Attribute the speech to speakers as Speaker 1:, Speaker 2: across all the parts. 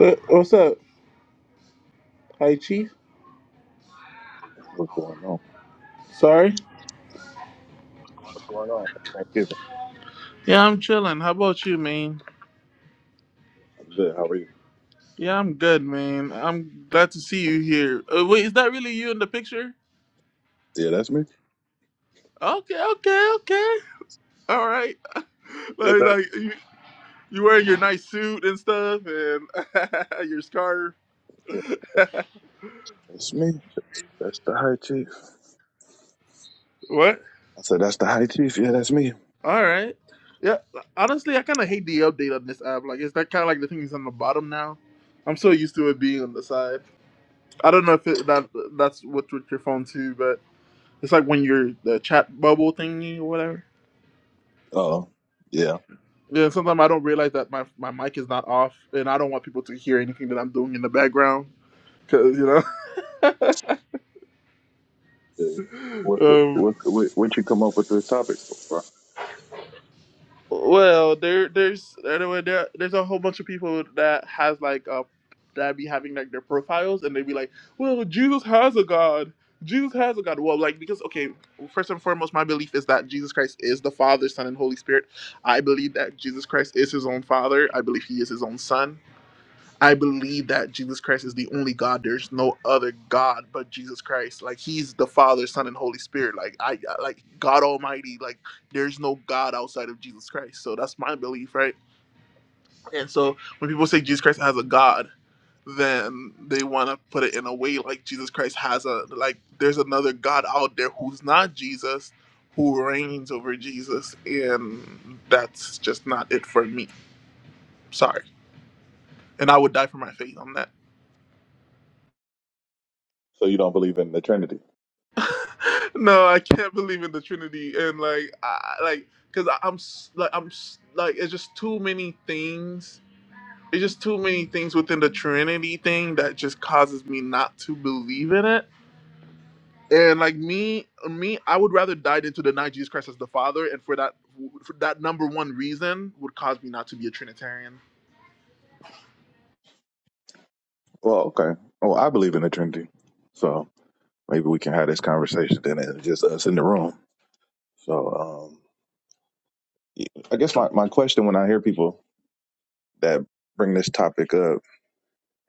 Speaker 1: Uh, What's up? Hi, Chief.
Speaker 2: What's going on?
Speaker 1: Sorry.
Speaker 2: What's going on? Thanksgiving.
Speaker 1: Yeah, I'm chilling. How about you, man?
Speaker 2: I'm good. How are you?
Speaker 1: Yeah, I'm good, man. I'm glad to see you here. Uh, wait, is that really you in the picture?
Speaker 2: Yeah, that's me.
Speaker 1: Okay, okay, okay. All right.
Speaker 2: Is
Speaker 1: Like,
Speaker 2: that-
Speaker 1: like you, you wearing your nice suit and stuff, and your scarf.
Speaker 2: Yeah, that's me. That's the high chief.
Speaker 1: what?
Speaker 2: I said, that's the high chief. Yeah, that's me.
Speaker 1: All right. Yeah. Honestly, I kind of hate the update on this app. Like, is that kind of like the thing is on the bottom now? I'm so used to it being on the side. I don't know if it, that that's what's with your phone too, but. It's like when you're the chat bubble thingy or whatever.
Speaker 2: Oh, yeah.
Speaker 1: Yeah, sometimes I don't realize that my, my mic is not off, and I don't want people to hear anything that I'm doing in the background, because you know.
Speaker 2: Yeah. What,
Speaker 1: um,
Speaker 2: what, what, what you come up with this topic so far?
Speaker 1: well, there there's anyway there there's a whole bunch of people that has like uh that be having like their profiles, and they be like, well, Jesus has a God. Jesus has a God. Well, like because okay, first and foremost, my belief is that Jesus Christ is the Father, Son, and Holy Spirit. I believe that Jesus Christ is His own Father. I believe He is His own Son. I believe that Jesus Christ is the only God. There's no other God but Jesus Christ. Like He's the Father, Son, and Holy Spirit. Like I, like God Almighty. Like there's no God outside of Jesus Christ. So that's my belief, right? And so when people say Jesus Christ has a God, then they want to put it in a way like Jesus Christ has a like. There's another God out there who's not Jesus, who reigns over Jesus, and that's just not it for me. Sorry, and I would die for my faith on that.
Speaker 2: So you don't believe in the Trinity?
Speaker 1: no, I can't believe in the Trinity, and like, I, like, cause I, I'm s- like, I'm s- like, it's just too many things. It's just too many things within the Trinity thing that just causes me not to believe in it. And like me, me, I would rather die than to deny Jesus Christ as the Father, and for that, for that number one reason would cause me not to be a Trinitarian.
Speaker 2: Well, okay. Oh, I believe in the Trinity. So maybe we can have this conversation then and just us in the room. So um, yeah, I guess my, my question when I hear people that bring this topic up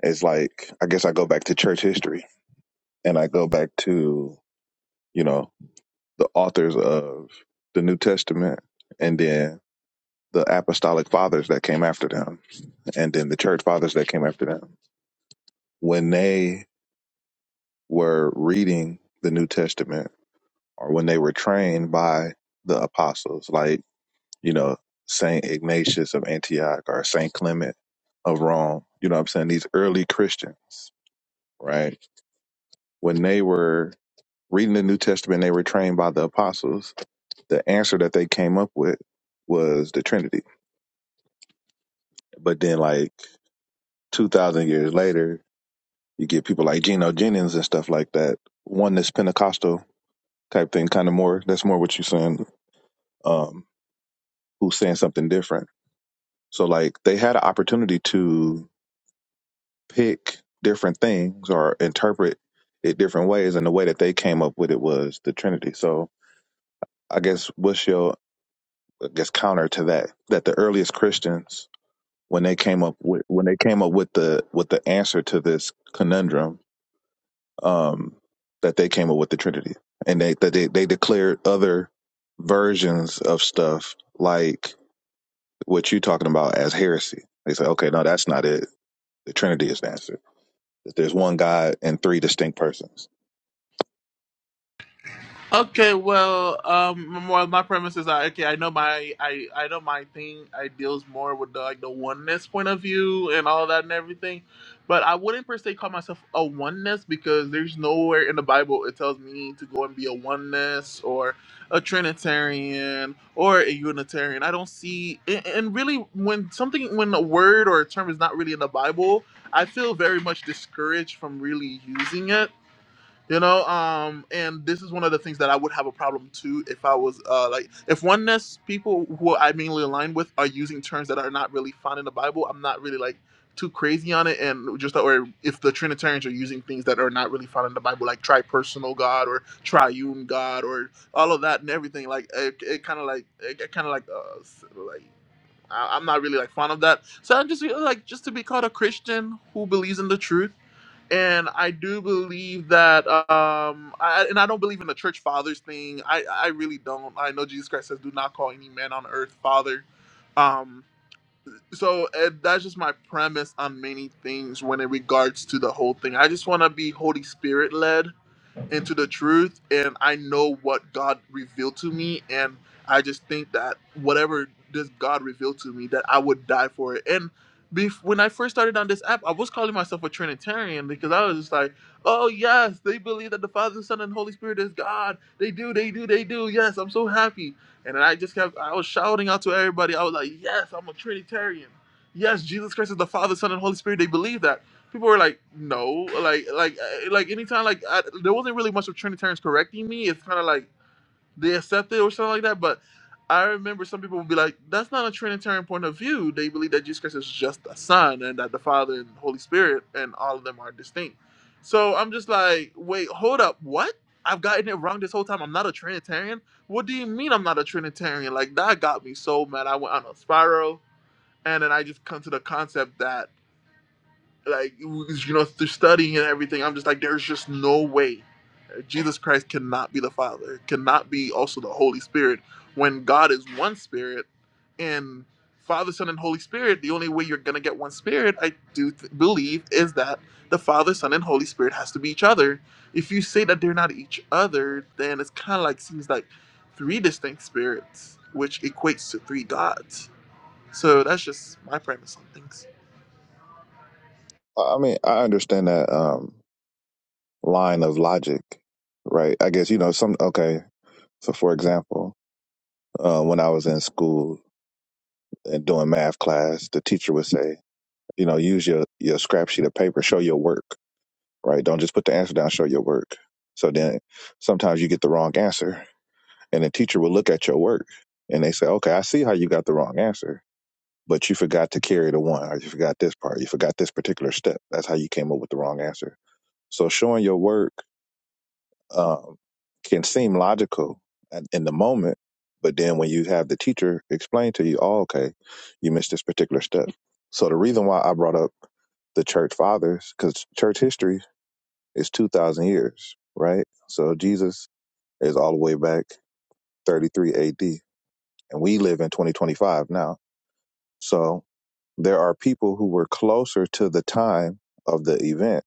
Speaker 2: is like, I guess I go back to church history. and I go back to, you know, the authors of the New Testament and then the apostolic fathers that came after them and then the church fathers that came after them. When they were reading the New Testament or when they were trained by the apostles, like, you know, Saint Ignatius of Antioch or Saint Clement of Rome, you know what I'm saying? These early Christians, right? When they were reading the New Testament, they were trained by the apostles the answer that they came up with was the Trinity. But then, like two thousand years later, you get people like Geno Jennings and stuff like that, oneness Pentecostal type thing, kind of more. That's more what you're saying. Um, who's saying something different? So, like, they had an opportunity to pick different things or interpret it different ways, and the way that they came up with it was the Trinity. So, I guess what's your I guess counter to that? That the earliest Christians when they came up with when they came up with the with the answer to this conundrum um that they came up with the trinity and they that they, they declared other versions of stuff like what you're talking about as heresy they say okay no that's not it the trinity is the answer that there's one god and three distinct persons
Speaker 1: Okay, well, um, well, my premises are okay. I know my, I, I know my thing. I deals more with the like the oneness point of view and all that and everything, but I wouldn't per se call myself a oneness because there's nowhere in the Bible it tells me to go and be a oneness or a Trinitarian or a Unitarian. I don't see, and and really, when something, when a word or a term is not really in the Bible, I feel very much discouraged from really using it you know um and this is one of the things that i would have a problem too if i was uh like if oneness people who i mainly align with are using terms that are not really found in the bible i'm not really like too crazy on it and just or if the trinitarians are using things that are not really found in the bible like tripersonal god or triune god or all of that and everything like it, it kind of like it kind of like uh s- like I- I'm not really like fond of that. So I'm just you like just to be called a Christian who believes in the truth and I do believe that, um, I, and I don't believe in the church fathers thing. I, I really don't. I know Jesus Christ says, "Do not call any man on earth father." Um, so uh that's just my premise on many things when it regards to the whole thing. I just want to be Holy Spirit led into the truth and I know what God revealed to me and I just think that whatever this God revealed to me that I would die for it. And bef- when I first started on this app, I was calling myself a Trinitarian because I was just like, "Oh yes, they believe that the Father, Son, and Holy Spirit is God. They do, they do, they do. Yes, I'm so happy." And then I just kept, I was shouting out to everybody. I was like, "Yes, I'm a Trinitarian. Yes, Jesus Christ is the Father, Son, and Holy Spirit. They believe that." people were like, no, like, like, uh, like anytime, like, I, there wasn't really much of Trinitarians correcting me. It's kind of like they accept it or something like that. But I remember some people would be like, that's not a Trinitarian point of view. They believe that Jesus Christ is just the Son and that the Father and Holy Spirit and all of them are distinct. So I'm just like, wait, hold up, what? I've gotten it wrong this whole time. I'm not a Trinitarian. What do you mean I'm not a Trinitarian? Like that got me so mad. I went on a spiral, and then I just come to the concept that like you know through studying and everything i'm just like there's just no way jesus christ cannot be the father cannot be also the holy spirit when god is one spirit and father son and holy spirit the only way you're gonna get one spirit i do th- believe is that the father son and holy spirit has to be each other if you say that they're not each other then it's kind of like seems like three distinct spirits which equates to three gods so that's just my premise on things
Speaker 2: i mean i understand that um line of logic right i guess you know some okay so for example uh, when i was in school and doing math class the teacher would say you know, use your your scrap sheet of paper, show your work, right? Don't just put the answer down, show your work. So then sometimes you get the wrong answer and the teacher will look at your work and they say, "Okay, I see how you got the wrong answer, but you forgot to carry the one, or you forgot this part, you forgot this particular step. That's how you came up with the wrong answer." So showing your work um, can seem logical at, in the moment, but then when you have the teacher explain to you, oh, okay, you missed this particular step. So the reason why I brought up the church fathers, because church history is 2,000 years, right? So Jesus is all the way back 33 AD, and we live in 2025 now. So there are people who were closer to the time of the event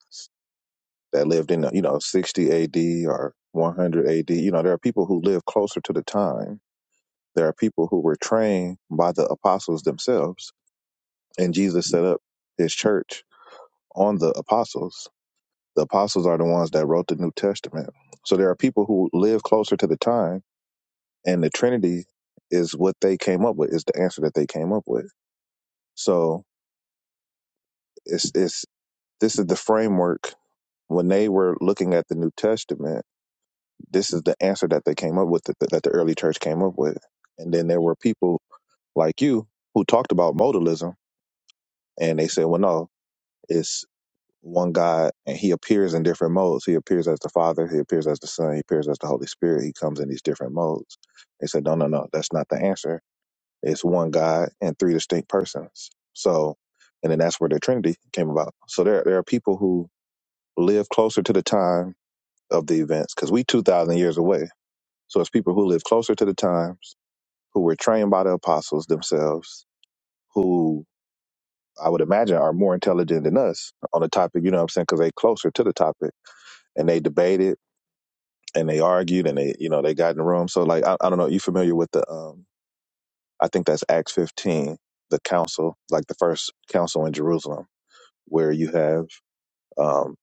Speaker 2: that lived in the, you know 60 AD or 100 AD. You know, there are people who live closer to the time. There are people who were trained by the apostles themselves, and Jesus set up his church on the apostles. The apostles are the ones that wrote the New Testament. So there are people who live closer to the time, and the Trinity is what they came up with. Is the answer that they came up with. So it's it's this is the framework when they were looking at the New Testament This is the answer that they came up with, that the, that the early church came up with. And then there were people like you who talked about modalism, and they said, well, no, it's one God, and he appears in different modes. He appears as the Father, he appears as the Son, he appears as the Holy Spirit. He comes in these different modes. They said, no, no, no, that's not the answer. It's one God and three distinct persons. So, and then that's where the Trinity came about. So there, there are people who live closer to the time of the events because we 2,000 years away So it's people who live closer to the times, who were trained by the apostles themselves, who I would imagine are more intelligent than us on the topic, you know what I'm saying? Because they closer to the topic and they debated and they argued and they, you know, they got in the room. So like, I, I don't know, you familiar with the, um, I think that's Acts 15, the council, like the first council in Jerusalem, where you have um,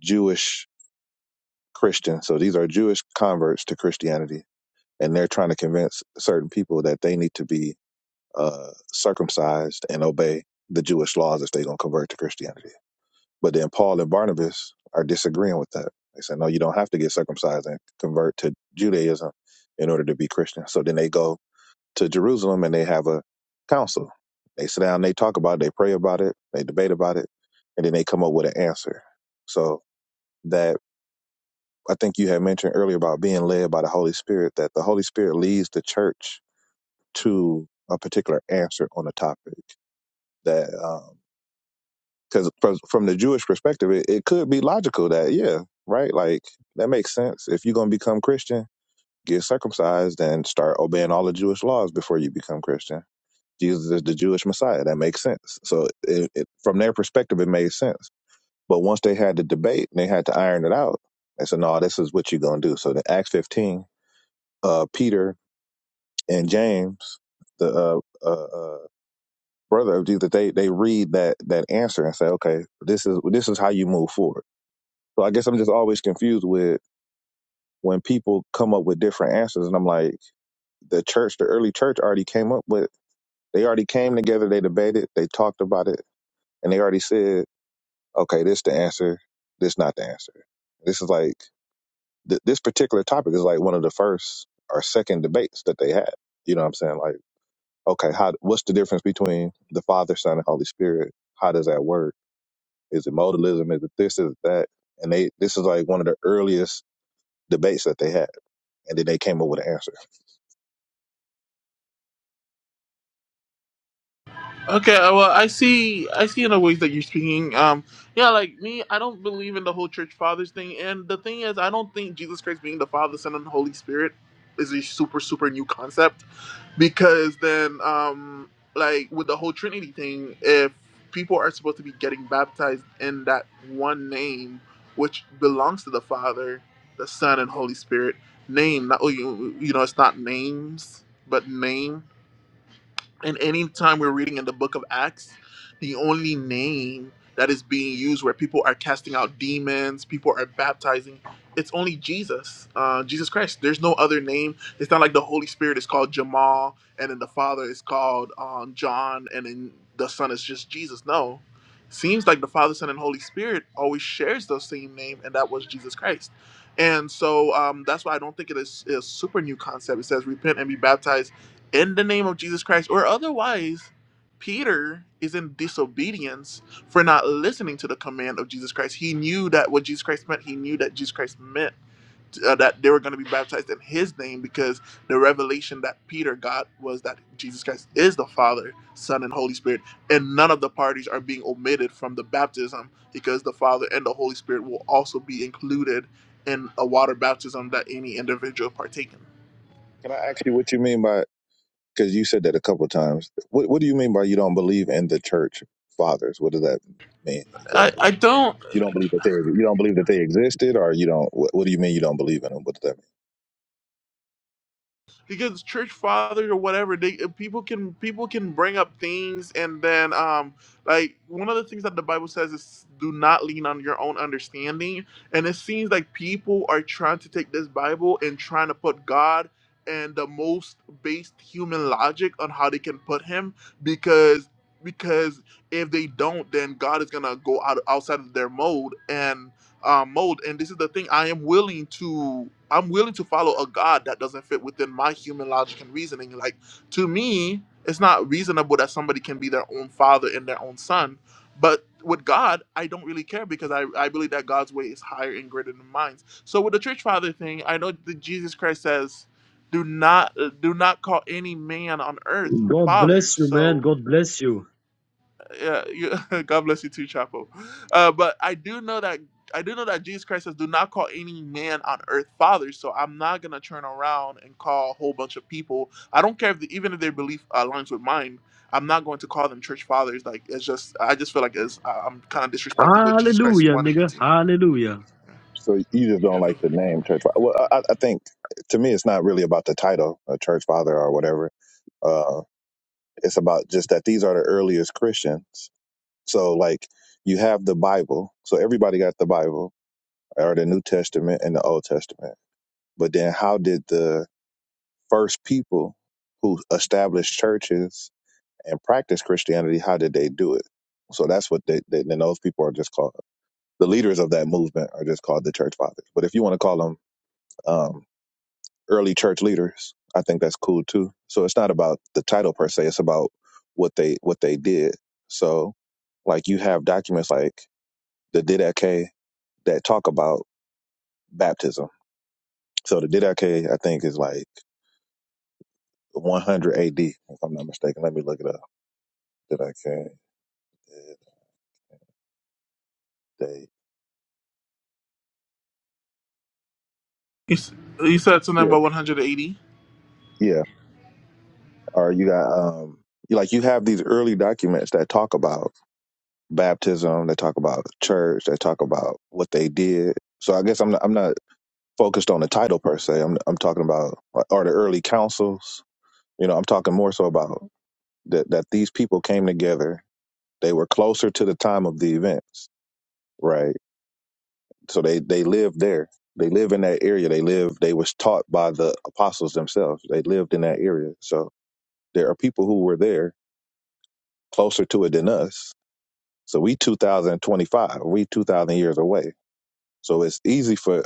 Speaker 2: Jewish Christians. So these are Jewish converts to Christianity and they're trying to convince certain people that they need to be uh, circumcised and obey the Jewish laws if they're going to convert to Christianity. But then Paul and Barnabas are disagreeing with that. They say, no, you don't have to get circumcised and convert to Judaism in order to be Christian. So then they go to Jerusalem and they have a council. They sit down, they talk about it, they pray about it, they debate about it, and then they come up with an answer. So that I think you had mentioned earlier about being led by the Holy Spirit, that the Holy Spirit leads the church to a particular answer on a topic that um, because from, from the Jewish perspective, it, it could be logical that yeah, right, like that makes sense. If you're gonna become Christian, get circumcised and start obeying all the Jewish laws before you become Christian. Jesus is the Jewish Messiah. That makes sense. So it, it, from their perspective, it made sense. But once they had the debate and they had to iron it out, they said, "No, this is what you're gonna do." So in Acts 15, uh, Peter and James, the uh, uh, uh, brother of Jesus, they they read that that answer and say, okay, this is this is how you move forward. So I guess I'm just always confused with when people come up with different answers, and I'm like, the church, the early church already came up with, they already came together, they debated, they talked about it, and they already said, okay, this the answer, this not the answer. This is like th- this particular topic is like one of the first or second debates that they had. You know what I'm saying? Like, okay, how what's the difference between the Father, Son, and Holy Spirit? How does that work? Is it modalism? Is it this? Is it that? And they this is like one of the earliest debates that they had, and then they came up with an answer.
Speaker 1: Okay, uh, well, I see. I see in the ways that you're speaking. Um, yeah, like me, I don't believe in the whole church fathers thing. And the thing is, I don't think Jesus Christ being the Father, Son, and Holy Spirit is a super, super new concept. Because then, um, like with the whole Trinity thing, if people are supposed to be getting baptized in that one name, which belongs to the Father, the Son, and Holy Spirit name, not you, you know, it's not names, but name and anytime we're reading in the book of Acts, the only name that is being used where people are casting out demons, people are baptizing, it's only Jesus, uh, Jesus Christ. There's no other name. It's not like the Holy Spirit is called Jamal, and then the Father is called um, John, and then the Son is just Jesus. No. Seems like the Father, Son, and Holy Spirit always shares the same name, and that was Jesus Christ. And so um, that's why I don't think it is is a super new concept. It says repent and be baptized in the name of Jesus Christ, or otherwise, Peter is in disobedience for not listening to the command of Jesus Christ. He knew that what Jesus Christ meant, he knew that Jesus Christ meant uh, that they were going to be baptized in his name because the revelation that Peter got was that Jesus Christ is the Father, Son, and Holy Spirit, and none of the parties are being omitted from the baptism because the Father and the Holy Spirit will also be included in a water baptism that any individual partake in.
Speaker 2: Can I ask you what you mean by? Because you said that a couple of times. What What do you mean by you don't believe in the church fathers? What does that mean
Speaker 1: I,
Speaker 2: exactly?
Speaker 1: I don't
Speaker 2: You don't believe that they you don't believe that they existed, or you don't. What, what do you mean you don't believe in them? What does that mean?
Speaker 1: because church fathers or whatever they uh, people can people can bring up things and then um like one of the things that the bible says is do not lean on your own understanding and it seems like people are trying to take this bible and trying to put god and the most based human logic on how they can put him because because if they don't then god is gonna go out outside of their mode and um, mold. And this is the thing: I am willing to, I'm willing to follow a God that doesn't fit within my human logic and reasoning. Like to me, it's not reasonable that somebody can be their own father and their own son. But with God, I don't really care because I, I believe that God's way is higher and greater than mine. So with the church father thing, I know that Jesus Christ says, "Do not, uh, do not call any man on earth
Speaker 3: God
Speaker 1: father."
Speaker 3: bless you, man.
Speaker 1: So
Speaker 3: God bless you.
Speaker 1: yeah, you, God bless you too, Chapel. Uh, but I do know that I do know that Jesus Christ says, "Do not call any man on earth father." So I'm not gonna turn around and call a whole bunch of people. I don't care if the, even if their belief aligns with mine. I'm not going to call them church fathers. Like it's just, I just feel like it's, I- I'm kind of disrespecting what Jesus Christ
Speaker 3: Hallelujah,
Speaker 1: wanted me
Speaker 3: nigga.
Speaker 1: to.
Speaker 3: Hallelujah.
Speaker 2: So you just don't like
Speaker 1: do.
Speaker 2: the name church. father? Well, I, I I think to me it's not really about the title, a church father or whatever. Uh, it's about just that these are the earliest Christians So like you have the Bible. So everybody got the Bible or the New Testament and the Old Testament. But then how did the first people who established churches and practiced Christianity, how did they do it? So that's what they, they then those people are just called the leaders of that movement are just called the church fathers. But if you want to call them um, early church leaders, I think that's cool too. So it's not about the title per se; it's about what they what they did. So like you have documents like the Didache that talk about baptism. So the Didache, I think, is like 100 AD, if I'm not mistaken. Let me look it up. Didache, they,
Speaker 1: You s- you said something
Speaker 2: yeah,
Speaker 1: about 180.
Speaker 2: yeah. Or you got um, you- like you have these early documents that talk about baptism, that talk about church, that talk about what they did. So I guess I'm not, I'm not focused on the title per se. I'm I'm talking about or the early councils. You know, I'm talking more so about that that these people came together. They were closer to the time of the events, right? So they they lived there. They live in that area. They live. They was taught by the apostles themselves. They lived in that area. So there are people who were there closer to it than us. So we 2025. We 2000 years away. So it's easy for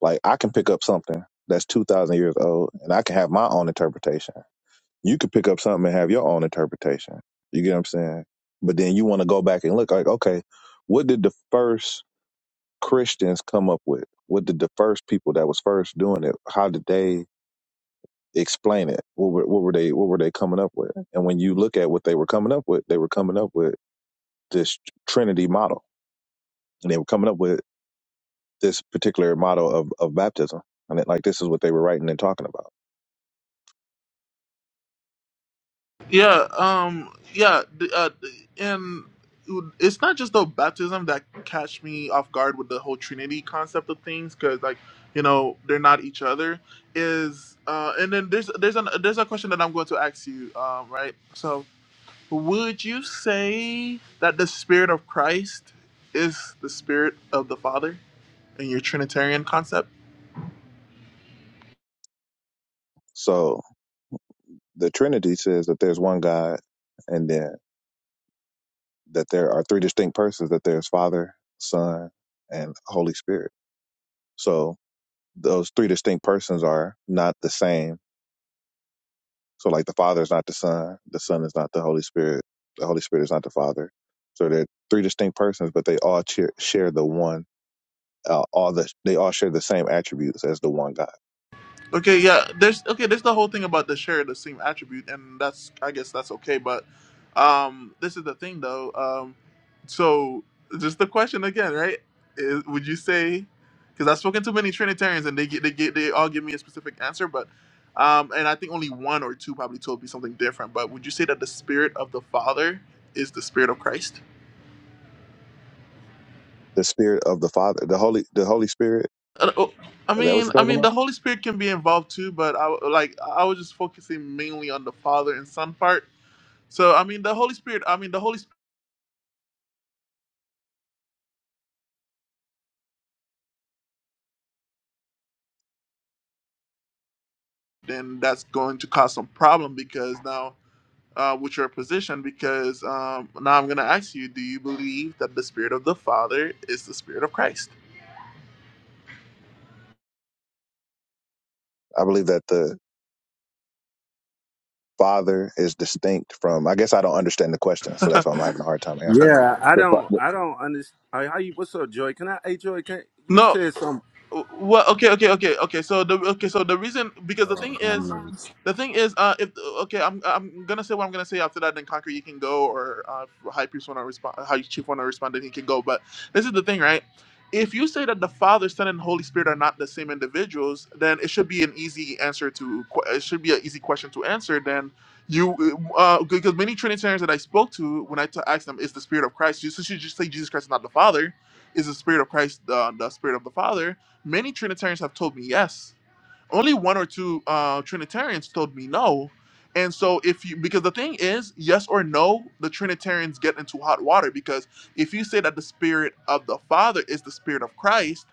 Speaker 2: like I can pick up something that's 2000 years old and I can have my own interpretation. You could pick up something and have your own interpretation. You get what I'm saying? But then you want to go back and look like, okay, what did the first Christians come up with? What did the first people that was first doing it? How did they explain it? What were, what were they What were they coming up with? And when you look at what they were coming up with, they were coming up with this Trinity model, and they were coming up with this particular model of of baptism. And it, like this is what they were writing and talking about.
Speaker 1: Yeah, um, yeah, the, uh, the- and it's not just the baptism that catch me off guard with the whole Trinity concept of things, because like you know they're not each other. Is uh, and then there's there's an there's a question that I'm going to ask you, um, right? So would you say that the Spirit of Christ is the Spirit of the Father in your Trinitarian concept?
Speaker 2: So the Trinity says that there's one God, and then that there are three distinct persons. That there's Father, Son, and Holy Spirit. So those three distinct persons are not the same So like the Father is not the Son, the Son is not the Holy Spirit, the Holy Spirit is not the Father. So they're three distinct persons, but they all cheer, share the one. Uh, all the they all share the same attributes as the one God.
Speaker 1: Okay, yeah. There's okay. There's the whole thing about the share the same attribute, and that's I guess that's okay. But um, this is the thing though. Um, so just the question again, right? Is, would you say? Because I've spoken to many Trinitarians, and they get they get they all give me a specific answer, but um, and I think only one or two probably told me something different. But would you say that the spirit of the Father is the spirit of Christ?
Speaker 2: The Spirit of the Father, the Holy, the Holy Spirit.
Speaker 1: Uh, oh, I
Speaker 2: Is that what
Speaker 1: mean,
Speaker 2: you're
Speaker 1: I
Speaker 2: talking
Speaker 1: mean,
Speaker 2: about?
Speaker 1: the Holy Spirit can be involved too, but I like I was just focusing mainly on the Father and Son part So I mean, the Holy Spirit. I mean, the Holy Spirit. Then that's going to cause some problem because now, uh, with your position, because um, now I'm going to ask you: Do you believe that the Spirit of the Father is the Spirit of Christ?
Speaker 2: I believe that the Father is distinct from. I guess I don't understand the question, so that's why I'm having a hard time answering it.
Speaker 4: Yeah, I
Speaker 2: The, fa-
Speaker 4: don't,
Speaker 2: the
Speaker 4: I don't understand. How you? What's up, Joy? Can I? Hey, Joy, can you
Speaker 1: No,
Speaker 4: said something?
Speaker 1: well okay okay okay okay so the okay so the reason because the
Speaker 4: Oh,
Speaker 1: thing
Speaker 4: have
Speaker 1: is
Speaker 4: mercy.
Speaker 1: the thing is uh if okay i'm i'm gonna say what i'm gonna say after that then conquer you can go or uh if high priest want to respond high chief want to respond then he can go but this is the thing right if you say that the father son and holy spirit are not the same individuals then it should be an easy answer to que- it should be an easy question to answer then you uh because many trinitarians that i spoke to when i t- asked them is the spirit of christ you should just say jesus christ is not the father is the spirit of christ uh, the spirit of the father Many Trinitarians have told me yes. Only one or two uh, Trinitarians told me no. And so, if you, because the thing is, yes or no, the Trinitarians get into hot water because if you say that the Spirit of the Father is the Spirit of Christ,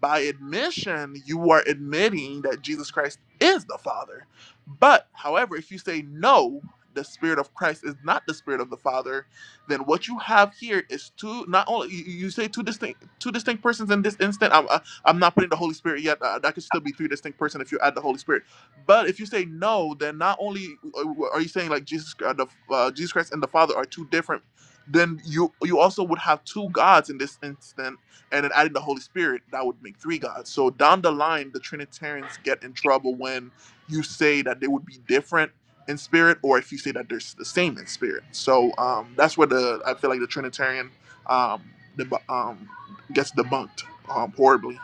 Speaker 1: by admission, you are admitting that Jesus Christ is the Father. But, however, if you say no, the Spirit of Christ is not the Spirit of the Father, then what you have here is two, not only, you you say two distinct, two distinct persons in this instant. I'm, uh, I'm not putting the Holy Spirit yet. Uh, that could still be three distinct persons if you add the Holy Spirit. But if you say no, then not only uh, are you saying like Jesus, uh, the, uh, Jesus Christ and the Father are two different, then you you also would have two gods in this instant, and then adding the Holy Spirit that would make three gods. So down the line, the Trinitarians get in trouble when you say that they would be different in spirit, or if you say that they're s- the same in spirit. So um, that's where the I feel like the Trinitarian um, deb- um, gets debunked um, horribly.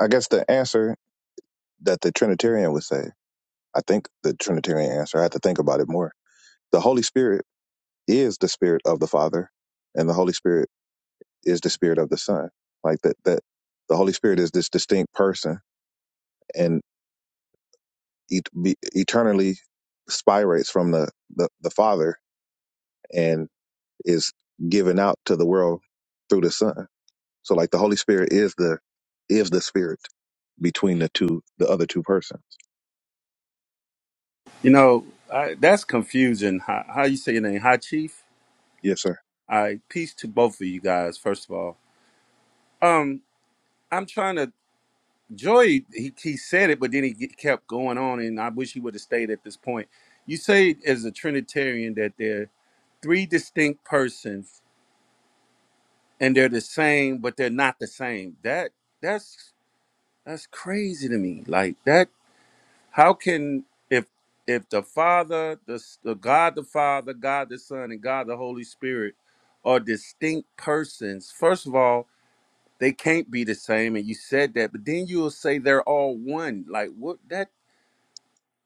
Speaker 2: I guess the answer that the Trinitarian would say. I think the Trinitarian answer. I have to think about it more. The Holy Spirit is the spirit of the Father, and the Holy Spirit is the spirit of the Son. Like that, that the Holy Spirit is this distinct person and et- be, eternally spirates from the, the the Father and is given out to the world through the Son. So, like the Holy Spirit is the is the spirit between the two the other two persons.
Speaker 4: you know, I, that's confusing. How, how you say your name? Hi, Chief.
Speaker 2: Yes, sir.
Speaker 4: I peace to both of you guys. First of all, um, I'm trying to. Joy, he, he said it, but then he get- kept going on, and I wish he would have stayed at this point. You say as a Trinitarian that they're three distinct persons, and they're the same, but they're not the same. That that's that's crazy to me. Like that how can if if the father the, S- the god the father god the son and god the holy spirit are distinct persons first of all they can't be the same and you said that but then you'll say they're all one like what that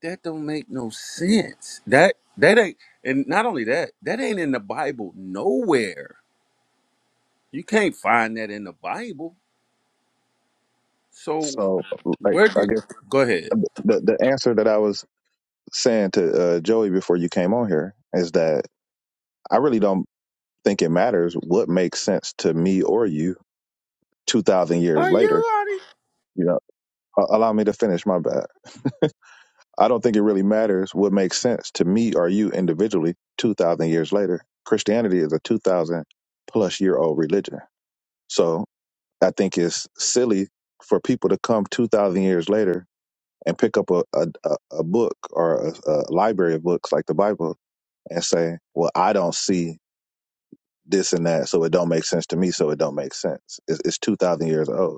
Speaker 4: that don't make no sense that that ain't and not only that that ain't in the bible nowhere you can't find that in the bible so
Speaker 2: So, like,
Speaker 4: where
Speaker 2: I
Speaker 4: did
Speaker 2: guess
Speaker 4: go ahead
Speaker 2: the the answer that I was saying to uh, Joey before you came on here is that I really don't think it matters what makes sense to me or you 2000 years
Speaker 4: are
Speaker 2: later
Speaker 4: you
Speaker 2: you know A- allow me to finish my bad i don't think it really matters what makes sense to me or you individually 2000 years later christianity is a 2000 plus year old religion so i think it's silly for people to come 2000 years later and pick up a, a, a a book or a, a library of books like the bible and say well i don't see this and that so it don't make sense to me so it don't make sense it's, it's 2000 years old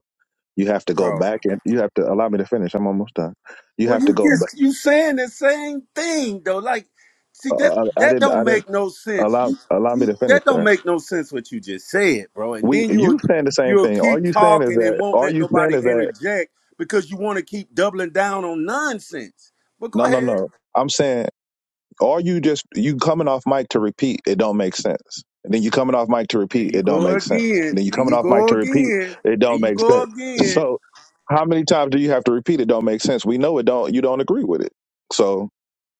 Speaker 2: You have to go
Speaker 4: already?
Speaker 2: back and you have to allow me to finish. I'm almost done. You
Speaker 4: Well,
Speaker 2: have to
Speaker 4: you
Speaker 2: go. But
Speaker 4: just you saying the same thing though. Like, see
Speaker 2: uh,
Speaker 4: that
Speaker 2: uh, I, I
Speaker 4: that
Speaker 2: didn't. I
Speaker 4: don't
Speaker 2: didn't
Speaker 4: make no sense.
Speaker 2: allow
Speaker 4: You,
Speaker 2: allow me
Speaker 4: you
Speaker 2: to finish,
Speaker 4: that don't
Speaker 2: sir.
Speaker 4: make no sense what you just said, bro. And
Speaker 2: We
Speaker 4: then you'll
Speaker 2: you saying the same
Speaker 4: you'll
Speaker 2: thing? Are
Speaker 4: keep
Speaker 2: you saying is
Speaker 4: talking and
Speaker 2: that?
Speaker 4: won't
Speaker 2: Are
Speaker 4: let
Speaker 2: you saying
Speaker 4: nobody
Speaker 2: is that?
Speaker 4: interject because you want to keep doubling down on nonsense. But go
Speaker 2: No, no,
Speaker 4: ahead.
Speaker 2: no. I'm saying. Are you just you coming off mic to repeat? It don't make sense. And then you coming off mic to
Speaker 4: There
Speaker 2: repeat.
Speaker 4: you
Speaker 2: It don't
Speaker 4: go
Speaker 2: make sense. And
Speaker 4: again.
Speaker 2: then you
Speaker 4: There
Speaker 2: coming
Speaker 4: you
Speaker 2: off mic
Speaker 4: go
Speaker 2: to repeat.
Speaker 4: again.
Speaker 2: It
Speaker 4: There
Speaker 2: don't
Speaker 4: you
Speaker 2: make
Speaker 4: go
Speaker 2: sense.
Speaker 4: again.
Speaker 2: So how many times do you have to repeat? It don't make sense. We know it don't. You don't agree with it. So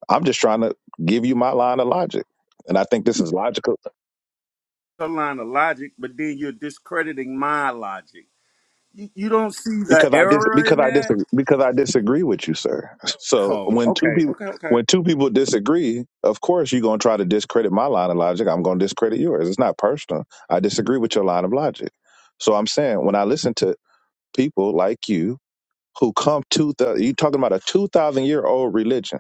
Speaker 2: I'm just trying to give you my line of logic. And I think this is logical
Speaker 4: A line of logic, but then you're discrediting my logic. You, you don't see the
Speaker 2: because I dis
Speaker 4: error
Speaker 2: because
Speaker 4: in
Speaker 2: I
Speaker 4: that?
Speaker 2: disagree because I disagree with you, sir. So
Speaker 4: Oh,
Speaker 2: when two
Speaker 4: okay,
Speaker 2: people
Speaker 4: okay, okay.
Speaker 2: when two people disagree, of course you're gonna try to discredit my line of logic. I'm gonna discredit yours. It's not personal. I disagree with your line of logic. So I'm saying when I listen to people like you who come to the you talking about a two thousand year old religion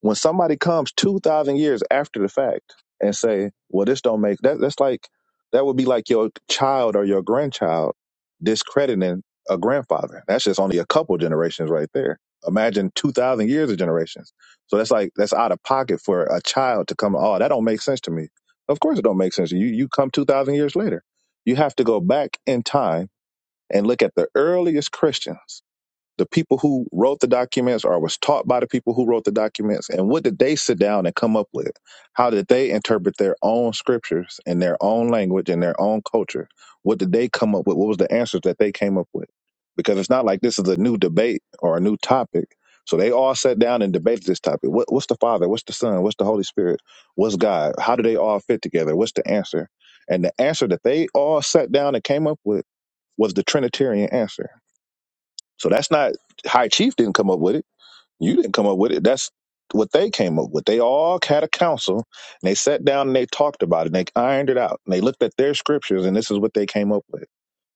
Speaker 2: When somebody comes two thousand years after the fact and say, "Well, this don't make that," that's like that would be like your child or your grandchild discrediting a grandfather. That's just only a couple generations right there. Imagine two thousand years of generations. So that's like that's out of pocket for a child to come. Oh, that don't make sense to me. Of course, it don't make sense. You you come two thousand years later. You have to go back in time and look at the earliest Christians the people who wrote the documents or was taught by the people who wrote the documents and what did they sit down and come up with how did they interpret their own scriptures in their own language and their own culture what did they come up with what was the answers that they came up with because it's not like this is a new debate or a new topic so they all sat down and debated this topic what, what's the father what's the son what's the holy spirit what's god how do they all fit together what's the answer and the answer that they all sat down and came up with was the trinitarian answer so that's not High Chief didn't come up with it. You didn't come up with it. That's what they came up with. They all had a council and they sat down and they talked about it and they ironed it out and they looked at their scriptures and this is what they came up with.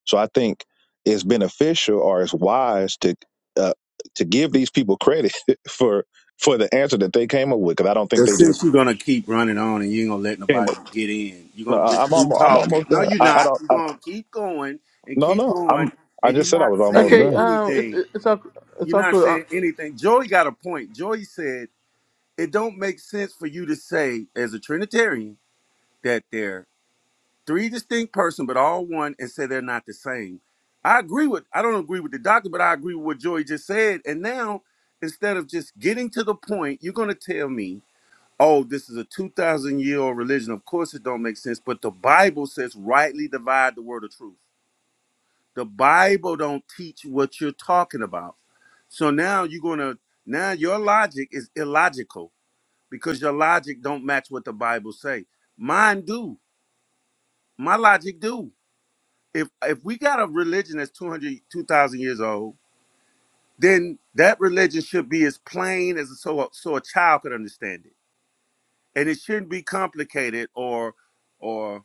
Speaker 2: So I think it's beneficial or it's wise to uh, to give these people credit for for the answer that they came up with because I don't think
Speaker 4: But
Speaker 2: they just
Speaker 4: since you're gonna keep running on and you ain't gonna let
Speaker 2: came
Speaker 4: nobody
Speaker 2: up.
Speaker 4: get in, you're
Speaker 2: No,
Speaker 4: gonna
Speaker 2: I-
Speaker 4: just
Speaker 2: I'm
Speaker 4: keep
Speaker 2: almost, I'm
Speaker 4: talking.
Speaker 2: almost
Speaker 4: No,
Speaker 2: done.
Speaker 4: you're
Speaker 2: I, I
Speaker 4: not.
Speaker 2: don't.
Speaker 4: You're
Speaker 2: I,
Speaker 4: gonna keep going and
Speaker 2: no,
Speaker 4: keep
Speaker 2: no. I'm.
Speaker 4: going,
Speaker 2: I
Speaker 4: and
Speaker 2: just
Speaker 4: you're
Speaker 2: said I
Speaker 4: not
Speaker 2: was almost
Speaker 4: saying
Speaker 1: Okay,
Speaker 2: done.
Speaker 1: um, it's
Speaker 4: anything.
Speaker 1: it's all it's
Speaker 4: You're
Speaker 1: all
Speaker 4: not
Speaker 1: cool. Uh,
Speaker 4: saying anything. Joey got a point. Joey said it don't make sense for you to say as a Trinitarian that they're three distinct persons but all one and say they're not the same. I agree with I don't agree with the doctor, but I agree with what Joey just said. And now instead of just getting to the point, you're gonna tell me oh, this is a 2,000 year old religion. Of course it don't make sense, but the Bible says rightly divide the word of truth. The Bible don't teach what you're talking about. So now you're going to now your logic is illogical because your logic don't match what the Bible say. Mine do. My logic do. If if we got a religion that's 200, 2,000 years old, then that religion should be as plain as so a, so a child could understand it. And it shouldn't be complicated or, or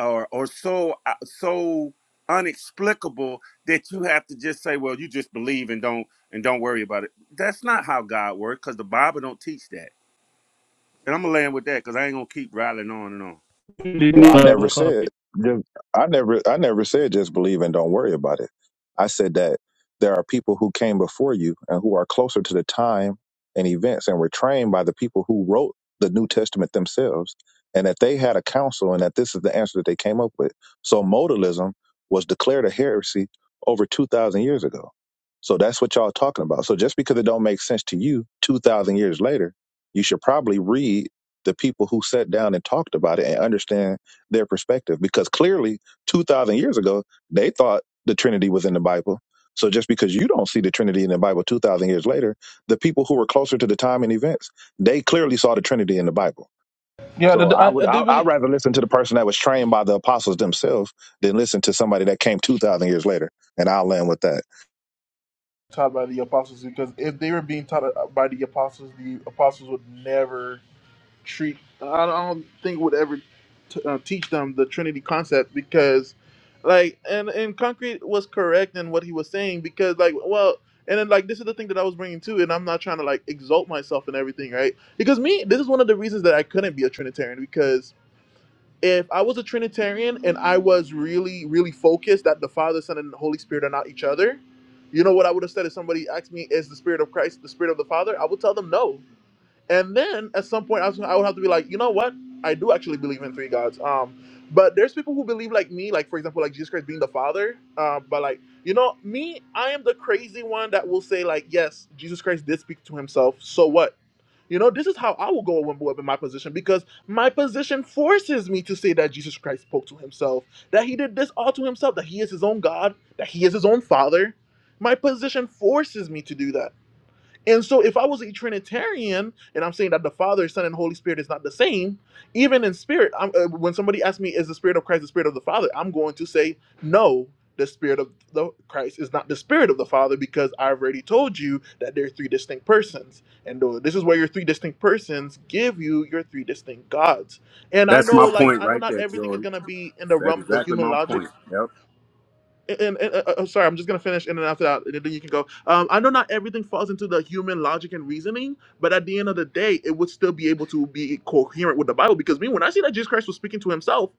Speaker 4: or or so uh, so unexplicable that you have to just say, "Well, you just believe and don't and don't worry about it." That's not how God works, because the Bible don't teach that. And I'm gonna land with that because I ain't gonna keep rattling on and on.
Speaker 5: Leaving
Speaker 2: Well, I never said
Speaker 5: copy.
Speaker 2: just- I never I never said just believe and don't worry about it. I said that there are people who came before you and who are closer to the time and events and were trained by the people who wrote the New Testament themselves and that they had a council and that this is the answer that they came up with. So modalism was declared a heresy over 2000 years ago. So that's what y'all talking about. So just because it don't make sense to you 2000 years later, you should probably read the people who sat down and talked about it and understand their perspective because clearly 2000 years ago they thought the trinity was in the bible so just because you don't see the trinity in the bible 2000 years later the people who were closer to the time and events they clearly saw the trinity in the bible
Speaker 1: yeah,
Speaker 2: so
Speaker 1: the,
Speaker 2: i
Speaker 1: I,
Speaker 2: would
Speaker 1: I
Speaker 2: I,
Speaker 1: do
Speaker 2: i'd
Speaker 1: believe
Speaker 2: rather listen to the person that was trained by the apostles themselves than listen to somebody that came 2000 years later and i'll land with that
Speaker 1: taught by the apostles because if they were being taught by the apostles, the apostles would never treat. I don't think would ever t- uh, teach them the Trinity concept because, like, and and concrete was correct in what he was saying because, like, well, and then like this is the thing that I was bringing too, and I'm not trying to like exalt myself and everything, right? Because me, this is one of the reasons that I couldn't be a Trinitarian because. if I was a Trinitarian and I was really, really focused that the Father, Son, and the Holy Spirit are not each other, you know what I would have said if somebody asked me, is the Spirit of Christ the Spirit of the Father? I would tell them no. And then at some point, I, was, I would have to be like, you know what? I do actually believe in three gods. Um, but there's people who believe like me, like for example, like Jesus Christ being the Father. Uh, but like, you know, me, I am the crazy one that will say like, yes, Jesus Christ did speak to himself. So what? You know, this is how I will go when I'm in my position because my position forces me to say that Jesus Christ spoke to himself, that he did this all to himself, that he is his own God, that he is his own father. My position forces me to do that. And so, if I was a Trinitarian, and I'm saying that the Father, Son, and Holy Spirit is not the same, even in spirit, I'm, uh, when somebody asks me, "Is the Spirit of Christ the Spirit of the Father?" I'm going to say, "No, the Spirit of the Christ is not the Spirit of the Father," because I've already told you that there are three distinct persons, and uh, this is where your three distinct persons give you your three distinct gods. And I
Speaker 4: That's
Speaker 1: know,
Speaker 4: my
Speaker 1: like,
Speaker 4: point
Speaker 1: I know
Speaker 4: right
Speaker 1: not
Speaker 4: there,
Speaker 1: everything is
Speaker 4: Joy.
Speaker 1: gonna be in the
Speaker 4: That's
Speaker 1: realm of the
Speaker 4: exactly
Speaker 1: human
Speaker 4: my
Speaker 1: logic
Speaker 4: point. Yep.
Speaker 1: and, and, uh, uh, sorry, I'm just gonna finish, and then after that, and then you can go. Um, I know not everything falls into the human logic and reasoning, but at the end of the day, it would still be able to be coherent with the Bible. Because me, when I see that Jesus Christ was speaking to himself,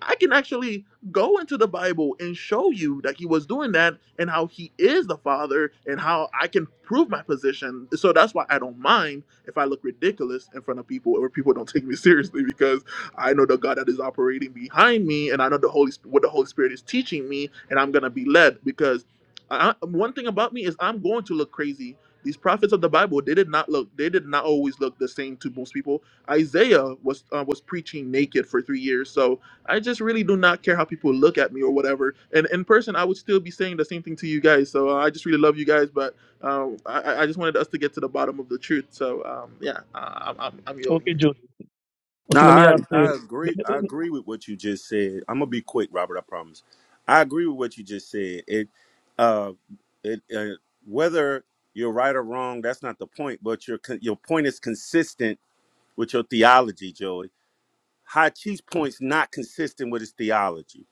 Speaker 1: I can actually go into the Bible and show you that he was doing that, and how he is the Father, and how I can prove my position. So that's why I don't mind if I look ridiculous in front of people, or people don't take me seriously, because I know the God that is operating behind me, and I know the Holy Sp- what the Holy Spirit is teaching me, and I'm gonna be led because I, I- one thing about me is I'm going to look crazy. These prophets of the Bible, they did not look, they did not always look the same to most people. Isaiah was uh, was preaching naked for three years, so I just really do not care how people look at me or whatever. And in person, I would still be saying the same thing to you guys. So uh, I just really love you guys, but um, I, I I just wanted us to get to the bottom of the truth. So um, yeah, uh, I'm, I'm, I'm yielding
Speaker 5: Okay,
Speaker 1: here.
Speaker 5: Joey.
Speaker 4: No,
Speaker 5: Okay, let me
Speaker 4: I
Speaker 5: ask
Speaker 4: I
Speaker 5: you.
Speaker 4: agree. I agree with what you just said. I'm gonna be quick, Robert. I promise. I agree with what you just said. It, uh, it uh, whether you're right or wrong, that's not the point. But your con- your point is consistent with your theology, Joey. Hachis points not consistent with his theology.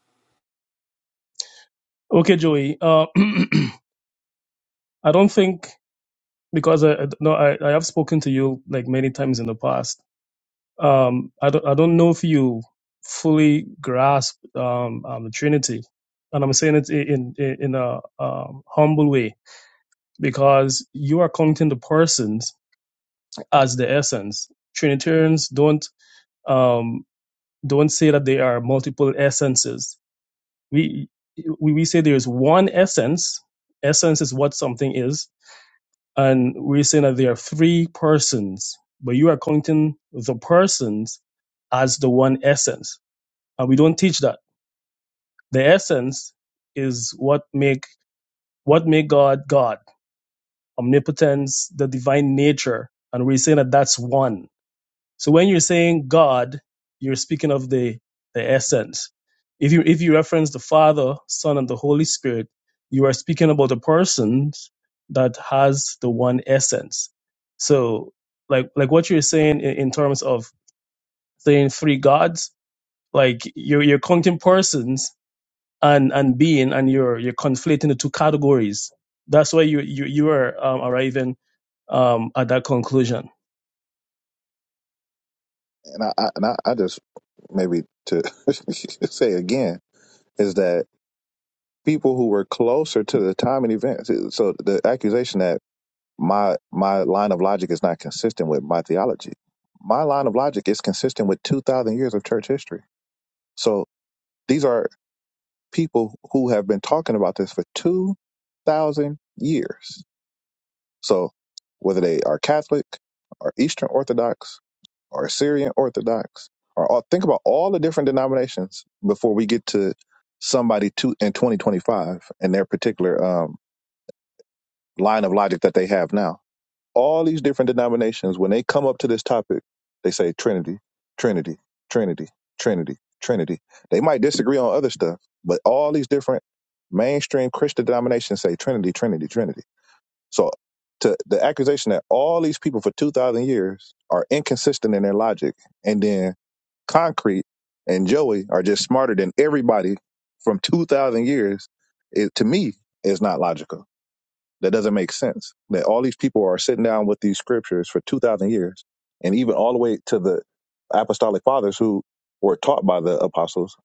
Speaker 5: Okay, Joey. Uh, I don't think because I I- no, I, I have spoken to you like many times in the past. Um, I don't I don't know if you fully grasp um, um the Trinity, and I'm saying it in in, in a um, humble way because you are counting the persons as the essence. Trinitarians don't um don't say that they are multiple essences we we, we say there's one essence essence is what something is and we're saying that there are three persons but you are counting the persons as the one essence and we don't teach that the essence is what make what make god god omnipotence the divine nature and we're saying that that's one So when you're saying God, you're speaking of the, the essence. If you if you reference the Father, Son, and the Holy Spirit, you are speaking about a person that has the one essence. So like like what you're saying in, in terms of saying three gods, like you're you're counting persons and and being, and you're you're conflating the two categories. That's why you you you are um, arriving um, at that conclusion.
Speaker 2: and i, I and I, I just maybe to say again is that people who were closer to the time and events so the accusation that my my line of logic is not consistent with my theology. My line of logic is consistent with 2000 years of church history. So these are people who have been talking about this for 2000 years. So whether they are Catholic or Eastern Orthodox or Syrian Orthodox or all, think about all the different denominations before we get to somebody to in 2025 and their particular um, line of logic that they have now all these different denominations, when they come up to this topic, they say Trinity, Trinity, Trinity, Trinity, Trinity. They might disagree on other stuff, but all these different mainstream Christian denominations say Trinity, Trinity, Trinity. So to the accusation that all these people for 2,000 years are inconsistent in their logic, and then Concrete and Joey are just smarter than everybody from 2,000 years, it, to me, is not logical that doesn't make sense. That all these people are sitting down with these scriptures for 2,000 years and even all the way to the apostolic fathers who were taught by the apostles,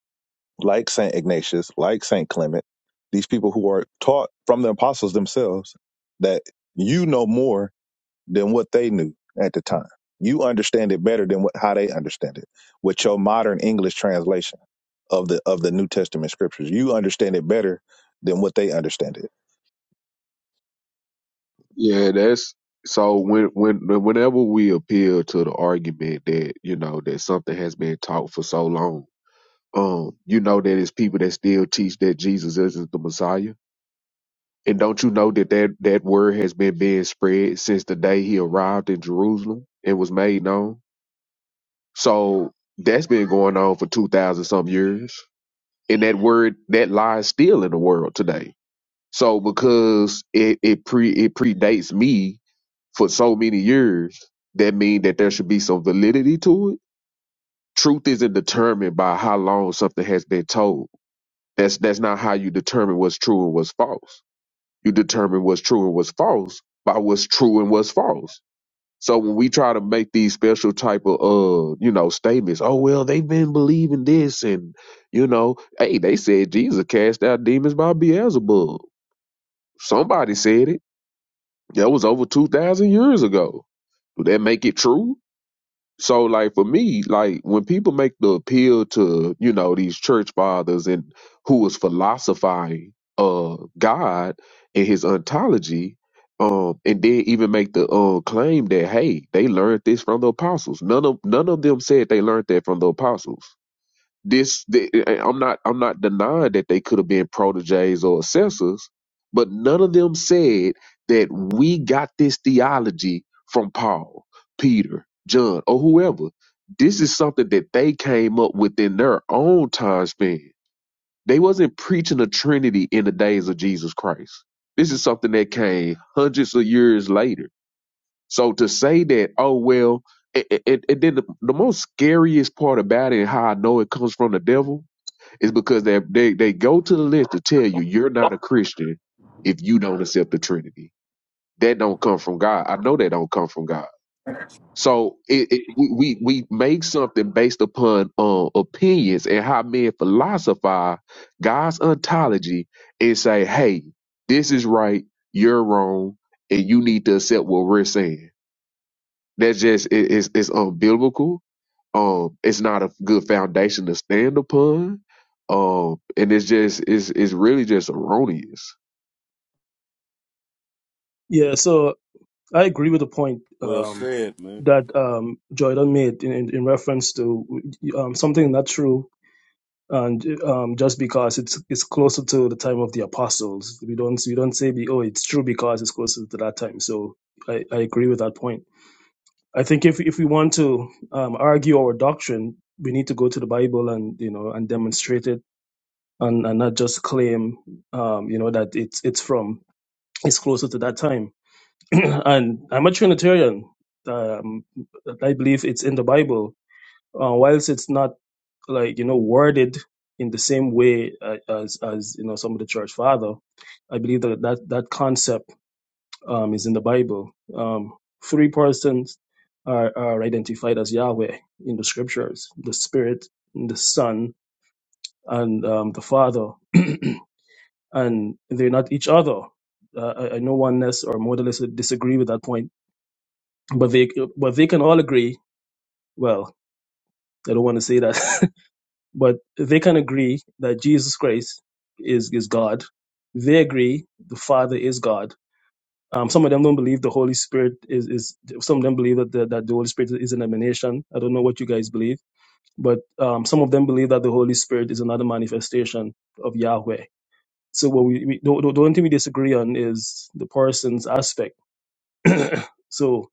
Speaker 2: like St. Ignatius, like St. Clement, these people who are taught from the apostles themselves that you know more than what they knew at the time. You understand it better than what, how they understand it with your modern English translation of the of the New Testament scriptures. You understand it better than what they understand it.
Speaker 6: Yeah, that's so when when whenever we appeal to the argument that, you know, that something has been taught for so long, um, you know that it's people that still teach that Jesus isn't the Messiah. And don't you know that that, that word has been being spread since the day he arrived in Jerusalem and was made known? So that's been going on for two thousand some years. And that word that lie is still in the world today. So because it, it pre it predates me for so many years, that mean that there should be some validity to it. Truth isn't determined by how long something has been told. That's that's not how you determine what's true and what's false. You determine what's true and what's false by what's true and what's false. So when we try to make these special type of uh, you know, statements, oh well, they've been believing this and you know, hey, they said Jesus cast out demons by Beelzebub. Somebody said it. That was over two thousand years ago. Do that make it true? So like for me, like when people make the appeal to, you know, these church fathers and who is philosophizing uh God and his ontology, um, and then even make the uh, claim that hey, they learned this from the apostles. None of none of them said they learned that from the apostles this the, eh, eh, I'm not I'm not denying that they could have been proteges or assessors, but none of them said that we got this theology from Paul, Peter, John, or whoever. This is something that they came up with in their own time span. They wasn't preaching a Trinity in the days of Jesus Christ. This is something that came hundreds of years later. So to say that, oh well, and, and, and then the, the most scariest part about it, and how I know it comes from the devil, it's because they they they go to the list to tell you you're not a Christian if you don't accept the Trinity. That don't come from God. I know that don't come from God. So it, it, we we we make something based upon uh, opinions and how men philosophize God's ontology and say, "Hey, this is right, you're wrong, and you need to accept what we're saying." That's just it, it's it's unbiblical. Um, it's not a good foundation to stand upon. Um, and it's just it's it's really just erroneous.
Speaker 5: Yeah. So I agree with the point
Speaker 4: Well
Speaker 5: um,
Speaker 4: said, man.
Speaker 5: that um, Jordan made in, in, in reference to um, something not true, and um, just because it's it's closer to the time of the apostles, we don't we don't say be, oh it's true because it's closer to that time. So I, I agree with that point. I think if if we want to um, argue our doctrine, we need to go to the Bible and you know and demonstrate it, and, and not just claim um, you know that it's it's from it's closer to that time and I'm a Trinitarian. Um, I believe it's in the Bible, uh, whilst it's not like you know worded in the same way uh, as as you know some of the church father. I believe that that, that concept um, is in the Bible. Um, three persons are, are identified as Yahweh in the scriptures: the Spirit, the Son, and um, the Father and they're not each other. Uh, I, I know oneness or modalists would disagree with that point, but they but they can all agree. Well, I don't want to say that, but they can agree that Jesus Christ is is God. They agree the Father is God. Um, some of them don't believe the Holy Spirit is is. Some of them believe that the, that the Holy Spirit is an emanation. I don't know what you guys believe, but um, some of them believe that the Holy Spirit is another manifestation of Yahweh. So what we, we the, the the only thing we disagree on is the person's aspect. So,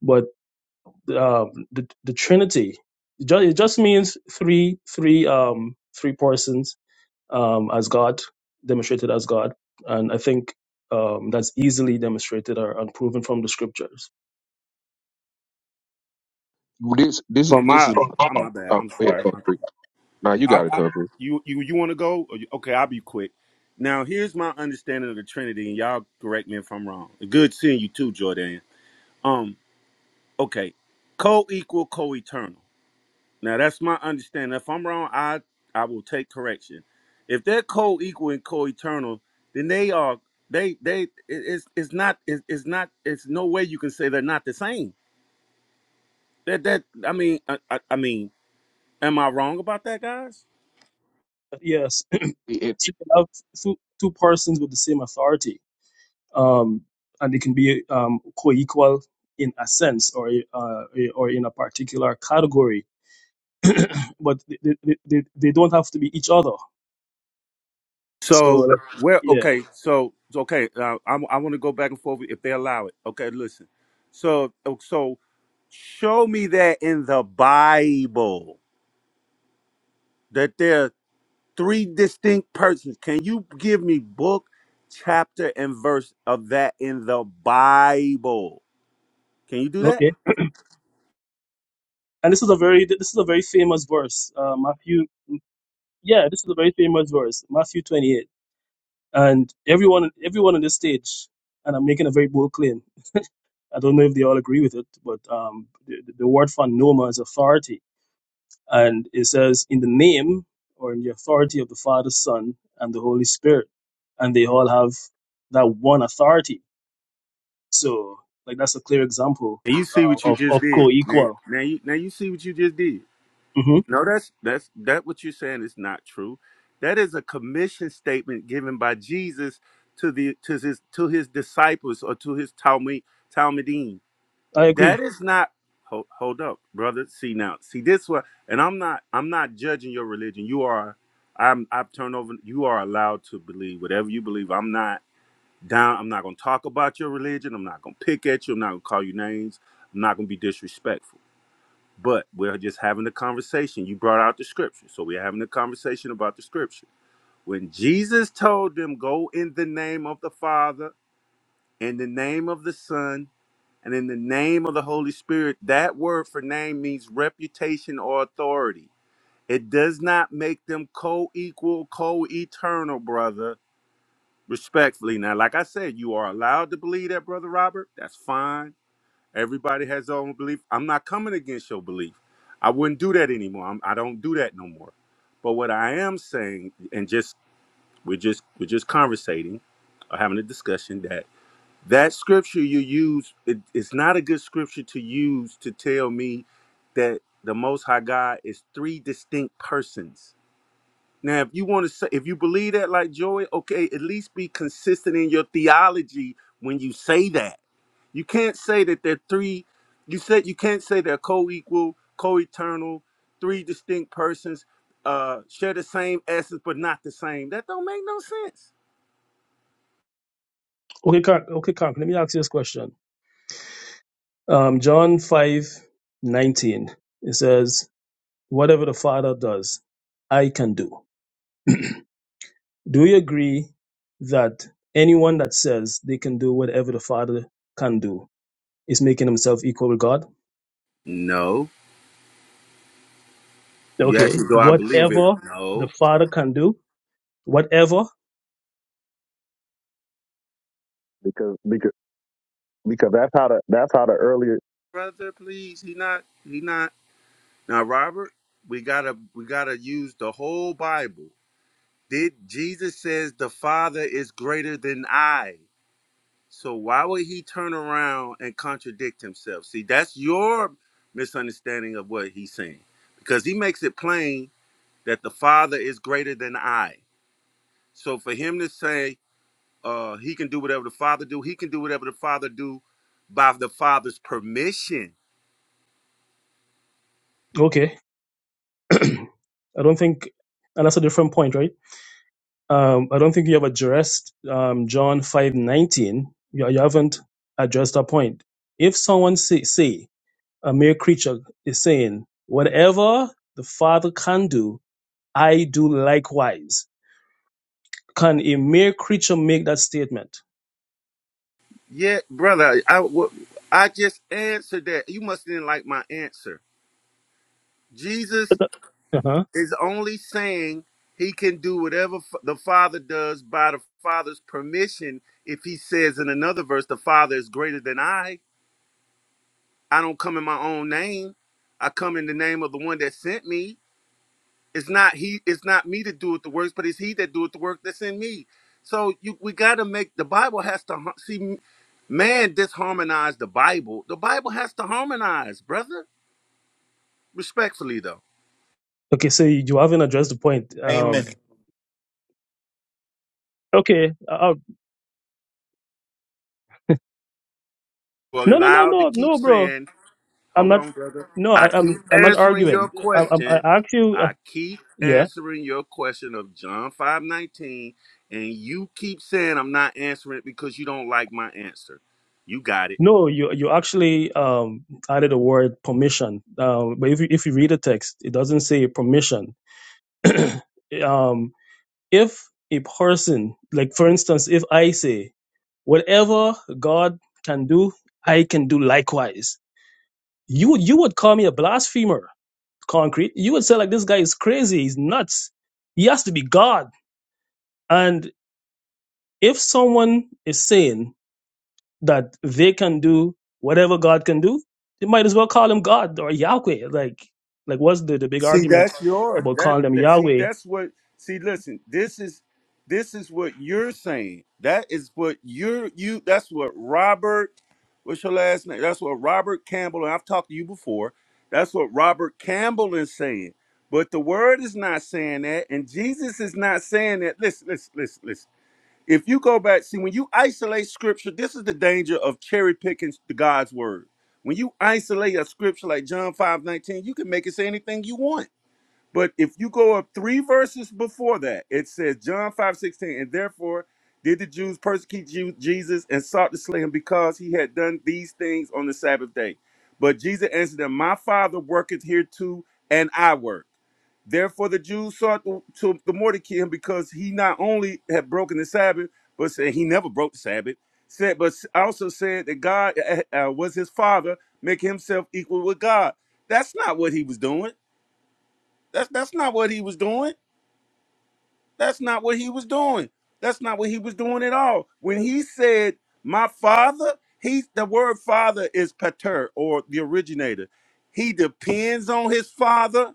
Speaker 5: but um, the the Trinity. It just, it just means three three um three persons um as God demonstrated as God, and I think um that's easily demonstrated or and proven from the scriptures.
Speaker 6: This this
Speaker 4: For
Speaker 6: this
Speaker 4: my,
Speaker 6: is
Speaker 4: I'm my bad.
Speaker 6: oh,
Speaker 4: I'm
Speaker 6: yeah,
Speaker 4: sorry.
Speaker 6: Humphrey. Now you
Speaker 4: I,
Speaker 6: got to
Speaker 4: I,
Speaker 6: cover.
Speaker 4: you you you want to go? Or you, okay, I'll be quick. Now here's my understanding of the Trinity, and y'all correct me if I'm wrong. Good seeing you too, Jordan. Um, okay, co-equal, co-eternal. Now that's my understanding. If I'm wrong, I I will take correction. If they're co-equal and co-eternal, then they are they they it- it's it's not it's, it's not it's no way you can say they're not the same. That that I mean I, I, I mean am I wrong about that, guys?
Speaker 5: But yes,
Speaker 6: Hey,
Speaker 5: so you can have two, two persons with the same authority, um, and they can be um co-equal in a sense or uh, or in a particular category, but they, they, they, they don't have to be each other. So
Speaker 4: So
Speaker 5: like,
Speaker 4: where
Speaker 5: yeah,
Speaker 4: okay so so, okay uh, I I want to go back and forth if they allow it. Okay, listen. So so show me that in the Bible that they're three distinct persons. Can you give me book, chapter, and verse of that in the Bible? Can you do that?
Speaker 5: okay. and this is a very this is a very famous verse uh, matthew yeah this is a very famous verse matthew 28 and everyone everyone on this stage and i'm making a very bold claim i don't know if they all agree with it but um, the, the word for noma is authority and it says in the name or in the authority of the father son and the holy spirit and they all have that one authority so like that's a clear example
Speaker 4: And you see
Speaker 5: uh,
Speaker 4: what you
Speaker 5: of,
Speaker 4: just
Speaker 5: of
Speaker 4: did. Now,
Speaker 5: co-equal
Speaker 4: now you now you see what you just did.
Speaker 5: hmm
Speaker 4: No, that's that's that what you're saying is not true. That is a commission statement given by Jesus to the to his to his disciples or to his Talmud Talmudim.
Speaker 5: i agree
Speaker 4: That is not hold, hold up, brother. See now, see this one, and I'm not I'm not judging your religion. You are I'm I've turned over. You are allowed to believe whatever you believe. I'm not down. I'm not gonna talk about your religion. I'm not gonna pick at you. I'm not gonna call you names. I'm not gonna be disrespectful. But we're just having a conversation. You brought out the scripture, so we're having a conversation about the scripture. When Jesus told them, "Go in the name of the Father, in the name of the Son." And in the name of the Holy Spirit, that word for name means reputation or authority. It does not make them co equal, co eternal, brother, respectfully. Now, like I said, you are allowed to believe that, Brother Robert. That's fine. Everybody has their own belief. I'm not coming against your belief. I wouldn't do that anymore. I'm, I don't do that no more. But what I am saying, and just we're just we're just conversating, or having a discussion that that scripture you use it, it's not a good scripture to use to tell me that the most high god is three distinct persons now if you want to say if you believe that like joy okay at least be consistent in your theology when you say that you can't say that they're three you said you can't say they're co-equal co-eternal three distinct persons uh share the same essence but not the same that don't make no sense
Speaker 5: okay Kirk, okay Kirk, let me ask you this question Um, John five nineteen. It says, Whatever the Father does, I can do. Do you agree that anyone that says they can do whatever the Father can do is making himself equal with God?
Speaker 4: no you
Speaker 5: Okay.
Speaker 4: asking do i believe it
Speaker 5: Whatever the
Speaker 4: no
Speaker 5: Father can do, whatever.
Speaker 2: Because because because that's how the that's how the earlier
Speaker 4: brother, please. He not he not now Robert, we gotta we gotta use the whole Bible. Did Jesus says the Father is greater than I. So why would he turn around and contradict himself? See, that's your misunderstanding of what he's saying. Because he makes it plain that the Father is greater than I. So for him to say uh he can do whatever the Father do, he can do whatever the Father do by the Father's permission
Speaker 5: Okay. I don't think, and that's a different point, right? Um, I don't think you have addressed um, John five nineteen. You, you haven't addressed that point. If someone say, say a mere creature, is saying, Whatever the Father can do, I do likewise. Can a mere creature make that statement?
Speaker 4: Yeah, brother, I, w- I just answered that. You must didn't like my answer. Jesus
Speaker 5: Uh-huh.
Speaker 4: is only saying he can do whatever f- the Father does by the Father's permission. If he says in another verse, the Father is greater than I, I don't come in my own name. I come in the name of the one that sent me. It's not he. It's not me to do it the works, but it's he that doeth the work that's in me. So you, we got to make the Bible has to har- see. m- Man disharmonize the Bible. The Bible has to harmonize, brother. Respectfully, though,
Speaker 5: Okay, so you you haven't addressed the point.
Speaker 7: Amen.
Speaker 5: Um, okay. Uh,
Speaker 4: we're
Speaker 5: no, no, no,
Speaker 4: allowed to
Speaker 5: no,
Speaker 4: keep
Speaker 5: no, bro.
Speaker 4: saying,
Speaker 5: I'm
Speaker 4: "Hold
Speaker 5: not.
Speaker 4: on, brother."
Speaker 5: No,
Speaker 4: I
Speaker 5: I,
Speaker 4: keep
Speaker 5: I'm. I'm not
Speaker 4: answering your
Speaker 5: arguing. I, I,
Speaker 4: question.
Speaker 5: I asked you. Uh,
Speaker 4: I keep
Speaker 5: yeah.
Speaker 4: answering your question of John five nineteen, and you keep saying I'm not answering it because you don't like my answer. You got it.
Speaker 5: No, you you actually um, added a word permission. Um, but if you if you read the text, it doesn't say permission. um, if a person, like for instance, if I say, whatever God can do, I can do likewise, you would you would call me a blasphemer, concrete. You would say like this guy is crazy, he's nuts. He has to be God. And if someone is saying that they can do whatever God can do, they might as well call him God or Yahweh. Like like what's the, the big
Speaker 4: See,
Speaker 5: argument
Speaker 4: that's your
Speaker 5: about
Speaker 4: that
Speaker 5: calling them
Speaker 4: that see
Speaker 5: Yahweh?
Speaker 4: that's what see listen, this is this is what you're saying. That is what you're you that's what Robert what's your last name? That's what Robert Campbell and I've talked to you before. That's what Robert Campbell is saying. But the word is not saying that, and Jesus is not saying that. Listen, listen, listen, listen. If you go back, see when you isolate scripture, this is the danger of cherry picking God's word. When you isolate a scripture like John 5 19 you can make it say anything you want but if you go up three verses before that, it says John 5 16, and therefore did the Jews persecute Ju- Jesus and sought to slay him because he had done these things on the Sabbath day. But Jesus answered them, My Father worketh here too, and I work. Therefore the Jews sought to, to the more to kill him because he not only had broken the Sabbath, but said he never broke the Sabbath, said, but also said that God uh, uh, was his father, making himself equal with God. That's not what he was doing. That's that's not what he was doing. That's not what he was doing. That's not what he was doing at all. When he said, "My father," he the word "father" is pater or the originator. He depends on his father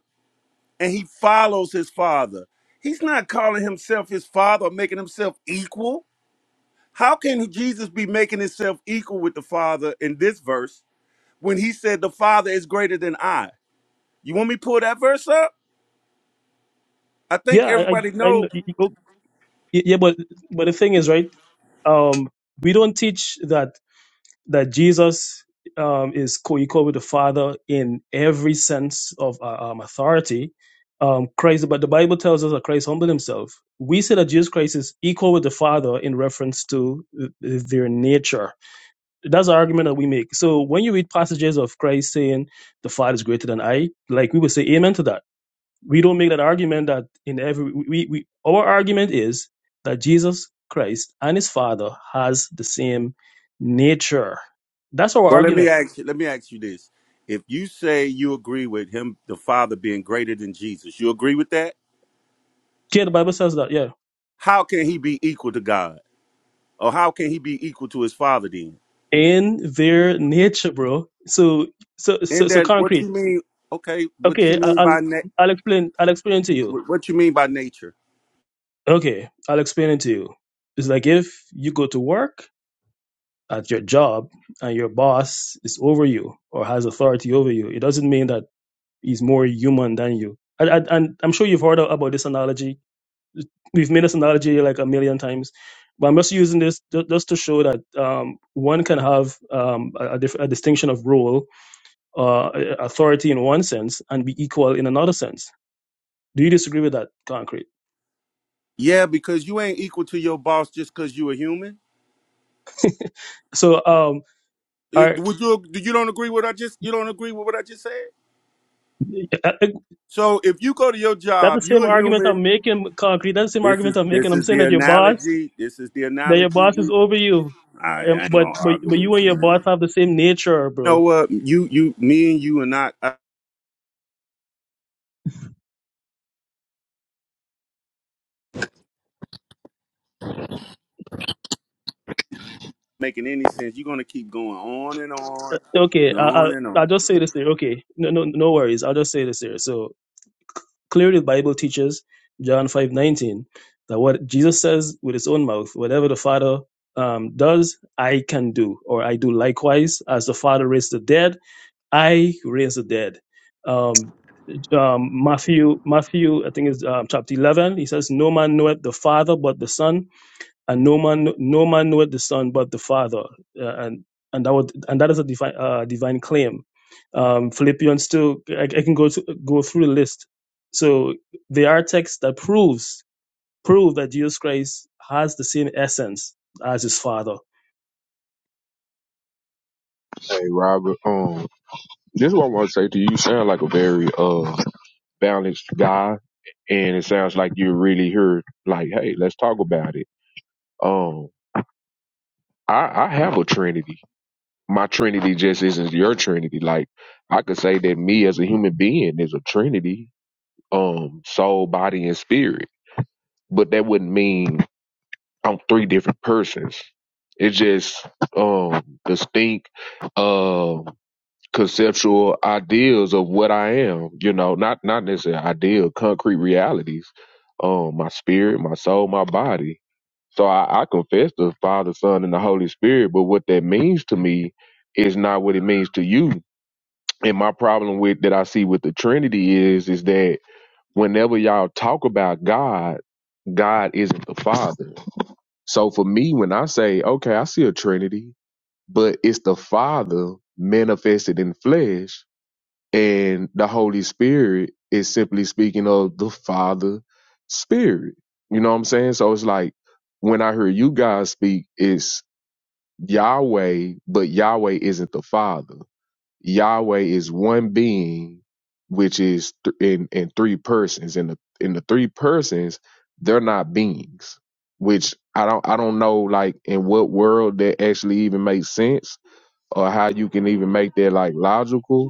Speaker 4: and he follows his father. He's not calling himself his father or making himself equal. How can Jesus be making himself equal with the Father in this verse when he said the Father is greater than I? You want me to pull that verse up? I think
Speaker 5: Yeah, I, I
Speaker 4: everybody
Speaker 5: I
Speaker 4: know.
Speaker 5: know. Y- Yeah, but but the thing is, right? Um, we don't teach that that Jesus um, is co-equal with the Father in every sense of uh, um, authority. Um, Christ, but the Bible tells us that Christ humbled himself. We say that Jesus Christ is equal with the Father in reference to uh, their nature. That's an argument that we make. So when you read passages of Christ saying the Father is greater than I, like we would say amen to that we don't make that argument that in every we, we our argument is that Jesus Christ and his father has the same nature. That's our
Speaker 4: Well, let me
Speaker 5: argument.
Speaker 4: ask you. Let me ask you this: If you say you agree with him, the Father being greater than Jesus, you agree with that?
Speaker 5: Yeah, the Bible says that, yeah.
Speaker 4: How can he be equal to God, or how can he be equal to his Father then?
Speaker 5: In their nature, bro. So so so
Speaker 4: And
Speaker 5: so
Speaker 4: then, what
Speaker 5: concrete.
Speaker 4: you mean? Okay, what you
Speaker 5: Okay, I,
Speaker 4: mean
Speaker 5: I'll
Speaker 4: by na-
Speaker 5: I'll explain I'll explain to you.
Speaker 4: wh- What you mean by nature?
Speaker 5: Okay, I'll explain it to you. It's like if you go to work at your job and your boss is over you or has authority over you, it doesn't mean that is more human than you. And, and, and I'm sure you've heard about this analogy. We've made this analogy like a million times, but I'm just using this ju- just to show that um, one can have um, a, a, diff- a distinction of role, uh, authority in one sense, and be equal in another sense. Do you disagree with that, concrete?
Speaker 4: Yeah, because you ain't equal to your boss just because you a human.
Speaker 5: So, um,
Speaker 4: It-
Speaker 5: are,
Speaker 4: Would you? You don't agree with what I just? You don't agree with what I just said?
Speaker 5: that's
Speaker 4: So if you go to your
Speaker 5: the
Speaker 4: job, you're
Speaker 5: same
Speaker 4: a
Speaker 5: argument
Speaker 4: human.
Speaker 5: I'm making, concrete. That's the same
Speaker 4: This is
Speaker 5: argument I'm making.
Speaker 4: this
Speaker 5: I'm
Speaker 4: is
Speaker 5: saying
Speaker 4: the
Speaker 5: that your boss,
Speaker 4: analogy. This is the
Speaker 5: that your
Speaker 4: analogy.
Speaker 5: boss is over you,
Speaker 4: I,
Speaker 5: um,
Speaker 4: I ain't
Speaker 5: but
Speaker 4: gonna
Speaker 5: but but
Speaker 4: argue with
Speaker 5: you and
Speaker 4: you,
Speaker 5: your
Speaker 4: man.
Speaker 5: boss have the same nature,
Speaker 4: You
Speaker 5: bro
Speaker 4: know what? You, you, me, and you are not uh, making any sense. You're gonna keep going on and on
Speaker 5: Okay,
Speaker 4: and
Speaker 5: I,
Speaker 4: on
Speaker 5: I,
Speaker 4: and
Speaker 5: I'll
Speaker 4: on.
Speaker 5: just say this here. Okay, no, no, no worries. I'll just say this here. So clearly, the Bible teaches John five nineteen that what Jesus says with his own mouth, whatever the Father um, does, I can do, or I do likewise. As the Father raised the dead, I raise the dead. Um, um, Matthew, Matthew, I think it's um, chapter eleven. He says, "No man knoweth the Father but the Son." and no man no man knoweth the son but the father Uh, and and that would and that is a divine uh, divine claim um philippians 2 i, I can go to, go through the list so there are texts that proves prove that jesus christ has the same essence as his father
Speaker 6: Robert. Um, this is what I want to say to you. You sound like a very uh balanced guy, and it sounds like you're really here. Like, hey, let's talk about it. Um, I I have a trinity. my trinity just isn't your trinity. Like I could say that me as a human being is a trinity, um, soul, body, and spirit. But that wouldn't mean I'm three different persons. It's just um distinct. Um conceptual ideals of what I am, you know, not not necessarily ideal, concrete realities. Um, my spirit, my soul, my body. So I, I confess the Father, Son, and the Holy Spirit, but what that means to me is not what it means to you. And my problem with that I see with the Trinity is is that whenever y'all talk about God, God isn't the Father. So for me, when I say, okay, I see a Trinity, but it's the Father manifested in flesh, and the Holy Spirit is simply speaking of the Father Spirit. You know what I'm saying? So it's like when I hear you guys speak, it's Yahweh, but Yahweh isn't the Father. Yahweh is one being, which is th- in in three persons. In the in the three persons, they're not beings. Which I don't I don't know like in what world that actually even makes sense or how you can even make that like logical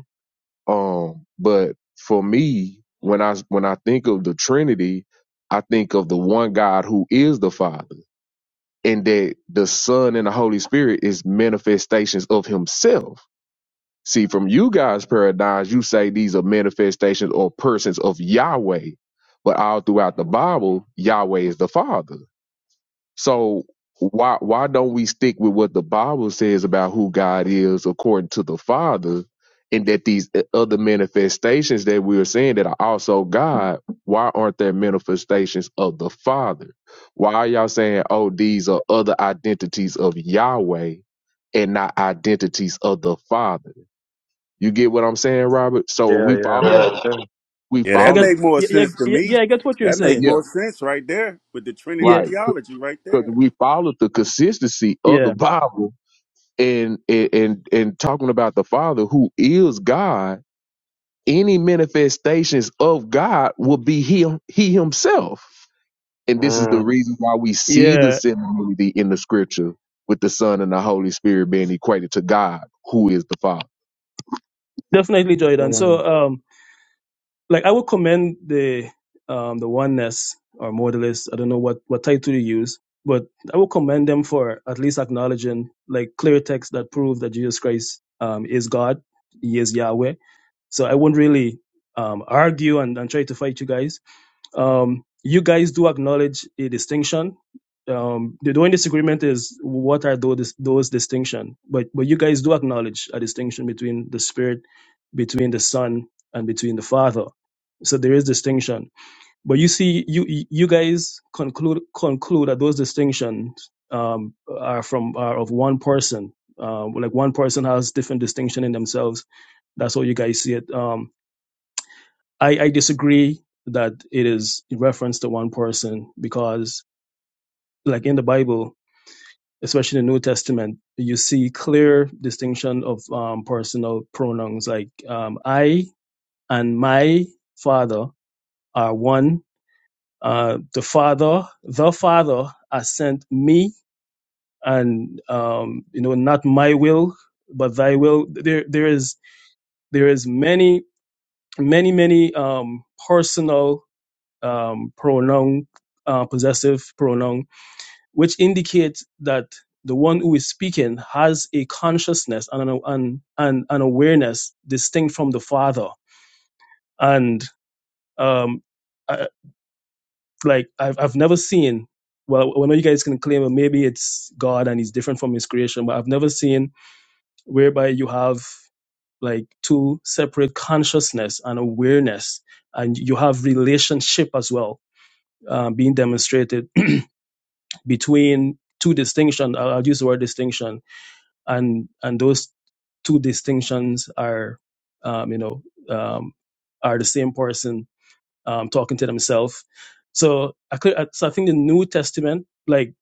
Speaker 6: um, but for me, when I when I think of the Trinity, I think of the one God who is the Father, and that the Son and the Holy Spirit is manifestations of Himself. See, from you guys' paradigms, you say these are manifestations or persons of Yahweh, but all throughout the Bible, Yahweh is the Father. So why why don't we stick with what the Bible says about who God is according to the Father, and that these uh, other manifestations that we are seeing that are also God, why aren't there manifestations of the Father? Why are y'all saying, oh, these are other identities of Yahweh and not identities of the Father? You get what I'm saying, Robert? So
Speaker 8: Yeah,
Speaker 6: we
Speaker 8: yeah,
Speaker 6: follow
Speaker 5: yeah
Speaker 8: makes
Speaker 6: Uh,
Speaker 8: sense.
Speaker 6: we
Speaker 4: Yeah,
Speaker 5: i
Speaker 4: that
Speaker 5: get
Speaker 6: follow
Speaker 4: make more
Speaker 5: yeah yeah,
Speaker 4: sense to
Speaker 5: yeah
Speaker 4: me.
Speaker 5: yeah, i get what you're
Speaker 4: That make
Speaker 5: saying
Speaker 6: yeah,
Speaker 4: more sense right there with the Trinity
Speaker 5: yeah
Speaker 6: right.
Speaker 4: theology right
Speaker 6: Because
Speaker 4: there.
Speaker 6: we followed the consistency of the
Speaker 5: yeah
Speaker 6: Bible and and and talking about the Father who is God, any manifestations of God will be Him, he himself. And this is the
Speaker 8: Mm,
Speaker 6: reason why we see the
Speaker 5: yeah
Speaker 6: similarity in the scripture with the Son and the Holy Spirit being equated to God, who is the Father.
Speaker 5: definitely jordan so
Speaker 8: mm.
Speaker 5: um like I would commend the um the oneness or modalists. I don't know what what title you use, but I would commend them for at least acknowledging like clear texts that prove that Jesus Christ um is God, He is Yahweh. So I wouldn't really um argue and, and try to fight you guys um, you guys do acknowledge a distinction. Um, the only disagreement is what are those those distinction. But but you guys do acknowledge a distinction between the Spirit, between the Son, and between the Father. So there is distinction. But you see, you you guys conclude conclude that those distinctions um, are from are of one person. Um, like one person has different distinction in themselves. That's how you guys see it. Um, I, I disagree that it is in reference to one person because, like in the Bible, especially the New Testament, you see clear distinction of um, personal pronouns like um, I and my father are one. Uh, the father, the father has sent me, and um, you know, not my will, but thy will. There, there is, there is many, many, many um, personal um, pronoun, uh, possessive pronoun, which indicates that the one who is speaking has a consciousness and an, and, and an awareness distinct from the father. And um, I, like I've, I've never seen, well, I know you guys can claim well, maybe it's God and he's different from his creation, but I've never seen whereby you have like two separate consciousness and awareness, and you have relationship as well uh, being demonstrated between two distinction. I'll, use the word distinction, and and those two distinctions are, um, you know, um, are the same person um, talking to themselves. So I could, so I think the New Testament, like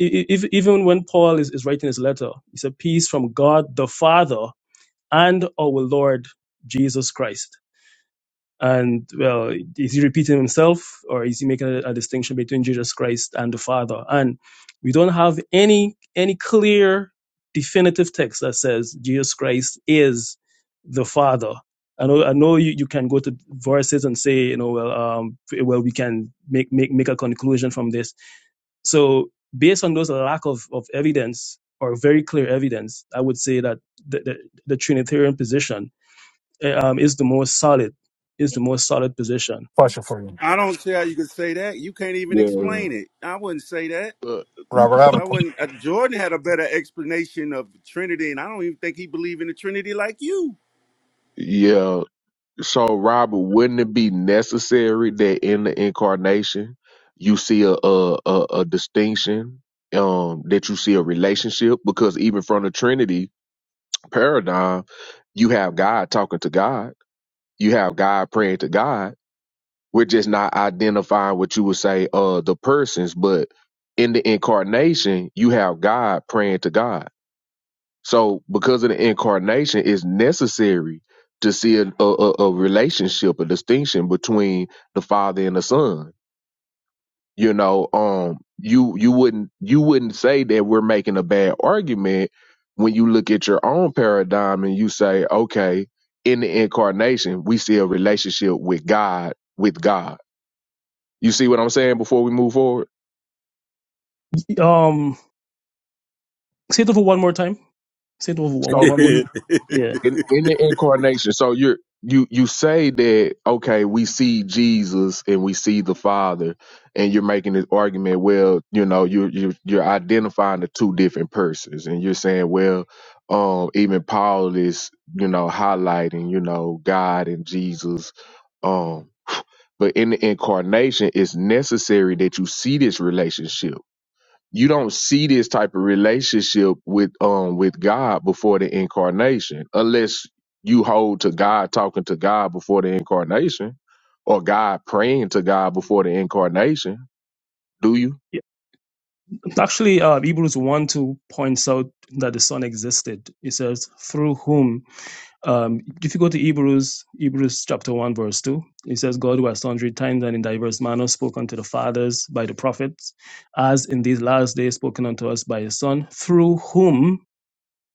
Speaker 5: e- e- even when Paul is, is writing his letter, it's a peace from God the Father and our Lord Jesus Christ and well, is he repeating himself or is he making a, a distinction between Jesus Christ and the Father? And we don't have any any clear definitive text that says Jesus Christ is the Father. I know I know you, you can go to verses and say, you know, well um well we can make make make a conclusion from this. So based on those lack of, of evidence or very clear evidence, I would say that the, the, the Trinitarian position eh, um, is the most solid, is the most solid position.
Speaker 7: Question for you,
Speaker 4: I don't see how you could say that. You can't even
Speaker 6: Yeah.
Speaker 4: explain it. I wouldn't say that.
Speaker 6: Uh,
Speaker 7: Robert. I have a
Speaker 4: I
Speaker 7: qu-
Speaker 4: wouldn't. Uh, Jordan had a better explanation of the Trinity, and I don't even think he believed in the Trinity like you.
Speaker 6: yeah. So, Robert, wouldn't it be necessary that in the incarnation you see a a, a, a distinction, um, that you see a relationship? Because even from the Trinity paradigm, you have God talking to God, you have God praying to God. We're just not identifying what you would say, uh, the persons, but in the incarnation, you have God praying to God so, because of the incarnation, it's necessary to see a, a, a a relationship, a distinction between the Father and the Son. You know, um, you you wouldn't you wouldn't say that we're making a bad argument when you look at your own paradigm and you say, okay, in the incarnation, we see a relationship with God, with God. You see what I'm saying? Before we move forward,
Speaker 5: Um, say it over one more time. Say it over one,
Speaker 6: so
Speaker 5: one more.
Speaker 6: in
Speaker 5: Yeah.
Speaker 6: in, in the incarnation so you're you you say that okay we see jesus and we see the father and you're making this argument well you know you you you're identifying the two different persons and you're saying well um even paul is you know highlighting you know god and jesus um but in the incarnation it's necessary that you see this relationship you don't see this type of relationship with um with God before the incarnation unless you hold to God talking to God before the incarnation or God praying to God before the incarnation do you
Speaker 5: Yeah. Actually, uh, Hebrews 1 2 points out that the Son existed. It says, through whom, um, if you go to Hebrews, Hebrews chapter 1, verse 2, it says, God who has sundry times and in diverse manners spoken to the fathers by the prophets, as in these last days spoken unto us by his Son, through whom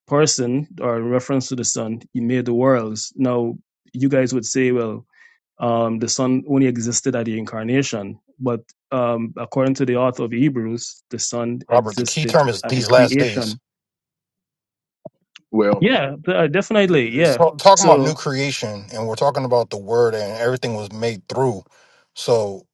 Speaker 5: person or in reference to the sun he made the worlds now you guys would say well um, the sun only existed at the incarnation but um, according to the author of hebrews the sun
Speaker 7: Robert. The key
Speaker 5: existed
Speaker 7: term is
Speaker 5: at the
Speaker 7: these last days.
Speaker 5: creation yeah
Speaker 6: well
Speaker 5: th- uh, definitely
Speaker 7: It's
Speaker 5: yeah
Speaker 7: ta- talking about new
Speaker 5: so
Speaker 7: creation, and we're talking about the word, and everything was made through. So,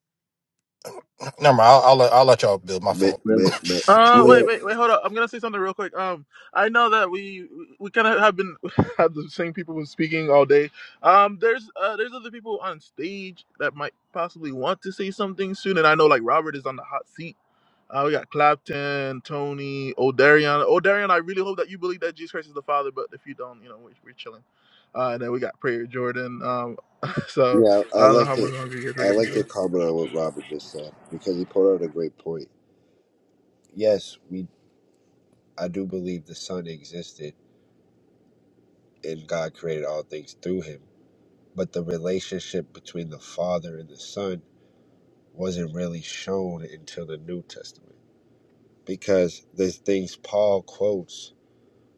Speaker 7: never mind. I'll, I'll let I'll let y'all build. My
Speaker 9: But
Speaker 7: fault.
Speaker 6: well
Speaker 9: but but
Speaker 1: Uh,
Speaker 9: but
Speaker 1: wait,
Speaker 6: well
Speaker 1: wait, wait, hold up. I'm gonna say something real quick. Um, I know that we we kind of have been have the same people who's speaking all day. Um, there's uh there's other people on stage that might possibly want to say something soon, and I know like Robert is on the hot seat. Uh, we got Clapton, Tony, O'Darion. O'Darion, I really hope that you believe that Jesus Christ is the Father, but if you don't, you know, we're, we're chilling. Uh, and then we got Prayer Jordan. Um, so
Speaker 9: yeah, I, I
Speaker 1: I don't know
Speaker 9: like
Speaker 1: how much
Speaker 9: to
Speaker 1: longer you guys are
Speaker 9: I
Speaker 1: gonna
Speaker 9: like
Speaker 1: go.
Speaker 9: to comment on what Robert just said because he put out a great point. Yes, we I do believe the Son existed and God created all things through him, but the relationship between the Father and the Son wasn't really shown until the New Testament because there's things Paul quotes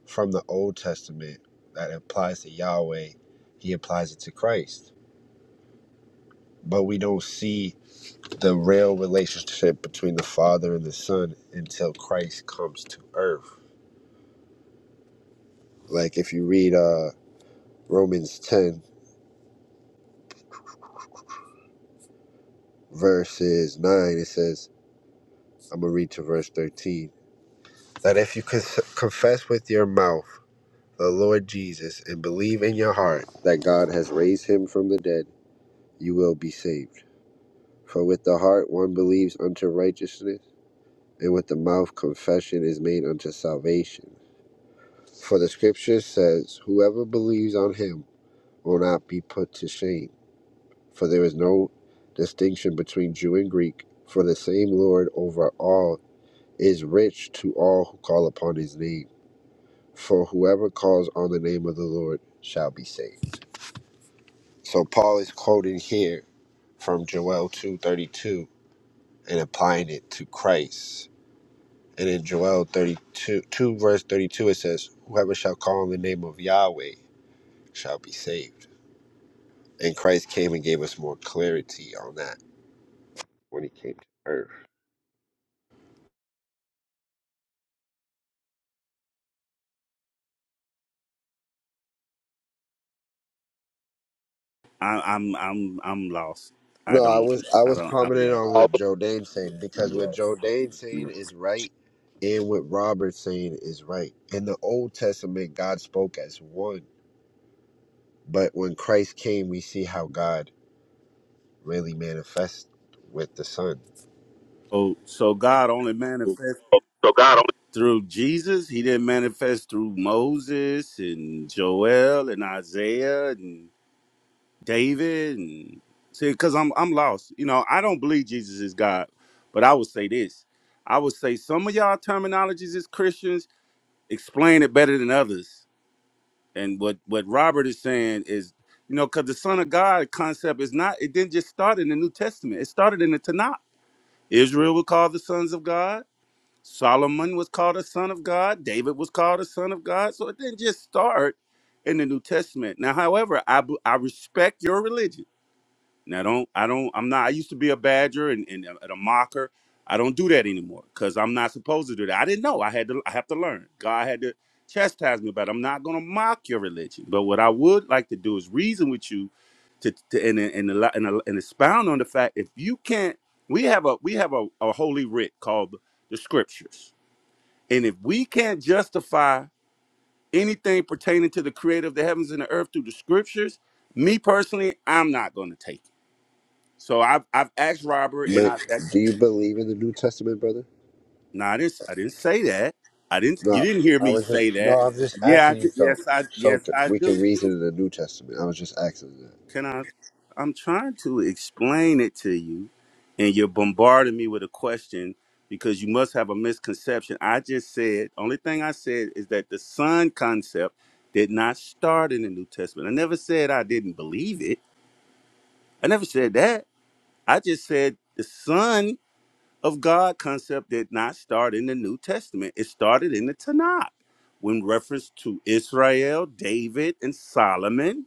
Speaker 9: from the Old Testament that applies to Yahweh, he applies it to Christ, but we don't see. the real relationship between the Father and the Son until Christ comes to earth. Like if you read uh, Romans 10, verses 9, it says, I'm going to read to verse 13, that if you cons- confess with your mouth the Lord Jesus and believe in your heart that God has raised him from the dead, you will be saved. For with the heart one believes unto righteousness, and with the mouth confession is made unto salvation. For the scripture says, Whoever believes on him, will not be put to shame. For there is no distinction between Jew and Greek, for the same Lord over all is rich to all who call upon his name. For whoever calls on the name of the Lord shall be saved. So Paul is quoting here from Joel 2:32 and applying it to Christ. And in Joel 32 2 verse 32 it says, "Whoever shall call on the name of Yahweh shall be saved." And Christ came and gave us more clarity on that when he came to earth.
Speaker 4: I, I'm I'm I'm lost. I
Speaker 9: No, I
Speaker 4: don't
Speaker 9: was I
Speaker 4: I
Speaker 9: was
Speaker 4: don't I'm
Speaker 9: commenting
Speaker 4: lost.
Speaker 9: on
Speaker 6: Oh,
Speaker 9: what Joe Dane saying because
Speaker 4: I'm
Speaker 9: what
Speaker 4: lost.
Speaker 9: Joe Dane
Speaker 4: I'm
Speaker 9: saying
Speaker 4: lost.
Speaker 9: is right, and what Robert's saying is right. In the Old Testament, God spoke as one, but when Christ came, we see how God really manifests with the Son.
Speaker 4: So so God only manifests
Speaker 6: So God only
Speaker 4: through Jesus. He didn't manifest through Moses and Joel and Isaiah and David and see because I'm I'm lost. You know I don't believe Jesus is God, but I would say this. I would say some of y'all terminologies as Christians explain it better than others. And what what Robert is saying is, you know, because the Son of God concept is not. It didn't just start in the New Testament. It started in the Tanakh. Israel was called the sons of God. Solomon was called a son of God. David was called a son of God. So it didn't just start in the New Testament. Now, however, I b- I respect your religion. Now don't I don't I'm not I used to be a badger and, and, a, and a mocker. I don't do that anymore because I'm not supposed to do that. I didn't know. I had to I have to learn. God had to chastise me about it. I'm not gonna mock your religion. But what I would like to do is reason with you to, to and, and, and, and and expound on the fact if you can't we have a we have a, a holy writ called the scriptures. And if we can't justify anything pertaining to the creator of the heavens and the earth through the scriptures, me personally, I'm not gonna take it. So I've I've asked Robert, and
Speaker 9: But
Speaker 4: I, I
Speaker 9: do you believe in the New Testament, brother?
Speaker 4: no, I didn't I didn't say that. I didn't. You
Speaker 9: No,
Speaker 4: didn't hear
Speaker 9: I
Speaker 4: me
Speaker 9: was just
Speaker 4: say
Speaker 9: no,
Speaker 4: that.
Speaker 9: I'm just
Speaker 4: Yeah, I,
Speaker 9: asking you
Speaker 4: did-
Speaker 9: so
Speaker 4: yes, I
Speaker 9: so
Speaker 4: yes I
Speaker 9: c- we
Speaker 4: do.
Speaker 9: can reason in the New Testament. I was just asking that.
Speaker 4: Can I? I'm trying to explain it to you, and you're bombarding me with a question because you must have a misconception. I just said only thing I said is that the son concept did not start in the New Testament. I never said I didn't believe it. I never said that. I just said the son. of God concept did not start in the New Testament. It started in the Tanakh when reference to Israel, David, and Solomon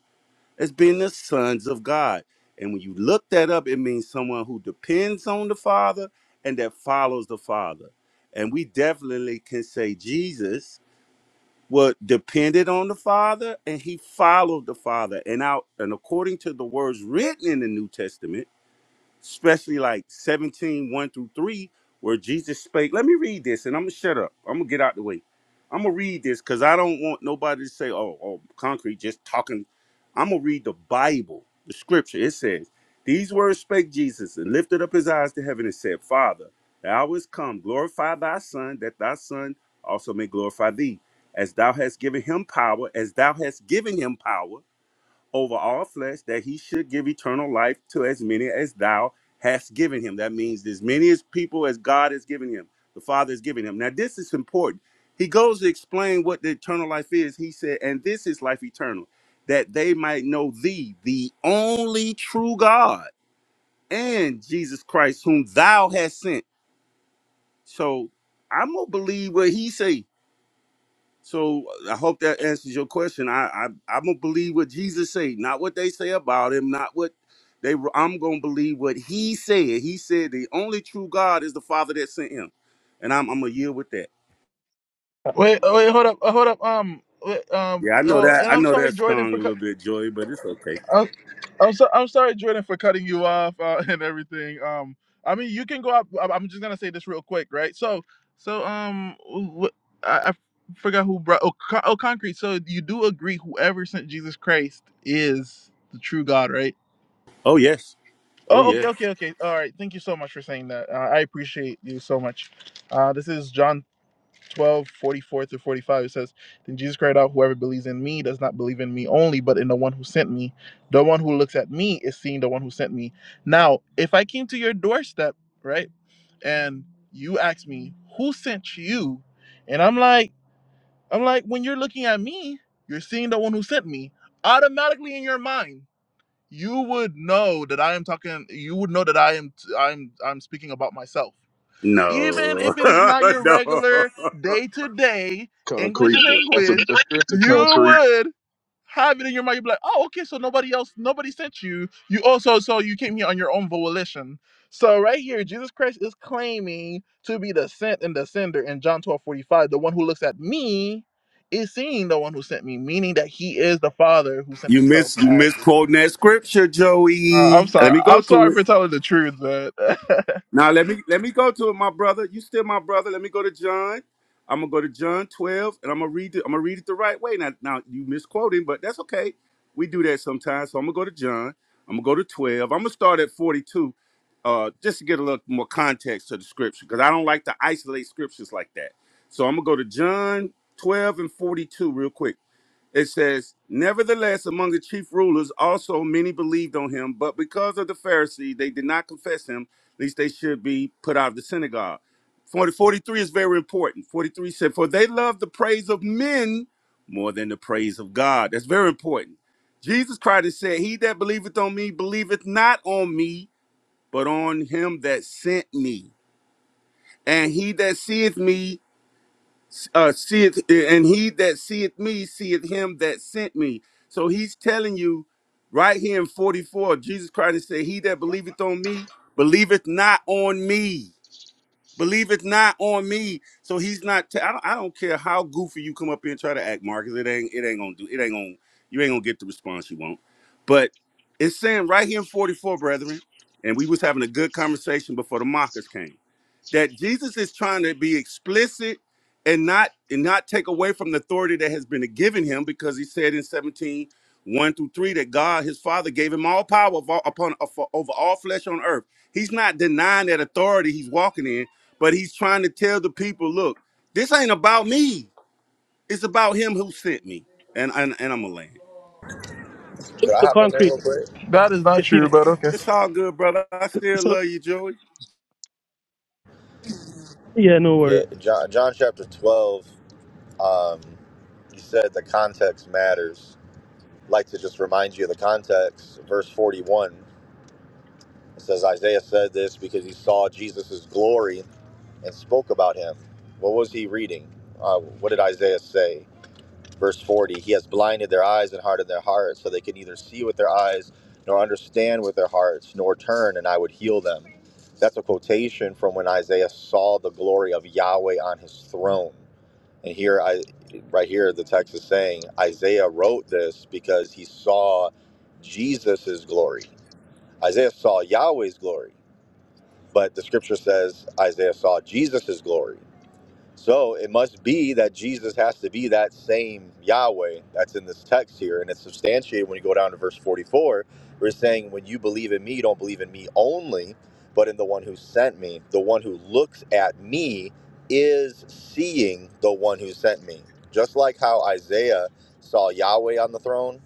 Speaker 4: as being the sons of God. And when you look that up, it means someone who depends on the Father and that follows the Father. And we definitely can say Jesus was depended on the Father and he followed the Father. And out and according to the words written in the New Testament, especially like 17 one through 3 where jesus spake let me read this and i'm gonna shut up i'm gonna get out the way i'm gonna read this because i don't want nobody to say oh, oh concrete just talking i'm gonna read the bible the scripture it says these words spake jesus and lifted up his eyes to heaven and said father the hour is come glorify thy son that thy son also may glorify thee as thou hast given him power as thou hast given him power over all flesh that he should give eternal life to as many as thou hast given him. That means as many as people as God has given him, the Father has given him. Now, this is important. He goes to explain what the eternal life is. He said, And this is life eternal, that they might know thee, the only true God, and Jesus Christ, whom thou hast sent. So I'm gonna believe what he say. So I hope that answers your question. I, I I'm gonna believe what Jesus say, not what they say about him, not what they. I'm gonna believe what he said. He said the only true God is the Father that sent him, and I'm I'm gonna yield with that.
Speaker 1: Wait, oh, wait, hold up, uh, hold up. Um, wait, um,
Speaker 4: Yeah, I know
Speaker 1: oh,
Speaker 4: that.
Speaker 1: and
Speaker 4: I
Speaker 1: I'm
Speaker 4: know
Speaker 1: sorry,
Speaker 4: that
Speaker 1: Jordan,
Speaker 4: stung a
Speaker 1: for cut.
Speaker 4: little bit, Joy, but it's okay.
Speaker 1: I'm, I'm so I'm sorry, Jordan, for cutting you off uh, and everything. Um, I mean, you can go up. I- I'm just gonna say this real quick, right? So, so um, wh- I, I forgot who brought. Oh, Con- oh, concrete. So you do agree, whoever sent Jesus Christ is the true God, right?
Speaker 4: Oh yes. Oh
Speaker 1: Oh,
Speaker 4: yes.
Speaker 1: okay, okay, okay. All right. Thank you so much for saying that. Uh, I appreciate you so much. Uh, this is John 12 44 through 45 it says then jesus cried out, 'Whoever believes in me does not believe in me only but in the one who sent me the one who looks at me is seeing the one who sent me now if i came to your doorstep right and you asked me who sent you and i'm like i'm like when you're looking at me you're seeing the one who sent me automatically in your mind you would know that i am talking you would know that i am i'm i'm speaking about myself even
Speaker 4: No,
Speaker 1: if it is not your
Speaker 4: no.
Speaker 1: regular day to day
Speaker 6: concrete
Speaker 1: English
Speaker 6: that's a
Speaker 1: language,
Speaker 6: good scripture
Speaker 1: you
Speaker 6: concrete
Speaker 1: would have it in your mind. You'd be like, oh, okay, so nobody else, nobody sent you. You also, so you came here on your own volition. So right here, Jesus Christ is claiming to be the sent and the sender in John 12 45. The one who looks at me is seeing the one who sent me, meaning that he is the Father who sent
Speaker 4: You
Speaker 1: himself
Speaker 4: miss you
Speaker 1: as the Son.
Speaker 4: misquoting that scripture,
Speaker 1: Uh, I'm
Speaker 4: Joey. Let
Speaker 1: sorry.
Speaker 4: me
Speaker 1: I'm
Speaker 4: go to
Speaker 1: sorry
Speaker 4: it.
Speaker 1: for telling the truth, but
Speaker 4: Now let me let me go to my brother. You still my brother. Let me go to John. I'm gonna go to John 12, and I'm gonna read it. I'm gonna read it the right way. Now, now you misquoting, but that's okay. We do that sometimes. So I'm gonna go to John. I'm gonna go to 12. I'm gonna start at 42, uh, just to get a little more context to the scripture, because I don't like to isolate scriptures like that. So I'm gonna go to John 12 and 42 real quick. It says, Nevertheless, among the chief rulers also many believed on him, but because of the Pharisees, they did not confess him, lest they should be put out of the synagogue. 40, 43 is very important. 43 said, For they love the praise of men more than the praise of God. That's very important. Jesus Christ said, He that believeth on me believeth not on me, but on him that sent me. And he that seeth me uh seeth and he that seeth me seeth him that sent me so he's telling you right here in 44 jesus christ said he that believeth on me believeth not on me believeth not on me so he's not t- I don't, I don't care how goofy you come up here and try to act marcus it ain't it ain't gonna do it ain't gonna you ain't gonna get the response you want but it's saying right here in 44 brethren and we was having a good conversation before the mockers came that Jesus is trying to be explicit and not and not take away from the authority that has been given him because he said in 17 1 through 3 that God his father gave him all power of all, upon of- over all flesh on earth. He's not denying that authority he's walking in, but he's trying to tell the people, look, this ain't about me. It's about him who sent me. And and, and I'm a land.
Speaker 5: so
Speaker 10: Could I hop in there
Speaker 5: concrete
Speaker 10: real quick?
Speaker 1: that is not
Speaker 5: if you
Speaker 1: true. But okay.
Speaker 4: It's all good, brother. I still
Speaker 5: so
Speaker 4: love you, Joey.
Speaker 5: yeah no worries
Speaker 10: Yeah, John, John chapter 12, um, you said the context matters. I'd like to just remind you of the context. Verse 41 it says, Isaiah said this because he saw Jesus' glory and spoke about him. What was he reading? Uh, what did Isaiah say? verse 40 he has blinded their eyes and hardened their hearts so they can neither see with their eyes nor understand with their hearts nor turn and i would heal them that's a quotation from when isaiah saw the glory of yahweh on his throne and here i right here the text is saying isaiah wrote this because he saw Jesus's glory isaiah saw yahweh's glory but the scripture says isaiah saw Jesus's glory so it must be that Jesus has to be that same Yahweh that's in this text here. And it's substantiated when you go down to verse 44. We're saying, when you believe in me, you don't believe in me only, but in the one who sent me. The one who looks at me is seeing the one who sent me. Just like how Isaiah saw Yahweh on the throne,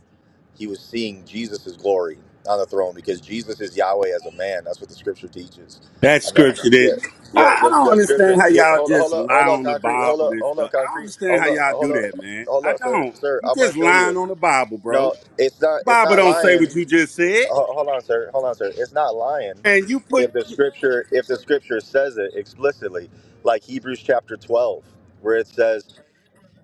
Speaker 10: he was seeing Jesus' glory on the throne because Jesus is Yahweh as a man. That's what the scripture teaches.
Speaker 4: That
Speaker 10: I know.
Speaker 4: scripture
Speaker 10: yeah,
Speaker 4: that I,
Speaker 10: yeah,
Speaker 4: I
Speaker 10: the,
Speaker 4: don't
Speaker 10: the scripture
Speaker 4: understand how
Speaker 10: here.
Speaker 4: y'all
Speaker 10: Hold up, hold
Speaker 4: just
Speaker 10: up,
Speaker 4: lie
Speaker 10: hold up,
Speaker 4: on the
Speaker 10: concrete. Hold
Speaker 4: Bible
Speaker 10: up,
Speaker 4: and
Speaker 10: hold up,
Speaker 4: stuff. I don't
Speaker 10: concrete.
Speaker 4: understand
Speaker 10: Hold
Speaker 4: how
Speaker 10: up,
Speaker 4: y'all
Speaker 10: hold
Speaker 4: do
Speaker 10: up,
Speaker 4: that, man.
Speaker 10: hold
Speaker 4: I
Speaker 10: up, sir,
Speaker 4: don't.
Speaker 10: sir.
Speaker 4: You
Speaker 10: I'm gonna
Speaker 4: just
Speaker 10: show you.
Speaker 4: lying on the Bible, bro.
Speaker 10: No, it's not. It's
Speaker 4: Bible
Speaker 10: not
Speaker 4: don't say
Speaker 10: lying.
Speaker 4: what you just said,
Speaker 10: Ho- Hold on, sir. Hold on, sir. It's not lying.
Speaker 4: and you put
Speaker 10: If the scripture, if the scripture says it explicitly, like Hebrews chapter 12, where it says,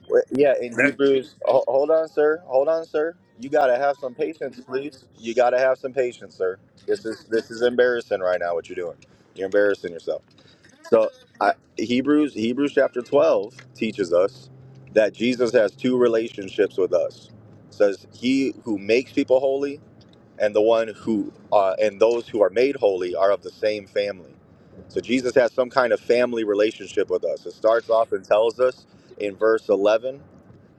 Speaker 10: where- yeah, in
Speaker 4: that-
Speaker 10: Hebrews. ho- Hold on, sir. Hold on, sir. You gotta have some patience, please. You gotta have some patience, sir. This is this is embarrassing right now. What you're doing? You're embarrassing yourself. So I, Hebrews Hebrews chapter 12 teaches us that Jesus has two relationships with us. It says he who makes people holy and the one who uh, and those who are made holy are of the same family. So Jesus has some kind of family relationship with us. It starts off and tells us in verse 11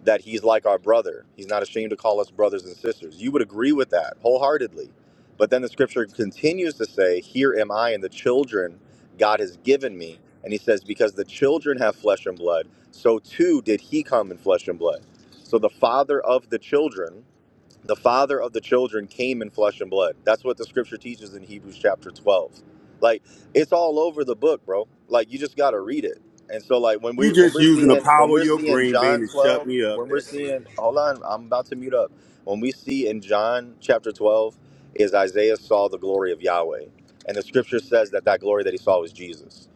Speaker 10: that he's like our brother. He's not ashamed to call us brothers and sisters. You would agree with that wholeheartedly. But then the scripture continues to say, Here am I and the children God has given me. And he says, Because the children have flesh and blood, so too did he come in flesh and blood. So the father of the children the father of the children came in flesh and blood. That's what the scripture teaches in Hebrews chapter 12. Like it's all over the book, bro. Like you just got to read it. And so like when
Speaker 4: you
Speaker 10: we when
Speaker 4: just
Speaker 10: we're
Speaker 4: using the
Speaker 10: seeing when
Speaker 4: power of
Speaker 10: we're
Speaker 4: your
Speaker 10: seeing
Speaker 4: green bean
Speaker 10: John
Speaker 4: to shut
Speaker 10: 12,
Speaker 4: me up.
Speaker 10: when we're
Speaker 4: That's it.
Speaker 10: seeing hold on, I'm about to mute up. When we see in John chapter 12 is Isaiah saw the glory of Yahweh. And the scripture says that that glory that he saw was Jesus.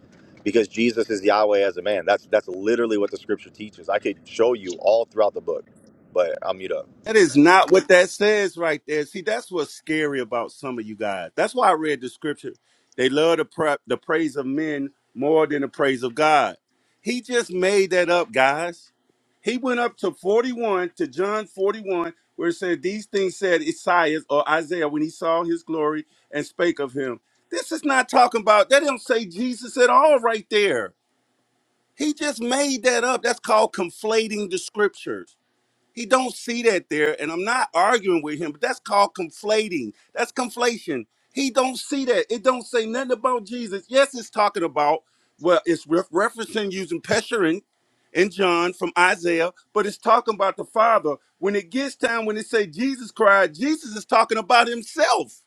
Speaker 10: Because Jesus is Yahweh as a man. That's that's literally what the scripture teaches. I could show you all throughout the book, but I'll mute up.
Speaker 4: That is not what that says right there. See, that's what's scary about some of you guys. That's why I read the scripture. They love the prep the praise of men more than the praise of God. He just made that up, guys. He went up to 41 to John 41, where it said, These things said Isaiah or Isaiah when he saw his glory and spake of him. This is not talking about, that don't say Jesus at all right there. He just made that up. That's called conflating the scriptures. He don't see that there, and I'm not arguing with him, but that's called conflating. That's conflation. He don't see that. It don't say nothing about Jesus. Yes, it's talking about well, it's re- referencing using Pesherin and John from Isaiah, but it's talking about the Father. When it gets time when it say Jesus cried, Jesus is talking about himself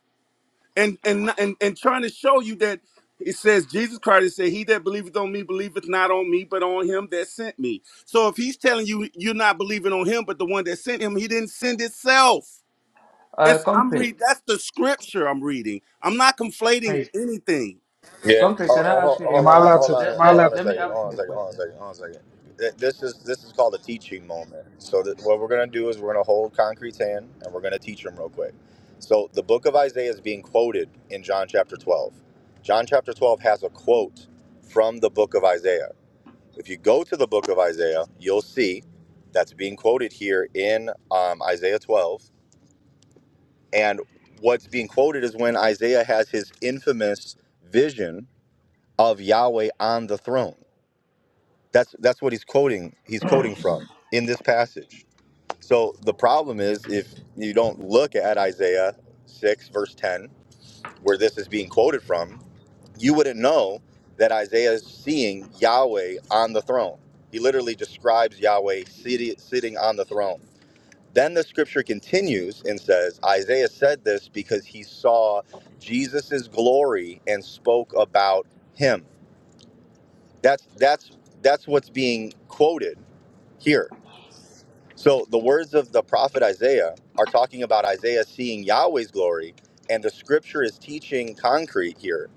Speaker 4: and and and and trying to show you that it says Jesus Christ said, "He that believeth on me believeth not on me, but on him that sent me." So if he's telling you you're not believing on him, but the one that sent him, he didn't send itself.
Speaker 11: Uh,
Speaker 4: It's I'm
Speaker 11: concrete.
Speaker 4: read. That's the scripture I'm reading. I'm not conflating
Speaker 12: Hey,
Speaker 4: anything.
Speaker 10: Yeah.
Speaker 11: Concrete,
Speaker 10: Oh,
Speaker 11: can
Speaker 10: oh,
Speaker 11: I
Speaker 10: ho-
Speaker 11: ask you a
Speaker 12: hey,
Speaker 10: hold
Speaker 12: am I
Speaker 10: on,
Speaker 11: question?
Speaker 12: allowed
Speaker 10: hold
Speaker 12: to?
Speaker 11: Let,
Speaker 12: Am
Speaker 10: on,
Speaker 12: I
Speaker 11: let,
Speaker 10: hold on
Speaker 12: allowed?
Speaker 10: a
Speaker 11: let me
Speaker 10: second.
Speaker 11: ask
Speaker 10: Hold on a
Speaker 11: you a
Speaker 10: second. Hold on a
Speaker 11: question.
Speaker 10: second. Hold on a second. Th- This is this is called a teaching moment. So th- what we're gonna do is we're gonna hold Concrete's hand and we're gonna teach him real quick. So the book of Isaiah is being quoted in John chapter 12. John chapter 12 has a quote from the book of Isaiah. If you go to the book of Isaiah, you'll see that's being quoted here in um, Isaiah 12. And what's being quoted is when Isaiah has his infamous vision of Yahweh on the throne. That's that's what he's quoting. He's quoting from in this passage. So the problem is if you don't look at Isaiah 6 verse 10 where this is being quoted from, you wouldn't know that Isaiah is seeing Yahweh on the throne. He literally describes Yahweh sitting sitting on the throne. Then the scripture continues and says, Isaiah said this because he saw Jesus's glory and spoke about him. That's that's that's what's being quoted here. So the words of the prophet Isaiah are talking about Isaiah seeing Yahweh's glory, and the scripture is teaching concrete here.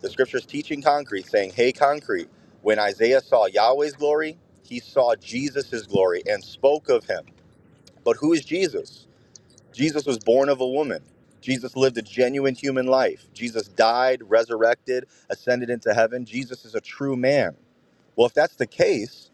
Speaker 10: The scripture is teaching concrete, saying, "Hey, concrete, when Isaiah saw Yahweh's glory, he saw Jesus's glory and spoke of him." But who is Jesus? Jesus was born of a woman. Jesus lived a genuine human life. Jesus died, resurrected, ascended into heaven. Jesus is a true man. Well, if that's the case,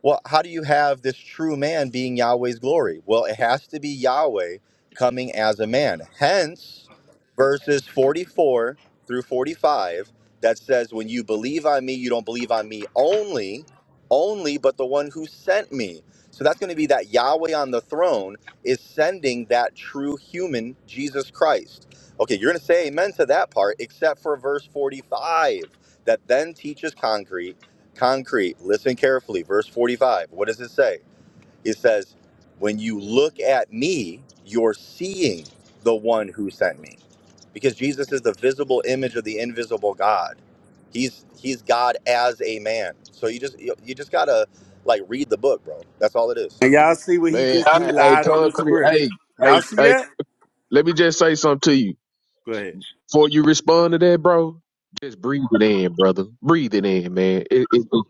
Speaker 10: well, how do you have this true man being Yahweh's glory? Well, it has to be Yahweh coming as a man. Hence, verses 44 through 45 that says, When you believe on me, you don't believe on me only, only, but the one who sent me. So that's going to be that Yahweh on the throne is sending that true human, Jesus Christ. Okay, you're going to say amen to that part, except for verse 45 that then teaches concrete concrete. Listen carefully. Verse 45. What does it say? It says, When you look at me, you're seeing the one who sent me. Because Jesus is the visible image of the invisible God. He's he's God as a man. So you just you, you just gotta like read the book, bro. That's all it is.
Speaker 4: And y'all see what he
Speaker 6: man
Speaker 4: just he
Speaker 6: hey, hey
Speaker 4: lied on the
Speaker 6: concrete hey
Speaker 4: scripture.
Speaker 6: hey
Speaker 4: Y'all see
Speaker 6: hey
Speaker 4: that?
Speaker 6: let me just say something to you
Speaker 4: Go ahead.
Speaker 6: before you respond to that bro just breathe it in brother breathe it in man It, it,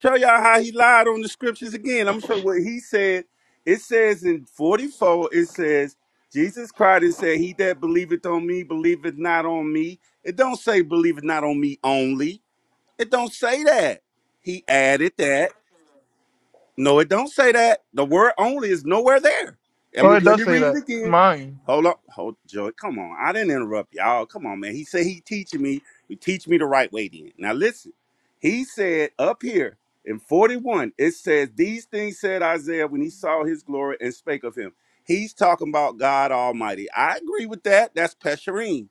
Speaker 4: show y'all how he lied on the scriptures again. I'm gonna show what he said. It says in 44, it says, Jesus cried and said, He that believeth on me, believeth not on me. It don't say believeth not on me only. It don't say that. He added that. No, it don't say that. The word only is nowhere there. And
Speaker 1: Oh,
Speaker 4: we,
Speaker 1: it
Speaker 4: let
Speaker 1: does
Speaker 4: me
Speaker 1: say
Speaker 4: read it
Speaker 1: that.
Speaker 4: again.
Speaker 1: Mine.
Speaker 4: Hold up, hold Joey. Come on, I didn't interrupt y'all. Come on, man. He said he teaching me. He teach me the right way. Then now listen. He said up here in forty one, it says these things said Isaiah when he saw his glory and spake of him. He's talking about God Almighty. I agree with that. That's Pesherim.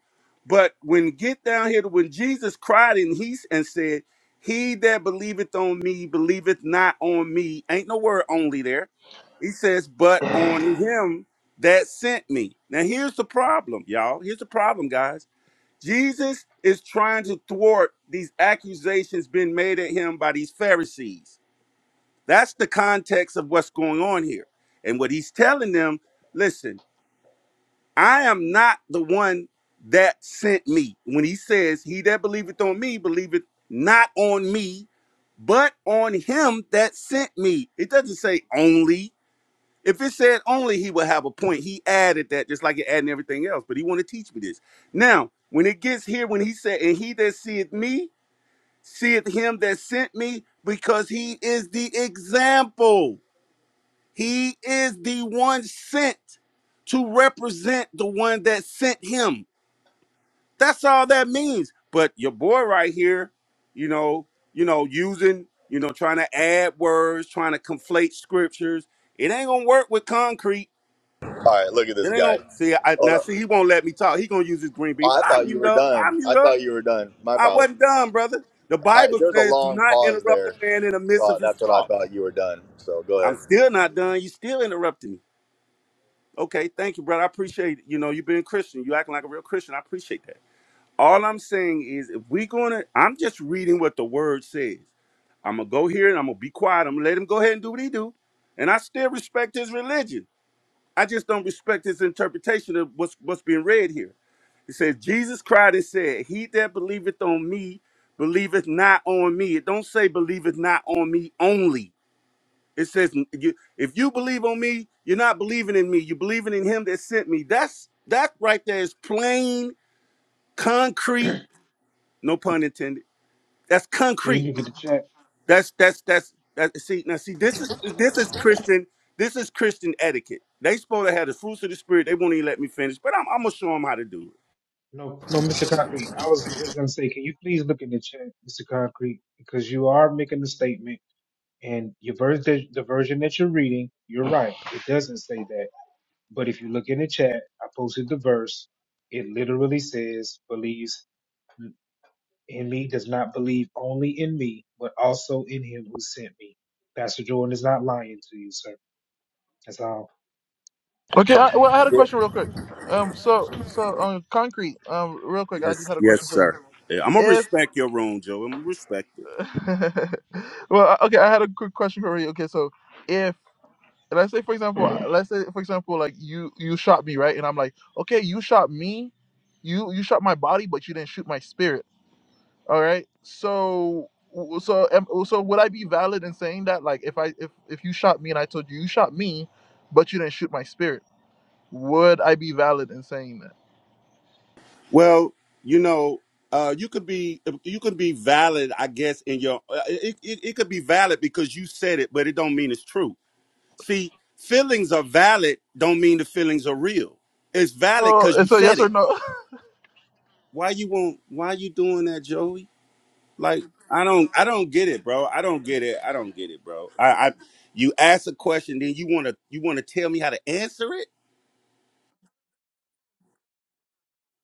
Speaker 4: But when get down here to when Jesus cried and he s- and said he that believeth on me believeth not on me. Ain't no word only there. He says, but on him that sent me. Now here's the problem, y'all. Here's the problem, guys. Jesus is trying to thwart these accusations being made at him by these Pharisees. That's the context of what's going on here. And what he's telling them, listen, I am not the one that sent me. When he says, He that believeth on me believeth not on me, but on him that sent me. It doesn't say only. If it said only, he would have a point. He added that just like he added everything else, but he want to teach me this. Now, when it gets here, when he said, and he that seeth me, seeth him that sent me, because he is the example. He is the one sent to represent the one that sent him. That's all that means. But your boy right here, you know, you know, using, you know, trying to add words, trying to conflate scriptures. It ain't gonna work with concrete.
Speaker 10: All right, look at
Speaker 4: It
Speaker 10: this
Speaker 4: ain't
Speaker 10: guy.
Speaker 4: gonna see. I,
Speaker 10: Hold
Speaker 4: now
Speaker 10: up.
Speaker 4: see, he won't let me talk. He gonna use his green bean,
Speaker 10: Oh,
Speaker 4: but
Speaker 10: I
Speaker 4: I'm
Speaker 10: thought you
Speaker 4: mute
Speaker 10: were
Speaker 4: up. I'm
Speaker 10: done.
Speaker 4: mute
Speaker 10: I
Speaker 4: up.
Speaker 10: thought you were done. My
Speaker 4: I wasn't
Speaker 10: apologies.
Speaker 4: done, brother. The
Speaker 10: I,
Speaker 4: Bible
Speaker 10: there's a
Speaker 4: says, "Do
Speaker 10: long
Speaker 4: not
Speaker 10: pause
Speaker 4: interrupt a
Speaker 10: there,
Speaker 4: man in the midst
Speaker 10: so
Speaker 4: of his
Speaker 10: that's what I
Speaker 4: talk."
Speaker 10: thought you were done. So go
Speaker 4: I'm still not done. You still interrupting me. Okay, thank you, brother. I appreciate it. You know, you being Christian. You acting like a real Christian. I appreciate that. All I'm saying is, if we're gonna, I'm just reading what the word says. I'm gonna go here and I'm gonna be quiet. I'm gonna let him go ahead and do what he do, and I still respect his religion. I just don't respect his interpretation of what's what's being read here. It says Jesus cried and said, "He that believeth on me, believeth not on me." It don't say believeth not on me only. It says you- if you believe on me, you're not believing in me. You're believing in him that sent me. That's that right there is plain, concrete, no pun intended That's
Speaker 12: Can
Speaker 4: concrete.
Speaker 12: you look at the chat?
Speaker 4: That's that's that's that. See now, see this is this is Christian. This is Christian etiquette. They supposed to have the fruits of the spirit. They won't even let me finish, but I'm, I'm gonna show them how to do it.
Speaker 12: No, no, Mr. Concrete. I was just gonna say, can you please look in the chat, Mr. Concrete, because you are making a statement, and your version, the the version that you're reading, you're right. It doesn't say that, but if you look in the chat, I posted the verse. It literally says, "Believes in me does not believe only in me, but also in him who sent me." Pastor Jordan is not lying to you, sir. That's all.
Speaker 1: Okay. I, well, I had
Speaker 10: ahead.
Speaker 1: a question real quick. Um. So so um concrete. Um. Real quick, I
Speaker 4: Yes,
Speaker 1: just had a
Speaker 4: yes,
Speaker 1: question for you.
Speaker 4: sir. Yeah, I'm gonna
Speaker 1: If
Speaker 4: respect your room, Joe. I'm gonna respect it.
Speaker 1: well, okay, I had a quick question for you. Okay, so if let's say for example, let's say for example, like you you shot me right, and I'm like, okay, you shot me, you you shot my body, but you didn't shoot my spirit. All right. So so am- so would I be valid in saying that like if I if if you shot me and I told you you shot me, but you didn't shoot my spirit? Would I be valid in saying that?
Speaker 4: Well, you know, uh, you could be you could be valid, I guess, in your. uh, It, it it could be valid because you said it, but it don't mean it's true. See, feelings are valid. Don't mean the feelings are real. It's valid
Speaker 1: Oh,
Speaker 4: because you
Speaker 1: it's a
Speaker 4: said
Speaker 1: yes
Speaker 4: it.
Speaker 1: or no
Speaker 4: why you won't why you doing that joey like i don't i don't get it bro i don't get it i don't get it bro i i you ask a question then you want to you want to tell me how to answer it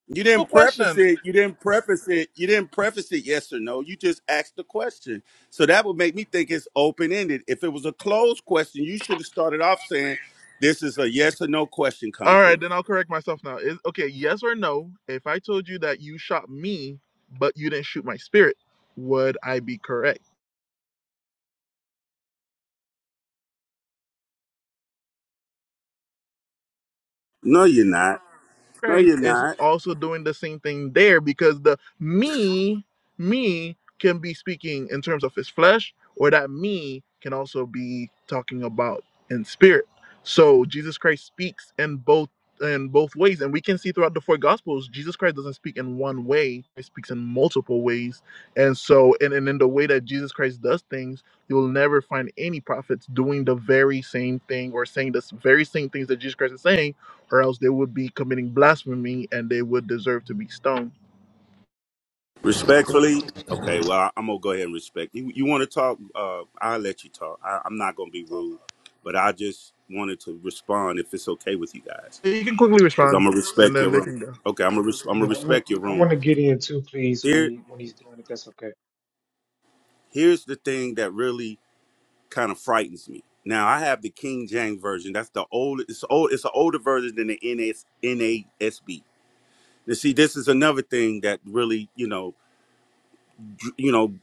Speaker 4: you didn't preface
Speaker 1: question.
Speaker 4: it you didn't preface it you didn't preface it yes or no you just asked the question so that would make me think it's open-ended if it was a closed question you should have started off saying this is a yes or no question
Speaker 1: All
Speaker 4: concrete
Speaker 1: right, then I'll correct myself now. Is okay, yes or no? If I told you that you shot me, but you didn't shoot my spirit, would I be correct?
Speaker 4: no you're not no
Speaker 1: Christ
Speaker 4: you're
Speaker 1: is
Speaker 4: not
Speaker 1: also doing the same thing there because the me, me can be speaking in terms of his flesh, or that me can also be talking about in spirit. So Jesus Christ speaks in both in both ways. And we can see throughout the four gospels, Jesus Christ doesn't speak in one way, he speaks in multiple ways. And so and, and in the way that Jesus Christ does things, you'll never find any prophets doing the very same thing or saying the very same things that Jesus Christ is saying or else they would be committing blasphemy and they would deserve to be stoned.
Speaker 4: Respectfully, okay. Well, I- I'm gonna go ahead and respect you. You want to talk? Uh, I'll let you talk. I, I'm not gonna be rude, but I just wanted to respond if it's okay with you guys,
Speaker 1: You can quickly
Speaker 4: because I'm
Speaker 1: respond,
Speaker 4: gonna
Speaker 1: and
Speaker 4: respect your
Speaker 1: then they
Speaker 4: room.
Speaker 1: can go.
Speaker 4: Okay, I'm gonna res- I'm gonna
Speaker 12: Yeah, I want
Speaker 4: respect your
Speaker 12: I
Speaker 4: room.
Speaker 12: want to get in too, please, when
Speaker 4: Here,
Speaker 12: he when he's done, if that's okay.
Speaker 4: here's the thing that really kind of frightens me. Now I have the King James version. That's the old. It's old. It's an older version than the NS, NASB. You see, this is another thing that really, you know, you know,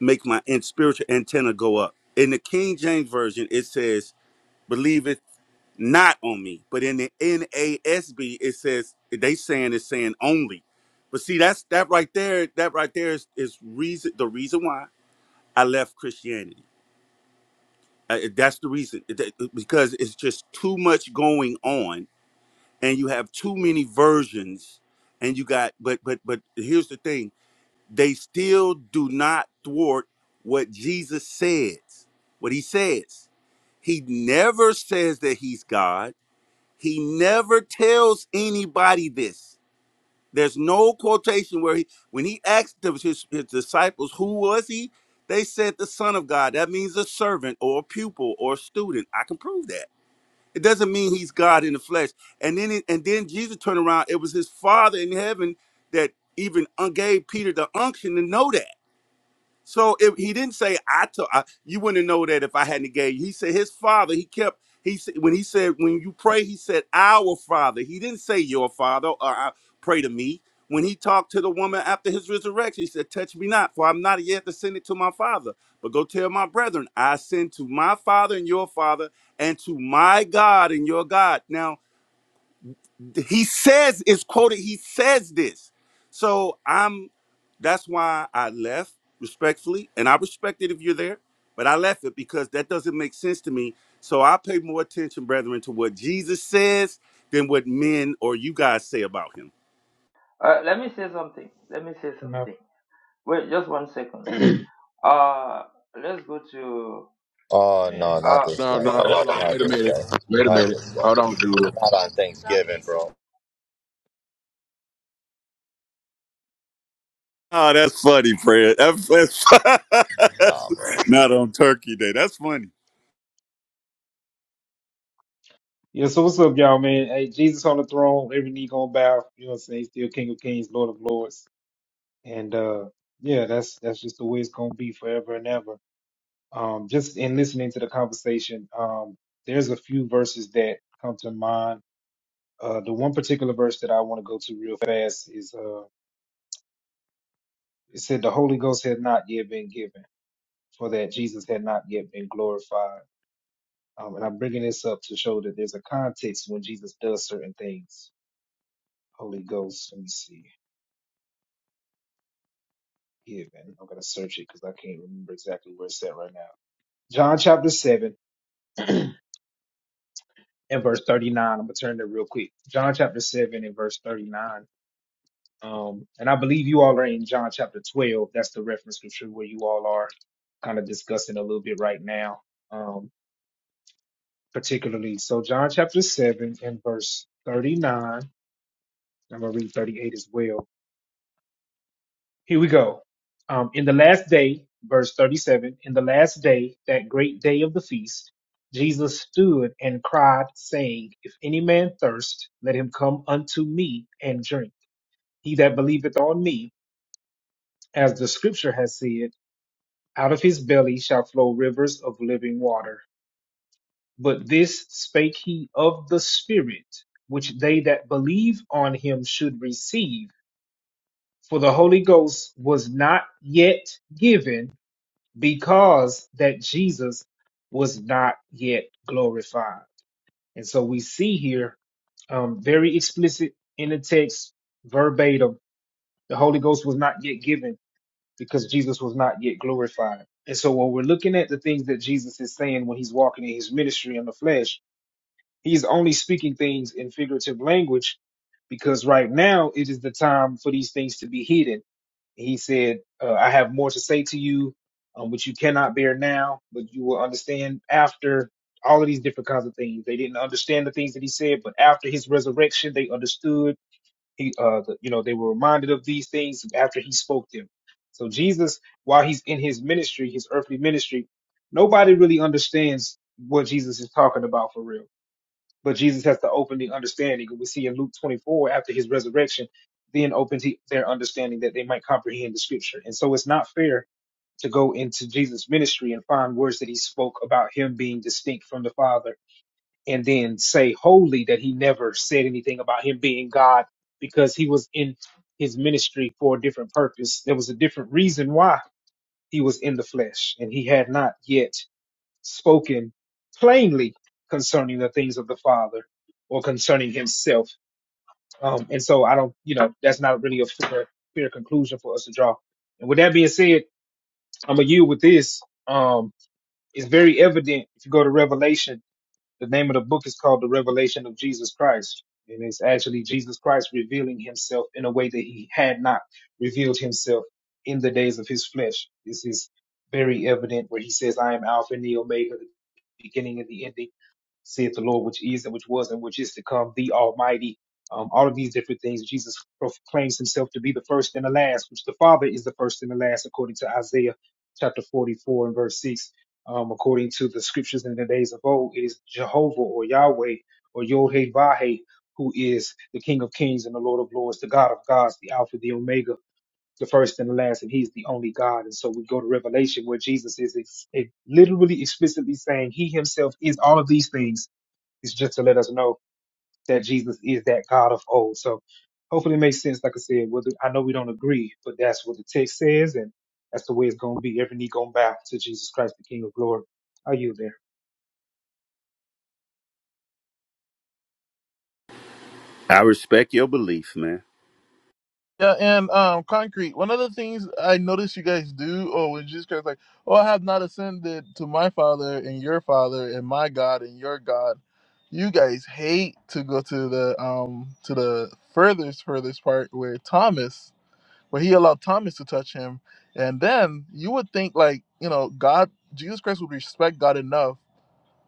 Speaker 4: make my in- spiritual antenna go up. In the King James version, it says, "Believeth not on me," but in the NASB, it says they saying it's saying only. But see, that's that right there. That right there is, is reason the reason why I left Christianity. Uh, that's the reason It- because it's just too much going on, and you have too many versions, and you got. But but but here's the thing they still do not thwart what Jesus says, what he says. He never says that he's God. He never tells anybody this. There's no quotation where he, when he asked the- his, his disciples, who was he? They said the son of God. That means a servant or a pupil or a student. I can prove that. It doesn't mean he's God in the flesh. And then, it, and then Jesus turned around. It was his father in heaven that even un- gave Peter the unction to know that. So if he didn't say I told I, you wouldn't know that if I hadn't gave you. He said his father. He kept he said when he said when you pray, he said our father. He didn't say your father or I pray to me. When he talked to the woman after his resurrection, he said, "Touch me not, for I'm not yet ascended to my father. But go tell my brethren, I ascend to my father and your father, and to my God and your God." Now he says it's quoted he says this so i'm that's why i left respectfully and i respect it if you're there but i left it because that doesn't make sense to me so i pay more attention brethren to what jesus says than what men or you guys say about him
Speaker 11: Uh, let me say something. Let me say
Speaker 12: You know,
Speaker 11: something. Wait, just one second. Uh, let's go to.
Speaker 10: Oh no,
Speaker 12: man.
Speaker 11: uh,
Speaker 10: not this
Speaker 6: No,
Speaker 10: guy,
Speaker 6: no,
Speaker 10: bro.
Speaker 6: hold on.
Speaker 10: Not
Speaker 6: Wait a
Speaker 10: this
Speaker 6: minute.
Speaker 10: guy.
Speaker 6: Wait a
Speaker 10: Not
Speaker 6: minute.
Speaker 10: this guy.
Speaker 6: Hold on, Judah.
Speaker 10: Not on Thanksgiving, bro.
Speaker 4: Oh, that's funny, Fred. That's, that's, that's
Speaker 10: Nah, bro.
Speaker 4: not on Turkey Day. That's funny.
Speaker 12: Yeah, so what's up, y'all, man? Hey, Jesus on the throne, every knee gonna bow. You know what I'm saying? He's still King of Kings, Lord of Lords, and uh, yeah, that's that's just the way it's gonna be forever and ever. Um, just in listening to the conversation, um, there's a few verses that come to mind. Uh, the one particular verse that I want to go to real fast is uh, it said the Holy Ghost had not yet been given, for that Jesus had not yet been glorified Um, and I'm bringing this up to show that there's a context when Jesus does certain things. Holy Ghost, let me see. Given. I'm going to search it because I can't remember exactly where it's at right now. John chapter 7 and verse 39. I'm going to turn there real quick. John chapter 7 and verse 39. Um, and I believe you all are in John chapter 12. That's the reference scripture where you all are kind of discussing a little bit right now, um, particularly. So, John chapter 7 and verse 39. I'm going to read 38 as well. Here we go. Um, in the last day, verse 37, in the last day, that great day of the feast, Jesus stood and cried, saying, If any man thirst, let him come unto me and drink. He that believeth on me, as the scripture has said, out of his belly shall flow rivers of living water. But this spake he of the Spirit, which they that believe on him should receive. For the Holy Ghost was not yet given because that Jesus was not yet glorified. And so we see here um, very explicit in the text, verbatim, the Holy Ghost was not yet given because Jesus was not yet glorified. And so when we're looking at the things that Jesus is saying when he's walking in his ministry in the flesh, he's only speaking things in figurative language because right now it is the time for these things to be hidden he said, uh, I have more to say to you, um, which you cannot bear now, but you will understand after all of these different kinds of things. They didn't understand the things that he said, but after his resurrection, they understood. He, uh, the, you know, they were reminded of these things after he spoke them. So Jesus, while he's in his ministry, his earthly ministry, nobody really understands what Jesus is talking about for real but Jesus has to open the understanding. We see in Luke 24, after his resurrection, then opens he, their understanding that they might comprehend the scripture. And so it's not fair to go into Jesus' ministry and find words that he spoke about him being distinct from the Father and then say wholly that he never said anything about him being God because he was in his ministry for a different purpose. There was a different reason why he was in the flesh and he had not yet spoken plainly concerning the things of the Father or concerning himself. Um, and so I don't, you know, that's not really a fair, fair conclusion for us to draw. And with that being said, I'm going to yield with this. Um, it's very evident if you go to Revelation the name of the book is called The Revelation of Jesus Christ. And it's actually Jesus Christ revealing himself in a way that he had not revealed himself in the days of his flesh. This is very evident where he says, I am Alpha and the Omega, the beginning and the ending saith the Lord, which is and which was and which is to come, the Almighty. Um, all of these different things, Jesus proclaims himself to be the first and the last, which the Father is the first and the last, according to Isaiah chapter 44 and verse 6. Um, according to the scriptures in the days of old, it is Jehovah or Yahweh or Yod-Heh-Vah-Heh who is the King of kings and the Lord of lords, the God of gods, the Alpha, the Omega, the first and the last, and he's the only God. And so we go to Revelation where Jesus is ex- literally explicitly saying he himself is all of these things it's just to let us know that Jesus is that God of old. So hopefully it makes sense. Like I said, whether I know we don't agree, but that's what the text says, and that's the way it's going to be. Every knee going to bow to Jesus Christ, the King of glory. Are you there?
Speaker 4: i respect your belief man
Speaker 1: Yeah, and um, concrete. One of the things I noticed you guys do, oh, when Jesus Christ, like, oh, I have not ascended to my Father and your Father and my God and your God. You guys hate to go to the um to the furthest furthest part where Thomas, where he allowed Thomas to touch him, and then you would think like you know God, Jesus Christ would respect God enough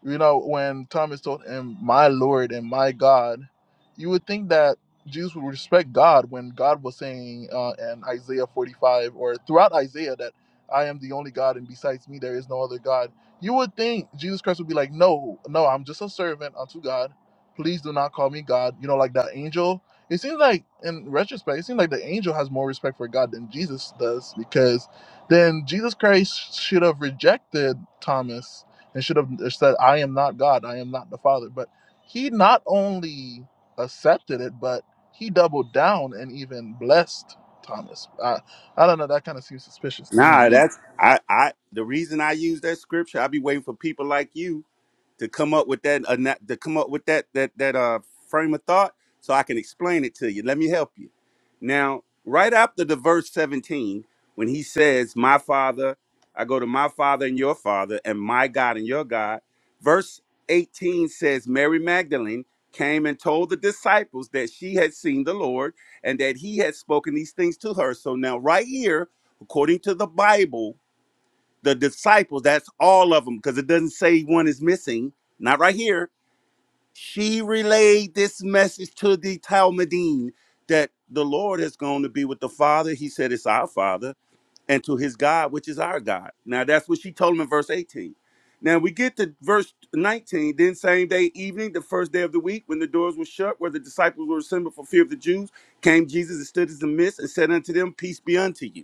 Speaker 1: You know, when Thomas told him, My Lord and my God, you would think that Jesus would respect God when God was saying uh, in Isaiah 45 or throughout Isaiah that I am the only God and besides me there is no other God. You would think Jesus Christ would be like, No, no, I'm just a servant unto God. Please do not call me God. You know, like that angel. It seems like, in retrospect, it seems like the angel has more respect for God than Jesus does because then Jesus Christ should have rejected Thomas and should have said, I am not God, I am not the Father. But he not only accepted it, but he doubled down and even blessed Thomas. I, I don't know, that kind of seems suspicious to me.
Speaker 4: nah that's i i the reason i use that scripture i be waiting for people like you to come up with that ana- to come up with that that that uh frame of thought so I can explain it to you. Let me help you. Now, right after the verse 17, when he says, "My father, I go to my father and your father and my God and your God." Verse 18 says Mary Magdalene came and told the disciples that she had seen the Lord and that he had spoken these things to her. So now right here, according to the Bible, the disciples, that's all of them, because it doesn't say one is missing, not right here. She relayed this message to the Talmudine that the Lord is going to be with the Father. He said, It's our Father, and to his God, which is our God. Now, that's what she told him in verse 18. Now we get to verse 19. Then, same day evening, the first day of the week, when the doors were shut, where the disciples were assembled for fear of the Jews, came Jesus and stood in the midst and said unto them, Peace be unto you.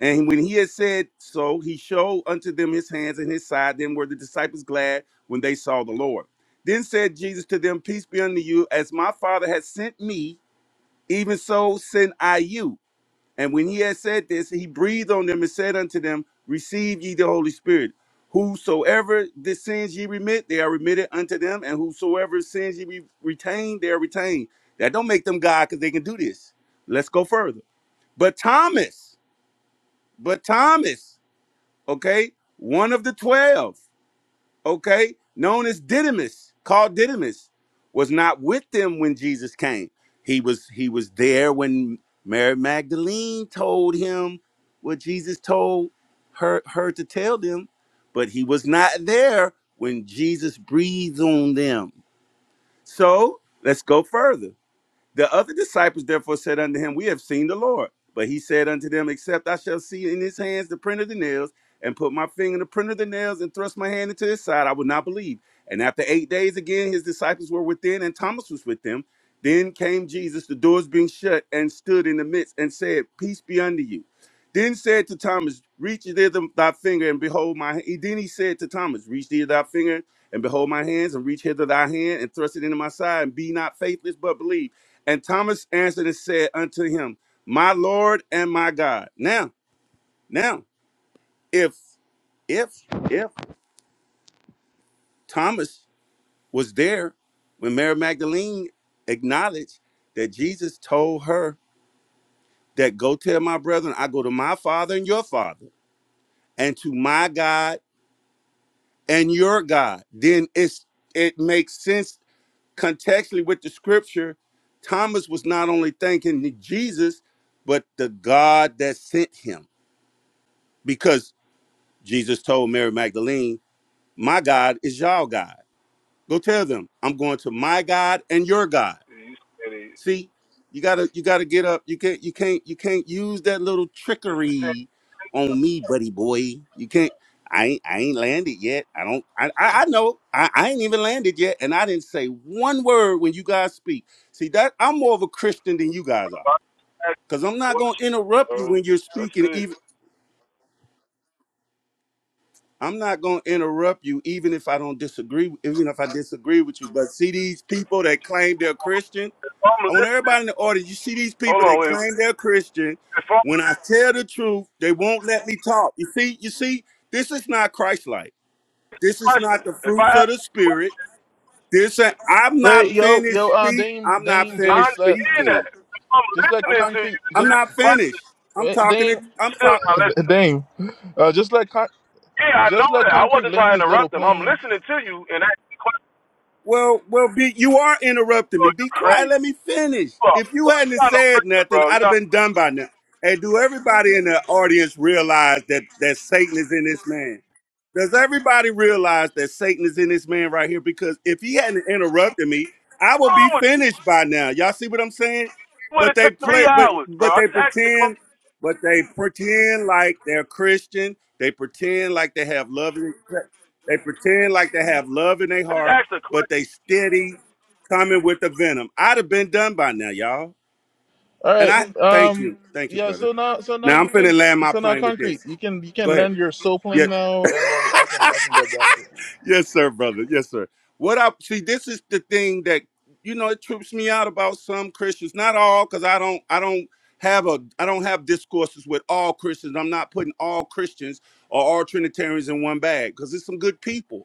Speaker 4: And when he had said so, he showed unto them his hands and his side. Then were the disciples glad when they saw the Lord. Then said Jesus to them, Peace be unto you. As my Father has sent me, even so send I you. And when he had said this, he breathed on them and said unto them, Receive ye the Holy Spirit. Whosoever the sins ye remit, they are remitted unto them, and whosoever sins ye re- retain, they are retained. That don't make them God because they can do this. Let's go further. But Thomas, but Thomas, okay? One of the 12, okay, known as Didymus, called Didymus, was not with them when Jesus came. He was he was there when Mary Magdalene told him what Jesus told her her to tell them, but he was not there when Jesus breathed on them. So, let's go further. The other disciples therefore said unto him, We have seen the Lord. But he said unto them, Except I shall see in his hands the print of the nails, and put my finger in the print of the nails, and thrust my hand into his side, I would not believe. And after eight days again, his disciples were within, and Thomas was with them. Then came Jesus, the doors being shut, and stood in the midst, and said, Peace be unto you. Then said to Thomas, Reach thither thy finger, and behold my hand. Then he said to Thomas, Reach thither thy finger, and behold my hands, and reach hither thy hand, and thrust it into my side, and be not faithless, but believe. And Thomas answered and said unto him, My Lord and my God. Now, now, if if if Thomas was there when Mary Magdalene acknowledged that Jesus told her that go tell my brethren, I go to my father and your father, and to my God and your God, then it's it makes sense contextually with the scripture. Thomas was not only thanking Jesus, but the God that sent him. Because Jesus told Mary Magdalene, My God is y'all God. Go tell them, I'm going to my God and your God.
Speaker 13: Yeah, You said it.
Speaker 4: See, you gotta you gotta get up. You can't you can't you can't use that little
Speaker 13: Did you say
Speaker 4: trickery on me, buddy boy. You can't I ain't I ain't landed yet. I don't I I, I know I, I ain't even landed yet, and I didn't say one word when you guys speak. See that I'm more of a Christian than you guys are.
Speaker 13: ask
Speaker 4: Cause I'm
Speaker 13: a
Speaker 4: not gonna
Speaker 13: question,
Speaker 4: interrupt
Speaker 13: bro?
Speaker 4: you when you're
Speaker 13: That's
Speaker 4: speaking,
Speaker 13: it.
Speaker 4: even I'm not gonna interrupt you, even if I don't disagree, even if I disagree with you. But see these people that claim they're Christian.
Speaker 13: If I'm
Speaker 4: I want
Speaker 13: listening,
Speaker 4: everybody in the audience. You see these
Speaker 13: hold
Speaker 4: people
Speaker 13: on,
Speaker 4: that
Speaker 13: wait.
Speaker 4: claim they're Christian.
Speaker 13: If I'm
Speaker 4: When I tell the truth, they won't let me talk. You see, you see, this is not Christ-like. This is not
Speaker 13: listening,
Speaker 4: the
Speaker 13: if I
Speaker 4: fruits of
Speaker 13: ask,
Speaker 4: the spirit. This ain't- I'm not
Speaker 1: Wait, yo,
Speaker 4: finished
Speaker 1: yo, uh,
Speaker 4: speak.
Speaker 1: Dame,
Speaker 4: I'm not
Speaker 1: Dame,
Speaker 13: I
Speaker 4: finished
Speaker 1: just let,
Speaker 13: understand
Speaker 1: just
Speaker 13: that.
Speaker 1: let,
Speaker 4: speaking.
Speaker 13: If I'm
Speaker 1: just let
Speaker 4: I'm
Speaker 13: listening
Speaker 4: not.
Speaker 13: to you
Speaker 1: concrete,
Speaker 13: and
Speaker 4: I'm
Speaker 1: just,
Speaker 13: ask
Speaker 4: not
Speaker 13: a question,
Speaker 4: finished. I'm
Speaker 1: wait,
Speaker 4: talking. To,
Speaker 1: Dame,
Speaker 13: you
Speaker 4: I'm
Speaker 13: still
Speaker 4: talking.
Speaker 13: not listening.
Speaker 1: Dame, uh, just let, con-
Speaker 13: Yeah, I
Speaker 1: just
Speaker 13: know
Speaker 1: let
Speaker 13: that. I
Speaker 1: concrete
Speaker 13: wasn't
Speaker 1: lane
Speaker 13: trying to
Speaker 1: his little
Speaker 13: interrupt them. I'm
Speaker 1: plane
Speaker 13: listening to you and asking questions.
Speaker 4: Well, well, be, you are interrupting me.
Speaker 13: Bro,
Speaker 4: Be
Speaker 13: you're
Speaker 4: quiet.
Speaker 13: crazy.
Speaker 4: Let me finish.
Speaker 13: Bro,
Speaker 4: If you hadn't
Speaker 13: you're not a
Speaker 4: said
Speaker 13: person,
Speaker 4: nothing,
Speaker 13: bro. You
Speaker 4: I'd have
Speaker 13: know
Speaker 4: been done by now. And do everybody in the audience realize that that Satan is in this man? Does everybody realize that Satan is in this man right here? Because if he hadn't interrupted me, I
Speaker 13: what's
Speaker 4: would
Speaker 13: wrong
Speaker 4: be
Speaker 13: with you?
Speaker 4: finished by now. Y'all see what I'm saying?
Speaker 13: It Would
Speaker 4: But
Speaker 13: have
Speaker 4: they
Speaker 13: took three
Speaker 4: play, but
Speaker 13: hours,
Speaker 4: but
Speaker 13: bro? I
Speaker 4: they
Speaker 13: just asked the
Speaker 4: pretend,
Speaker 13: question.
Speaker 4: but they pretend like they're Christian. They pretend like they have love. They pretend like they have love in their
Speaker 13: I just
Speaker 4: heart,
Speaker 13: asked the
Speaker 4: but
Speaker 13: question.
Speaker 4: they steady coming with the venom. I'd have been done by now, y'all.
Speaker 1: All
Speaker 4: And
Speaker 1: right.
Speaker 4: I thank
Speaker 1: Um.
Speaker 4: you. Thank you,
Speaker 1: Yeah.
Speaker 4: brother.
Speaker 1: So now, so now
Speaker 4: Now I'm
Speaker 1: you
Speaker 4: finna
Speaker 1: can.
Speaker 4: land my
Speaker 1: So now,
Speaker 4: plane with
Speaker 1: concrete.
Speaker 4: this.
Speaker 1: You can you
Speaker 4: Go
Speaker 1: can
Speaker 4: ahead.
Speaker 1: lend your soul
Speaker 4: Yes,
Speaker 1: plane now, and then I can I can get back with you.
Speaker 4: yes, sir, brother. Yes, sir. What I see, this is the thing that you know it trips me out about some Christians. Not all, because I don't, I don't have a, I don't have discourses with all Christians. I'm not putting all Christians or all Trinitarians in one bag because there's some good people.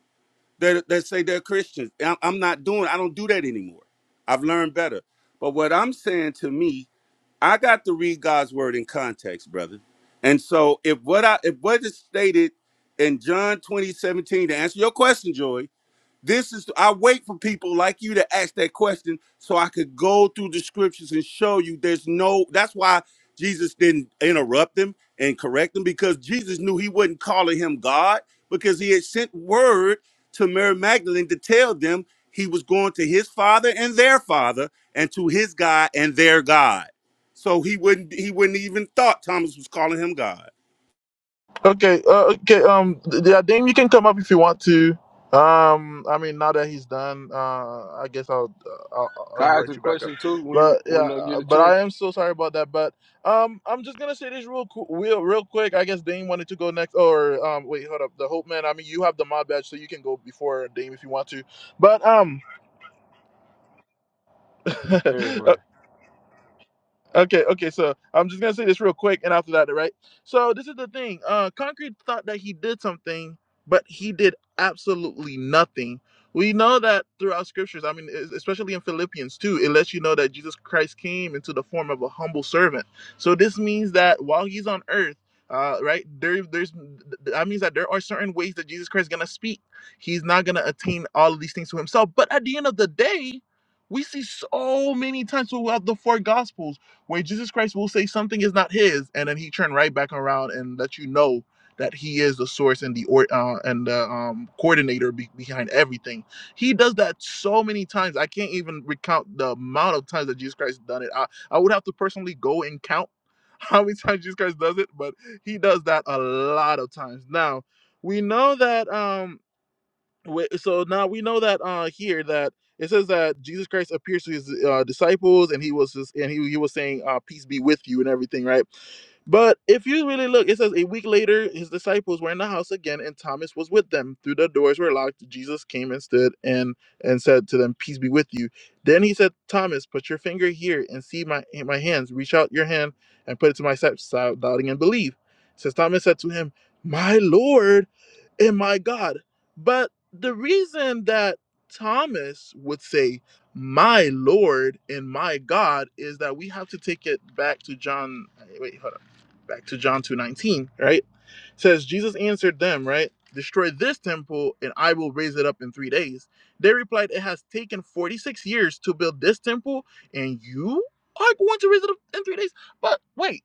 Speaker 4: that, that say they're Christians. I- I'm not doing. I don't do that anymore. I've learned better. But what I'm saying to me, I got to read God's word in context, brother. And so if what I if what is stated in John 20 17 to answer your question, Joy, this is I wait for people like you to ask that question so I could go through the scriptures and show you there's no that's why Jesus didn't interrupt him and correct him because Jesus knew he wasn't calling him God because he had sent word to Mary Magdalene to tell them he was going to his father and their father and to his God and their God. So he wouldn't he wouldn't even thought Thomas was calling him God.
Speaker 1: Okay, uh, okay. Um, yeah, Dame, you can come up if you want to. Um, I mean, now that he's done, uh, I guess I'll, uh, I'll I'll
Speaker 14: Can I ask
Speaker 1: invite
Speaker 14: a
Speaker 1: you back up.
Speaker 14: question too when you
Speaker 1: But yeah,
Speaker 14: when I get
Speaker 1: uh,
Speaker 14: a
Speaker 1: but
Speaker 14: chance?
Speaker 1: I am so sorry about that. But um, I'm just gonna say this real qu- real real quick. I guess Dame wanted to go next, or um, wait, hold up, the Hope Man. I mean, you have the mod badge, so you can go before Dame if you want to. But um,
Speaker 14: Everybody.
Speaker 1: Okay, okay, so I'm just gonna say this real quick and after that, right? So this is the thing. Uh Concrete thought that he did something, but he did absolutely nothing. We know that throughout scriptures, I mean, es- especially in Philippians too, it lets you know that Jesus Christ came into the form of a humble servant. So this means that while he's on earth, uh, right, there, there's that means that there are certain ways that Jesus Christ is gonna speak. He's not gonna attain all of these things to himself. But at the end of the day, we see so many times throughout the four gospels where Jesus Christ will say something is not his, and then he turn right back around and let you know that he is the source and the or uh, and the um, coordinator be- behind everything. He does that so many times. I can't even recount the amount of times that Jesus Christ done it. I, I would have to personally go and count how many times Jesus Christ does it, but he does that a lot of times. Now we know that. Um, Wait, so now we know that uh here that it says that Jesus Christ appears to his uh, disciples and he was just, and he, he was saying uh peace be with you and everything right but if you really look it says a week later his disciples were in the house again and Thomas was with them through the doors were locked Jesus came and stood and and said to them peace be with you then he said Thomas put your finger here and see my my hands reach out your hand and put it to my side without doubting and believe says Thomas said to him my lord and my god but the reason that Thomas would say, My Lord and my God, is that we have to take it back to John. hey, Wait, hold up. Back to John 2.19, right? says, Jesus answered them, right? Destroy this temple and I will raise it up in three days. They replied, It has taken 46 years to build this temple and you are going to raise it up in three days? But wait,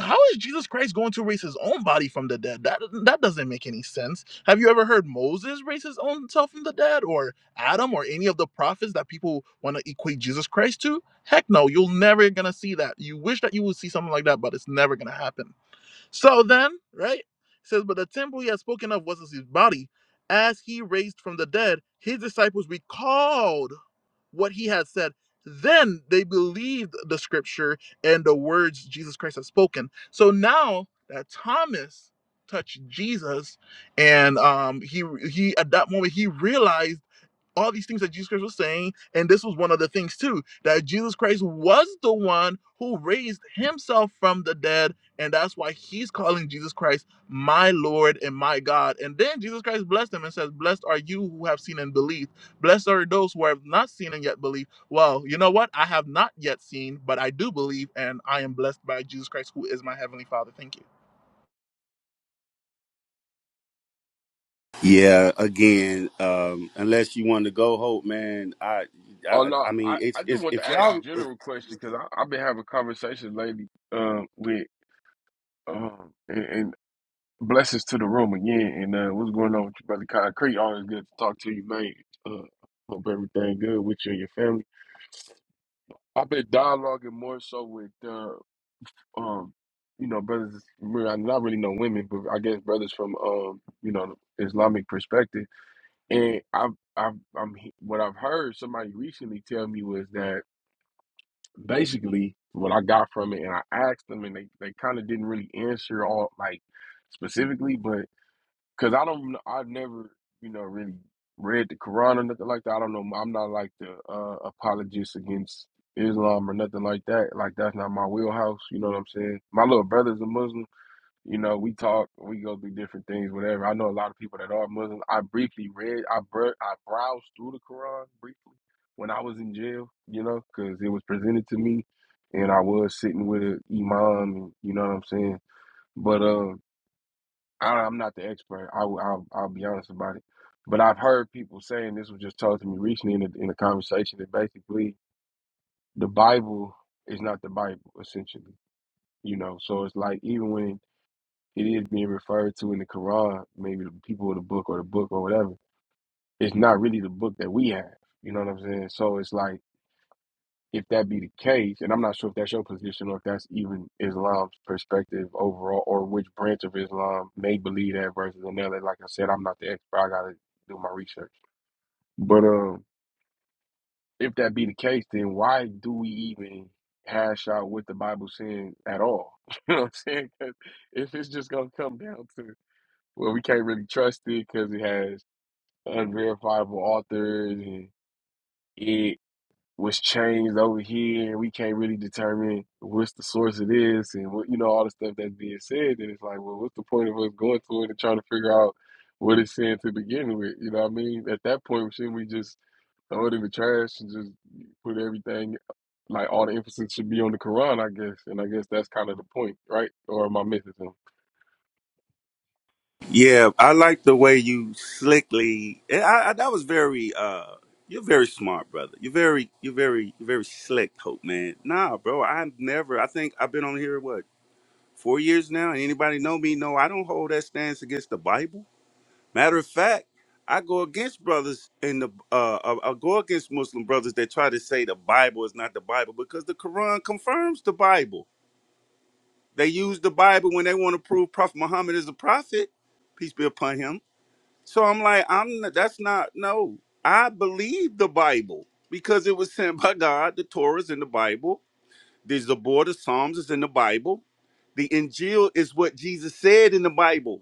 Speaker 1: how is Jesus Christ going to raise his own body from the dead? That that doesn't make any sense. Have you ever heard Moses raise his own self from the dead, or Adam, or any of the prophets that people want to equate Jesus Christ to? Heck no, you'll never gonna see that. You wish that you would see something like that, but it's never gonna happen. So then, right? It says, but the temple he had spoken of was his body, as he raised from the dead. His disciples recalled what he had said. Then they believed the scripture and the words Jesus Christ had spoken. So now that Thomas touched Jesus, and um, he he at that moment he realized all these things that Jesus Christ was saying. And this was one of the things, too, that Jesus Christ was the one who raised himself from the dead. And that's why he's calling Jesus Christ my Lord and my God. And then Jesus Christ blessed him and says, Blessed are you who have seen and believed. Blessed are those who have not seen and yet believe. Well, you know what? I have not yet seen, but I do believe, and I am blessed by Jesus Christ, who is my Heavenly Father. Thank you.
Speaker 4: Yeah, again, um, unless you want to go, Hope, man. I,
Speaker 14: Oh
Speaker 4: I,
Speaker 14: no,
Speaker 4: I
Speaker 14: I,
Speaker 4: mean, it's,
Speaker 14: I just
Speaker 4: it's
Speaker 14: want to
Speaker 4: if
Speaker 14: ask a
Speaker 4: y'all.
Speaker 14: general question because I've been having conversations lately um, with um and, and blessings to the room again and uh, what's going on with you, brother Concrete? Always good to talk to you, man. Uh, hope everything good with you and your family. I've been dialoguing more so with uh, um you know brothers. I not really know women, but I guess brothers from um you know Islamic perspective And I've, I've, I'm he- what I've heard somebody recently tell me was that basically what I got from it, and I asked them, and they, they kind of didn't really answer all like specifically, but because I don't, kn- I've never, you know, really read the Quran or nothing like that. I don't know. I'm not like the uh, apologist against Islam or nothing like that. Like that's not my wheelhouse. You know what I'm saying? My little brother's a Muslim you know, we talk, we go through different things, whatever. I know a lot of people that are Muslim. I briefly read, I br- I browsed through the Quran briefly when I was in jail, you know, because it was presented to me, and I was sitting with an imam, and you know what I'm saying. But um, I, I'm not the expert. I, will I'll I'll be honest about it. But I've heard people saying this was just told to me recently in a, in a conversation that basically the Bible is not the Bible essentially, you know. So it's like even when it is being referred to in the Quran, maybe the people of the book or the book or whatever. It's not really the book that we have. You know what I'm saying? So it's like if that be the case, and I'm not sure if that's your position or if that's even Islam's perspective overall, or which branch of Islam may believe that versus another. Like I said, I'm not the expert. I gotta do my research. But um, if that be the case, then why do we even hash out what the Bible saying at all? You know what I'm saying? 'Cause if it's just gonna come down to Well, we can't really trust it because it has unverifiable authors and it was changed over here. and We can't really determine what's the source of this and what, you know, all the stuff that's being said. And it's like, well, what's the point of us going to it and trying to figure out what it's saying to begin with? You know what I mean? At that point, shouldn't we just throw it in the trash and just put everything, like all the emphasis should be on the Quran, I guess. And I guess that's kind of the point, right? Or am I missing something?
Speaker 4: yeah, I like the way you slickly. I, I, that was very. uh You're very smart, brother. You're very, you're very, you're very slick, Hope, man. Nah, bro, I've never. I think I've been on here what four years now, and anybody know me? No, I don't hold that stance against the Bible. Matter of fact, I go against brothers in the uh, I I go against Muslim brothers that try to say the Bible is not the Bible because the Quran confirms the Bible. They use the Bible when they want to prove Prophet Muhammad is a prophet, peace be upon him. So I'm like, I'm not, that's not no. I believe the Bible because it was sent by God. The Torah is in the Bible. The Zabor, the Psalms is in the Bible. The Injil is what Jesus said in the Bible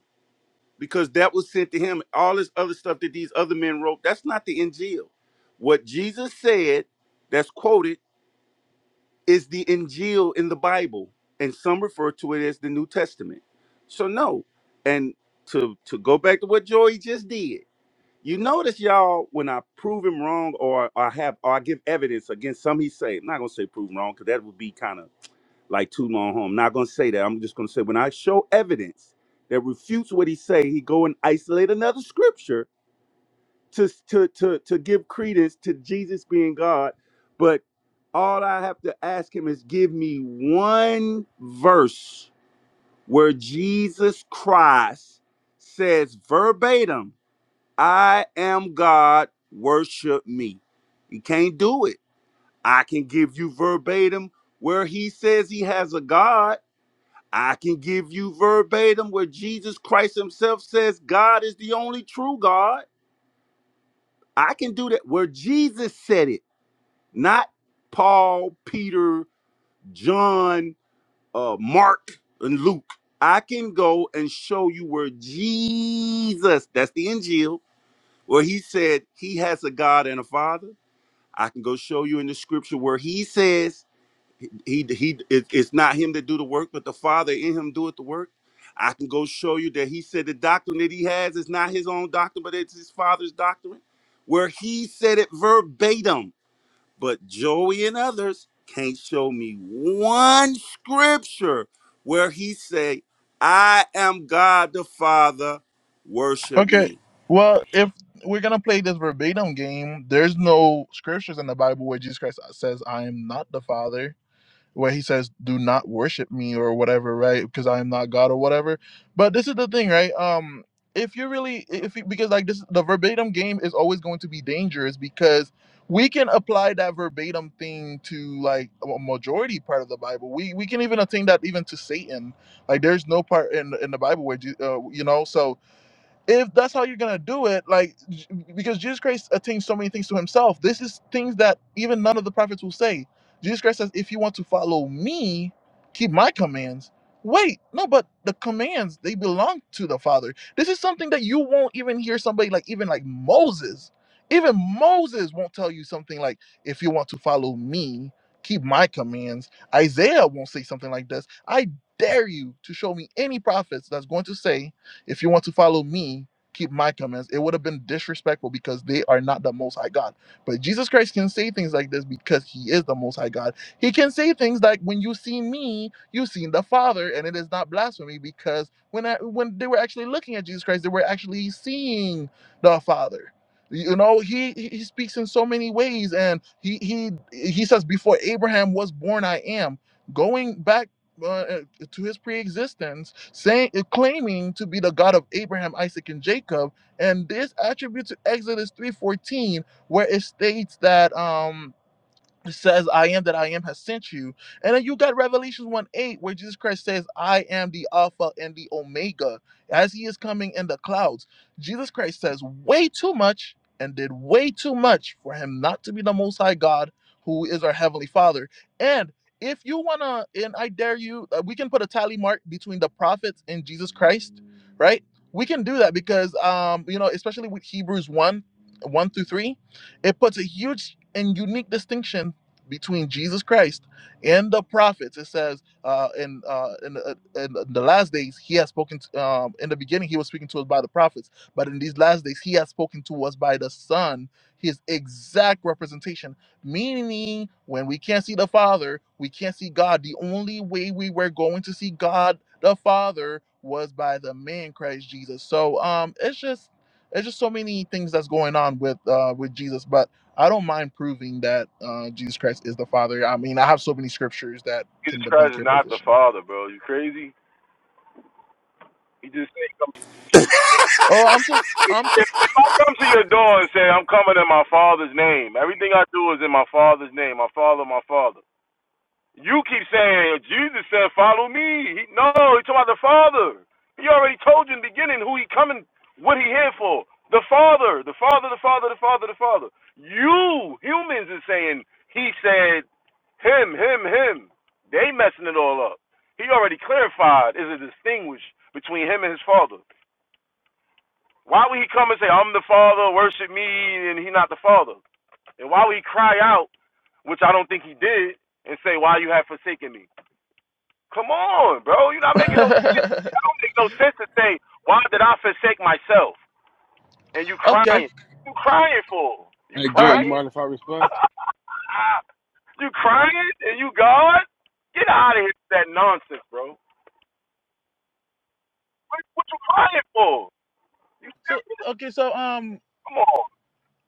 Speaker 4: because that was sent to him. All this other stuff that these other men wrote, that's not the Injil. What Jesus said, that's quoted, is the Injil in the Bible, and some refer to it as the New Testament. So no, and to to go back to what Joey just did, you notice y'all when I prove him wrong or I have or I give evidence against some he say, I'm not gonna say prove him wrong because that would be kind of like too long home. Not gonna say that. I'm just gonna say when I show evidence that refutes what he say, he go and isolate another scripture to to to to give credence to Jesus being God. But all I have to ask him is give me one verse where Jesus Christ says verbatim, "I am God, worship me." He can't do it. I can give you verbatim where he says he has a God I can give you verbatim where Jesus Christ himself says God is the only true God. I can do that where Jesus said it, not Paul, Peter, John, uh, Mark, and Luke. I can go and show you where Jesus, that's the Injil, where he said he has a God and a Father. I can go show you in the scripture where he says He he it, it's not him that do the work, but the Father in him doeth the work. I can go show you that he said the doctrine that he has is not his own doctrine, but it's his father's doctrine, where he said it verbatim. But Joey and others can't show me one scripture where he say, "I am God the Father, worship
Speaker 1: Okay.
Speaker 4: me."
Speaker 1: Well, if we're gonna play this verbatim game, there's no scriptures in the Bible where Jesus Christ says, "I am not the Father," where he says, "Do not worship me" or whatever, right? Because I am not God or whatever. But this is the thing, right? Um, if you really, if you, because like this, the verbatim game is always going to be dangerous because we can apply that verbatim thing to like a majority part of the Bible. We we can even attain that even to Satan. Like, there's no part in in the Bible where, Je- uh, you know, so if that's how you're gonna do it, like j- because Jesus Christ attains so many things to himself. This is things that even none of the prophets will say. Jesus Christ says, if you want to follow me, keep my commands. Wait, no, but the commands they belong to the Father. This is something that you won't even hear somebody like even like Moses. Even Moses won't tell you something like, if you want to follow me, keep my commands. Isaiah won't say something like this. I dare you to show me any prophets that's going to say if you want to follow me, keep my commands. It would have been disrespectful because they are not the most high God. But Jesus Christ can say things like this because he is the most high God. He can say things like, When you see me, you seen the Father, and it is not blasphemy because when I, when they were actually looking at Jesus Christ, they were actually seeing the Father. You know, he he speaks in so many ways, and he he he says, Before Abraham was born, I am. Going back well, uh, to his pre-existence, saying uh, claiming to be the God of Abraham, Isaac, and Jacob, and this attribute to Exodus three fourteen, where it states that um says i am that i am has sent you and then you got Revelation 1 8 where jesus christ says i am the alpha and the omega as he is coming in the clouds jesus christ says way too much and did way too much for him not to be the most high god who is our heavenly father and if you wanna and i dare you uh, we can put a tally mark between the prophets and jesus christ right we can do that because um you know especially with hebrews 1 1 through 3 it puts a huge and unique distinction between Jesus Christ and the prophets. It says uh, in, uh, in, the, in the last days, he has spoken, to, um, in the beginning, he was speaking to us by the prophets, but in these last days, he has spoken to us by the Son, his exact representation. Meaning, when we can't see the Father, we can't see God. The only way we were going to see God the Father was by the man Christ Jesus. So um, it's just. It's just so many things that's going on with uh, with Jesus, but I don't mind proving that uh, Jesus Christ is the Father. I mean, I have so many scriptures that
Speaker 13: Jesus
Speaker 1: can
Speaker 13: Christ
Speaker 1: debunk
Speaker 13: is
Speaker 1: your
Speaker 13: not the
Speaker 1: position.
Speaker 13: Father, bro. You crazy? He just said
Speaker 1: Oh, I'm so,
Speaker 13: If
Speaker 1: I'm so.
Speaker 13: if I come to your door and say I'm coming in my father's name, everything I do is in my father's name. I follow my father. You keep saying Jesus said, "Follow me." He, no, he's talking about the Father. He already told you in the beginning who he coming, what he here for. The Father, the Father, the Father, the Father, the Father. You humans is saying he said, him, him, him. They messing it all up. He already clarified. Is a distinguish between him and his Father. Why would he come and say, I'm the Father, worship me, and he not the Father? And why would he cry out, which I don't think he did, and say, Why you have forsaken me? Come on, bro. You're not making no sense. That don't make no sense to say, Why did I forsake myself? And you
Speaker 1: okay,
Speaker 13: crying. You crying for? You
Speaker 14: Hey,
Speaker 1: all
Speaker 14: Joy,
Speaker 1: right.
Speaker 14: you
Speaker 13: crying?
Speaker 14: mind if I respond?
Speaker 13: you crying? And you God? Get out of here with that nonsense, bro. What, what you crying for? You
Speaker 1: So
Speaker 13: serious?
Speaker 1: okay, so um,
Speaker 13: Come on.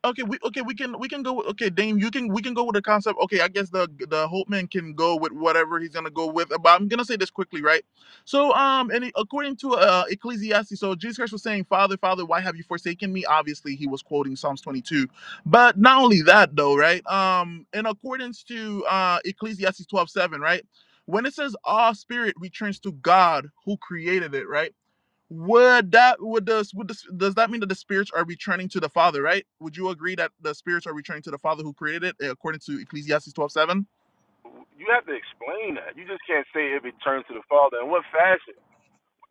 Speaker 1: Okay, we okay we can we can go with, okay Dame you can we can go with the concept okay I guess the the Holtman can go with whatever he's gonna go with but I'm gonna say this quickly right so um and it- according to uh Ecclesiastes so Jesus Christ was saying Father Father why have you forsaken me obviously he was quoting Psalms 22 but not only that though right um in accordance to uh Ecclesiastes 12:7, right when it says all spirit returns to God who created it right would that would this would this does that mean that the spirits are returning to the Father, right? Would you agree that the spirits are returning to the Father who created it, eh, according to Ecclesiastes twelve seven?
Speaker 13: You have to explain that. You just can't say it returned to the Father. In what fashion?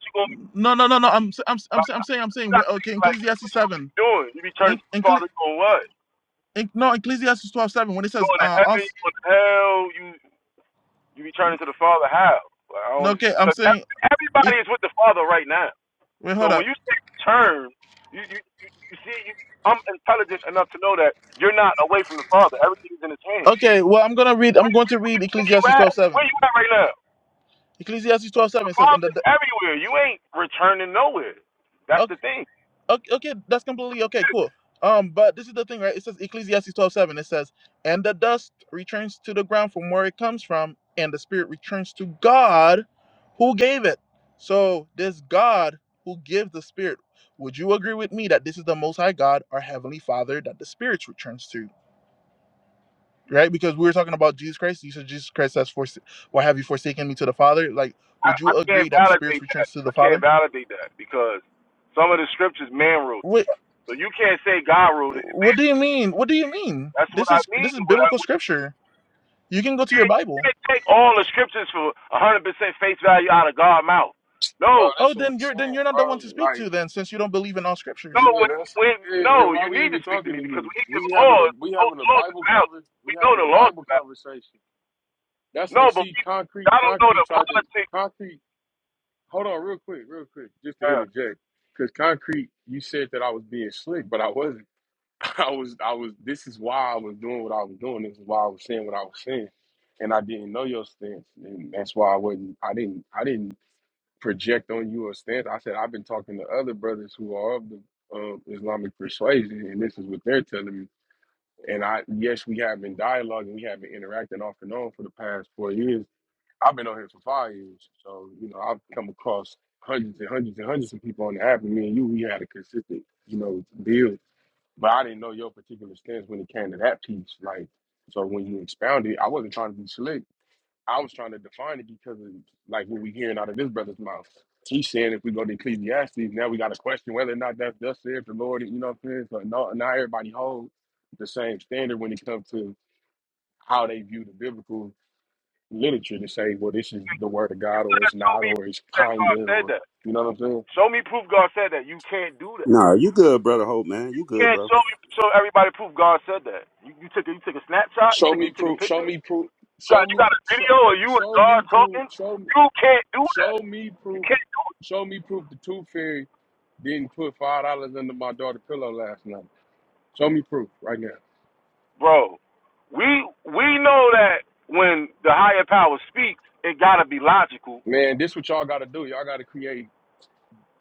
Speaker 13: You gonna be
Speaker 1: No, no, no, no. I'm i I'm i I'm,
Speaker 13: like,
Speaker 1: i I'm saying I'm
Speaker 13: you
Speaker 1: saying
Speaker 13: gotta think
Speaker 1: okay,
Speaker 13: like what
Speaker 1: Ecclesiastes seven.
Speaker 13: you doing. You be turning
Speaker 1: In,
Speaker 13: to the
Speaker 1: in,
Speaker 13: Father going what?
Speaker 1: in, no, Ecclesiastes twelve seven. When it says
Speaker 13: Going to
Speaker 1: uh
Speaker 13: heaven?
Speaker 1: us,
Speaker 13: You going to hell? You you be turning to the Father how? Like,
Speaker 1: no, okay, I'm
Speaker 13: because
Speaker 1: saying
Speaker 13: like, everybody is with the Father right now.
Speaker 1: wait,
Speaker 13: So
Speaker 1: hold
Speaker 13: when
Speaker 1: up.
Speaker 13: you say turn, you you you, you see you. I'm intelligent enough to know that you're not away from the Father. Everything is in His hand.
Speaker 1: Okay, well I'm gonna read. I'm going to read
Speaker 13: Where you
Speaker 1: Ecclesiastes
Speaker 13: at?
Speaker 1: twelve
Speaker 13: Where
Speaker 1: seven.
Speaker 13: you at right now?
Speaker 1: Ecclesiastes twelve seven
Speaker 13: The
Speaker 1: says, and
Speaker 13: Father is
Speaker 1: the
Speaker 13: everywhere. You ain't returning nowhere. That's the thing.
Speaker 1: Okay, okay, that's completely okay, cool. Um, but this is the thing, right? It says Ecclesiastes twelve seven. It says, "And the dust returns to the ground from where it comes from, and the spirit returns to God, who gave it." So this God who gives the spirit, would you agree with me that this is the Most High God, our Heavenly Father, that the spirits returns to, right? Because we were talking about Jesus Christ. You said Jesus Christ says, "For why have you forsaken me to the Father?" Like,
Speaker 13: I,
Speaker 1: would
Speaker 13: I
Speaker 1: you
Speaker 13: can't
Speaker 1: agree that
Speaker 13: validate
Speaker 1: spirits
Speaker 13: that.
Speaker 1: returns to
Speaker 13: I
Speaker 1: the
Speaker 13: can't
Speaker 1: Father?
Speaker 13: validate that because some of the scriptures man wrote. So you can't say God ruled it.
Speaker 1: What
Speaker 13: Man,
Speaker 1: do you mean? What do you mean?
Speaker 13: that's what
Speaker 1: This
Speaker 13: I
Speaker 1: is
Speaker 13: mean.
Speaker 1: this is
Speaker 13: What I,
Speaker 1: biblical
Speaker 13: what you,
Speaker 1: scripture. You can go to your
Speaker 13: can't, you
Speaker 1: Bible.
Speaker 13: can't take all the scriptures for 100% face value out of God's mouth.
Speaker 14: Bro,
Speaker 13: No,
Speaker 1: Oh,
Speaker 14: that's what we
Speaker 1: then you're then
Speaker 14: saying,
Speaker 1: you're not the one
Speaker 14: bro.
Speaker 1: to speak to
Speaker 14: Like,
Speaker 1: then, since you don't believe in all
Speaker 13: no,
Speaker 1: scriptures.
Speaker 14: yeah,
Speaker 13: when,
Speaker 14: that's
Speaker 13: when,
Speaker 14: right. Yeah,
Speaker 13: no,
Speaker 14: then
Speaker 13: you
Speaker 14: why we
Speaker 13: need to
Speaker 14: even
Speaker 13: speak to
Speaker 14: talking
Speaker 13: me
Speaker 14: to
Speaker 13: because
Speaker 14: you?
Speaker 13: when he gives
Speaker 14: We having a
Speaker 13: laws,
Speaker 14: we
Speaker 13: those
Speaker 14: having a
Speaker 13: laws is
Speaker 14: Bible
Speaker 13: out.
Speaker 14: conver
Speaker 13: We
Speaker 14: we
Speaker 13: know
Speaker 14: having
Speaker 13: the
Speaker 14: a
Speaker 13: laws
Speaker 14: Bible
Speaker 13: is out.
Speaker 14: conversation. That's
Speaker 13: No,
Speaker 14: and
Speaker 13: but
Speaker 14: see
Speaker 13: we,
Speaker 14: concrete
Speaker 13: I don't know the
Speaker 14: concrete tried to
Speaker 13: politics.
Speaker 14: concrete hold on real quick, real quick, just to
Speaker 13: Uh, you
Speaker 14: interject. Cause concrete, you said that I was being slick, but I wasn't. I was I was this is why I was doing what I was doing. This is why I was saying what I was saying. And I didn't know your stance. And that's why I wasn't I didn't I didn't project on you a stance. I said I've been talking to other brothers who are of the um, Islamic persuasion, and this is what they're telling me. And I, yes, we have been dialoguing, we have been interacting off and on for the past four years. I've been on here for five years, so you know I've come across hundreds and hundreds and hundreds of people on the app. And me and you, we had a consistent, you know, build. But I didn't know your particular stance when it came to that piece. Like, so when you expounded, I wasn't trying to be slick. I was trying to define it because of like what we hearing out of this brother's mouth. He's saying if we go to Ecclesiastes, now we got to question whether or not that's thus said the Lord. You know what I'm saying? So no, not everybody holds the same standard when it comes to how they view the biblical literature to say, well, this is the word of God, or
Speaker 13: gotta
Speaker 14: it's
Speaker 13: show
Speaker 14: not,
Speaker 13: me
Speaker 14: or it's
Speaker 13: that God
Speaker 14: kinda,
Speaker 13: said
Speaker 14: or
Speaker 13: that.
Speaker 14: you know what I'm saying?
Speaker 13: Show me proof God said that. You can't do that. You
Speaker 4: No, you good, brother Hope, man. You good,
Speaker 13: can't
Speaker 4: bro.
Speaker 13: show me show everybody proof God said that. You, you took a, you took a snapshot. You
Speaker 14: Show
Speaker 13: took a,
Speaker 14: me
Speaker 13: you took a
Speaker 14: proof. Show
Speaker 13: picture.
Speaker 14: me proof.
Speaker 13: got
Speaker 14: Show
Speaker 13: you
Speaker 14: me.
Speaker 13: got a
Speaker 14: Show,
Speaker 13: video or you and
Speaker 14: show
Speaker 13: God
Speaker 14: me proof.
Speaker 13: talking,
Speaker 14: Show me.
Speaker 13: you can't do that.
Speaker 14: Show me
Speaker 13: You
Speaker 14: proof.
Speaker 13: can't do it,
Speaker 14: Show me proof. The tooth fairy didn't put five dollars under my daughter's pillow last night. Show me proof right now.
Speaker 13: bro. We we know that when the higher power speaks, it gotta be logical
Speaker 14: Man, this what y'all gotta do. Y'all gotta create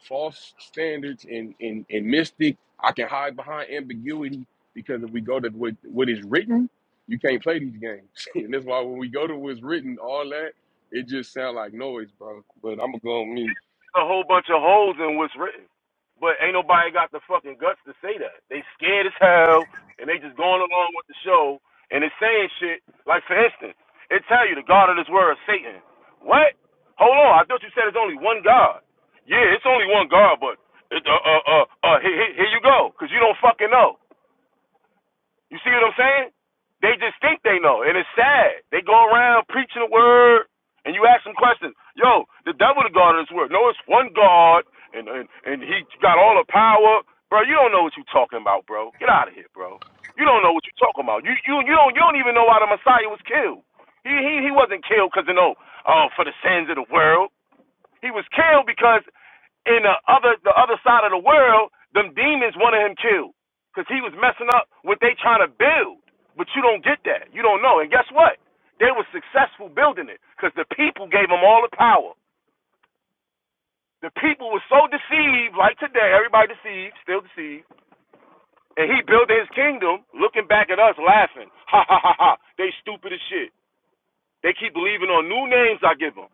Speaker 14: false standards and and, and mystic. I can hide behind ambiguity because if we go to what, what is written, you can't play these games. and that's why when we go to what's written, all that, it just sound like noise, bro. But I'm gonna go on mute.
Speaker 13: a whole bunch of holes in what's written. But ain't nobody got the fucking guts to say that. They scared as hell and they just going along with the show and it's saying shit like for instance, it tell you the God of this world is Satan. What? Hold on, I thought you said it's only one God. Yeah, it's only one God, but it, uh uh uh, uh here, here you go, cause you don't fucking know. You see what I'm saying? They just think they know, and it's sad. They go around preaching the word, and you ask them questions. Yo, the devil the God of this world. No, it's one God, and and and he got all the power, bro. You don't know what you're talking about, bro. Get out of here, bro. You don't know what you're talking about. You you you don't you don't even know why the Messiah was killed. He he he wasn't killed because you know oh for the sins of the world. He was killed because in the other the other side of the world, them demons wanted him killed because he was messing up what they trying to build. But you don't get that. You don't know. And guess what? They were successful building it because the people gave them all the power. The people were so deceived, like today, everybody deceived, still deceived. And he built his kingdom, looking back at us, laughing. Ha ha ha ha! They stupid as shit. They keep believing on new names I give them.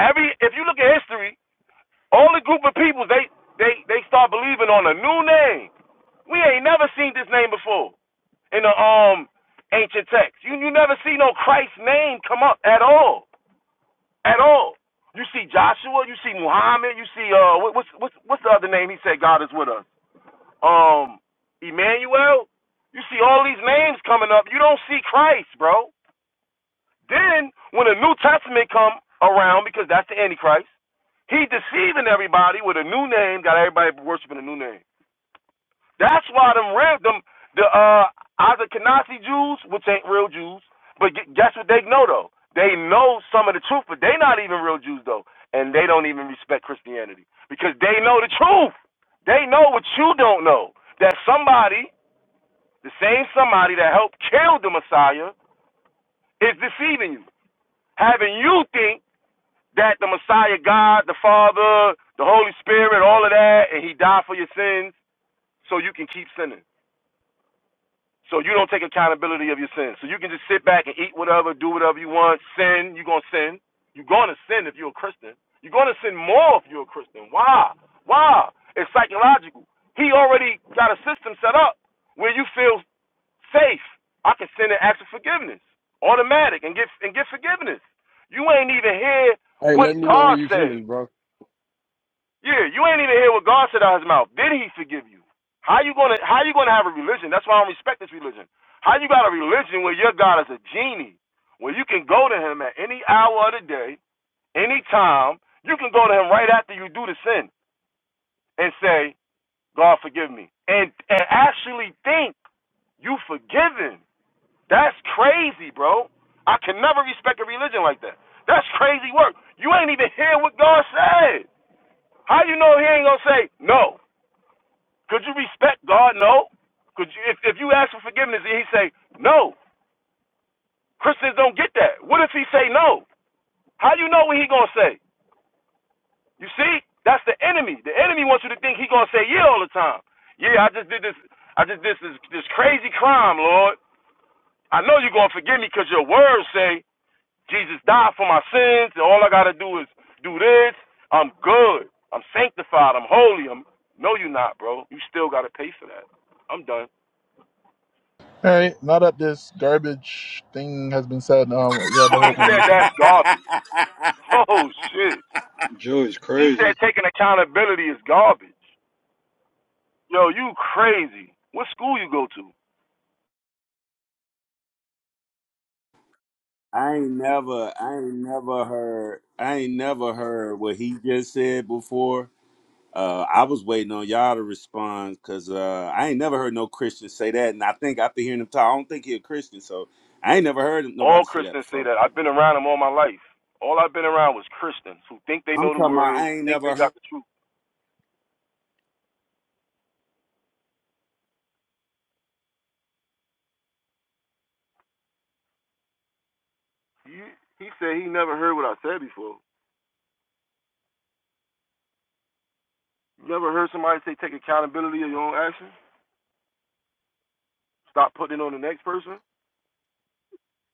Speaker 13: Every if you look at history, Only group of people they they they start believing on a new name. We ain't never seen this name before in the um ancient text. You you never see no Christ name come up at all, at all. You see Joshua, you see Muhammad, you see uh what, what's what's what's the other name? He said God is with us. Um, Emmanuel. You see all these names coming up. You don't see Christ, bro. Then when the New Testament come around, because that's the Antichrist, he deceiving everybody with a new name, got everybody worshiping a new name. That's why them real them the uh Azakanasi Jews, which ain't real Jews, but guess what they know though? They know some of the truth, but they not even real Jews though, and they don't even respect Christianity because they know the truth. They know what you don't know. That somebody, the same somebody that helped kill the Messiah, is deceiving you, having you think that the Messiah, God, the Father, the Holy Spirit, all of that, and He died for your sins so you can keep sinning. So you don't take accountability of your sins. So you can just sit back and eat whatever, do whatever you want, sin. You're going to sin. You're going to sin if you're a Christian. You're going to sin more if you're a Christian. Why? Why? It's psychological. He already got a system set up where you feel safe. I can sin and ask for forgiveness, automatic, and get and get forgiveness. You ain't even hear
Speaker 14: Hey,
Speaker 13: what
Speaker 14: let me know
Speaker 13: God
Speaker 14: when you
Speaker 13: said.
Speaker 14: finish, bro.
Speaker 13: Yeah, you ain't even hear what God said out of his mouth. Did he forgive you? How you gonna how you gonna have a religion? That's why I don't respect this religion. How you got a religion where your God is a genie, where you can go to him at any hour of the day, any time, you can go to him right after you do the sin and say, God forgive me. And and actually think you forgiven. That's crazy, bro. I can never respect a religion like that. That's crazy work. You ain't even hear what God said. How you know he ain't gonna say no? Could you respect God? No. Could you, if, if you ask for forgiveness and he say no, Christians don't get that. What if he say no? How you know what he gonna say? You see, that's the enemy. The enemy wants you to think he gonna say yeah all the time. Yeah, I just did this. I just did this this crazy crime, Lord. I know you're gonna forgive me because your words say Jesus died for my sins, and all I gotta do is do this. I'm good. I'm sanctified. I'm holy. I'm no, you're not, bro. You still gotta pay for that. I'm done.
Speaker 1: All right. Now that this garbage thing has been said, um, yeah, the
Speaker 13: He
Speaker 1: whole
Speaker 13: said
Speaker 1: thing.
Speaker 13: that's garbage. Oh shit.
Speaker 7: Joey's
Speaker 13: He said
Speaker 7: crazy.
Speaker 13: taking accountability is garbage. Yo, you crazy. What school you go to?
Speaker 4: I ain't never, I ain't never heard, I ain't never heard what he just said before. Uh, I was waiting on y'all to respond because uh, I ain't never heard no Christian say that, and I think after hearing him talk, I don't think he a Christian, so I ain't never heard
Speaker 13: All
Speaker 4: nobody say that
Speaker 13: Christians say
Speaker 4: before.
Speaker 13: that. I've been around them all my life. All I've been around was Christians who think they
Speaker 4: I'm
Speaker 13: know the
Speaker 4: talking about
Speaker 13: word, who
Speaker 4: I ain't
Speaker 13: think they
Speaker 4: never heard.
Speaker 13: got the truth. You, he said he never heard what I said before. You never heard somebody say take accountability of your own actions? Stop putting it on the next person?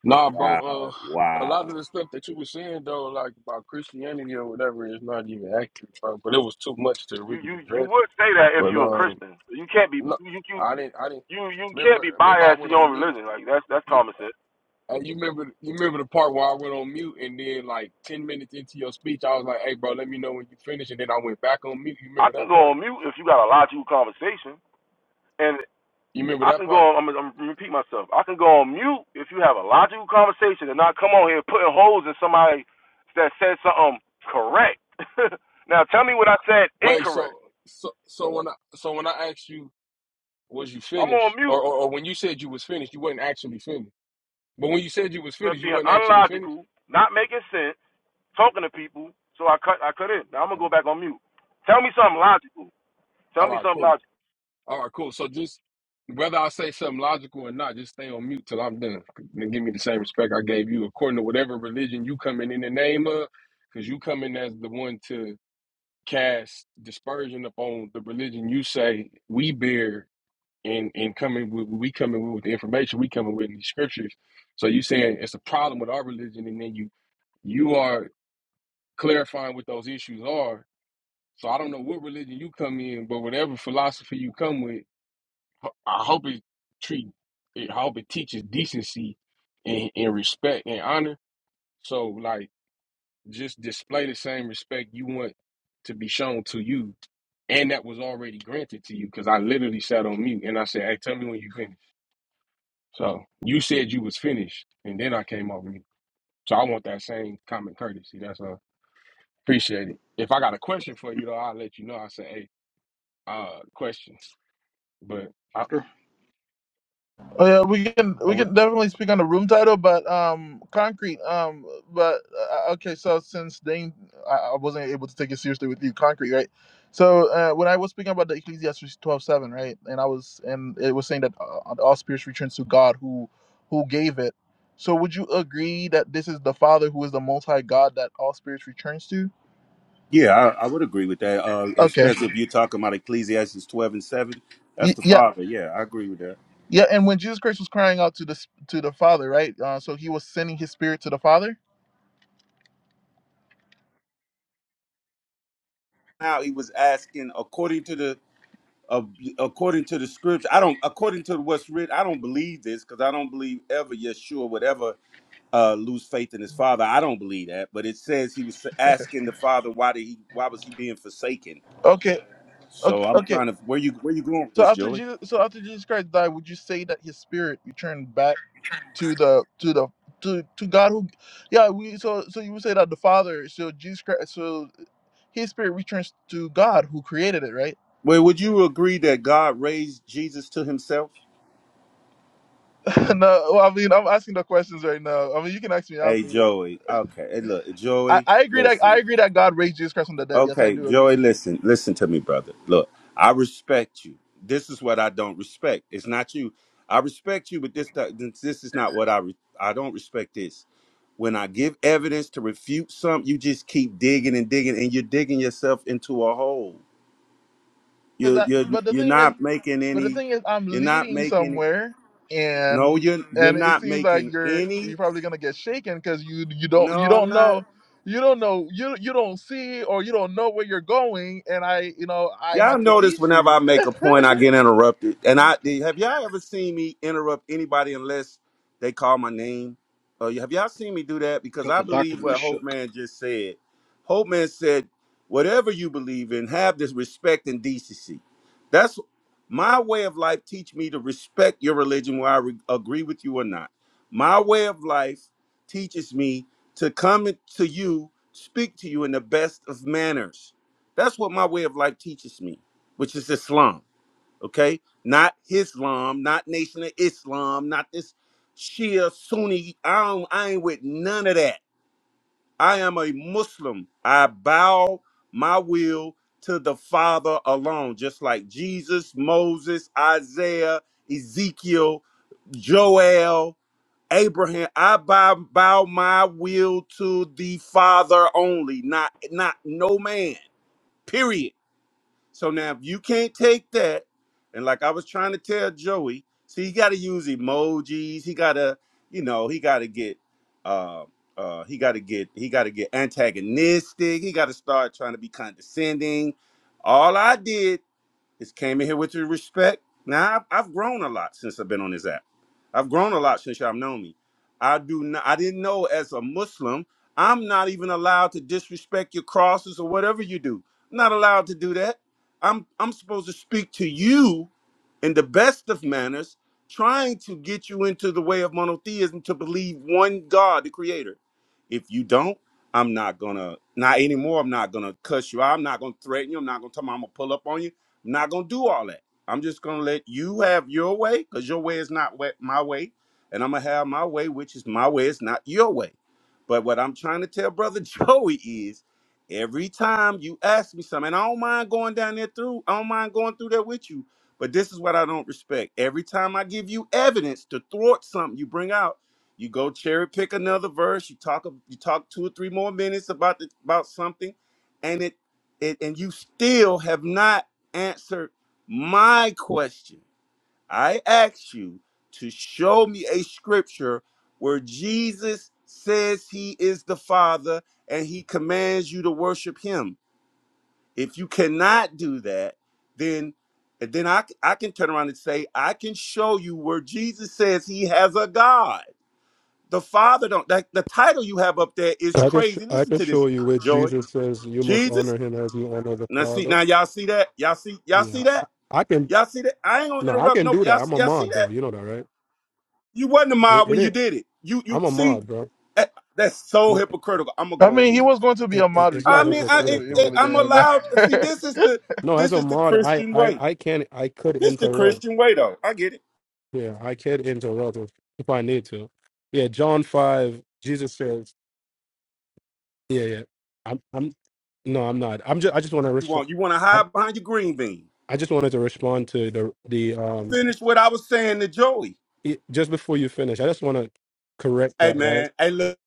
Speaker 14: Nah, bro, uh
Speaker 4: Wow,
Speaker 14: a lot
Speaker 4: wow.
Speaker 14: of the stuff that you were saying though, like about Christianity or whatever, is not even accurate, bro. But it was too much to
Speaker 13: You
Speaker 14: really
Speaker 13: you you
Speaker 14: address.
Speaker 13: would say that if
Speaker 14: But
Speaker 13: you're a
Speaker 14: um.
Speaker 13: Christian. You can't be
Speaker 14: No,
Speaker 13: you you
Speaker 14: I didn't. I didn't
Speaker 13: you you can't
Speaker 14: remember.
Speaker 13: be
Speaker 14: Remember, I
Speaker 13: biased to
Speaker 14: went
Speaker 13: your
Speaker 14: on
Speaker 13: own
Speaker 14: mute.
Speaker 13: religion. Like that's that's
Speaker 14: You,
Speaker 13: common sense.
Speaker 14: uh, you remember? You remember the part where I went on mute, and then like ten minutes into your speech, I was like, "Hey, bro, let me know when you finish," and then I went back on mute. You
Speaker 13: I
Speaker 14: remember
Speaker 13: can
Speaker 14: that
Speaker 13: go
Speaker 14: part?
Speaker 13: on mute if you got a logical conversation. and
Speaker 14: You remember
Speaker 13: I
Speaker 14: that
Speaker 13: can go
Speaker 14: part?
Speaker 13: on. I'm, I'm gonna repeat myself. I can go on mute if you have a logical conversation and not come on here putting holes in somebody that said something correct. now tell me what I said
Speaker 14: Wait,
Speaker 13: incorrect.
Speaker 14: so so so when I so when I asked you, was you
Speaker 13: I'm on
Speaker 14: finished, or
Speaker 13: mute.
Speaker 14: or, or when you said you was finished, you wasn't actually finished. But when you said you was
Speaker 13: I'm
Speaker 14: finished, you
Speaker 13: being
Speaker 14: wasn't actually finished.
Speaker 13: unlogical, not making sense, talking to people. So I cut. I cut in. Now I'm gonna go
Speaker 14: Oh.
Speaker 13: back on mute. Tell me something logical. Tell
Speaker 14: All
Speaker 13: me
Speaker 14: right,
Speaker 13: something
Speaker 14: cool.
Speaker 13: logical.
Speaker 14: All right, cool. So just whether I say something logical or not, just stay on mute till I'm done. And give me the same respect I gave you according to whatever religion you coming in the name of, because you coming as the one to cast dispersion upon the religion you say we bear and and coming with we coming with the information we coming with in these scriptures. So you saying it's a problem with our religion and then you you are clarifying what those issues are. So I don't know what religion you come in, but whatever philosophy you come with ho- I hope it treat. it, I hope it teaches decency and, and respect and honor. So like, just display the same respect you want to be shown to you, and that was already granted to you. Because I literally sat on mute and I said, "Hey, tell me when you finish." So you said you was finished, and then I came off mute. So I want that same common courtesy. That's all. Appreciate it. If I got a question for you though, I'll let you know. I say, "Hey, uh, question," but.
Speaker 7: Got
Speaker 1: Oh yeah, we can we
Speaker 14: I,
Speaker 1: can definitely speak on the room title, but um, concrete. Um, but uh, okay, so since Dane, I, I wasn't able to take it seriously with you, concrete, right? So uh, when I was speaking about the Ecclesiastes twelve seven, right, and I was and it was saying that uh, all spirits returns to God who who gave it. So would you agree that this is the Father who is the Most High God that all spirits returns to?
Speaker 4: Yeah, I, I would agree with that. Uh,
Speaker 1: Okay.
Speaker 4: especially if you're talking about Ecclesiastes 12 and 7. That's
Speaker 1: Y-
Speaker 4: the
Speaker 1: yeah.
Speaker 4: father. Yeah, I agree with that.
Speaker 1: Yeah, and when Jesus Christ was crying out to the s- to the Father, right? Uh, so he was sending his spirit to the Father.
Speaker 4: Now he was asking according to the uh, according to the scripture, I don't. According to what's written, I don't believe this because I don't believe ever Yeshua would ever uh, lose faith in his father. I don't believe that, but it says he was asking the father why did he why was he being forsaken.
Speaker 1: Okay,
Speaker 4: So
Speaker 1: okay,
Speaker 4: I'm
Speaker 1: okay.
Speaker 4: trying to where you where you going with
Speaker 1: So
Speaker 4: this,
Speaker 1: after
Speaker 4: Joey?
Speaker 1: Jesus, so after Jesus Christ died, would you say that his spirit returned back to the to the to to God who, yeah, we so so you would say that the Father, so Jesus Christ, so his spirit returns to God who created it, right?
Speaker 4: Well, would you agree that God raised Jesus to Himself?
Speaker 1: no, well, I mean I'm asking the questions right now. I mean you can ask me
Speaker 4: Hey,
Speaker 1: afterward.
Speaker 4: Joey. Okay. Hey, look,
Speaker 1: I,
Speaker 4: Joey.
Speaker 1: I agree that
Speaker 4: Listen.
Speaker 1: I agree that God raised Jesus Christ from the dead. Yes, I
Speaker 4: Okay,
Speaker 1: do
Speaker 4: Joey,
Speaker 1: agree.
Speaker 4: listen, listen to me, brother. Look, I respect you. This is what I don't respect. It's not you. I respect you, but this this is not what I re- I don't respect this. When I give evidence to refute something, you just keep digging and digging, and you're digging yourself into a hole.
Speaker 1: Is
Speaker 4: You're
Speaker 1: that
Speaker 4: you're
Speaker 1: but the
Speaker 4: you're
Speaker 1: thing is
Speaker 4: not making
Speaker 1: But the
Speaker 4: any.
Speaker 1: thing is, I'm
Speaker 4: You're not
Speaker 1: leading
Speaker 4: making.
Speaker 1: somewhere,
Speaker 4: No,
Speaker 1: and
Speaker 4: you're you're
Speaker 1: and it
Speaker 4: not
Speaker 1: seems like
Speaker 4: making
Speaker 1: you're
Speaker 4: any.
Speaker 1: you're probably gonna get shaken because you you don't you
Speaker 4: No, I'm
Speaker 1: don't
Speaker 4: not.
Speaker 1: know you don't know you you don't see or you don't know where you're going, and I you know I
Speaker 4: Y'all
Speaker 1: had to
Speaker 4: notice
Speaker 1: lead
Speaker 4: whenever
Speaker 1: you.
Speaker 4: I make a point, I get interrupted. And I have y'all ever seen me interrupt anybody unless they call my name? Uh, have y'all seen me do that? Because I
Speaker 7: the
Speaker 4: believe
Speaker 7: document
Speaker 4: what Hope
Speaker 7: shook.
Speaker 4: Man just said. Hope Man said, "Whatever you believe in, have this respect and decency." That's my way of life. Teach me to respect your religion, whether I re- agree with you or not. My way of life teaches me to come to you, speak to you in the best of manners that's what my way of life teaches me, which is Islam. Okay, not Islam, not Nation of Islam, not this Shia Sunni. I don't, I ain't with none of that. I am a Muslim. I bow my will to the Father alone, just like Jesus, Moses, Isaiah, Ezekiel, Joel, Abraham. I bow, bow my will to the Father only, not not no man. Period. So now if you can't take that, and like I was trying to tell Joey, see, he gotta use emojis, he gotta, you know, he gotta get uh uh he gotta get he gotta get antagonistic, he gotta start trying to be condescending. All I did just came in here with your respect. Now I've, I've grown a lot since I've been on this app. I've grown a lot since y'all known me. I do not. I didn't know as a Muslim, I'm not even allowed to disrespect your crosses or whatever you do. I'm not allowed to do that. I'm I'm supposed to speak to you in the best of manners, trying to get you into the way of monotheism to believe one God, the creator. If you don't, I'm not gonna, not anymore, I'm not gonna cuss you out. I'm not gonna threaten you. I'm not gonna tell me I'm gonna pull up on you. I'm not gonna do all that. I'm just gonna let you have your way because your way is not wa- my way. And I'm gonna have my way, which is my way, is not your way. But what I'm trying to tell Brother Joey is every time you ask me something, and I don't mind going down there through, I don't mind going through there with you but this is what I don't respect. Every time I give you evidence to thwart something you bring out, you go cherry pick another verse. You talk you talk two or three more minutes about the, about something, and it, it and you still have not answered my question. I asked you to show me a scripture where Jesus says he is the Father and he commands you to worship him if you cannot do that, then then I I can turn around and say I can show you where Jesus says he has a God. The Father don't that the title you have up there is
Speaker 15: I can sh-
Speaker 4: crazy.
Speaker 15: I
Speaker 4: Listen
Speaker 15: can
Speaker 4: to this,
Speaker 15: show you where
Speaker 4: Joey.
Speaker 15: Jesus says you must
Speaker 4: Jesus.
Speaker 15: honor him as you honor the
Speaker 4: Now see
Speaker 15: Father.
Speaker 4: now y'all see that? Y'all see y'all see
Speaker 15: Yeah, I,
Speaker 4: that?
Speaker 15: I can.
Speaker 4: Y'all see that? I ain't gonna
Speaker 15: No, I
Speaker 4: interrupt
Speaker 15: can
Speaker 4: nope.
Speaker 15: do
Speaker 4: Y'all
Speaker 15: that. I'm a
Speaker 4: y'all see
Speaker 15: mod
Speaker 4: that?
Speaker 15: though. You know that, right?
Speaker 4: You wasn't a
Speaker 15: It,
Speaker 4: mob when
Speaker 15: it
Speaker 4: you
Speaker 15: is.
Speaker 4: did it. You you
Speaker 15: I'm a
Speaker 4: see
Speaker 15: mod, bro.
Speaker 4: that, that's so
Speaker 15: No,
Speaker 4: hypocritical. I'm gonna
Speaker 1: I
Speaker 4: go on
Speaker 1: mean, he
Speaker 4: mute.
Speaker 1: was going to be
Speaker 15: it,
Speaker 1: a
Speaker 15: it,
Speaker 1: mod
Speaker 15: it's
Speaker 4: I
Speaker 15: not
Speaker 4: mean,
Speaker 1: regardless, so
Speaker 4: I
Speaker 1: it,
Speaker 4: it,
Speaker 1: it
Speaker 15: hypocritical.
Speaker 4: it,
Speaker 1: really
Speaker 4: I'm
Speaker 1: didn't even
Speaker 4: allowed. See,
Speaker 1: matter.
Speaker 4: this is the
Speaker 15: No, as
Speaker 4: this
Speaker 15: a
Speaker 4: is the
Speaker 15: mod, I
Speaker 4: Christian
Speaker 15: I
Speaker 4: way.
Speaker 15: I can I could
Speaker 4: This the
Speaker 15: interrupt.
Speaker 4: Christian way, though. I get it.
Speaker 15: Yeah, I could interrupt if, if I need to. Yeah, John five. Jesus says, yeah, yeah. I'm I'm no, I'm not. I'm just I just want to
Speaker 4: You
Speaker 15: respond.
Speaker 4: want you want to
Speaker 15: I
Speaker 4: hide behind your green bean.
Speaker 15: I just wanted to respond to the the um
Speaker 4: Finish what I was saying to Joey.
Speaker 15: it, just before you finish, I just want to correct
Speaker 4: Hey
Speaker 15: that, right?
Speaker 4: man, hey look,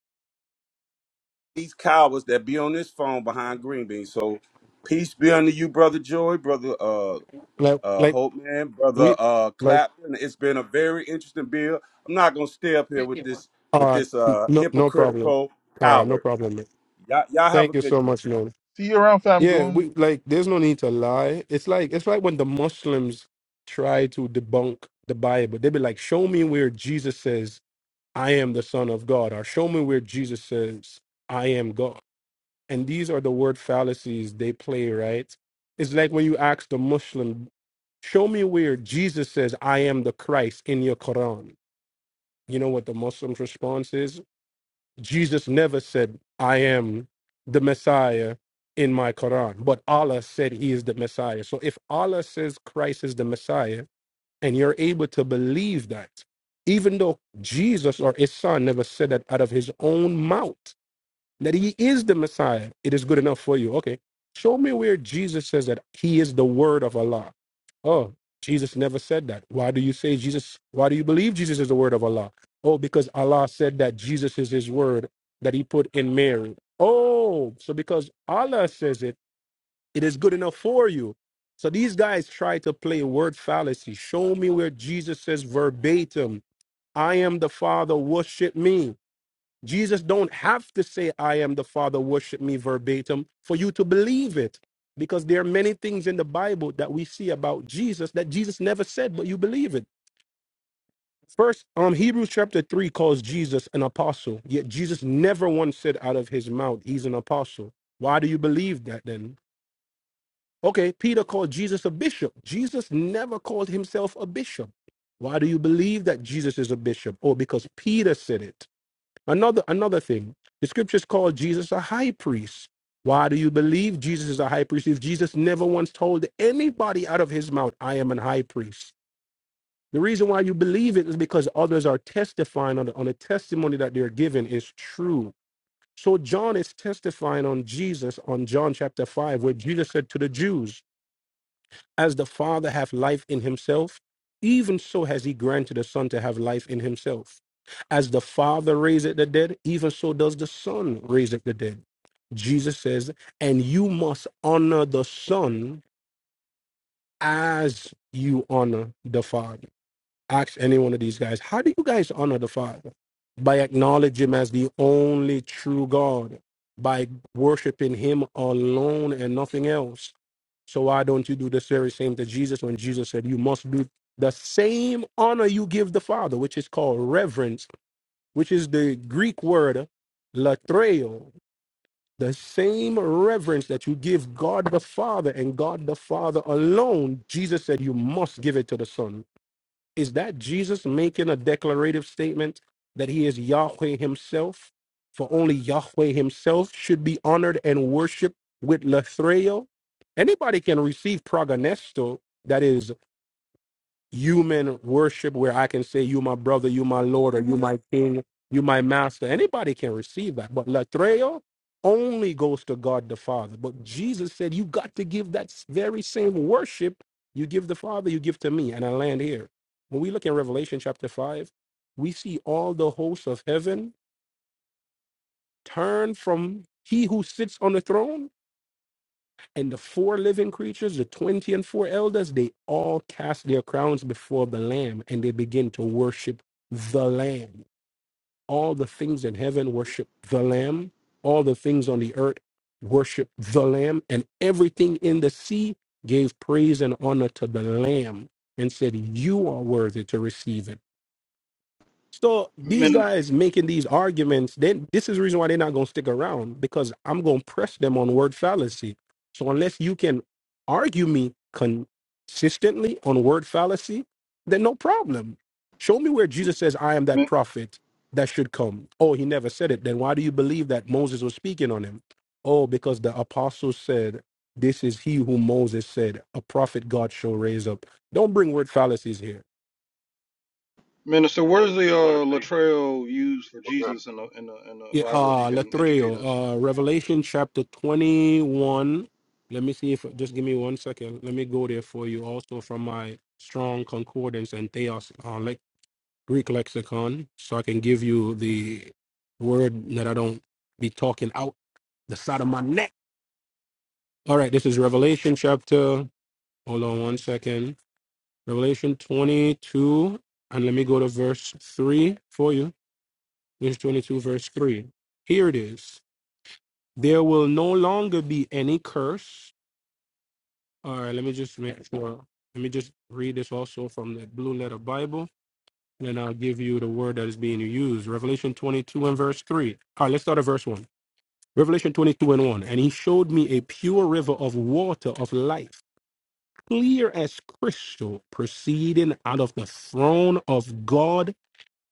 Speaker 4: these cowards that be on this phone behind green beans. So peace be unto you, brother Joy, brother uh
Speaker 15: Like,
Speaker 4: uh
Speaker 15: like
Speaker 4: Hope man, brother
Speaker 15: we,
Speaker 4: uh
Speaker 15: like,
Speaker 4: Clapton. It's been a very interesting bill. I'm not gonna stay up here with this
Speaker 15: all
Speaker 4: with
Speaker 15: right,
Speaker 4: this uh
Speaker 15: no, no problem.
Speaker 4: hypocritical
Speaker 15: All right, no
Speaker 4: coward.
Speaker 15: problem. man.
Speaker 4: Y'all, y'all have a
Speaker 15: Thank you
Speaker 4: good day.
Speaker 15: so much, man.
Speaker 1: see you around, fam
Speaker 15: Yeah,
Speaker 1: goon.
Speaker 15: we like. There's no need to lie. It's like it's like when the Muslims try to debunk the Bible, they be like, "Show me where Jesus says I am the Son of God," or "Show me where Jesus says I am God." And these are the word fallacies they play, right? It's like when you ask the Muslim, Show me where Jesus says, I am the Christ in your Quran. You know what the Muslim's response is? Jesus never said, I am the Messiah in my Quran, but Allah said he is the Messiah. So if Allah says Christ is the Messiah and you're able to believe that, even though Jesus or his son never said that out of his own mouth, that he is the Messiah, it is good enough for you. Okay, show me where Jesus says that he is the word of Allah. Oh, Jesus never said that. Why do you say Jesus? Why do you believe Jesus is the word of Allah? Oh, because Allah said that Jesus is his word that he put in Mary. Oh, so because Allah says it, it is good enough for you. So these guys try to play word fallacy. Show me where Jesus says verbatim, I am the Father, worship me Jesus don't have to say, I am the Father, worship me verbatim for you to believe it. Because there are many things in the Bible that we see about Jesus that Jesus never said, but you believe it. First, um, Hebrews chapter 3 calls Jesus an apostle, yet Jesus never once said out of his mouth, he's an apostle. Why do you believe that then? Okay, Peter called Jesus a bishop. Jesus never called himself a bishop. Why do you believe that Jesus is a bishop? Oh, because Peter said it. Another another thing, the scriptures call Jesus a high priest. Why do you believe Jesus is a high priest if Jesus never once told anybody out of his mouth, I am an high priest? The reason why you believe it is because others are testifying on the, on the testimony that they're given is true. So John is testifying on Jesus on John chapter 5, where Jesus said to the Jews, as the Father hath life in himself, even so has he granted the Son to have life in himself. As the Father raiseth the dead, even so does the Son raiseth the dead. Jesus says, and you must honor the Son as you honor the Father. Ask any one of these guys, how do you guys honor the Father? By acknowledging him as the only true God, by worshiping him alone and nothing else so why don't you do the very same to Jesus when Jesus said you must do the same honor you give the Father, which is called reverence, which is the Greek word latreo, the same reverence that you give God the Father and God the Father alone. Jesus said you must give it to the Son. Is that Jesus making a declarative statement that he is Yahweh himself? For only Yahweh himself should be honored and worshiped with Lathreo? Anybody can receive prognesto, that is human worship where I can say, You my brother, you my Lord, or you my king, you my master. Anybody can receive that. But Latreo only goes to God the Father. But Jesus said, You got to give that s- very same worship you give the Father, you give to me. And I land here. When we look in Revelation chapter 5, we see all the hosts of heaven turn from he who sits on the throne and the four living creatures, the 20 and four elders, they all cast their crowns before the Lamb and they begin to worship the Lamb. All the things in heaven worship the Lamb. All the things on the earth worship the Lamb. And everything in the sea gave praise and honor to the Lamb and said, You are worthy to receive it so these
Speaker 7: Minister,
Speaker 15: guys making these arguments, then this is the reason why they're not gonna stick around because I'm gonna press them on word fallacy. So unless you can argue me consistently on word fallacy, then no problem. Show me where Jesus says, I am that prophet that should come. Oh, he never said it. Then why do you believe that Moses was speaking on him? Oh, because the apostles said, This is he who Moses said, a prophet God shall raise up. Don't bring word fallacies here
Speaker 7: minister what is the
Speaker 13: I want to
Speaker 7: uh,
Speaker 13: say something.
Speaker 7: Latrell used for
Speaker 13: Okay.
Speaker 7: Jesus in the, in the in the
Speaker 15: Yeah,
Speaker 7: Bible? If you
Speaker 15: uh,
Speaker 7: can educate us.
Speaker 15: Latreo, uh, Revelation chapter 21. Let me see if, just give me one second. Let me go there for you also from my strong concordance and theos, uh, le- Greek lexicon, so I can give you the word that I don't be talking out the side of my neck. All right, this is Revelation chapter, hold on one second. Revelation 22, and let me go to verse 3 for you. This is 22, verse 3. Here it is. There will no longer be any curse. All right, let me just make sure. Let me just read this also from the Blue Letter Bible, and then I'll give you the word that is being used. Revelation 22 and verse 3. All right, let's start at verse 1. Revelation 22 and 1. And he showed me a pure river of water of life, clear as crystal, proceeding out of the throne of God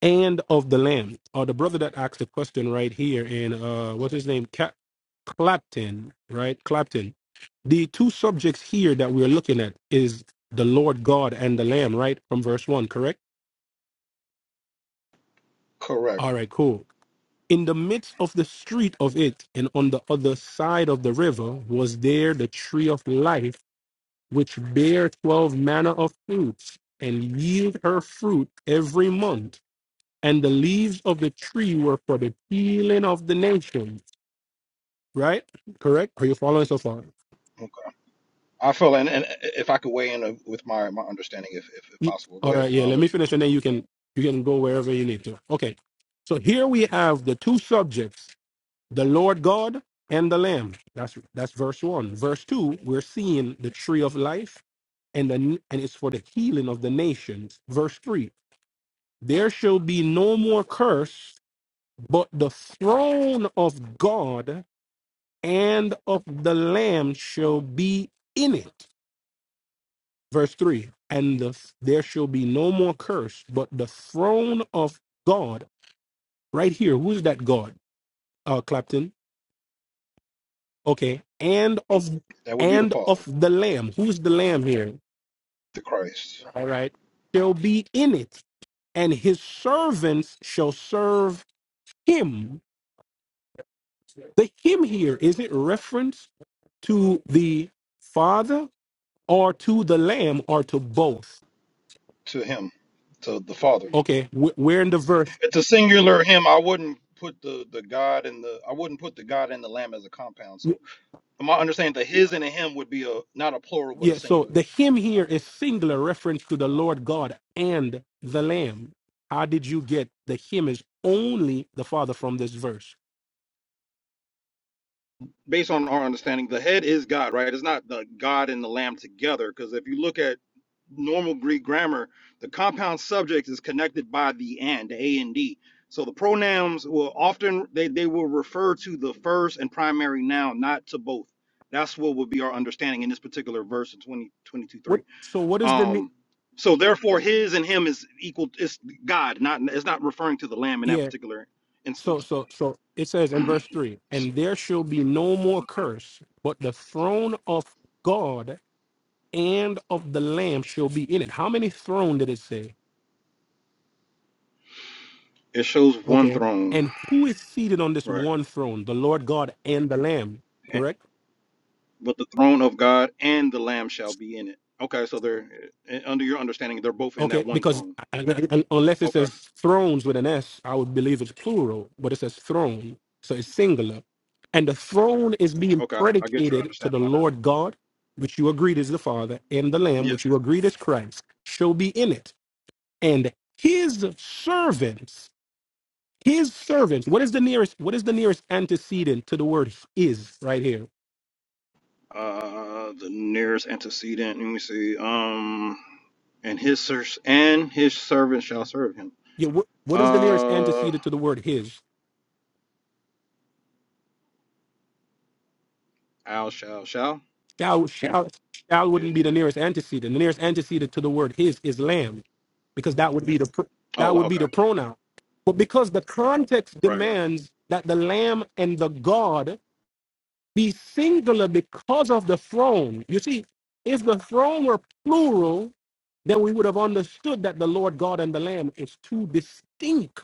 Speaker 15: and of the Lamb. Or the brother that asked the question right here in uh what's his name? Cap Clapton, right? Clapton. The two subjects here that we're looking at is the Lord God and the Lamb, right? From verse one, correct?
Speaker 7: Correct.
Speaker 15: All right, cool. In the midst of the street of it, and on the other side of the river, was there the tree of life, which bare twelve manner of fruits, and yield her fruit every month and the leaves of the tree were for the healing of the nations. Right? Correct? Are you following so far?
Speaker 7: Okay. I feel, and, and if I could weigh in uh, with my, my understanding, if, if, if
Speaker 15: Ye-
Speaker 7: possible,
Speaker 15: All
Speaker 7: go ahead.
Speaker 15: right,
Speaker 7: Though.
Speaker 15: yeah.
Speaker 7: I'll
Speaker 15: Let me
Speaker 7: let you finish.
Speaker 15: finish, and then you can you can go wherever you need to. Okay. So here we have the two subjects: the Lord God and the Lamb. That's that's verse one. Verse two, we're seeing the tree of life, and the and it's for the healing of the nations. Verse three: there shall be no more curse, but the throne of God and of the lamb shall be in it. Verse 3 And the, there shall be no more curse, but the throne of God, right here. Who's that God? Uh, Clapton. Okay. And of
Speaker 7: That would be the
Speaker 15: and of
Speaker 7: Father,
Speaker 15: the lamb. Who's the lamb here?
Speaker 7: the Christ,
Speaker 15: All right. Shall be in it, and his servants shall serve him. The him here is it reference to the Father or to the Lamb or to both?
Speaker 7: to him, to the Father.
Speaker 15: Okay, we- we in the verse.
Speaker 7: It's a singular him. I wouldn't put the the God and the I wouldn't put the God and the Lamb as a compound. So my understanding that his and a him would be a not a plural but a
Speaker 15: Yeah, so
Speaker 7: singular.
Speaker 15: the him here is singular reference to the Lord God and the Lamb. How did you get the him is only the Father from this verse?
Speaker 7: based on our understanding, the head is God, right? It's not the God and the lamb together. Because if you look at normal Greek grammar, the compound subject is connected by the and, the A and D. So the pronouns will often they, they will refer to the first and primary noun, not to both. That's what would be our understanding in this particular verse in twenty twenty 3.
Speaker 15: What? So what is the ne-
Speaker 7: Um, so therefore his and him is equal it's God, not it's not referring to the lamb in that
Speaker 15: yeah?
Speaker 7: particular
Speaker 15: So
Speaker 7: instance.
Speaker 15: so so it says in verse three, and there shall be no more curse, but the throne of God and of the Lamb shall be in it. How many throne did it say?
Speaker 7: It shows one
Speaker 15: Okay,
Speaker 7: throne.
Speaker 15: and who is seated on this
Speaker 7: Right.
Speaker 15: one throne? The Lord God and the Lamb, correct?
Speaker 7: but the throne of God and the Lamb shall be in it. Okay, so they're uh, under your understanding, they're both in that
Speaker 15: Okay,
Speaker 7: one
Speaker 15: because
Speaker 7: throne.
Speaker 15: un- un- unless it
Speaker 7: Okay,
Speaker 15: says thrones with an S, I would believe it's plural, but it says throne, so it's singular. And the throne is being
Speaker 7: okay, I I get your
Speaker 15: predicated to the
Speaker 7: understanding on that.
Speaker 15: Lord God, which you agreed is the Father, and the Lamb, which
Speaker 7: Yes.
Speaker 15: you agreed is Christ, shall be in it. And his servants, his servants, what is the nearest, what is the nearest antecedent to the word is right here?
Speaker 7: Uh, the nearest antecedent. Let me see. Um, and his ser- and his servant shall serve him.
Speaker 15: Yeah, what, what is the nearest
Speaker 7: Uh,
Speaker 15: antecedent to the word his?
Speaker 7: Al shall shall.
Speaker 15: Shall, shall, shall
Speaker 7: Is
Speaker 15: wouldn't be the
Speaker 7: is-
Speaker 15: nearest antecedent. The nearest antecedent to the word his is lamb, because that would be the pr-
Speaker 7: Oh,
Speaker 15: that would be
Speaker 7: okay.
Speaker 15: the pronoun. But because the context
Speaker 7: Right, right.
Speaker 15: demands that the lamb and the God be singular because of the throne. You see, if the throne were plural, then we would have understood that the Lord God and the Lamb is two distinct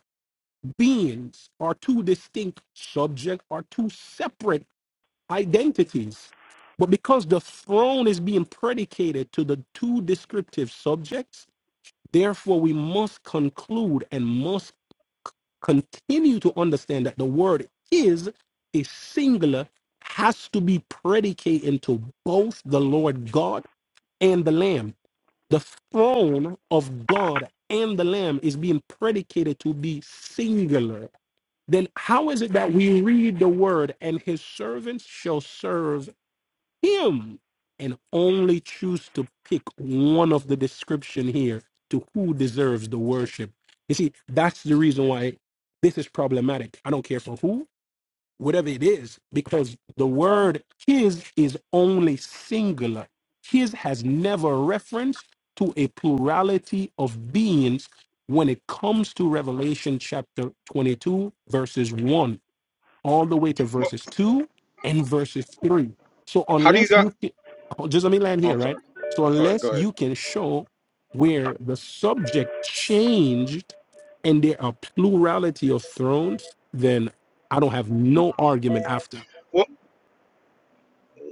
Speaker 15: beings, or two distinct subjects, or two separate identities. But because the throne is being predicated to the two descriptive subjects, therefore we must conclude and must continue to understand that the word is a singular, has to be predicated to both the Lord God and the Lamb. The throne of God and the Lamb is being predicated to be singular. Then how is it that we read the word and his servants shall serve him and only choose to pick one of the description here to who deserves the worship. You see, that's the reason why this is problematic. I don't care for who, whatever it is, because the word his is only singular. His has never reference to a plurality of beings when it comes to Revelation chapter 22, verses 1 all the way to verses 2 and verses 3. So
Speaker 7: How do you
Speaker 15: unless
Speaker 7: got?
Speaker 15: you can, oh, just let me land
Speaker 7: oh,
Speaker 15: here,
Speaker 7: I'm
Speaker 15: right?
Speaker 7: sorry.
Speaker 15: So
Speaker 7: Go ahead. Go
Speaker 15: unless
Speaker 7: ahead.
Speaker 15: you can show where the subject changed and there are plurality of thrones, then I don't have
Speaker 7: Hmm.
Speaker 15: no argument after.
Speaker 7: Well,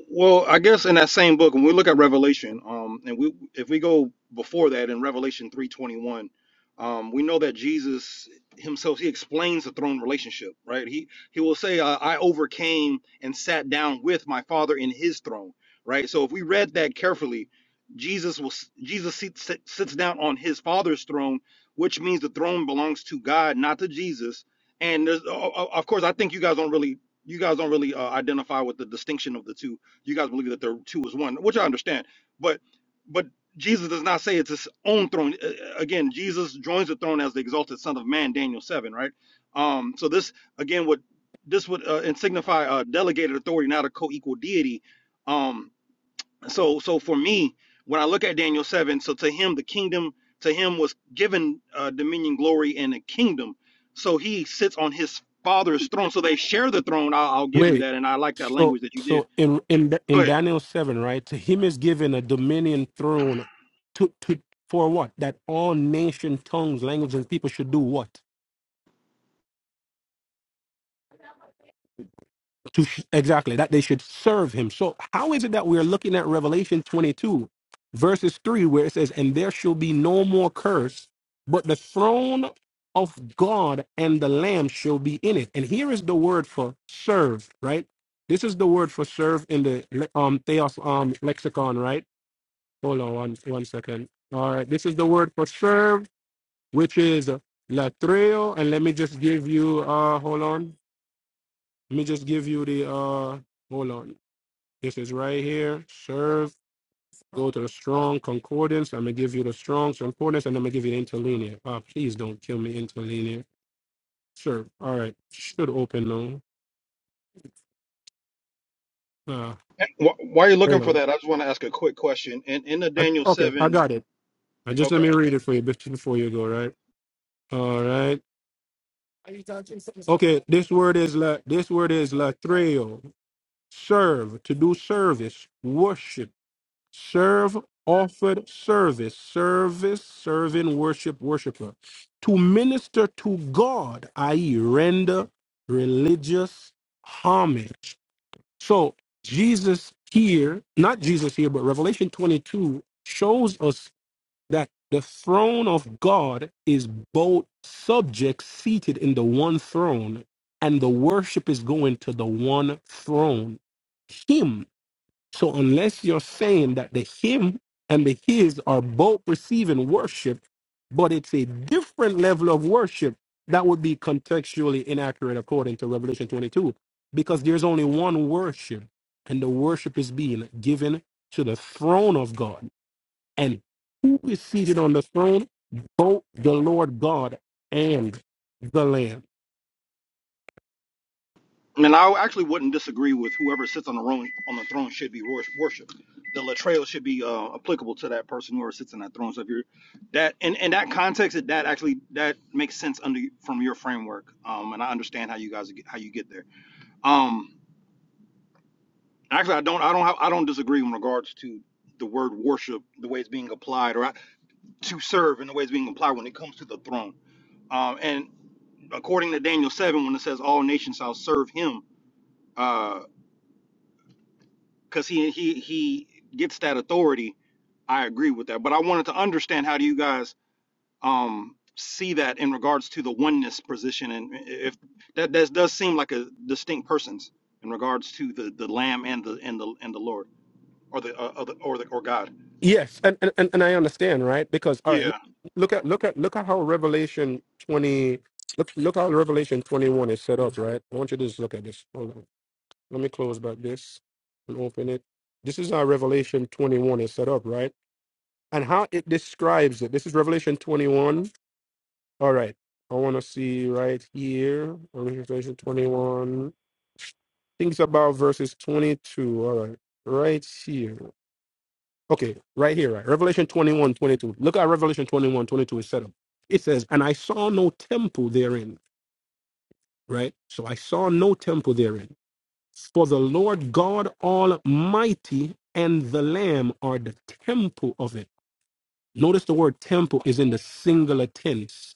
Speaker 7: Well, I guess in that same book, when we look at Revelation, um, and we if we go before that in Revelation three twenty one, um, we know that Jesus himself he explains the throne relationship, right? He he will say, uh, "I overcame and sat down with my Father in His throne," right? So if we read that carefully, Jesus will s- Jesus sits, sits sits down on His Father's throne, which means the throne belongs to God, not to Jesus. And there's, o- o- of course, I think you guys don't really you guys don't really uh, identify with the distinction of the two. You guys believe that the two is one, which I understand. But but Jesus does not say it's his own throne. Uh, Again, Jesus joins the throne as the exalted Son of Man, Daniel seven, right? Um, so this again would this would uh, and signify uh, delegated authority, not a co-equal deity. Um, so so for me when i look at daniel 7 so to him the kingdom to him was given uh, dominion glory and a kingdom so he sits on his father's throne so they share the throne i'll, I'll give you
Speaker 15: Wait.
Speaker 7: that and i like that
Speaker 15: So
Speaker 7: language that you did
Speaker 15: so in in
Speaker 7: go
Speaker 15: in
Speaker 7: ahead
Speaker 15: Daniel seven, right? To him is given a dominion throne to to for what? That all nation, tongues, language, and people should do what? to sh- exactly that they should serve him. So how is it that we're looking at Revelation 22 verses 3 where it says and there shall be no more curse but the throne of God and the lamb shall be in it. And here is the word for serve, right? This is the word for serve in the le- um theos um lexicon, right? Hold on one, one second. All right, this is the word for serve which is latreo and let me just give you uh hold on. Let me just give you the uh hold on this is right here. Serve. Go to the strong concordance. I'm gonna give you the strong concordance, and I'm gonna give you the interlinear. Uh, please don't kill me, interlinear. Serve. All right. Should open though. Uh,
Speaker 7: Wh- while you're
Speaker 15: hold
Speaker 7: looking for
Speaker 15: on.
Speaker 7: that i just want to ask a quick question in in the
Speaker 15: I,
Speaker 7: daniel
Speaker 15: okay, I
Speaker 7: 7
Speaker 15: got it. Uh, just
Speaker 7: okay
Speaker 15: let me read it for you bef- before you go. Right. All right. Okay. This word is la. This word is latreo. Serve. To do service. Worship serve offered service service serving worship worshiper to minister to god i.e render religious homage so jesus here not jesus here but revelation 22 shows us that the throne of god is both subjects seated in the one throne and the worship is going to the one throne him so unless you're saying that the him and the his are both receiving worship, but it's a different level of worship, that would be contextually inaccurate according to Revelation 22, because there's only one worship, and the worship is being given to the throne of God. And who is seated on the throne? Both the Lord God and the Lamb.
Speaker 7: And I actually wouldn't disagree with whoever sits on the throne. On the throne should be wor- worshipped. The latreo should be uh, applicable to that person whoever sits in that throne. So if you're that in, in that context, that that actually that makes sense under from your framework. Um, and I understand how you guys get, how you get there. Um, actually, I don't I don't have, I don't disagree in regards to the word worship, the way it's being applied, or I- to serve, and the way it's being applied when it comes to the throne. Um, and according to Daniel seven, when it says all nations shall serve him uh, because he he he gets that authority. I agree with that, but I wanted to understand how do you guys um see that in regards to the oneness position, and if that that does seem like a distinct persons in regards to the the Lamb and the and the and the Lord or the uh, or the or the- or God.
Speaker 15: Yes, and, and and and I understand, right? Because all right, look
Speaker 7: Yeah,
Speaker 15: look at look at look at how Revelation twenty look look how Revelation twenty one is set up, right? I want you to just look at this. Hold on, let me close back this and open it. This is how Revelation twenty one is set up, right? And how it describes it. This is Revelation twenty one. All right, I want to see right here Revelation twenty one. Things about verses twenty two. All right, right here. Okay, right here, right? Revelation 21:22. Look at Revelation 21:22. is set up. It says, And I saw no temple therein, right? So I saw no temple therein. For the Lord God Almighty and the Lamb are the temple of it. Notice the word temple is in the singular tense,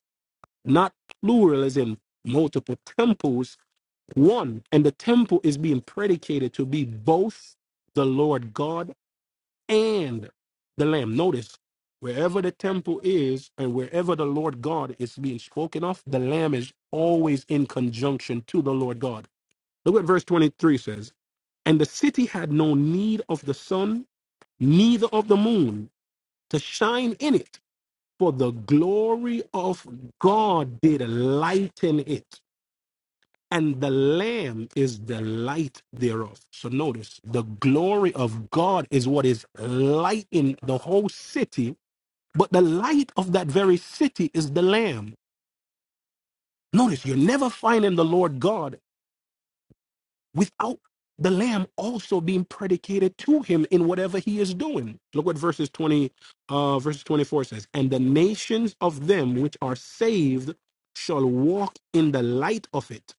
Speaker 15: not plural as in multiple temples, one. And the temple is being predicated to be both the Lord God and the Lamb. Notice, wherever the temple is and wherever the Lord God is being spoken of, the Lamb is always in conjunction to the Lord God. Look what verse 23 says And the city had no need of the sun, neither of the moon to shine in it, for the glory of God did lighten it. And the Lamb is the light thereof. So notice, the glory of God is what is lighting the whole city but the light of that very city is the Lamb. Notice you're never finding the Lord God without the Lamb also being predicated to him in whatever he is doing. Look what verses 20, uh, verses 24 says. And the nations of them which are saved shall walk in the light of it,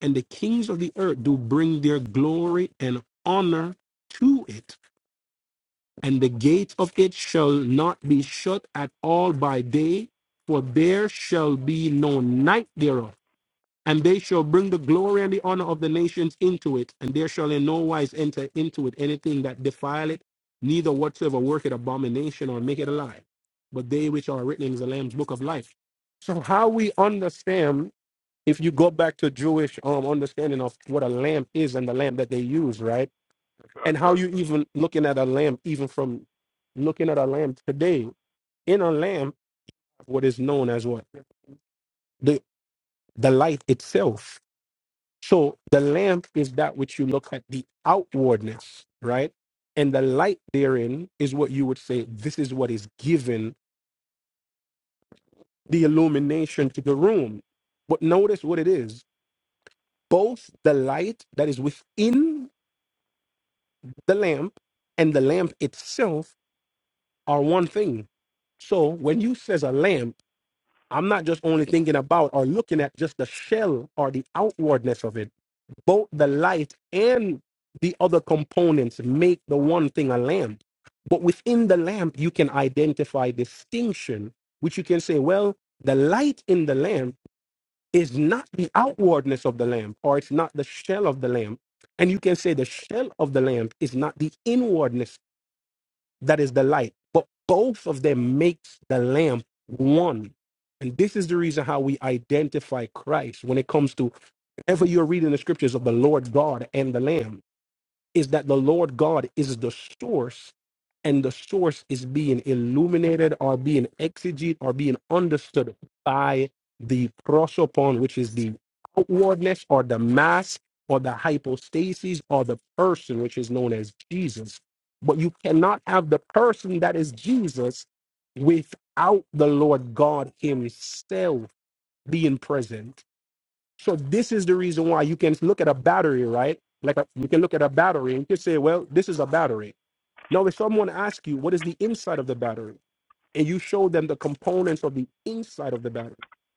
Speaker 15: and the kings of the earth do bring their glory and honor to it. and the gate of it shall not be shut at all by day, for there shall be no night thereof. And they shall bring the glory and the honor of the nations into it, and there shall in no wise enter into it anything that defile it, neither whatsoever work it abomination or make it a lie. But they which are written in the Lamb's book of life. So how we understand, if you go back to Jewish um, understanding of what a lamp is and the lamp that they use, right?
Speaker 13: I got
Speaker 15: and
Speaker 13: a
Speaker 15: how you
Speaker 13: question.
Speaker 15: even looking at a lamb even from looking at a lamb today in a lamb what is known as what the the light itself so the lamp is that which you look at the outwardness right and the light therein is what you would say this is what is given the illumination to the room but notice what it is both the light that is within the lamp and the lamp itself are one thing so when you says a lamp I'm not just only thinking about or looking at just the shell or the outwardness of it. Both the light and the other components make the one thing a lamp. But within the lamp, you can identify distinction, which you can say, well, the light in the lamp is not the outwardness of the lamp, or it's not the shell of the lamp. And you can say the shell of the lamp is not the inwardness that is the light. But both of them makes the lamp one. And this is the reason how we identify Christ when it comes to whenever you're reading the scriptures of the Lord God and the Lamb is that the Lord God is the source, and the source is being illuminated or being exegete or being understood by the prosopon, which is the outwardness or the mass or the hypostasis or the person, which is known as Jesus. But you cannot have the person that is Jesus without the Lord God Himself being present so this is the reason why you can look at a battery, right? Like a, you can look at a battery and you can say, well, this is a battery. Now, if someone asks you what is the inside of the battery, and you show them the components of the inside of the battery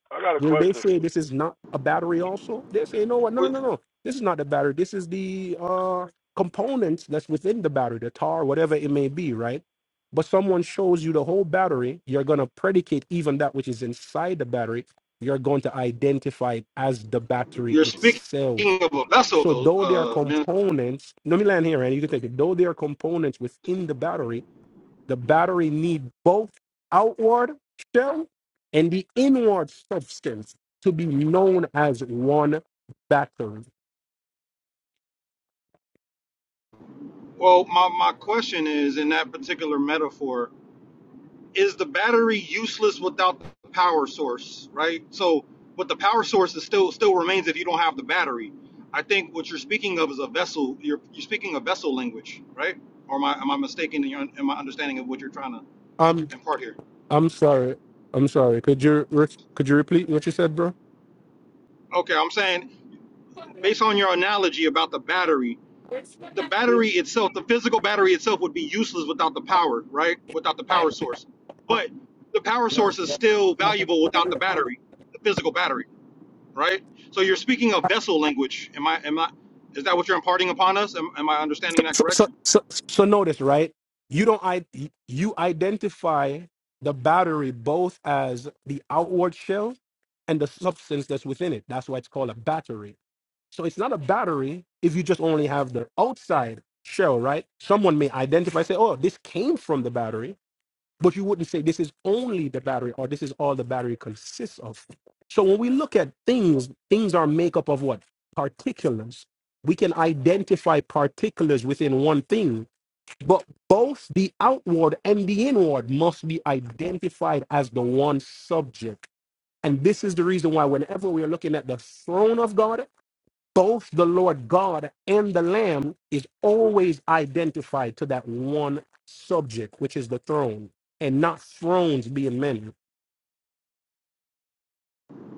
Speaker 13: I got a
Speaker 15: Will they
Speaker 13: question.
Speaker 15: say this is not a battery, also they say no, no, no,
Speaker 7: But
Speaker 15: no, no. This is not the battery. This is the uh, components that's within the battery, the tar, whatever it may be, right? But someone shows you the whole battery, you're gonna predicate even that which is inside the battery. You're going to identify it as the battery
Speaker 7: you're speaking
Speaker 15: itself.
Speaker 7: of a vessel,
Speaker 15: So
Speaker 7: though.
Speaker 15: though there are
Speaker 7: Uh, men.
Speaker 15: components, let me land here, and you can take it. Though there are components within the battery, the battery need both outward shell and the inward substance to be known as one battery.
Speaker 7: Well, my my question is in that particular metaphor. is the battery useless without the power source, right? So, but the power source is still still remains if you don't have the battery. I think what you're speaking of is a vessel. You're you're speaking a vessel language, right? Or am I am I mistaken in, your, in my understanding of what you're trying to
Speaker 15: I'm
Speaker 7: impart here?
Speaker 15: I'm sorry. I'm sorry. Could you re- could you repeat what you said, bro?
Speaker 7: Okay, I'm saying based on your analogy about the battery, the battery itself, the physical battery itself, would be useless without the power, right? Without the power source, but the power source is still valuable without the battery, the physical battery. right? So you're speaking of vessel language. Am I? Am I? Is that what you're imparting upon us? Am, am I understanding that
Speaker 15: So so
Speaker 7: correctly?
Speaker 15: so, so notice, right? You don't I you identify the battery both as the outward shell and the substance that's within it. That's why it's called a battery. So it's not a battery if you just only have the outside shell, right? Someone may identify, say, oh, this came from the battery, but you wouldn't say this is only the battery or this is all the battery consists of. So when we look at things, things are made up of what? Particulars. We can identify particulars within one thing, but both the outward and the inward must be identified as the one subject. And this is the reason why, whenever we are looking at the throne of God, both the Lord God and the Lamb is always identified to that one subject, which is the throne, and not thrones being many.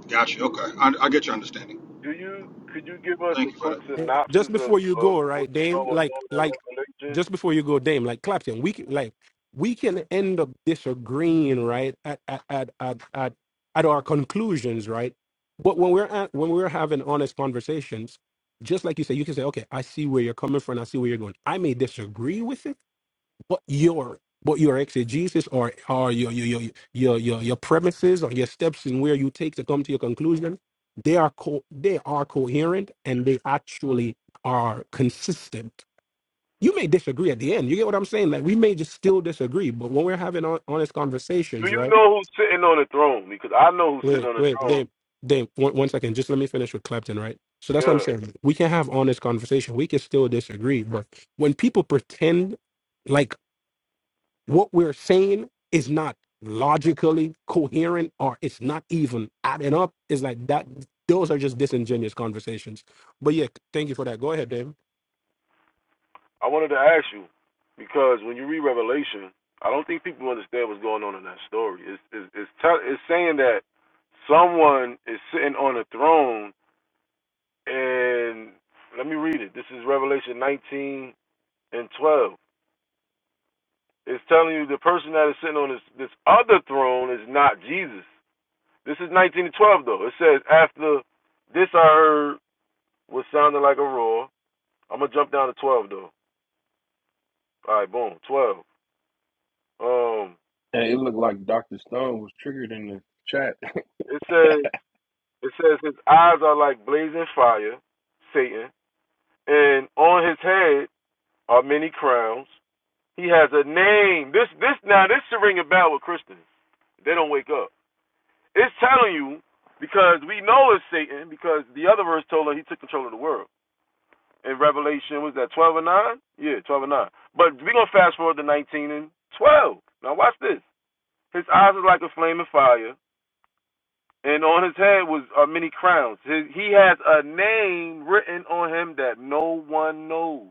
Speaker 7: Gotcha. Okay, I, I get your understanding.
Speaker 13: Do you could you give us
Speaker 7: Thank
Speaker 13: a
Speaker 7: you for that.
Speaker 13: quick synopsis
Speaker 15: Just before
Speaker 13: of
Speaker 15: you
Speaker 13: of
Speaker 15: go, right,
Speaker 13: what's going
Speaker 15: Dame? Like,
Speaker 13: on in
Speaker 15: like,
Speaker 13: Revelation?
Speaker 15: just before you go, Dame, like Clapton, we can, like, we can end up disagreeing, right, at at at at at, at our conclusions, right? But when we're at, when we're having honest conversations, just like you say, you can say, okay, I see where you're coming from, I see where you're going. I may disagree with it what your what your exegesis or or your your your your your, your premises or your steps in where you take to come to your conclusion they are co- they are coherent and they actually are consistent you may disagree at the end you get what i'm saying like we may just still disagree but when we're having hon- honest
Speaker 13: Do
Speaker 15: conversations
Speaker 13: you
Speaker 15: right
Speaker 13: know who's sitting on the throne? Because I know who's sitting
Speaker 15: wait
Speaker 13: on the
Speaker 15: wait
Speaker 13: throne.
Speaker 15: they they one, one second just let me finish with clapton right so that's what i'm
Speaker 13: God,
Speaker 15: saying we can have honest conversation we can still disagree but when people pretend like What we're saying is not logically coherent or it's not even adding up. It's like that those are just disingenuous conversations. But yeah, thank you for that. Go ahead, David.
Speaker 13: I wanted to ask you because when you read Revelation, I don't think people understand what's going on in that story. It's it's it's, tell, it's saying that someone is sitting on a throne, and let me read it. This is Revelation 19 and 12. It's telling you the person that is sitting on this this other throne is not Jesus. This is 19 and 12 though. It says after this I heard what sounded like a roar I'm gonna jump down to twelve though. All right, boom, twelve. Um,
Speaker 14: Hey, it looked like Dr. Stone was triggered in the chat.
Speaker 13: it says it says his eyes are like blazing fire, Satan, and on his head are many crowns. He has a name. This this now this should ring a bell with Christians. They don't wake up. It's telling you because we know it's Satan because the other verse told us he took control of the world. In Revelation was that twelve and nine? Yeah, twelve and nine. But we're gonna fast forward to nineteen and twelve. Now watch this. His eyes are like a flame of fire. and on his head was uh, many crowns. His, he has a name written on him that no one knows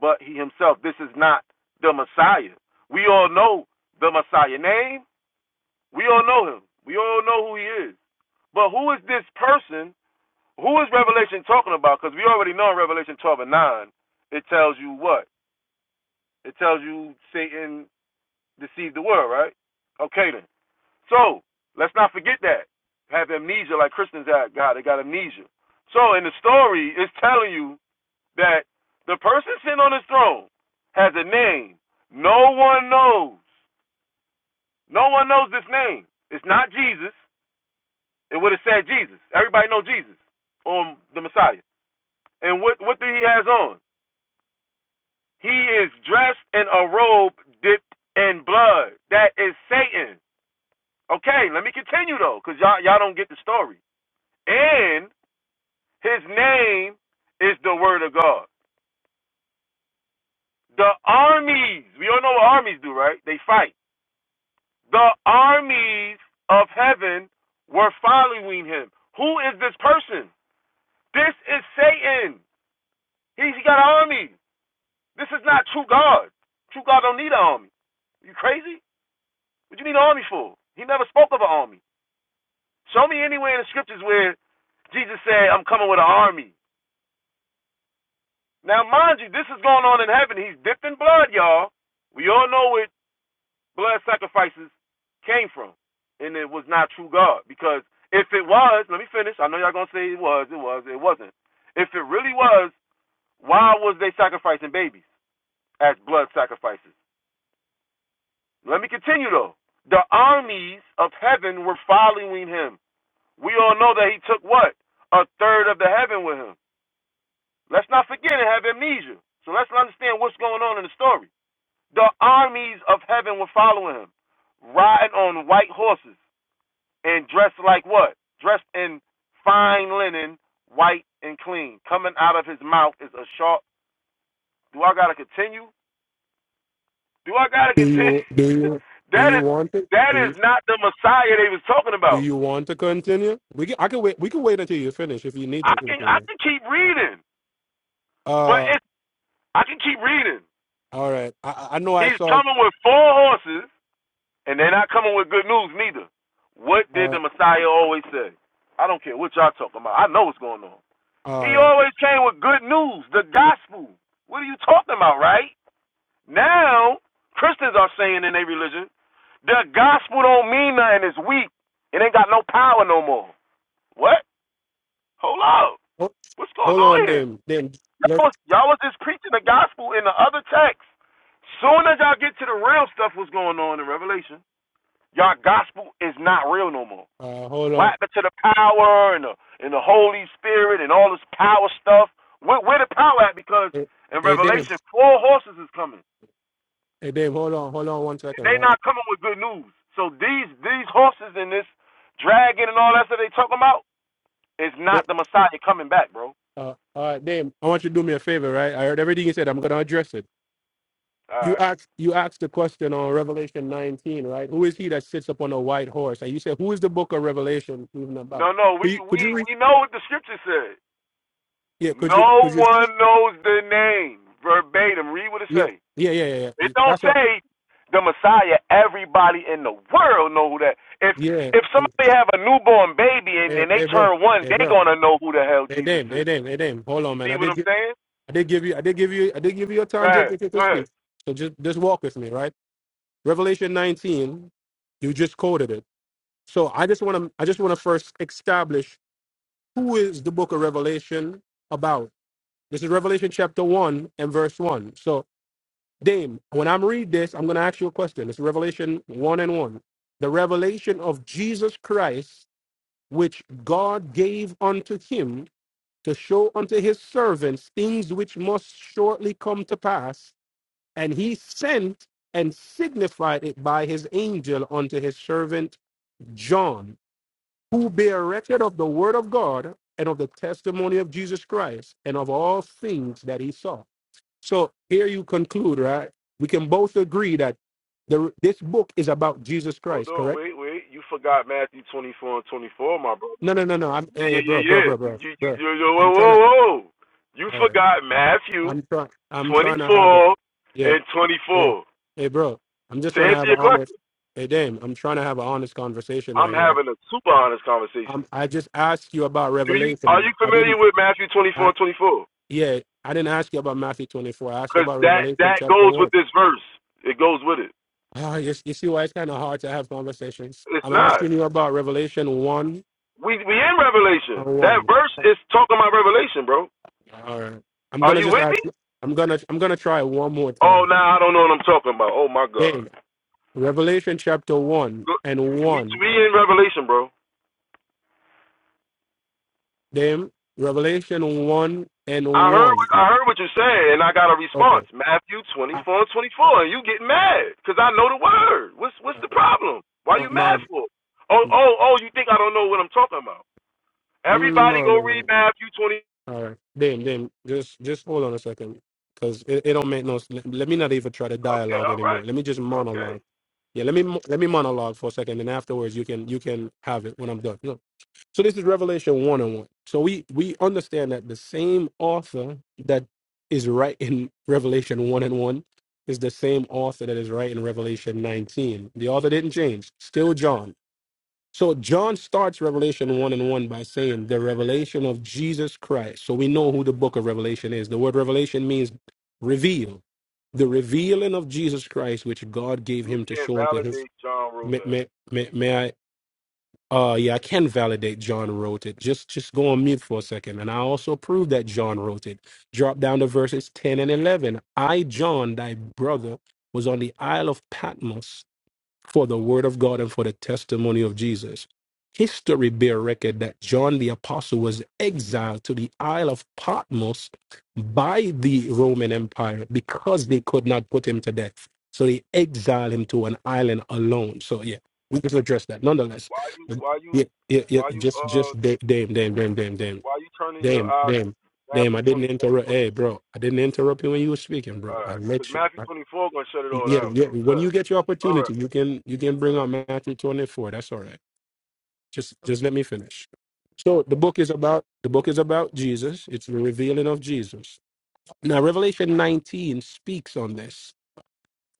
Speaker 13: but he himself. This is not the Messiah. We all know the Messiah name. We all know him. We all know who he is. But who is this person? Who is Revelation talking about? Because we already know in Revelation 12 and 9, it tells you what? It tells you Satan deceived the world, right? Okay then. So let's not forget that. Have amnesia like Christians have got. They got amnesia. So in the story, it's telling you that the person sitting on his throne has a name. No one knows. No one knows this name. It's not Jesus. It would have said Jesus. Everybody know Jesus on the Messiah. And what what do he has on? He is dressed in a robe dipped in blood. That is Satan. Okay, let me continue though, because y'all y'all don't get the story. And His name is the word of God. The armies, we all know what armies do, right? They fight. The armies of heaven were following him. Who is this person? This is Satan. He's got an army. This is not true God. True God don't need an army. You crazy? What you need an army for? He never spoke of an army. Show me anywhere in the scriptures where Jesus said, I'm coming with an army. Now, mind you, this is going on in heaven. He's dipped in blood, y'all. We all know it blood sacrifices came from, and it was not true God. Because if it was, let me finish. I know y'all gonna say it was, it was, it wasn't. If it really was, why was they sacrificing babies as blood sacrifices? Let me continue though. The armies of heaven were following him. We all know that he took what? A third of the heaven with him. Let's not forget and have amnesia. So let's understand what's going on in the story. The armies of heaven were following him, riding on white horses and dressed like what? Dressed in fine linen, white and clean. Coming out of his mouth is a sharp. Do I gotta continue? Do I gotta
Speaker 15: Do
Speaker 13: continue?
Speaker 15: you do you do
Speaker 13: that
Speaker 15: you
Speaker 13: is
Speaker 15: want it?
Speaker 13: that
Speaker 15: Do
Speaker 13: is
Speaker 15: you,
Speaker 13: not the Messiah they was talking
Speaker 15: do
Speaker 13: about.
Speaker 15: you want to continue? We can, I can wait. We can wait until you finish if you need to
Speaker 13: I can I
Speaker 15: continue.
Speaker 13: can keep reading, but
Speaker 15: Uh,
Speaker 13: it I can keep reading.
Speaker 15: all right. I, I I know I
Speaker 13: He's
Speaker 15: saw.
Speaker 13: coming with four horses, and they're not coming with good news neither. What did
Speaker 15: Uh,
Speaker 13: the Messiah always say? I don't care what y'all talking about. I know what's going on. He
Speaker 15: all right.
Speaker 13: always came with good news, the gospel. What are you talking about, right? Now, Christians are saying in their religion, the gospel don't mean nothing, it's weak. It ain't got no power no more. What? Hold up.
Speaker 15: Oh,
Speaker 13: What's going
Speaker 15: hold
Speaker 13: on
Speaker 15: on,
Speaker 13: here?
Speaker 15: Dame. Dame,
Speaker 13: Y'all
Speaker 15: let's.
Speaker 13: was, y'all was just preaching the gospel in the other text. Soon as y'all get to the real stuff what's going on in Revelation, y'all gospel is not real no more.
Speaker 15: Uh, hold
Speaker 13: What
Speaker 15: on.
Speaker 13: happened to the power and the, and the Holy Spirit and all this power stuff? Where, where the power at? Because
Speaker 15: Hey,
Speaker 13: in
Speaker 15: hey, Dame.
Speaker 13: Revelation, four horses is coming.
Speaker 15: Hey, Dame. Hold on. Hold on one
Speaker 13: And
Speaker 15: second.
Speaker 13: they
Speaker 15: Right.
Speaker 13: not coming with good news. So these these horses and this dragon and all that stuff they talking about is not the Messiah coming back, bro. All
Speaker 15: Uh, all right, Dame, I want you to do me a favor, right? I heard everything you said. I'm going to address it. You
Speaker 13: right.
Speaker 15: asked you asked the question on Revelation 19, right? Who is he that sits upon a white horse? And you said, who is the book of Revelation even about?
Speaker 13: No, no, we
Speaker 15: Could you could
Speaker 13: we
Speaker 15: you read?
Speaker 13: we know what the scripture said.
Speaker 15: Yeah, could you
Speaker 13: No
Speaker 15: could you?
Speaker 13: one knows the name verbatim. Read what it
Speaker 15: Yeah,
Speaker 13: say.
Speaker 15: yeah, yeah, yeah. yeah.
Speaker 13: It
Speaker 15: You-
Speaker 13: don't
Speaker 15: That's what.
Speaker 13: say the Messiah. Everybody in the world know who that. If
Speaker 15: Yeah.
Speaker 13: if
Speaker 15: yeah.
Speaker 13: somebody have a newborn baby and,
Speaker 15: Hey,
Speaker 13: and they
Speaker 15: hey, bro.
Speaker 13: turn one,
Speaker 15: Hey,
Speaker 13: they
Speaker 15: bro.
Speaker 13: gonna know who the hell
Speaker 15: Hey,
Speaker 13: Jesus
Speaker 15: Dame. Hey,
Speaker 13: is.
Speaker 15: Dame. Hey, Dame. Hold
Speaker 13: You
Speaker 15: on, man.
Speaker 13: see
Speaker 15: I
Speaker 13: what
Speaker 15: did
Speaker 13: I'm
Speaker 15: give
Speaker 13: saying?
Speaker 15: I did give you I did give you I did give you your
Speaker 13: Go
Speaker 15: time to,
Speaker 13: ahead.
Speaker 15: to,
Speaker 13: Go
Speaker 15: to speak.
Speaker 13: ahead.
Speaker 15: So just just walk with me, right? Revelation 19. You just quoted it So I just want to I just want to first establish who is the book of Revelation about. This is Revelation chapter 1 and verse 1. So Dame, when I'm read this, I'm going to ask you a question. It's Revelation 1 and 1. The revelation of Jesus Christ which God gave unto him to show unto his servants things which must shortly come to pass, and he sent and signified it by his angel unto his servant John who bear record of the word of God and of the testimony of Jesus Christ and of all things that he saw. So here you conclude, right? We can both agree that the, this book is about Jesus
Speaker 13: Hold
Speaker 15: Christ,
Speaker 13: on.
Speaker 15: correct?
Speaker 13: Wait. Wait. You forgot Matthew 24 and 24, my brother.
Speaker 15: No, no, no, no. I'm
Speaker 13: Yeah.
Speaker 15: hey,
Speaker 13: Yeah.
Speaker 15: bro,
Speaker 13: Yeah.
Speaker 15: bro,
Speaker 13: Yeah.
Speaker 15: bro,
Speaker 13: You.
Speaker 15: bro,
Speaker 13: You. you,
Speaker 15: bro.
Speaker 13: you you- whoa.
Speaker 15: I'm trying
Speaker 13: Whoa.
Speaker 15: to.
Speaker 13: Whoa. You
Speaker 15: All right.
Speaker 13: forgot Matthew
Speaker 15: I'm trying. I'm trying to have a.
Speaker 13: 24
Speaker 15: Yeah.
Speaker 13: and
Speaker 15: Hey,
Speaker 13: 24.
Speaker 15: hey, bro. I'm just
Speaker 13: To
Speaker 15: trying to
Speaker 13: answer
Speaker 15: have an
Speaker 13: your
Speaker 15: honest.
Speaker 13: question,
Speaker 15: Hey, damn. I'm trying to have an honest conversation
Speaker 13: I'm
Speaker 15: right here.
Speaker 13: having a super honest conversation.
Speaker 15: Um, I just asked you about
Speaker 13: Do you are
Speaker 15: Revelation.
Speaker 13: you
Speaker 15: I
Speaker 13: familiar
Speaker 15: didn't.
Speaker 13: with Matthew 24
Speaker 15: I.
Speaker 13: and 24?
Speaker 15: Yeah, I didn't ask you about Matthew 24. I asked you
Speaker 13: because
Speaker 15: about
Speaker 13: that
Speaker 15: Revelation
Speaker 13: that
Speaker 15: chapter
Speaker 13: goes with
Speaker 15: 1.
Speaker 13: this verse. It goes with it.
Speaker 15: Ah, you, you see why it's kind of hard to have conversations.
Speaker 13: It's
Speaker 15: I'm
Speaker 13: not.
Speaker 15: asking you about Revelation 1
Speaker 13: We we in Revelation.
Speaker 15: on
Speaker 13: That
Speaker 15: 1.
Speaker 13: verse is talking about Revelation, bro.
Speaker 15: All right. I'm going
Speaker 13: Are
Speaker 15: to
Speaker 13: you
Speaker 15: just
Speaker 13: with me?
Speaker 15: ask I'm going to I'm going to try one more
Speaker 13: Oh,
Speaker 15: time.
Speaker 13: now I don't know what I'm talking about. Oh my God.
Speaker 15: Dame, Revelation chapter 1 and
Speaker 13: We
Speaker 15: 1.
Speaker 13: we in Revelation, bro.
Speaker 15: Dame, Revelation 1
Speaker 13: I
Speaker 15: and
Speaker 13: heard
Speaker 15: 1.
Speaker 13: what- I heard what you said, and I got a
Speaker 15: Okay.
Speaker 13: response. Matthew
Speaker 15: I-
Speaker 13: 24 and 24, and you get mad because I know the word. What's
Speaker 15: uh,
Speaker 13: what's the problem? Why
Speaker 15: my,
Speaker 13: you
Speaker 15: my,
Speaker 13: mad for? Oh
Speaker 15: mm,
Speaker 13: oh oh, you think I don't know what I'm talking about? Everybody
Speaker 15: no, no,
Speaker 13: go
Speaker 15: no.
Speaker 13: read Matthew 20.
Speaker 15: All right, then, then just just hold on a second, because it, it don't make no. s- Let, let me not even try to
Speaker 13: Okay,
Speaker 15: dialogue
Speaker 13: all
Speaker 15: anymore.
Speaker 13: right,
Speaker 15: Let me just
Speaker 13: okay.
Speaker 15: monologue. Yeah, let me mo- let me monologue for a second, and afterwards you can you can have it when I'm done. Look, so this is Revelation one on one. So we we understand that the same author that is right in Revelation one and one is the same author that is right in Revelation nineteen. The author didn't change. Still John. So John starts Revelation 1 and 1 by saying the revelation of Jesus Christ. So we know who the book of Revelation is. The word revelation means reveal. The revealing of Jesus Christ, which God gave
Speaker 13: you
Speaker 15: him to
Speaker 13: can't
Speaker 15: show unto his.
Speaker 13: validate John
Speaker 15: May,
Speaker 13: Rodak.
Speaker 15: may, may, may I? Uh, yeah, I can validate John wrote it. Just just go on mute for a second. And I also prove that John wrote it. Drop down to verses 10 and 11. I, John, thy brother, was on the Isle of Patmos for the word of God and for the testimony of Jesus. History bear record that John the Apostle was exiled to the Isle of Patmos by the Roman Empire because they could not put him to death. So they exiled him to an island alone. So yeah, we just address that. Nonetheless,
Speaker 13: Why you
Speaker 15: but
Speaker 13: why you
Speaker 15: yeah, yeah, yeah,
Speaker 13: why you
Speaker 15: just
Speaker 13: uh
Speaker 15: just da- damn, damn, damn, damn, damn,
Speaker 13: why you turning your
Speaker 15: damn,
Speaker 13: eye to
Speaker 15: damn, damn.
Speaker 13: Matthew
Speaker 15: I didn't
Speaker 13: 24 and
Speaker 15: interrupt. Hey, bro, I didn't interrupt you when you were speaking,
Speaker 13: 20? All
Speaker 15: bro. I
Speaker 13: right, because
Speaker 15: let you.
Speaker 13: Matthew 24 gonna shut it all
Speaker 15: Yeah,
Speaker 13: down.
Speaker 15: yeah.
Speaker 13: So go
Speaker 15: When you get your
Speaker 13: all
Speaker 15: opportunity,
Speaker 13: right,
Speaker 15: you can you can bring on Matthew 24. That's all right. Just just let me finish. So the book is about the book is about Jesus. It's the revealing of Jesus. Now Revelation 19 speaks on this.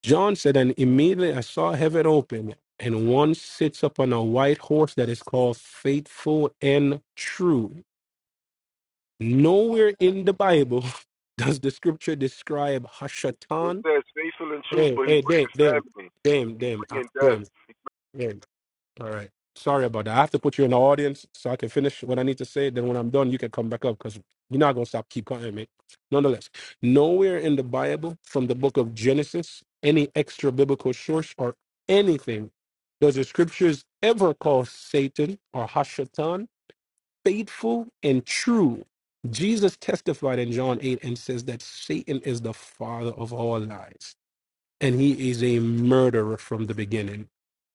Speaker 15: John said, and immediately I saw heaven open, and one sits upon a white horse that is called faithful and true. Nowhere in the Bible does the scripture describe
Speaker 13: it
Speaker 15: Hashatan.
Speaker 13: says faithful and truth,
Speaker 15: Hey,
Speaker 13: but
Speaker 15: hey,
Speaker 13: he's
Speaker 15: damn,
Speaker 13: bringing
Speaker 15: damn,
Speaker 13: family.
Speaker 15: damn,
Speaker 13: He's
Speaker 15: damn, ah,
Speaker 13: bringing death.
Speaker 15: damn. damn. All right. Sorry about that. I have to put you in the audience so I can finish what I need to say. Then when I'm done, you can come back up because you're not gonna stop keep cutting me. Nonetheless, nowhere in the Bible, from the book of Genesis, any extra biblical source or anything, does the scriptures ever call Satan or Hashatan faithful and true? Jesus testified in John 8 and says that Satan is the father of all lies and he is a murderer from the beginning.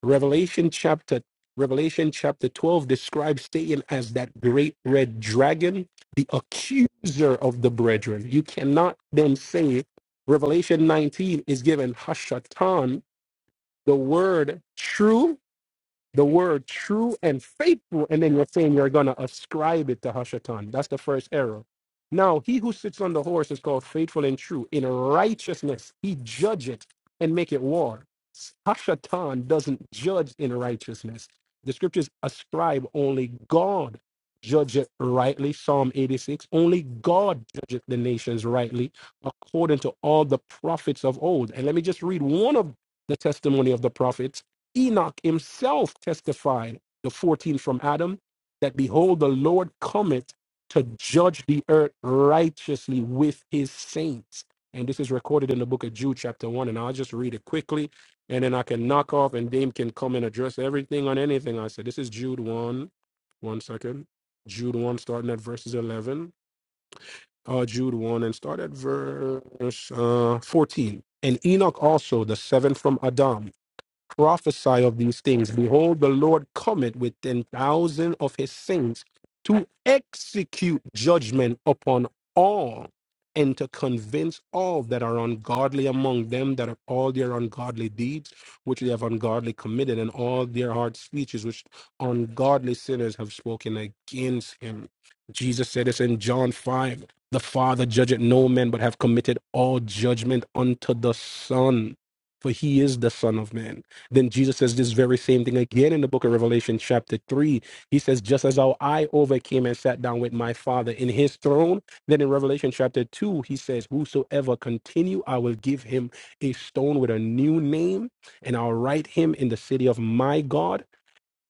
Speaker 15: Revelation chapter Revelation chapter 12 describes Satan as that great red dragon, the accuser of the brethren. You cannot then say Revelation 19 is given Hashatan, the word true the word true and faithful, and then you're saying you're going to ascribe it to Hashatan. That's the first error. Now, he who sits on the horse is called faithful and true. In righteousness, he judge it and make it war. Hashatan doesn't judge in righteousness. The scriptures ascribe only God judge it rightly, Psalm 86. Only God judgeth the nations rightly, according to all the prophets of old. And let me just read one of the testimony of the prophets Enoch himself testified, the 14 from Adam, that behold, the Lord cometh to judge the earth righteously with his saints. And this is recorded in the book of Jude, chapter 1. And I'll just read it quickly, and then I can knock off, and Dame can come and address everything on anything I said. This is Jude 1. One second. Jude 1, starting at verses 11. Uh, Jude 1, and start at verse uh, 14. And Enoch also, the seventh from Adam prophesy of these things. Behold, the Lord cometh with ten thousand of his saints to execute judgment upon all and to convince all that are ungodly among them that of all their ungodly deeds which they have ungodly committed and all their hard speeches which ungodly sinners have spoken against him. Jesus said this in John 5 The Father judgeth no man, but have committed all judgment unto the Son, for he is the Son of Man. Then Jesus says this very same thing again in the book of Revelation, chapter 3. He says, Just as how I overcame and sat down with my Father in his throne. Then in Revelation, chapter 2, he says, Whosoever continue, I will give him a stone with a new name, and I'll write him in the city of my God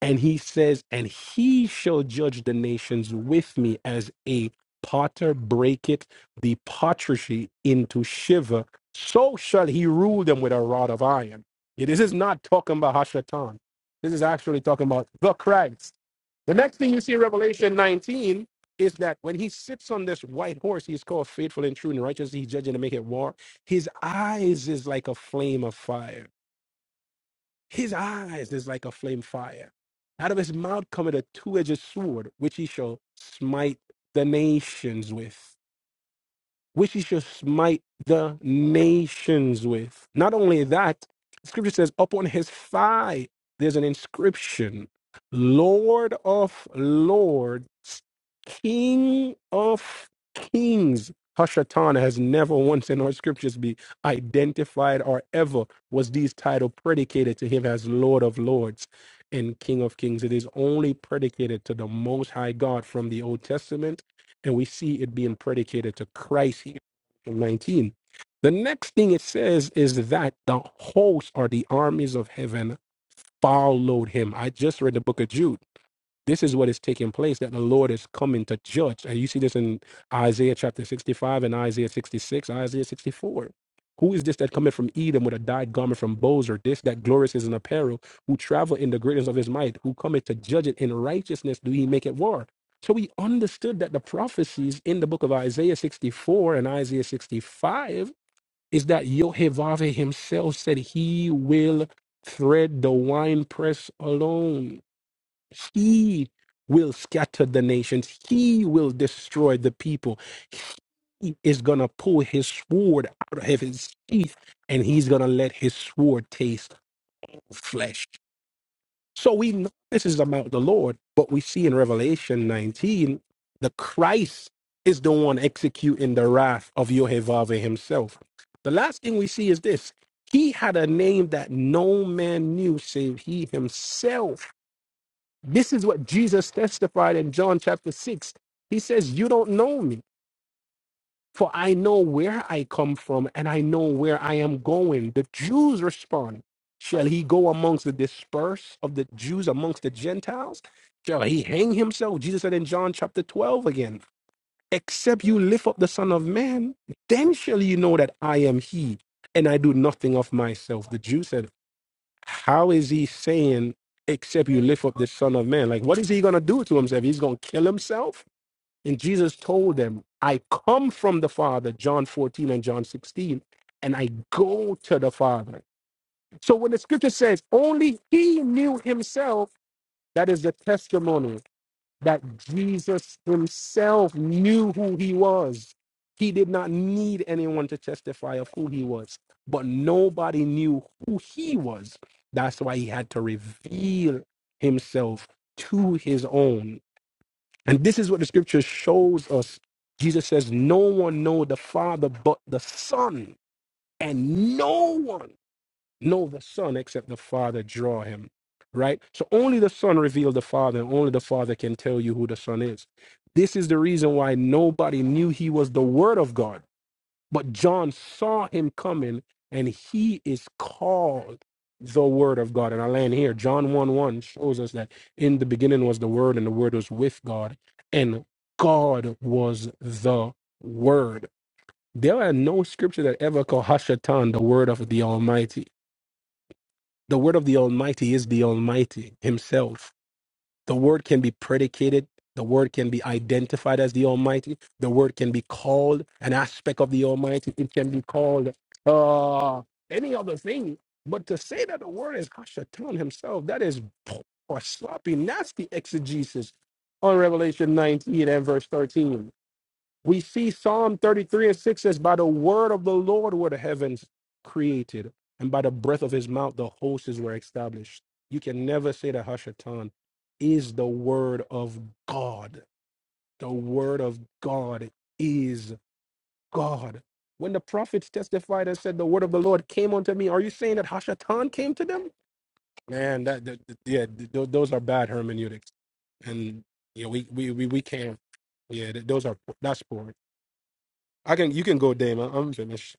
Speaker 15: and he says, And he shall judge the nations with me as a potter breaketh the pottery into shiver. So shall he rule them with a rod of iron. Yeah, This is not talking about Hashatan. This is actually talking about the Christ. The next thing you see in Revelation 19 is that when he sits on this white horse, he's called faithful and true and righteous. He's judging to make it war. His eyes is like a flame of fire his eyes is like a flame fire. Out of his mouth cometh a two edged sword, which he shall smite the nations with which he shall smite the nations with. Not only that, scripture says, upon his thigh there's an inscription Lord of Lords, King of Kings. Hashatana has never once in our scriptures be identified or ever was these title predicated to him as Lord of Lords and King of Kings. It is only predicated to the Most High God from the Old Testament and we see it being predicated to Christ here in 19. The next thing it says is that the hosts or the armies of heaven followed him. I just read the book of Jude. This is what is taking place that the Lord is coming to judge. And you see this in Isaiah chapter 65 and Isaiah 66, Isaiah 64. Who is this that cometh from Edom with a dyed garment from Bozer? This that glorious is in apparel, who travel in the greatness of his might, who cometh to judge it in righteousness, do he make it war? So we understood that the prophecies in the book of Isaiah 64 and Isaiah 65 is that Yehovah himself said he will thread the winepress alone. He will scatter the nations. He will destroy the people. He is going to pull his sword out of his teeth and he's going to let his sword taste of flesh. So we know this is about the Lord, but we see in Revelation 19, the Christ is the one executing the wrath of Yehovah himself. The last thing we see is this. He had a name that no man knew save he himself this is what Jesus testified in John chapter 6. He says, You don't know me, for I know where I come from and I know where I am going. The Jews respond, Shall he go amongst the dispersed of the Jews amongst the Gentiles? Shall he hang himself? Jesus said in John chapter 12 again, Except you lift up the Son of Man, then shall you know that I am he, and I do nothing of myself. The Jews said. How is he saying, except you lift up the Son of Man? Like, what is he going to do to himself? He's going to kill himself? And Jesus told them, I come from the Father, John 14 and John 16, and I go to the Father. So when the scripture says, only he knew himself, that is the testimony that Jesus himself knew who he was. He did not need anyone to testify of who he was, but nobody knew who he was. That's why he had to reveal himself to his own. And this is what the scripture shows us. Jesus says, No one know the Father but the Son, and no one know the Son except the Father draw him. Right? So only the Son revealed the Father, and only the Father can tell you who the Son is. This is the reason why nobody knew he was the Word of God. But John saw him coming, and he is called the Word of God. And I land here. John 1 1 shows us that in the beginning was the Word, and the Word was with God, and God was the Word. There are no scripture that ever call Hashatan the Word of the Almighty the word of the Almighty is the Almighty Himself. The word can be predicated. The word can be identified as the Almighty. The word can be called an aspect of the Almighty. It can be called uh, any other thing. But to say that the word is Hashatan Himself, that is poor, sloppy, nasty exegesis on Revelation 19 and verse 13. We see Psalm 33 and 6 says, By the word of the Lord were the heavens created, and by the breath of his mouth the hosts were established. You can never say that Hashatan is the word of God. The word of God is God. When the prophets testified and said, The word of the Lord came unto me, are you saying that Hashatan came to them? Man, that, that that- yeah, th- th- those are bad hermeneutics. And yeah, we, we, we, we can't. Yeah, th- those are that's poor. I can you can go, Dame. I- I'm finished.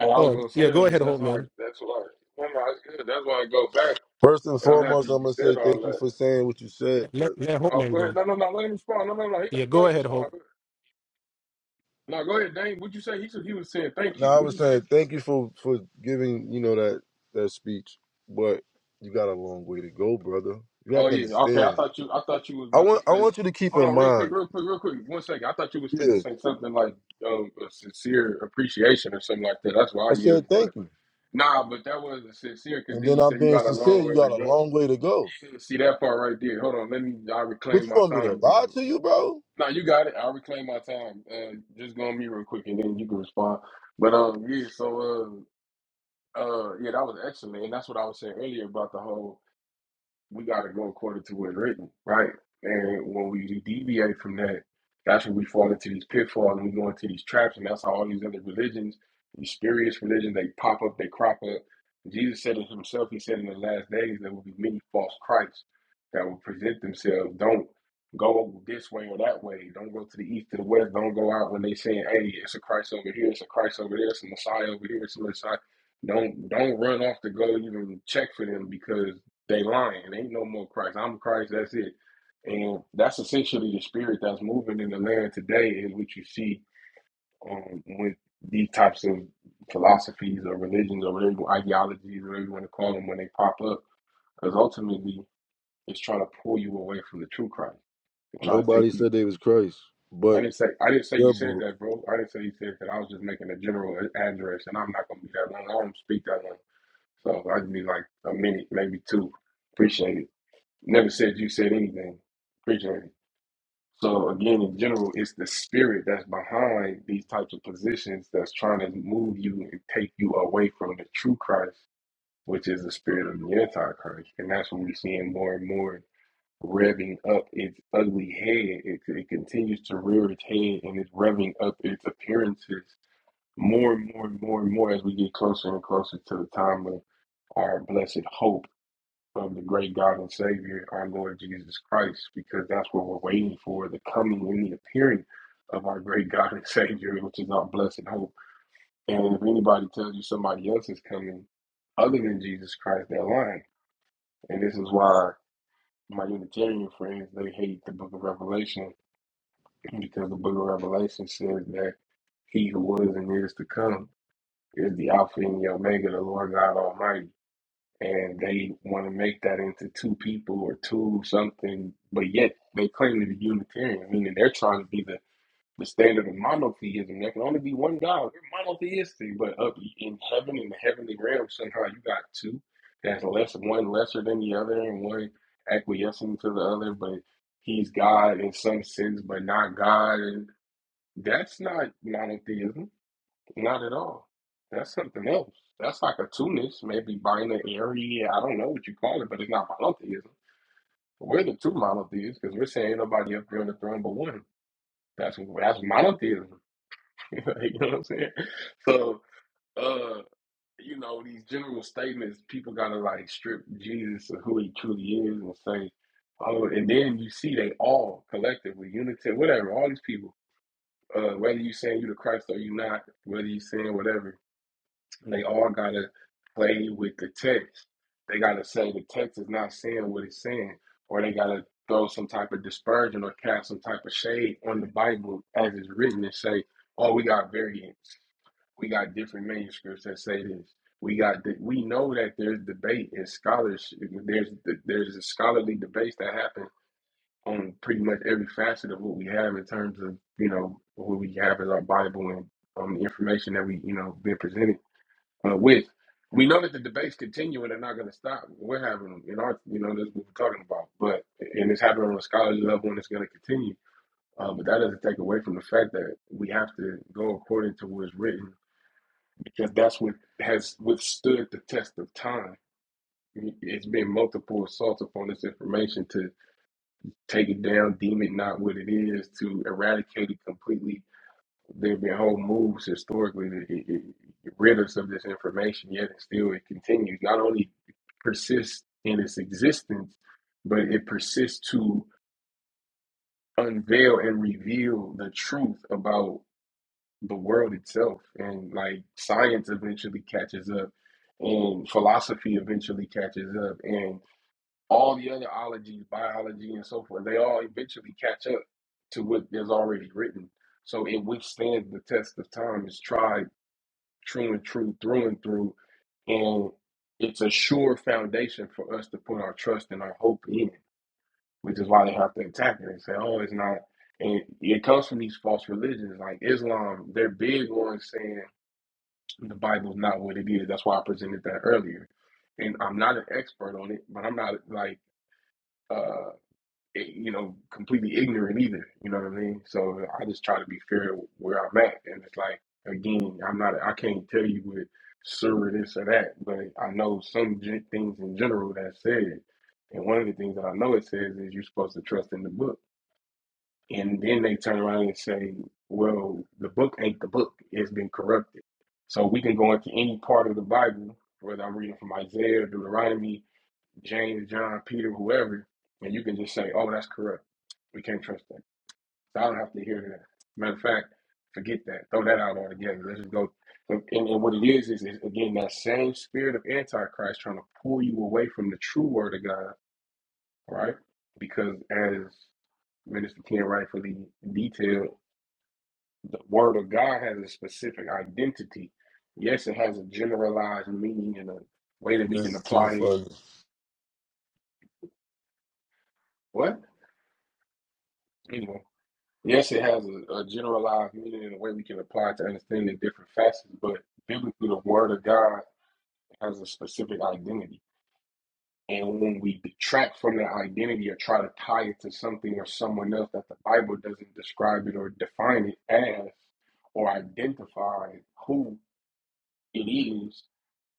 Speaker 14: and I was
Speaker 15: Oh
Speaker 14: gonna
Speaker 15: yeah,
Speaker 14: say that,
Speaker 15: go
Speaker 14: but
Speaker 15: ahead, Hope
Speaker 14: that's how
Speaker 15: man.
Speaker 14: that's why no no, it's good. That's why I go back.
Speaker 13: First and
Speaker 14: And I'm happy
Speaker 13: foremost, I'm
Speaker 14: you
Speaker 13: gonna
Speaker 14: said
Speaker 13: say
Speaker 14: all
Speaker 13: thank you
Speaker 14: that.
Speaker 13: for saying what you said.
Speaker 15: Let
Speaker 13: But
Speaker 15: let Hope
Speaker 14: Oh
Speaker 15: man
Speaker 14: go
Speaker 15: go.
Speaker 14: ahead. No, no, no, let him respond. No, no, no, he
Speaker 15: Yeah,
Speaker 14: gotta go ahead
Speaker 15: go
Speaker 14: and
Speaker 15: ahead,
Speaker 14: respond.
Speaker 15: Hope.
Speaker 14: Go ahead. No, go ahead, Dane. What'd you say? He said he was saying thank
Speaker 13: no,
Speaker 14: you.
Speaker 13: I
Speaker 14: What'd
Speaker 13: was
Speaker 14: you say?
Speaker 13: saying thank you for for giving you know that that speech. But you got a long way to go, brother. You have
Speaker 14: Oh
Speaker 13: to
Speaker 14: yeah, okay. I
Speaker 13: understand.
Speaker 14: thought you I thought you was
Speaker 13: I
Speaker 14: about to
Speaker 13: want I
Speaker 14: say
Speaker 13: want you to keep
Speaker 14: Hold
Speaker 13: in
Speaker 14: on, real quick,
Speaker 13: mind.
Speaker 14: real quick, real quick. One second. I thought you was finna
Speaker 13: Yeah.
Speaker 14: say something like um, a sincere appreciation or something like that. That's why
Speaker 13: I
Speaker 14: I yielded.
Speaker 13: said
Speaker 14: But
Speaker 13: thank you.
Speaker 14: nah, but that wasn't sincere because
Speaker 13: And
Speaker 14: then
Speaker 13: then
Speaker 14: you
Speaker 13: I'm
Speaker 14: said you
Speaker 13: being
Speaker 14: got a
Speaker 13: sincere,
Speaker 14: long
Speaker 13: you
Speaker 14: way to
Speaker 13: got a
Speaker 14: go.
Speaker 13: long way to go.
Speaker 14: Yeah, See that part right there. Hold on, let me. I
Speaker 13: What
Speaker 14: reclaim
Speaker 13: you
Speaker 14: my
Speaker 13: want me to
Speaker 14: time.
Speaker 13: lie
Speaker 14: Then.
Speaker 13: to you, bro?
Speaker 14: No, you got it. I reclaim my time. Uh, just go on me real quick, and then you can respond. But um, yeah. So uh, uh, yeah, that was excellent, and that's what I was saying earlier about the whole we got to go according to what's written, right? And when we deviate from that, that's when we fall into these pitfalls and we go into these traps. And that's how all these other religions, these spurious religions, they pop up, they crop up. Jesus said it himself. He said in the last days, there will be many false Christs that will present themselves. Don't go this way or that way. Don't go to the east to the west. Don't go out when they saying, hey, it's a Christ over here, it's a Christ over there, it's a Messiah over here, it's a Messiah. Don't don't run off to go even check for them because they lying. There Ain't no more Christ. I'm Christ. That's it. And that's essentially the spirit that's moving in the land today, is what you see um, with these types of philosophies or religions or whatever ideologies, whatever you want to call them, when they pop up. Because ultimately, it's trying to pull you away from the true Christ. It's trying to take
Speaker 13: Nobody
Speaker 14: you.
Speaker 13: said they was Christ,
Speaker 14: I
Speaker 13: but
Speaker 14: didn't say I didn't say you
Speaker 13: your
Speaker 14: said
Speaker 13: book.
Speaker 14: that, bro. I didn't say you said that. I was just making a general address, and I'm not gonna be that long. I don't speak that long, so I just be like a minute, maybe two. Appreciate it. Never said you said anything. Appreciate it. So again, in general, it's the spirit that's behind these types of positions that's trying to move you and take you away from the true Christ, which is the spirit of the antichrist. And that's what we're seeing more and more revving up its ugly head. It, it continues to rear its head and it's revving up its appearances more and more and more and more as we get closer and closer to the time of our blessed hope of the great God and Savior, our Lord Jesus Christ, because that's what we're waiting for the coming and the appearing of our great God and Savior, which is our blessed hope. And if anybody tells you somebody else is coming other than Jesus Christ, they're lying. And this is why my Unitarian friends, they hate the book of Revelation, because the book of Revelation says that he who was and is to come is the Alpha and the Omega, the Lord God Almighty. and they want to make that into two people or two something, but yet they claim to be Unitarian, meaning they're trying to be the, the standard of monotheism. There can only be one God. We're monotheistic, but up in heaven, in the heavenly realm, somehow you got two. That's less one lesser than the other, and one acquiescing to the other, but he's God in some sense, but not God. And that's not monotheism not at all. That's something else. That's like a Tunis, maybe binary. I don't know what you call it, but it's not monotheism. We're the two monotheists because we're saying ain't nobody up there on the throne but one. That's that's monotheism. you know what I'm saying? So, uh, you know, these general statements, people gotta like strip Jesus of who he truly is and say, oh, and then you see they all collectively, unity, whatever, all these people, uh, whether you saying you the Christ or you not, whether you saying whatever They all gotta play with the text. They gotta say the text is not saying what it's saying, or they gotta throw some type of dispersion or cast some type of shade on the Bible as it's written and say, "Oh, we got variants. We got different manuscripts that say this. We got the, we know that there's debate and scholarship. There's there's a scholarly debates that happen on pretty much every facet of what we have in terms of you know what we have as our Bible and um, the information that we you know been presented." uh, with. We know that the debates continue and they're not going to stop. We're having them in our, you know, that's what we're talking about. But and it's happening on a scholarly level and it's going to continue. Uh, but that doesn't take away from the fact that we have to go according to what is written because that's what has withstood the test of time. It's been multiple assaults upon this information to take it down, deem it not what it is, to eradicate it completely There've been whole moves historically to get, get, get rid us of this information, yet and still it continues. Not only persists in its existence, but it persists to unveil and reveal the truth about the world itself. And like science eventually catches up, and philosophy eventually catches up, and all the other ologies, biology, and so forth, they all eventually catch up to what is already written. So it withstands the test of time. It's tried true and true through and through. And it's a sure foundation for us to put our trust and our hope in, which is why they have to attack it and say, oh, it's not. And it comes from these false religions like Islam. They're big on saying the Bible's not what it is. That's why I presented that earlier. And I'm not an expert on it, but I'm not like, uh, you know, completely ignorant either. You know what I mean? So I just try to be fair where I'm at, and it's like again, I'm not, I can't tell you with sure this or that, but I know some gen- things in general that said, and one of the things that I know it says is you're supposed to trust in the book, and then they turn around and say, well, the book ain't the book; it's been corrupted. So we can go into any part of the Bible, whether I'm reading from Isaiah or Deuteronomy James, John, Peter, whoever, and you can just say, "Oh, that's corrupt. We can't trust that." So I don't have to hear that. Matter of fact, forget that. Throw that out altogether. Let's just go. And, and what it is is, is again that same spirit of antichrist trying to pull you away from the true word of God, right? Because as Minister Ken rightfully detailed, the word of God has a specific identity. Yes, it has a generalized meaning and a way that we
Speaker 13: This-
Speaker 14: can apply it.
Speaker 13: You
Speaker 14: What? Anyway. Yes, it has a, a generalized meaning in a way we can apply to understanding different facets, but biblically, the Word of God has a specific identity. And when we detract from that identity or try to tie it to something or someone else that the Bible doesn't describe it or define it as or identify who it is,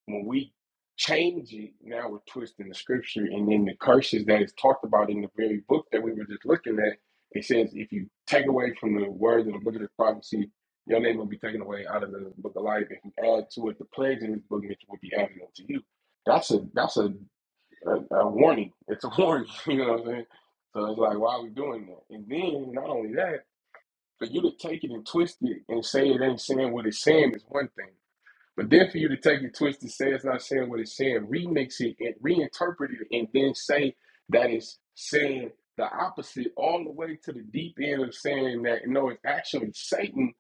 Speaker 14: when we change it, now we're twisting the scripture. And then the curses that is talked about in the very book that we were just looking at, it says, if you take away from the words of the book of the prophecy, your name will be taken away out of the book of life. If you add to it the plagues in this book, it will be added unto you. That's a that's a, a, a warning. It's a warning. You know what I'm saying? So it's like, why are we doing that? And then not only that, for you to take it and twist it and say it ain't saying what it's saying is one thing. But then for you to take it twisted, say it's not saying what it's saying, remix it and reinterpret it, and then say that it's saying the opposite all the way to the deep end of saying that no, it's actually Satan.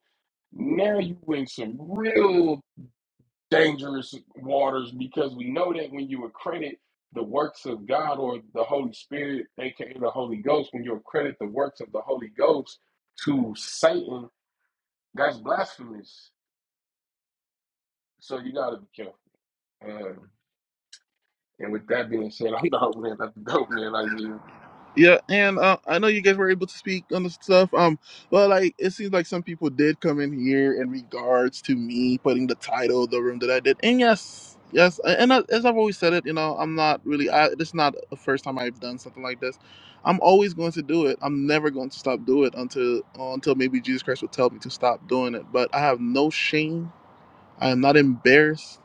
Speaker 14: Now you in some real dangerous waters because we know that when you accredit the works of God or the Holy Spirit, aka the Holy Ghost, when you accredit the works of the Holy Ghost to Satan, that's blasphemous. So you gotta be careful. Uh, And with that being said, I'm the hope man, that's the dope man I hear.
Speaker 1: Yeah, and uh, I know you guys were able to speak on the stuff. Um, well, like it seems like some people did come in here in regards to me putting the title of the room that I did. And yes, yes, and I, as I've always said it, you know, I'm not really. I, this is not the first time I've done something like this. I'm always going to do it. I'm never going to stop doing it until until maybe Jesus Christ will tell me to stop doing it. But I have no shame. I am not embarrassed.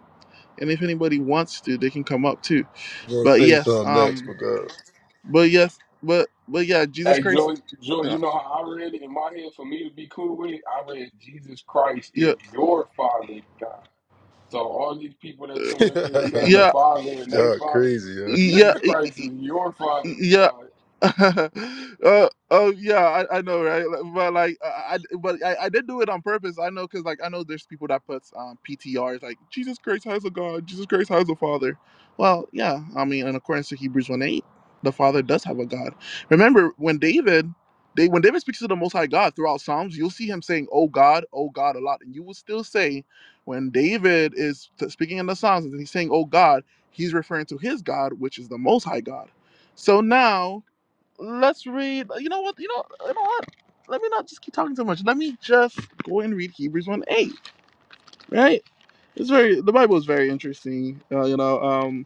Speaker 1: And if anybody wants to, they can come up too.
Speaker 13: gonna
Speaker 1: But
Speaker 13: say
Speaker 1: yes,
Speaker 13: something next
Speaker 1: um,
Speaker 13: because
Speaker 1: but yes, but but yeah, Jesus
Speaker 14: Hey Joey,
Speaker 1: Christ.
Speaker 14: Joey,
Speaker 1: Yeah,
Speaker 14: you know how I read it in my head for me to be cool with it? I read Jesus Christ
Speaker 1: yeah,
Speaker 14: is your father, God. So all these people that's
Speaker 1: uh,
Speaker 14: coming up here saying the
Speaker 1: yeah,
Speaker 14: father and they
Speaker 13: y'all
Speaker 14: father,
Speaker 13: crazy, yeah.
Speaker 1: yeah,
Speaker 14: Jesus
Speaker 1: yeah,
Speaker 14: Christ is your father's
Speaker 1: yeah,
Speaker 14: God.
Speaker 1: uh, oh yeah, I, I know, right? Like, But like, I, I- but I, I did do it on purpose. I know, cause like I know there's people that puts um, P T Rs like Jesus Christ has a God, Jesus Christ has a Father. Well, yeah, I mean, in accordance to Hebrews one eight, the Father does have a God. Remember when David, they when David speaks to the Most High God throughout Psalms, you'll see him saying, "Oh God, oh God" a lot, and you will still say when David is t- speaking in the Psalms and he's saying, "Oh God," he's referring to his God, which is the Most High God. So now Let's read. You know what? You know. You know what? Let me not just keep talking so much. Let me just go and read Hebrews one eight. Right? It's very. The Bible is very interesting. Uh, you know. Um.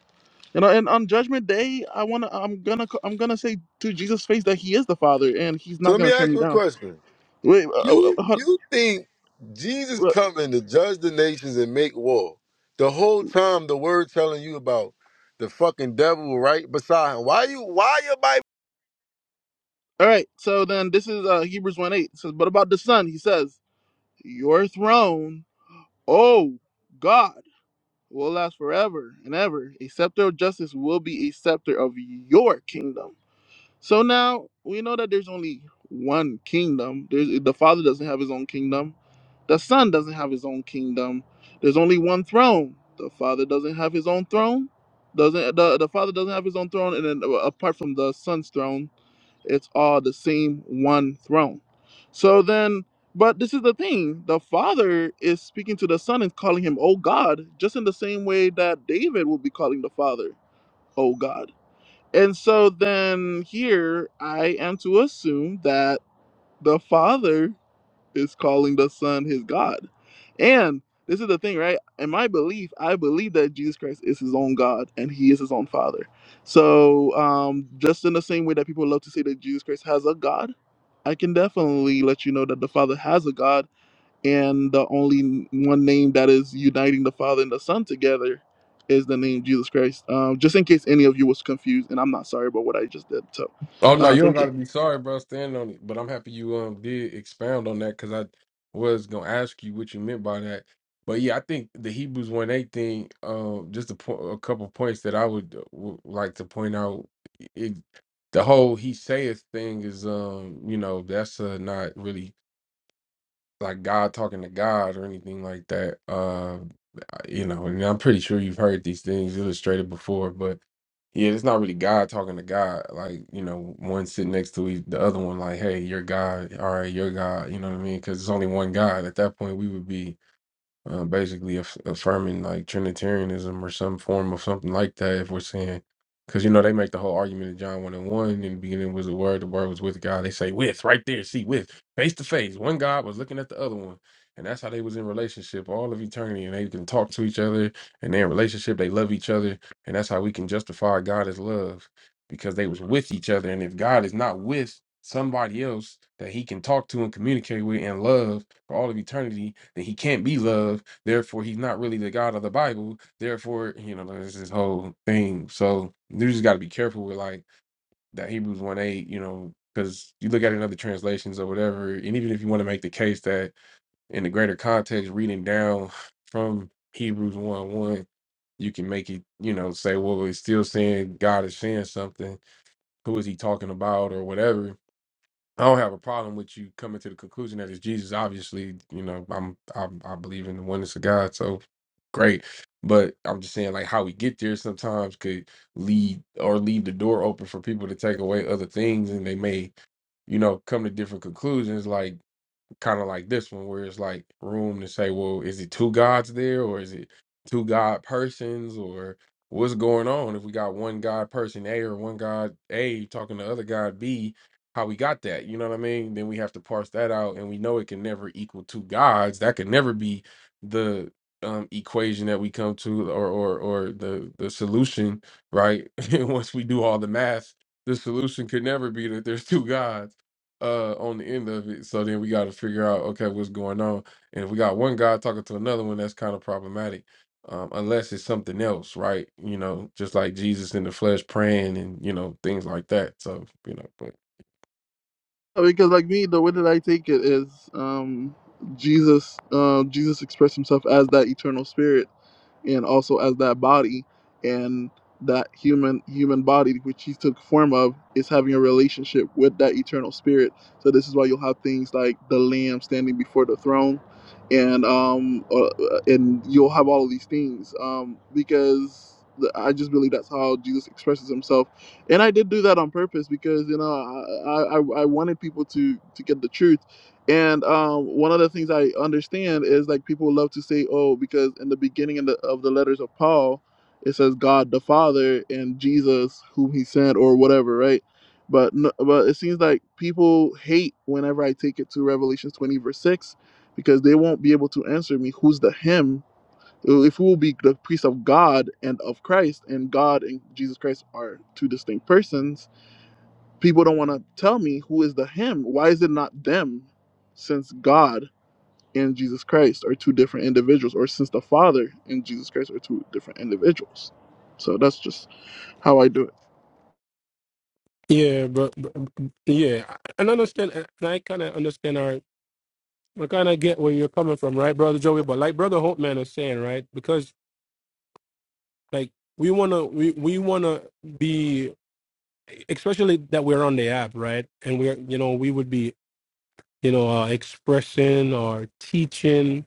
Speaker 1: You know. And on Judgment Day, I wanna. I'm gonna. I'm gonna say to Jesus' face that He is the Father, and He's
Speaker 13: So
Speaker 1: not
Speaker 13: let me
Speaker 1: gonna turn
Speaker 13: ask
Speaker 1: me
Speaker 13: you a
Speaker 1: down.
Speaker 13: question.
Speaker 1: Wait. Uh, uh,
Speaker 13: You
Speaker 1: uh, hold-
Speaker 13: you think Jesus
Speaker 1: all
Speaker 13: coming to judge the nations and make war? The whole time the word telling you about the fucking devil right beside him. Why you why your Bible
Speaker 1: right. So then, this is uh, Hebrews one eight. It says, but about the Son, He says, "Your throne, oh God." will last forever and ever. A scepter of justice will be a scepter of your kingdom. So now we know that there's only one kingdom. There's, the Father doesn't have his own kingdom. The Son doesn't have his own kingdom. There's only one throne. The Father doesn't have his own throne. Doesn't the, the Father doesn't have his own throne, and then uh, apart from the Son's throne. It's all the same one throne. So then, but this is the thing the Father is speaking to the Son and calling him, Oh God, just in the same way that David will be calling the Father, Oh God. And so then here, I am to assume that the Father is calling the Son his God. And this is the thing, right? In my belief, I believe that Jesus Christ is his own God and he is his own Father. So, um, just in the same way that people love to say that Jesus Christ has a God, I can definitely let you know that the Father has a God, and the only one name that is uniting the Father and the Son together is the name Jesus Christ. Um, just in case any of you was confused, and I'm not sorry about what I just did. So,
Speaker 14: Oh no,
Speaker 1: uh,
Speaker 14: you don't
Speaker 1: thank you.
Speaker 14: gotta be sorry, bro. Stand on it. But I'm happy you um did expound on that because I was gonna ask you what you meant by that. But yeah, I think the Hebrews one eight thing. Um, just a, po- a couple points that I would uh, w- like to point out. It, the whole he saith thing is um you know that's uh, not really like God talking to God or anything like that. Um, you know, and I'm pretty sure you've heard these things illustrated before, but yeah, it's not really God talking to God. Like, you know, one sitting next to each, the other one, like, hey, you're God. All right, you're God. You know what I mean? Because it's only one God. At that point, we would be uh, basically aff- affirming like Trinitarianism or some form of something like that. If we're saying, because you know they make the whole argument in John one and one in the beginning was the word, the word was with God. They say with right there, see with face to face. One God was looking at the other one, and that's how they was in relationship all of eternity, and they can talk to each other, and they're in relationship. They love each other, and that's how we can justify God as love because they was with each other. And if God is not with somebody else that he can talk to and communicate with and love for all of eternity, then he can't be love. Therefore, he's not really the God of the Bible. Therefore, you know, there's this whole thing. So you just gotta be careful with like that Hebrews 1 8, you know, because you look at it in other translations or whatever, and even if you want to make the case that in the greater context, reading down from Hebrews 1 1, you can make it, you know, say, well, it's still saying God is saying something who is he talking about or whatever. I don't have a problem with you coming to the conclusion that it's Jesus. Obviously, you know, I'm, I'm I believe in the oneness of God, so great. But I'm just saying, like, how we get there sometimes could lead or leave the door open for people to take away other things, and they may, you know, come to different conclusions. Like kind of like this one where it's like room to say well is it two gods there or is it two god persons or what's going on if we got one god person a or one god a talking to other god b how we got that you know what i mean then we have to parse that out and we know it can never equal two gods that can never be the um equation that we come to or or or the the solution right once we do all the math the solution could never be that there's two gods uh on the end of it. So then we got to figure out okay what's going on. And if we got one guy talking to another one, that's kind of problematic. Um, unless it's something else, right? You know, just like Jesus in the flesh praying and you know things like that. So you know, but
Speaker 1: Because like me, the way that I take it is um, Jesus. Uh, Jesus expressed himself as that eternal spirit and also as that body and that human human body which he took form of is having a relationship with that eternal spirit so this is why you'll have things like the lamb standing before the throne and um uh, uh, and you'll have all of these things um because the- I just believe that's how Jesus expresses himself, and I did do that on purpose because you know I I, I I wanted people to to get the truth and um, one of the things I understand is like people love to say, "Oh, because in the beginning of the, of the letters of Paul, it says God the Father and Jesus whom He sent or whatever, right?" But no, but it seems like people hate whenever I take it to Revelation twenty verse six, because they won't be able to answer me who's the Him. If we will be the priest of God and of Christ, and God and Jesus Christ are two distinct persons, people don't want to tell me who is the him. Why is it not them? Since God and Jesus Christ are two different individuals, or since the Father and Jesus Christ are two different individuals. So that's just how I do
Speaker 15: Yeah, but, but yeah, and I understand. And I kind of understand. All right, I kind of get where you're coming from, right, brother Joey? But like brother Hope man is saying, right? Because like we wanna we we wanna be, especially that we're on the app, right? And we're you know we would be you know uh, expressing or teaching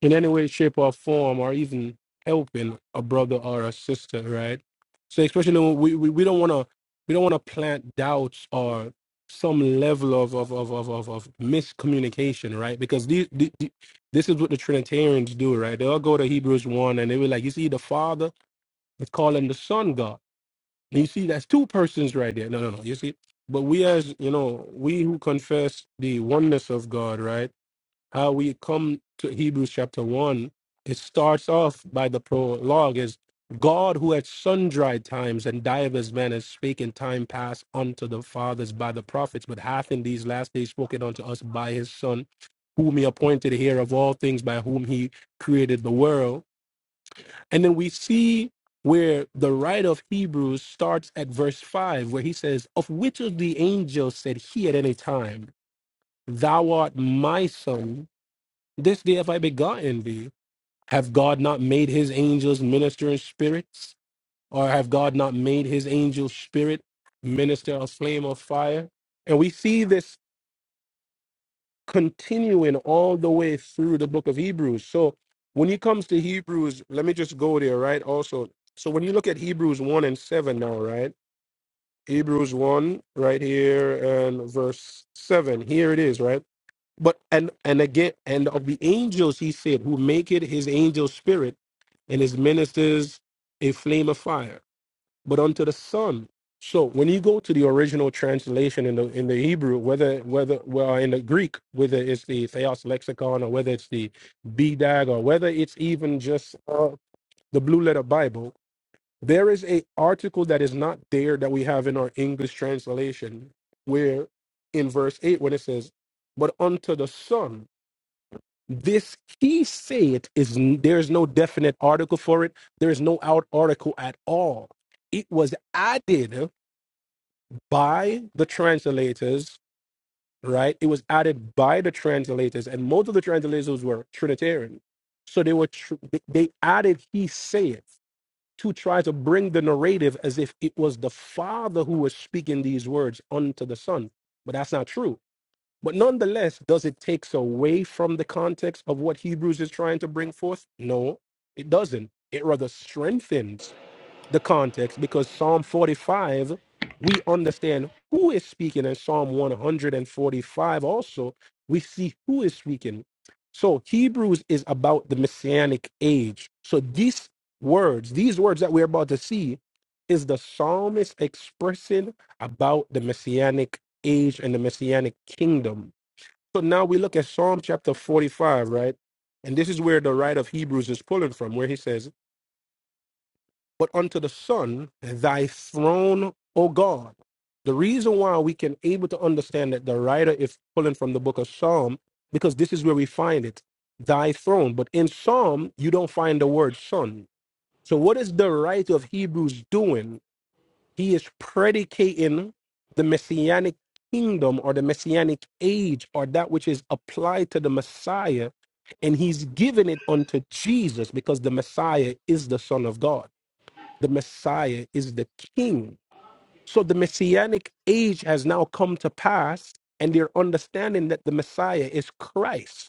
Speaker 15: in any way, shape, or form, or even helping a brother or a sister, right? So especially when we, we, we don't want to we don't want to plant doubts or some level of of of of of, of miscommunication, right? Because these, the the- this is what the Trinitarians do, right? They'll go to Hebrews one and they were like, you see, the Father is calling the Son God, and you see, that's two persons right there. No, no, no. You see, but we as you know, we who confess the oneness of God, right? how we come to Hebrews chapter 1, it starts off by the prologue is God who at sundry times and divers manners spake in time past unto the fathers by the prophets, but hath in these last days spoken unto us by his Son, whom he appointed heir of all things, by whom he created the world. And then we see where the writer of Hebrews starts at verse 5, where he says, Of which of the angels said he at any time, Thou art my son, this day have I begotten thee. Have God not made his angels minister in spirits? Or have God not made his angel spirit minister a flame of fire? And we see this continuing all the way through the book of Hebrews. So when it comes to Hebrews, let me just go there, right? Also, so when you look at Hebrews 1 and 7 now, right? Hebrews 1 right here and verse 7. Here it is, right? But and and again, and of the angels, he said, who make it his angel spirit and his ministers a flame of fire. But unto the Son. So when you go to the original translation in the in the Hebrew, whether whether well in the Greek, whether it's the Theos lexicon or whether it's the BDAG or whether it's even just uh, the Blue Letter Bible, there is a article that is not there that we have in our English translation, where in verse eight when it says, "But unto the Son." This he said is n- there is no definite article for it. There is no out article at all. It was added by the translators, right? It was added by the translators, and most of the translators were Trinitarian, so they were tr- they they added he said to try to bring the narrative as if it was the father who was speaking these words unto the son, but that's not true but nonetheless, does it takes away from the context of what Hebrews is trying to bring forth? No, it doesn't. It rather strengthens the context because Psalm 45, we understand who is speaking, and Psalm 145 also, we see who is speaking. So Hebrews is about the messianic age. So these words, these words that we're about to see, is the psalmist expressing about the messianic age and the messianic kingdom so now we look at Psalm chapter 45, right? And this is where the writer of Hebrews is pulling from, where he says, But unto the Son, thy throne, O God. The reason why we can able to understand that the writer is pulling from the book of Psalm, because this is where we find it, thy throne. But in Psalm, you don't find the word son. So what is the writer of Hebrews doing? He is predicating the messianic kingdom or the messianic age or that which is applied to the Messiah, and he's giving it unto Jesus because the Messiah is the Son of God. The Messiah is the King. So the messianic age has now come to pass, and they're understanding that the Messiah is Christ.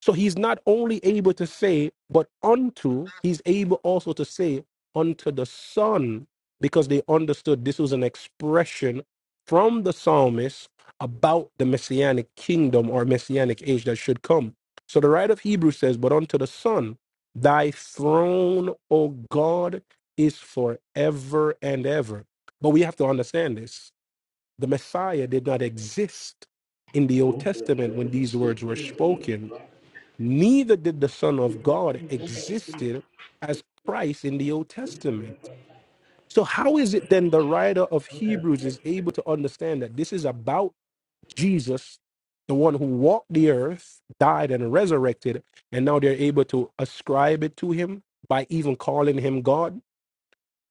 Speaker 15: So he's not only able to say, but unto, he's able also to say, unto the Son, because they understood this was an expression from the psalmist about the messianic kingdom or messianic age that should come. So the writer of Hebrews says, But unto the Son, thy throne, O God, is forever and ever. But we have to understand this the Messiah did not exist in the Old
Speaker 16: No, that's
Speaker 15: Testament when
Speaker 16: good. Let's
Speaker 15: these words were
Speaker 16: do I
Speaker 15: spoken neither did the Son of God
Speaker 16: do?
Speaker 15: existed as Christ in the Old Testament. So how is it then the writer of
Speaker 16: What do
Speaker 15: Hebrews is able to understand that this is about Jesus, the one who walked the earth, died and resurrected, and now they're able to ascribe it to him by even calling him God?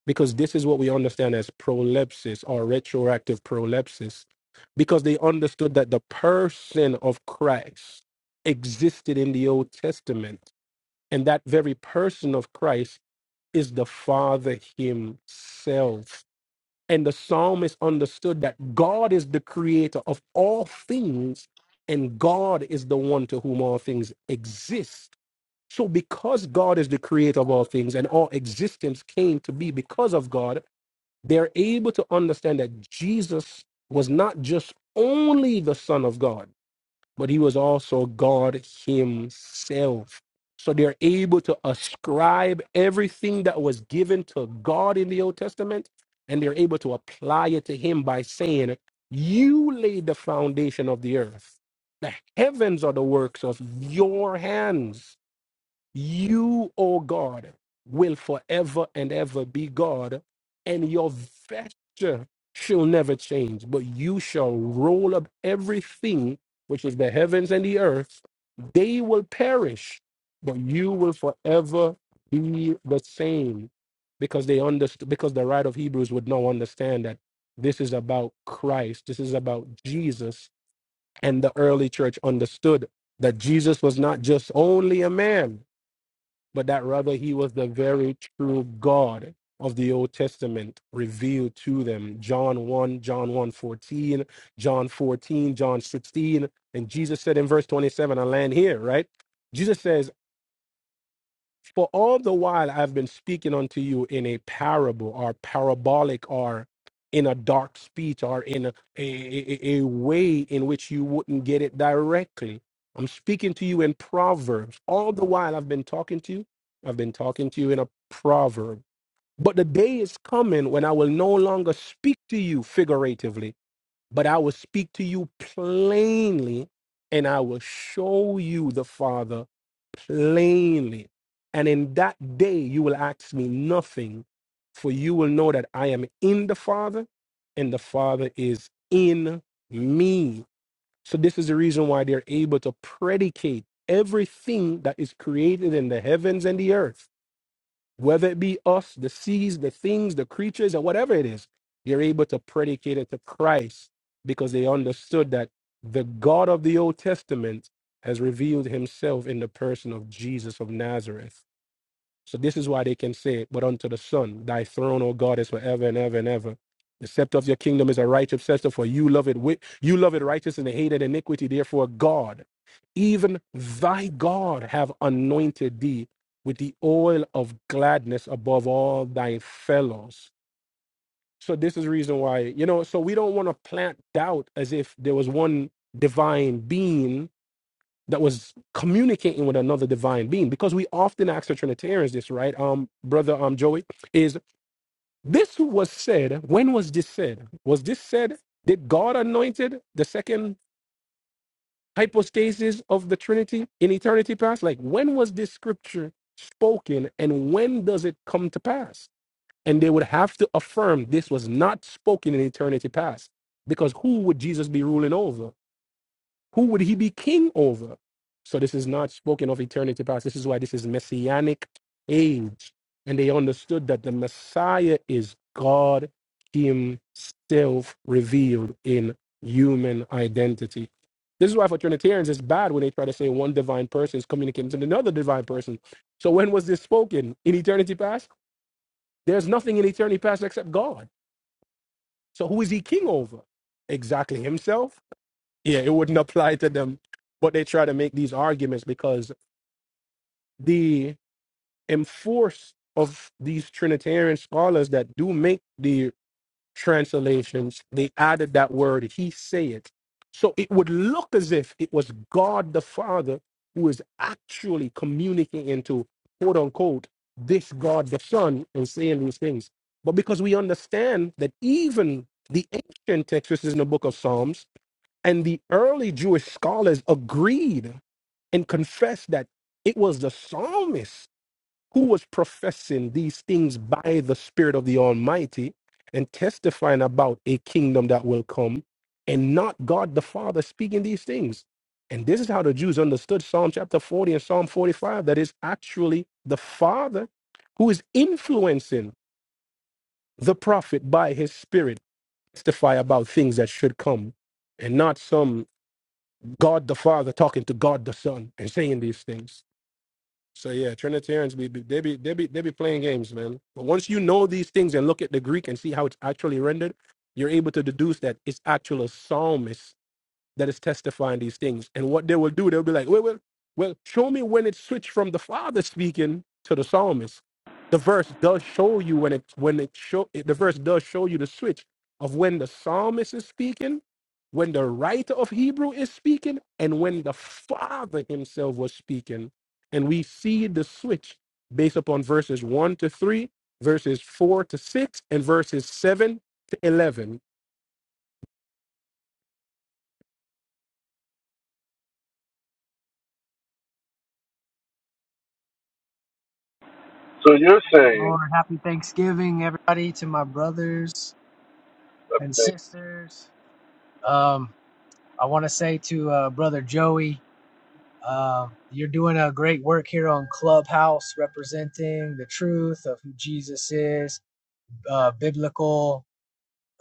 Speaker 15: Because this is what we understand as prolepsis or retroactive prolepsis, because they understood that the person of Christ existed in the Old Testament and that very person of Christ is the Father Himself. And the psalmist understood that God is the creator of all things, and God is the one to whom all things exist. So, because God is the creator of all things and all existence came to be because of God, they're able to understand that Jesus was not just only the Son of God but he was also God himself. So they're able to ascribe everything that was given to God in the Old Testament, and they're able to apply it to him by saying, You laid the foundation of the earth. The heavens are the works of your hands you, O God, will forever and ever be God, and your vesture shall never change, but you shall roll up everything which is the heavens and the earth. They will perish, but you will forever be the same. Because they understood because the writer of Hebrews would now understand that this is about Christ, this is about Jesus, and the early church understood that Jesus was not just only a man, but that rather he was the very true God of the Old Testament revealed to them. John 1, John one 14, John 14, John 16. And Jesus said in verse 27, I land here, right? Jesus says, for all the while I've been speaking unto you in a parable or parabolic or in a dark speech or in a, a, a a way in which you wouldn't get it directly. I'm speaking to you in proverbs. All the while I've been talking to you, I've been talking to you in a proverb. But the day is coming when I will no longer speak to you figuratively but I will speak to you plainly, and I will show you the Father plainly. And in that day, you will ask me nothing, for you will know that I am in the Father, and the Father is in me. So, this is the reason why they're able to predicate everything that is created in the heavens and the earth whether it be us, the seas, the things, the creatures, or whatever it is, you're able to predicate it to Christ because they understood that the God of the Old Testament has revealed himself in the person of Jesus of Nazareth. So this is why they can say, But unto the Son, thy throne, O God, is forever and ever and ever. The scepter of your kingdom is a righteous scepter, for you love it wi- you love it righteous and hated iniquity. Therefore, God, even thy God, have anointed thee with the oil of gladness above all thy fellows. So this is the reason why, you know, so we don't want to plant doubt as if there was one divine being that was communicating with another divine being because we often ask the trinitarians this right um brother um joey is this was said when was this said was this said did god anointed the second hypostasis of the trinity in eternity past like when was this scripture spoken and when does it come to pass and they would have to affirm this was not spoken in eternity past because who would jesus be ruling over who would he be king over? So this is not spoken of eternity past. This is why this is messianic age. And they understood that the Messiah is God himself revealed in human identity. This is why for Trinitarians it's bad when they try to say one divine person is communicating to another divine person. So when was this spoken? In eternity past? There's nothing in eternity past except God. So who is he king over? Exactly himself? yeah, it wouldn't apply to them. But they try to make these arguments because the enforce of these Trinitarian scholars that do make the translations, they added that word, he say it. So it would look as if it was God the Father who is actually communicating to quote unquote this God the Son and saying these things. But because we understand that even the ancient text, this is in the book of Psalms, and the early Jewish scholars agreed and confessed that it was the psalmist who was professing these things by the Spirit of the Almighty and testifying about a kingdom that will come and not God the Father speaking these things. And this is how the Jews understood Psalm chapter 40 and Psalm 45 that is actually the Father who is influencing the prophet by his Spirit to testify about things that should come and not some God the Father talking to God the Son and saying these things. So yeah, Trinitarians be be- they be they be they be playing games, man. But once you know these things and look at the Greek and see how it's actually rendered, you're able to deduce that it's actual psalmist that is testifying these things. And what they will do, they'll be like, well, well, well, show me when it switched from the father speaking to the psalmist. The verse does show you when it when it show it- the verse does show you the switch of when the psalmist is speaking, when the writer of Hebrew is speaking, and when the father himself was speaking. And we see the switch based upon verses one to three, verses four to six, and verses seven to eleven.
Speaker 13: So you're
Speaker 17: Praise the
Speaker 13: saying
Speaker 17: Lord. Happy Thanksgiving, everybody, to my brothers and
Speaker 13: that
Speaker 17: sisters. Um, I want to say to uh, Brother Joey, um, you're doing a great work here on Clubhouse, representing the truth of who Jesus is, uh, biblical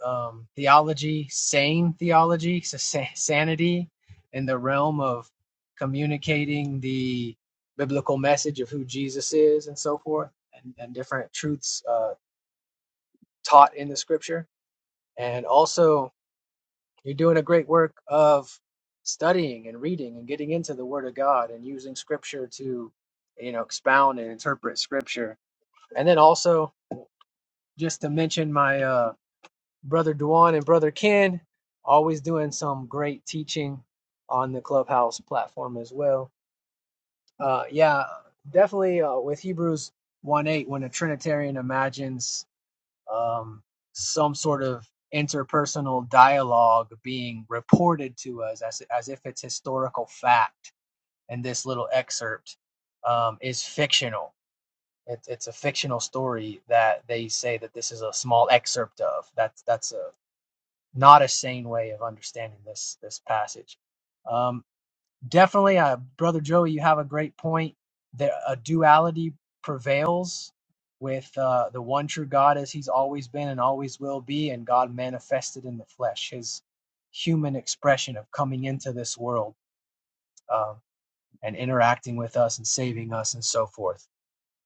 Speaker 17: um, theology, sane theology, so sa- sanity in the realm of communicating the biblical message of who Jesus is and so forth, and, and different truths uh, taught in the scripture And also, you're doing a great work of studying and reading and getting into the Word of God and using Scripture to, you know, expound and interpret Scripture. And then also, just to mention my uh, brother Duan and brother Ken, always doing some great teaching on the Clubhouse platform as well. Uh, yeah, definitely uh, with Hebrews 1 8, when a Trinitarian imagines um, some sort of interpersonal dialogue being reported to us as, as if it's historical fact. And this little excerpt um, is fictional. It, it's a fictional story that they say that this is a small excerpt of. That's that's a not a sane way of understanding this this passage. Um, Definitely, uh, brother Joey, you have a great point. That a duality prevails with uh, the one true God as He's always been and always will be, and God manifested in the flesh, His human expression of coming into this world um, and interacting with us and saving us and so forth.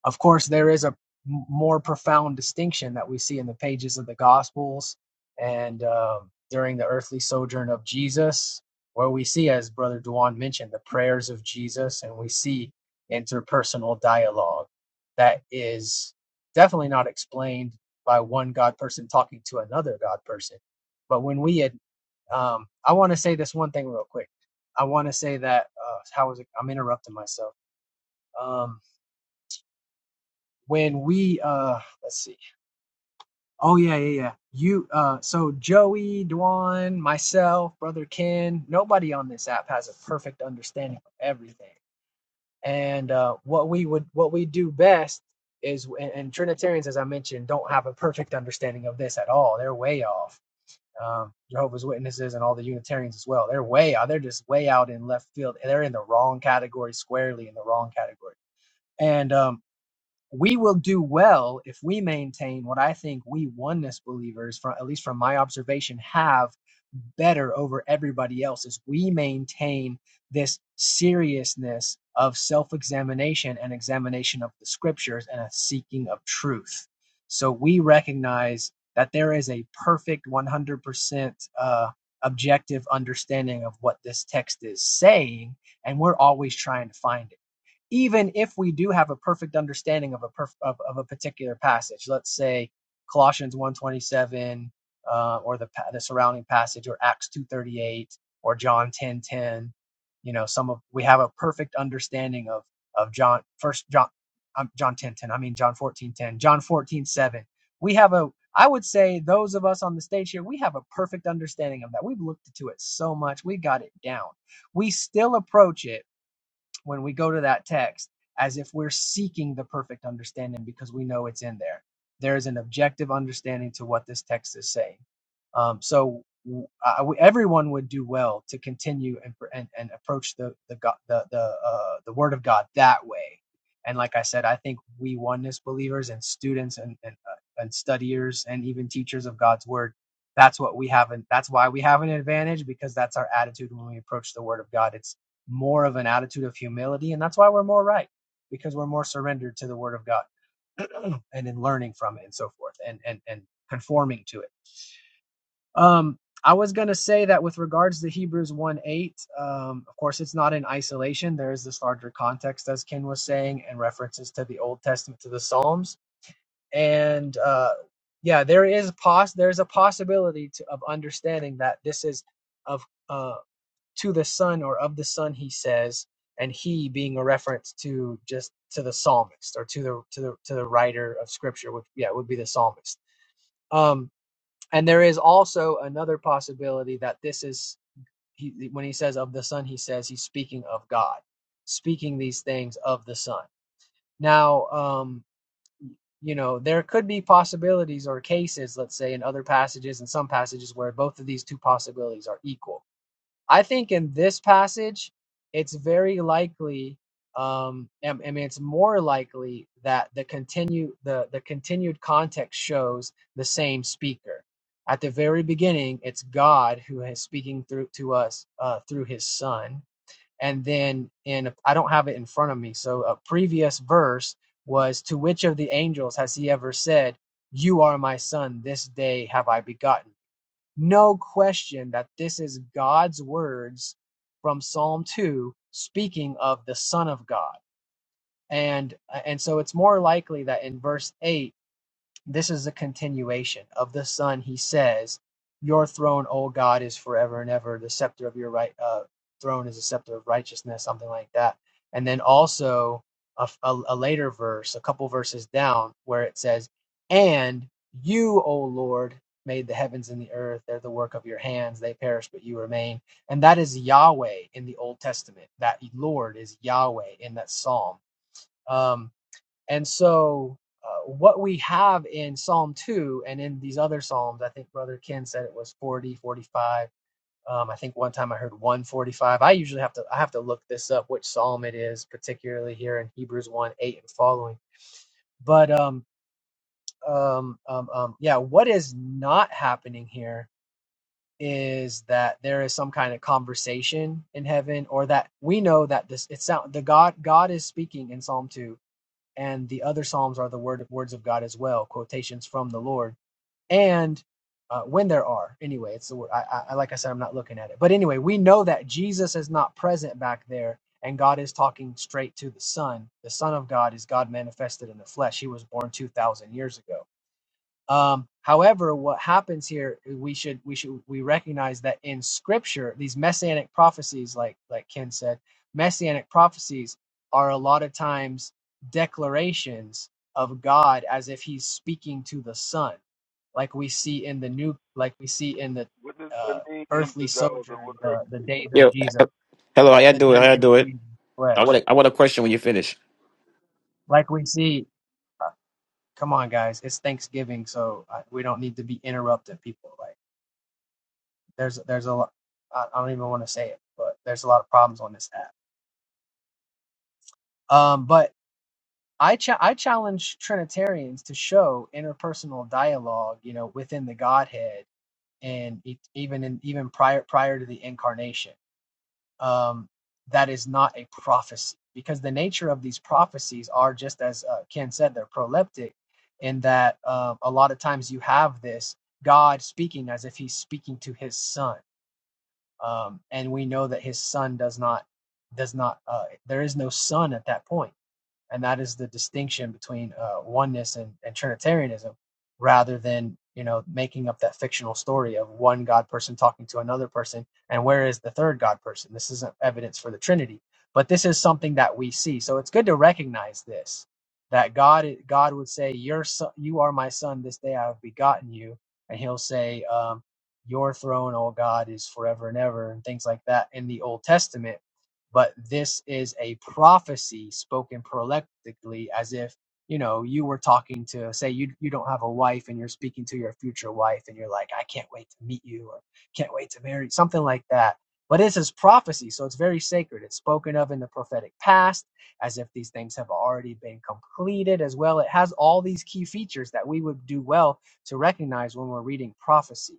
Speaker 17: Of course, there is a m- more profound distinction that we see in the pages of the Gospels and um, during the earthly sojourn of Jesus, where we see, as Brother Duan mentioned, the prayers of Jesus, and we see interpersonal dialogue that is definitely not explained by one God person talking to another God person. But when we had, um, I want to say this one thing real quick. I want to say that uh, how was it? I'm interrupting myself. Um, when we uh let's see oh yeah yeah yeah you uh so joey dwan myself brother ken nobody on this app has a perfect understanding of everything and uh what we would what we do best is and, and trinitarians as i mentioned don't have a perfect understanding of this at all they're way off um jehovah's witnesses and all the unitarians as well they're way out they're just way out in left field they're in the wrong category squarely in the wrong category and um we will do well if we maintain what I think we oneness believers, from at least from my observation, have better over everybody else is we maintain this seriousness of self-examination and examination of the scriptures and a seeking of truth. So we recognize that there is a perfect 100% uh, objective understanding of what this text is saying, and we're always trying to find it even if we do have a perfect understanding of a perf- of, of a particular passage let's say colossians 127 uh, or the, the surrounding passage or acts 238 or john 10 10, you know some of we have a perfect understanding of of john first john um, john 10 10. i mean john 14 10, john 14 7. we have a i would say those of us on the stage here we have a perfect understanding of that we've looked into it so much we got it down we still approach it when we go to that text as if we're seeking the perfect understanding because we know it's in there. There is an objective understanding to what this text is saying. Um, so w- I- we- everyone would do well to continue and, and, and approach the the God, the the, uh, the Word of God that way. And like I said, I think we oneness believers and students and and, uh, and studiers and even teachers of God's Word, that's what we have, and that's why we have an advantage because that's our attitude when we approach the Word of God. It's more of an attitude of humility. And that's why we're more right because we're more surrendered to the word of God and in learning from it and so forth and, and, and conforming to it. Um, I was going to say that with regards to Hebrews 1 8, um, of course, it's not in isolation. There is this larger context, as Ken was saying, and references to the Old Testament, to the Psalms. And uh, yeah, there is pos- there's a possibility to, of understanding that this is of. uh, to the Son or of the Son, he says, and he being a reference to just to the psalmist or to the to the to the writer of Scripture, which yeah would be the psalmist. Um, and there is also another possibility that this is he when he says of the Son, he says he's speaking of God, speaking these things of the Son. Now, um, you know, there could be possibilities or cases, let's say, in other passages and some passages where both of these two possibilities are equal I think in this passage, it's very likely, um, I I mean, it's more likely that the continue the the continued context shows the same speaker. At the very beginning, it's God who is speaking through to us uh, through His Son, and then in I don't have it in front of me, so a previous verse was to which of the angels has He ever said, 'You are my Son; this day have I begotten." you'?" no question that this is God's words from Psalm 2 speaking of the Son of God. And and so it's more likely that in verse 8 this is a continuation of the Son. He says, Your throne, O God, is forever and ever. The scepter of your right uh, throne is a scepter of righteousness, something like that. And then also a, a, a later verse, a couple verses down, where it says, And you, O Lord, made the heavens and the earth. They're the work of your hands. They perish, but you remain. And that is Yahweh in the Old Testament. That Lord is Yahweh in that psalm. Um, and so, uh, what we have in Psalm 2 and in these other Psalms, I think Brother Ken said it was 40, 45. Um, I think one time I heard 145. I usually have to I have to look this up which psalm it is, particularly here in Hebrews 1, 8 and following. But um, um, um, um, yeah, what is not happening here is that there is some kind of conversation in heaven, or that we know that this it's sound the God God is speaking in Psalm 2 and the other psalms are the word words of God as well, quotations from the Lord. And uh, when there are, anyway, it's the word. I, I like I said, I'm not looking at it, but anyway, we know that Jesus is not present back there, and God is talking straight to the Son. The Son of God is God manifested in the flesh. He was born two thousand years ago. Um, however, what happens here, we should we should we recognize that in Scripture, these messianic prophecies, like like Ken said, messianic prophecies are a lot of times declarations of God as if He's speaking to the Son, like we see in the new, like we see in the
Speaker 13: what does that
Speaker 17: uh,
Speaker 13: mean? He's
Speaker 17: earthly
Speaker 13: the God of the
Speaker 17: sojourn,
Speaker 13: world.
Speaker 17: the the days of
Speaker 18: Yo,
Speaker 17: Jesus,
Speaker 18: he- hello. How y'all
Speaker 17: the
Speaker 18: do it? How
Speaker 17: days
Speaker 18: y'all
Speaker 17: of
Speaker 18: doing?
Speaker 17: Jesus'
Speaker 18: I
Speaker 17: flesh,
Speaker 18: want to. I want a question when you finish.
Speaker 17: like we see. uh, Come on, guys! It's Thanksgiving, so uh, we don't need to be interrupting people. Like There's there's a lot. I, don't even want to say it, but there's a lot of problems on this app. Um, but I cha- I challenge Trinitarians to show interpersonal dialogue, you know, within the Godhead, and e- even in even prior prior to the incarnation. Um, that is not a prophecy because the nature of these prophecies are just as uh, Ken said, they're proleptic, in that um, a lot of times you have this God speaking as if He's speaking to His Son um, and we know that his son does not does not uh, there is no son at that point and that is the distinction between uh, oneness and, and Trinitarianism, rather than you know making up that fictional story of one God person talking to another person, and where is the third God person? This isn't evidence for the Trinity, but this is something that we see. So it's good to recognize this that God God would say, "Your son, you are my son. This day I have begotten you," and He'll say, um, "Your throne, O God, is forever and ever," and things like that in the Old Testament but this is a prophecy spoken proleptically as if you know you were talking to say you you don't have a wife and you're speaking to your future wife and you're like I can't wait to meet you or can't wait to marry something like that but this is prophecy so it's very sacred it's spoken of in the prophetic past as if these things have already been completed as well it has all these key features that we would do well to recognize when we're reading prophecy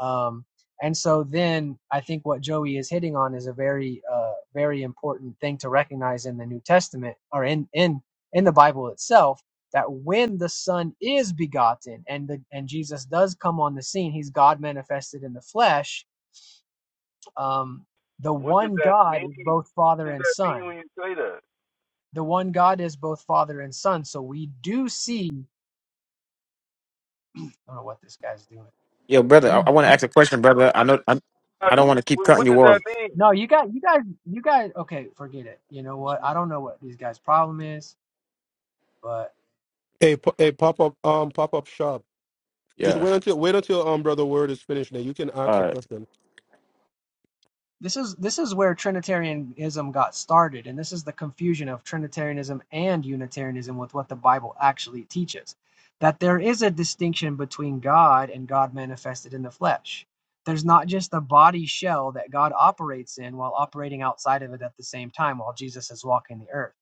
Speaker 17: um, and so then I think what Joey is hitting on is a very, uh, very important thing to recognize in the New Testament or in in in the Bible itself that when the Son is begotten and the and Jesus does come on the scene, He's God manifested in the flesh. Um, the
Speaker 13: What does
Speaker 17: one
Speaker 13: that
Speaker 17: God is
Speaker 13: mean?
Speaker 17: both Father
Speaker 13: What does
Speaker 17: and
Speaker 13: that mean
Speaker 17: Son.
Speaker 13: when you say that?
Speaker 17: The one God is both Father and Son. So we do see. I don't know what this guy's doing.
Speaker 18: Yo, brother. I,
Speaker 17: We.
Speaker 18: I want to ask a question, brother. I know. I, I don't want to keep
Speaker 13: What
Speaker 18: cutting
Speaker 13: what
Speaker 18: you
Speaker 13: does that
Speaker 18: off.
Speaker 13: mean?
Speaker 17: No, you got you guys you guys okay, forget it. You know what? I don't know what these guys' problem is, but
Speaker 15: Hey, p- hey, pop up, um, pop up shop. Just
Speaker 18: Yeah.
Speaker 15: wait until wait until um brother word is finished. Then you can ask
Speaker 18: All
Speaker 15: the
Speaker 18: right.
Speaker 15: question.
Speaker 17: this is this is where Trinitarianism got started, and this is the confusion of Trinitarianism and Unitarianism with what the Bible actually teaches. That there is a distinction between God and God manifested in the flesh. There's not just a body shell that God operates in while operating outside of it at the same time while Jesus is walking the earth.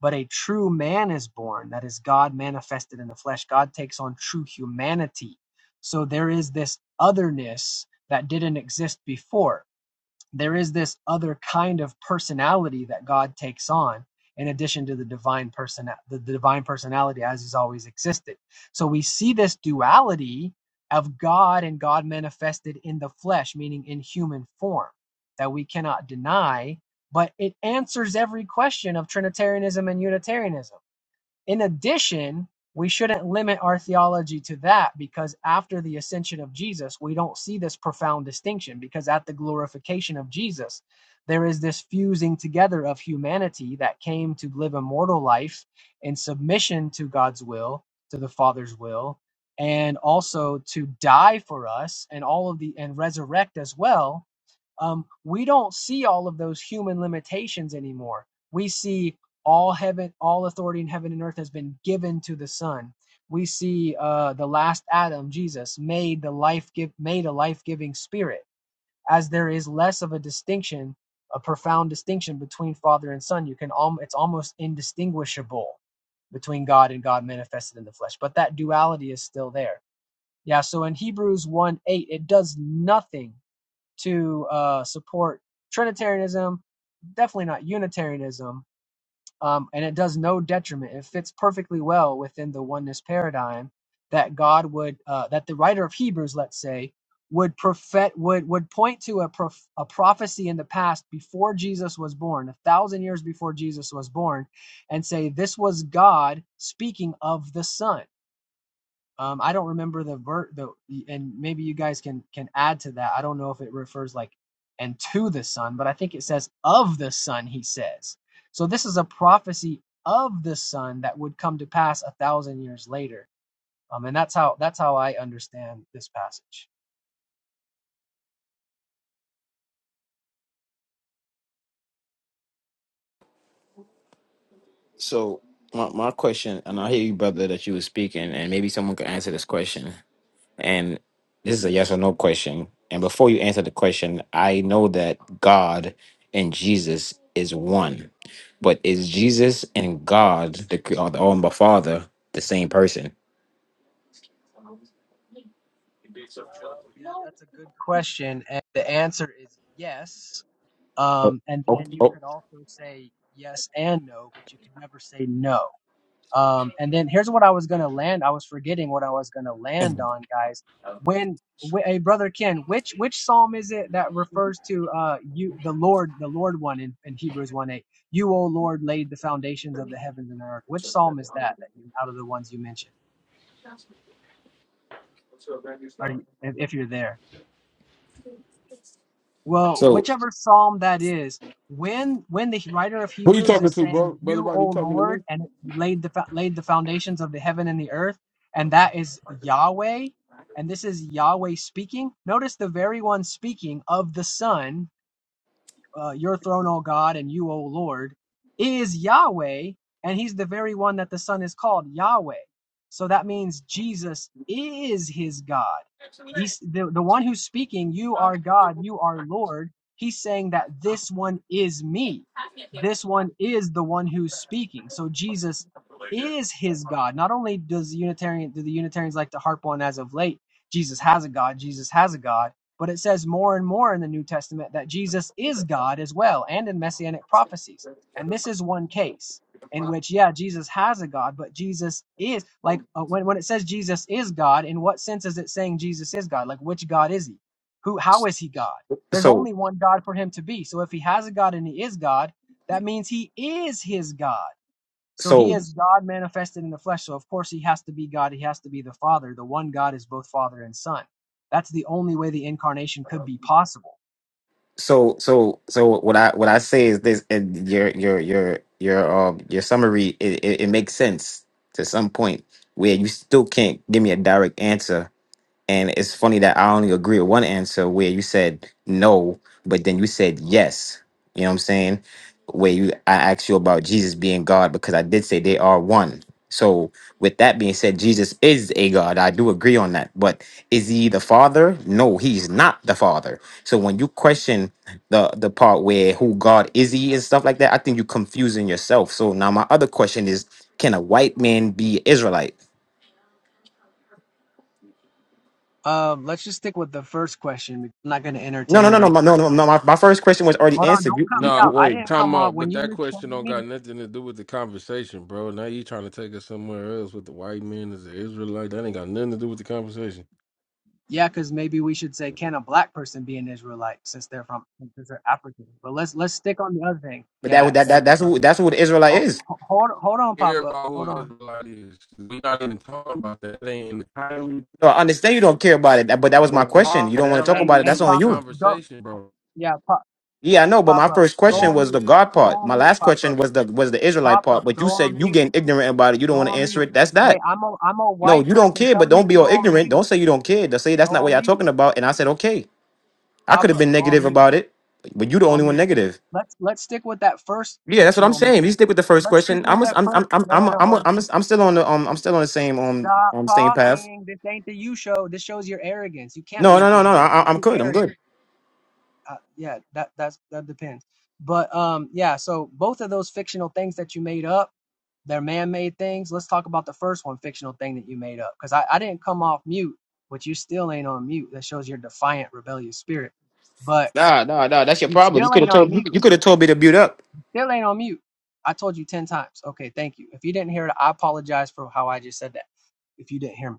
Speaker 17: But a true man is born, that is God manifested in the flesh. God takes on true humanity. So there is this otherness that didn't exist before there is this other kind of personality that God takes on in addition to the divine person the divine personality as he's always existed. So we see this duality of God and God manifested in the flesh, meaning in human form, that we cannot deny, but it answers every question of Trinitarianism and Unitarianism. In addition, we shouldn't limit our theology to that because after the ascension of Jesus, we don't see this profound distinction because at the glorification of Jesus, there is this fusing together of humanity that came to live a mortal life in submission to God's will, to the Father's will, and also to die for us and all of the and resurrect as well um, we don't see all of those human limitations anymore. We see all heaven, all authority in heaven and earth has been given to the Son. We see uh, the last Adam, Jesus, made the life give, made a life giving Spirit. As there is less of a distinction, a profound distinction between Father and Son, you can al- it's almost indistinguishable between God and God manifested in the flesh. But that duality is still there. Yeah. So in Hebrews one eight, it does nothing to uh, support Trinitarianism, definitely not Unitarianism, um, and it does no detriment. It fits perfectly well within the oneness paradigm that God would, uh, that the writer of Hebrews, let's say, would prophet would would point to a prof- a prophecy in the past before Jesus was born, a thousand years before Jesus was born, and say this was God speaking of the Son um, I don't remember the ver the and maybe you guys can can add to that. I don't know if it refers like and to the son, but I think it says of the son. He says so. This is a prophecy of the son that would come to pass a thousand years later. Um, and that's how that's how I understand this passage.
Speaker 18: So my my question, and I hear you, brother, that you were speaking, and maybe someone could answer this question. And this is a yes or no question. And before you answer the question, I know that God and Jesus is one, but is Jesus and God, the, or the, or the Father, the same person?
Speaker 17: Well, yeah, that's a good question, and the answer is yes. Um, and
Speaker 18: Oh,
Speaker 17: then you
Speaker 18: oh.
Speaker 17: could also say yes and no, but you could never say no Um, and then here's what I was gonna land. I was forgetting what I was gonna land on, guys. When, wh- hey, brother Ken, which which psalm is it that refers to uh you, the Lord, the Lord one in, in Hebrews one eight? You, O Lord, laid the foundations of the heavens and earth. Which psalm is that? That you, out of the ones you mentioned, are you, if, if you're there? Well,
Speaker 18: So
Speaker 17: whichever psalm that is, when when the writer of
Speaker 14: Who you
Speaker 17: Hebrews
Speaker 14: talking
Speaker 17: is
Speaker 14: to,
Speaker 17: saying,
Speaker 14: bro? Brother
Speaker 17: "You,
Speaker 14: Rodney, you
Speaker 17: O
Speaker 14: talking to
Speaker 17: Lord,"
Speaker 14: me?
Speaker 17: and laid the fo- laid the foundations of the heaven and the earth, and that is Yahweh, and this is Yahweh speaking. Notice the very one speaking of the Son uh, your throne, O God, and you, O Lord, is Yahweh, and he's the very one that the Son is called Yahweh. So that means Jesus is his God. He's the, the one who's speaking, you are God, you are Lord. He's saying that this one is me. This one is the one who's speaking. So Jesus is his God. Not only does Unitarian do the Unitarians like to harp on as of late, Jesus has a God, Jesus has a God but it says more and more in the New Testament that Jesus is God as well, and in messianic prophecies. And this is one case in which, yeah, Jesus has a God, but Jesus is, like, uh, when, when it says Jesus is God, in what sense is it saying Jesus is God? Like, which God is he? Who, how is he God? There's
Speaker 18: so
Speaker 17: only one God for him to be. So if he has a God and he is God, that means he is his God. So he
Speaker 18: so
Speaker 17: is God manifested in the flesh. So of course he has to be God. He has to be the Father. The one God is both Father and Son. That's the only way the incarnation could be possible.
Speaker 18: so so so what I what I say is this and your your your your um your summary it, it, it makes sense to some point where you still can't give me a direct answer And it's funny that I only agree with one answer where you said no, but then you said yes. You know what I'm saying? Where you I asked you about Jesus being God because I did say they are one. So with that being said, Jesus is a God. I do agree on that. But is he the father? No, he's not the father. So when you question the the part where who God is he and stuff like that, I think you're confusing yourself. So now my other question is, can a white man be Israelite?
Speaker 17: Um, let's just stick with the first question. I'm not going to
Speaker 18: No, no,
Speaker 17: entertain
Speaker 18: no, no, my- no,
Speaker 17: racist
Speaker 18: no, no.
Speaker 17: nonsense.
Speaker 18: My, my first question was already
Speaker 17: Hold on,
Speaker 18: answered.
Speaker 17: don't
Speaker 18: You,
Speaker 17: cut me
Speaker 18: you,
Speaker 14: nah,
Speaker 17: out.
Speaker 18: you
Speaker 17: I
Speaker 14: wait,
Speaker 17: didn't come
Speaker 14: time
Speaker 17: off
Speaker 14: out.
Speaker 17: when
Speaker 14: But
Speaker 17: you
Speaker 14: that
Speaker 17: misquoted
Speaker 14: question don't
Speaker 17: me.
Speaker 14: got nothing to do with the conversation, bro. Now you trying to take us somewhere else with the white man as an Israelite? That ain't got nothing to do with the conversation.
Speaker 17: Yeah, because maybe we should say, can a black person be an Israelite since they're from since they're African? But let's let's stick on the other thing.
Speaker 18: but that,
Speaker 17: Yeah,
Speaker 18: that,
Speaker 17: thank
Speaker 18: that,
Speaker 17: you,
Speaker 18: that's
Speaker 17: bro.
Speaker 18: who, that's who the Israelite
Speaker 17: Oh,
Speaker 18: is.
Speaker 17: ho- hold hold on,
Speaker 14: care
Speaker 17: Papa.
Speaker 14: about
Speaker 17: Hold
Speaker 14: who
Speaker 17: on.
Speaker 14: Israelite is. We're not even talking about that. They ain't in
Speaker 18: No, I understand you don't care about it, but that was
Speaker 14: But
Speaker 18: my question.
Speaker 14: why?
Speaker 18: You don't
Speaker 14: That
Speaker 18: want to
Speaker 14: don't
Speaker 18: talk
Speaker 14: have
Speaker 17: Hey,
Speaker 14: nothing
Speaker 18: about it.
Speaker 14: to
Speaker 17: hey,
Speaker 14: do
Speaker 18: That's
Speaker 14: with
Speaker 18: on
Speaker 14: the
Speaker 17: Papa.
Speaker 18: you.
Speaker 17: Go.
Speaker 14: conversation, bro.
Speaker 17: Yeah, Papa.
Speaker 18: Yeah, I know, but
Speaker 17: Pop
Speaker 18: my
Speaker 14: Uh,
Speaker 17: up.
Speaker 18: first
Speaker 17: Go
Speaker 14: man.
Speaker 18: question
Speaker 17: on
Speaker 18: was
Speaker 17: mute.
Speaker 18: the God
Speaker 17: Go
Speaker 18: part.
Speaker 17: on
Speaker 18: My
Speaker 17: mute.
Speaker 18: last
Speaker 17: Pop
Speaker 18: question
Speaker 17: up.
Speaker 18: was the was the Israelite
Speaker 17: Pop
Speaker 18: part.
Speaker 17: up.
Speaker 18: But you
Speaker 17: Go on
Speaker 18: said you
Speaker 17: mute.
Speaker 18: getting ignorant about it. You don't
Speaker 17: Go
Speaker 18: want to
Speaker 17: on
Speaker 18: answer
Speaker 17: mute.
Speaker 18: it. That's
Speaker 17: Hey,
Speaker 18: that.
Speaker 17: I'm a I'm a
Speaker 18: No,
Speaker 17: white
Speaker 18: you don't
Speaker 17: person
Speaker 18: care, but
Speaker 17: telling you
Speaker 18: don't
Speaker 17: to
Speaker 18: be
Speaker 17: go
Speaker 18: all
Speaker 17: on
Speaker 18: ignorant.
Speaker 17: mute.
Speaker 18: Don't say you don't care. do say that's
Speaker 17: Go
Speaker 18: not what
Speaker 17: on
Speaker 18: y'all
Speaker 17: mute.
Speaker 18: talking about. And I said okay. I
Speaker 17: Pop
Speaker 18: could have
Speaker 17: up.
Speaker 18: been
Speaker 17: Go on
Speaker 18: negative
Speaker 17: mute.
Speaker 18: about it, but you the
Speaker 17: Go
Speaker 18: only
Speaker 17: on
Speaker 18: one
Speaker 17: mute.
Speaker 18: negative.
Speaker 17: Let's let's stick with that first
Speaker 18: Yeah, that's what I'm
Speaker 17: fictional mate.
Speaker 18: saying. you stick with the first
Speaker 17: Let's stick
Speaker 18: question,
Speaker 17: with
Speaker 18: I'm
Speaker 17: that
Speaker 18: I'm I'm
Speaker 17: first.
Speaker 18: I'm
Speaker 17: No no
Speaker 18: I'm
Speaker 17: no.
Speaker 18: I'm
Speaker 17: Hold on.
Speaker 18: I'm, I'm still on the um I'm still on the same um
Speaker 17: Stop
Speaker 18: um same path.
Speaker 17: talking. This ain't the you show. This shows your arrogance. You can't
Speaker 18: No,
Speaker 17: be an
Speaker 18: no, no, no.
Speaker 17: Israelite.
Speaker 18: I,
Speaker 17: You're
Speaker 18: I'm
Speaker 17: too
Speaker 18: good. I'm
Speaker 17: arrogant.
Speaker 18: good.
Speaker 17: uh, yeah, that that's that depends. But um, yeah. So both of those fictional things that you made up, they're man-made things. Let's talk about the first one, fictional thing that you made up, because I, I didn't come off mute, but you still ain't on mute. That shows your defiant, rebellious spirit. But
Speaker 18: Nah, nah, nah. That's your
Speaker 17: you
Speaker 18: problem.
Speaker 17: still
Speaker 18: You could
Speaker 17: ain't
Speaker 18: have
Speaker 17: on
Speaker 18: told you,
Speaker 17: mute.
Speaker 18: you could have told me to build up.
Speaker 17: Still ain't on mute. I told you 10 times. Okay, thank you. If you didn't hear it, I apologize for how I just said that. If you didn't hear me.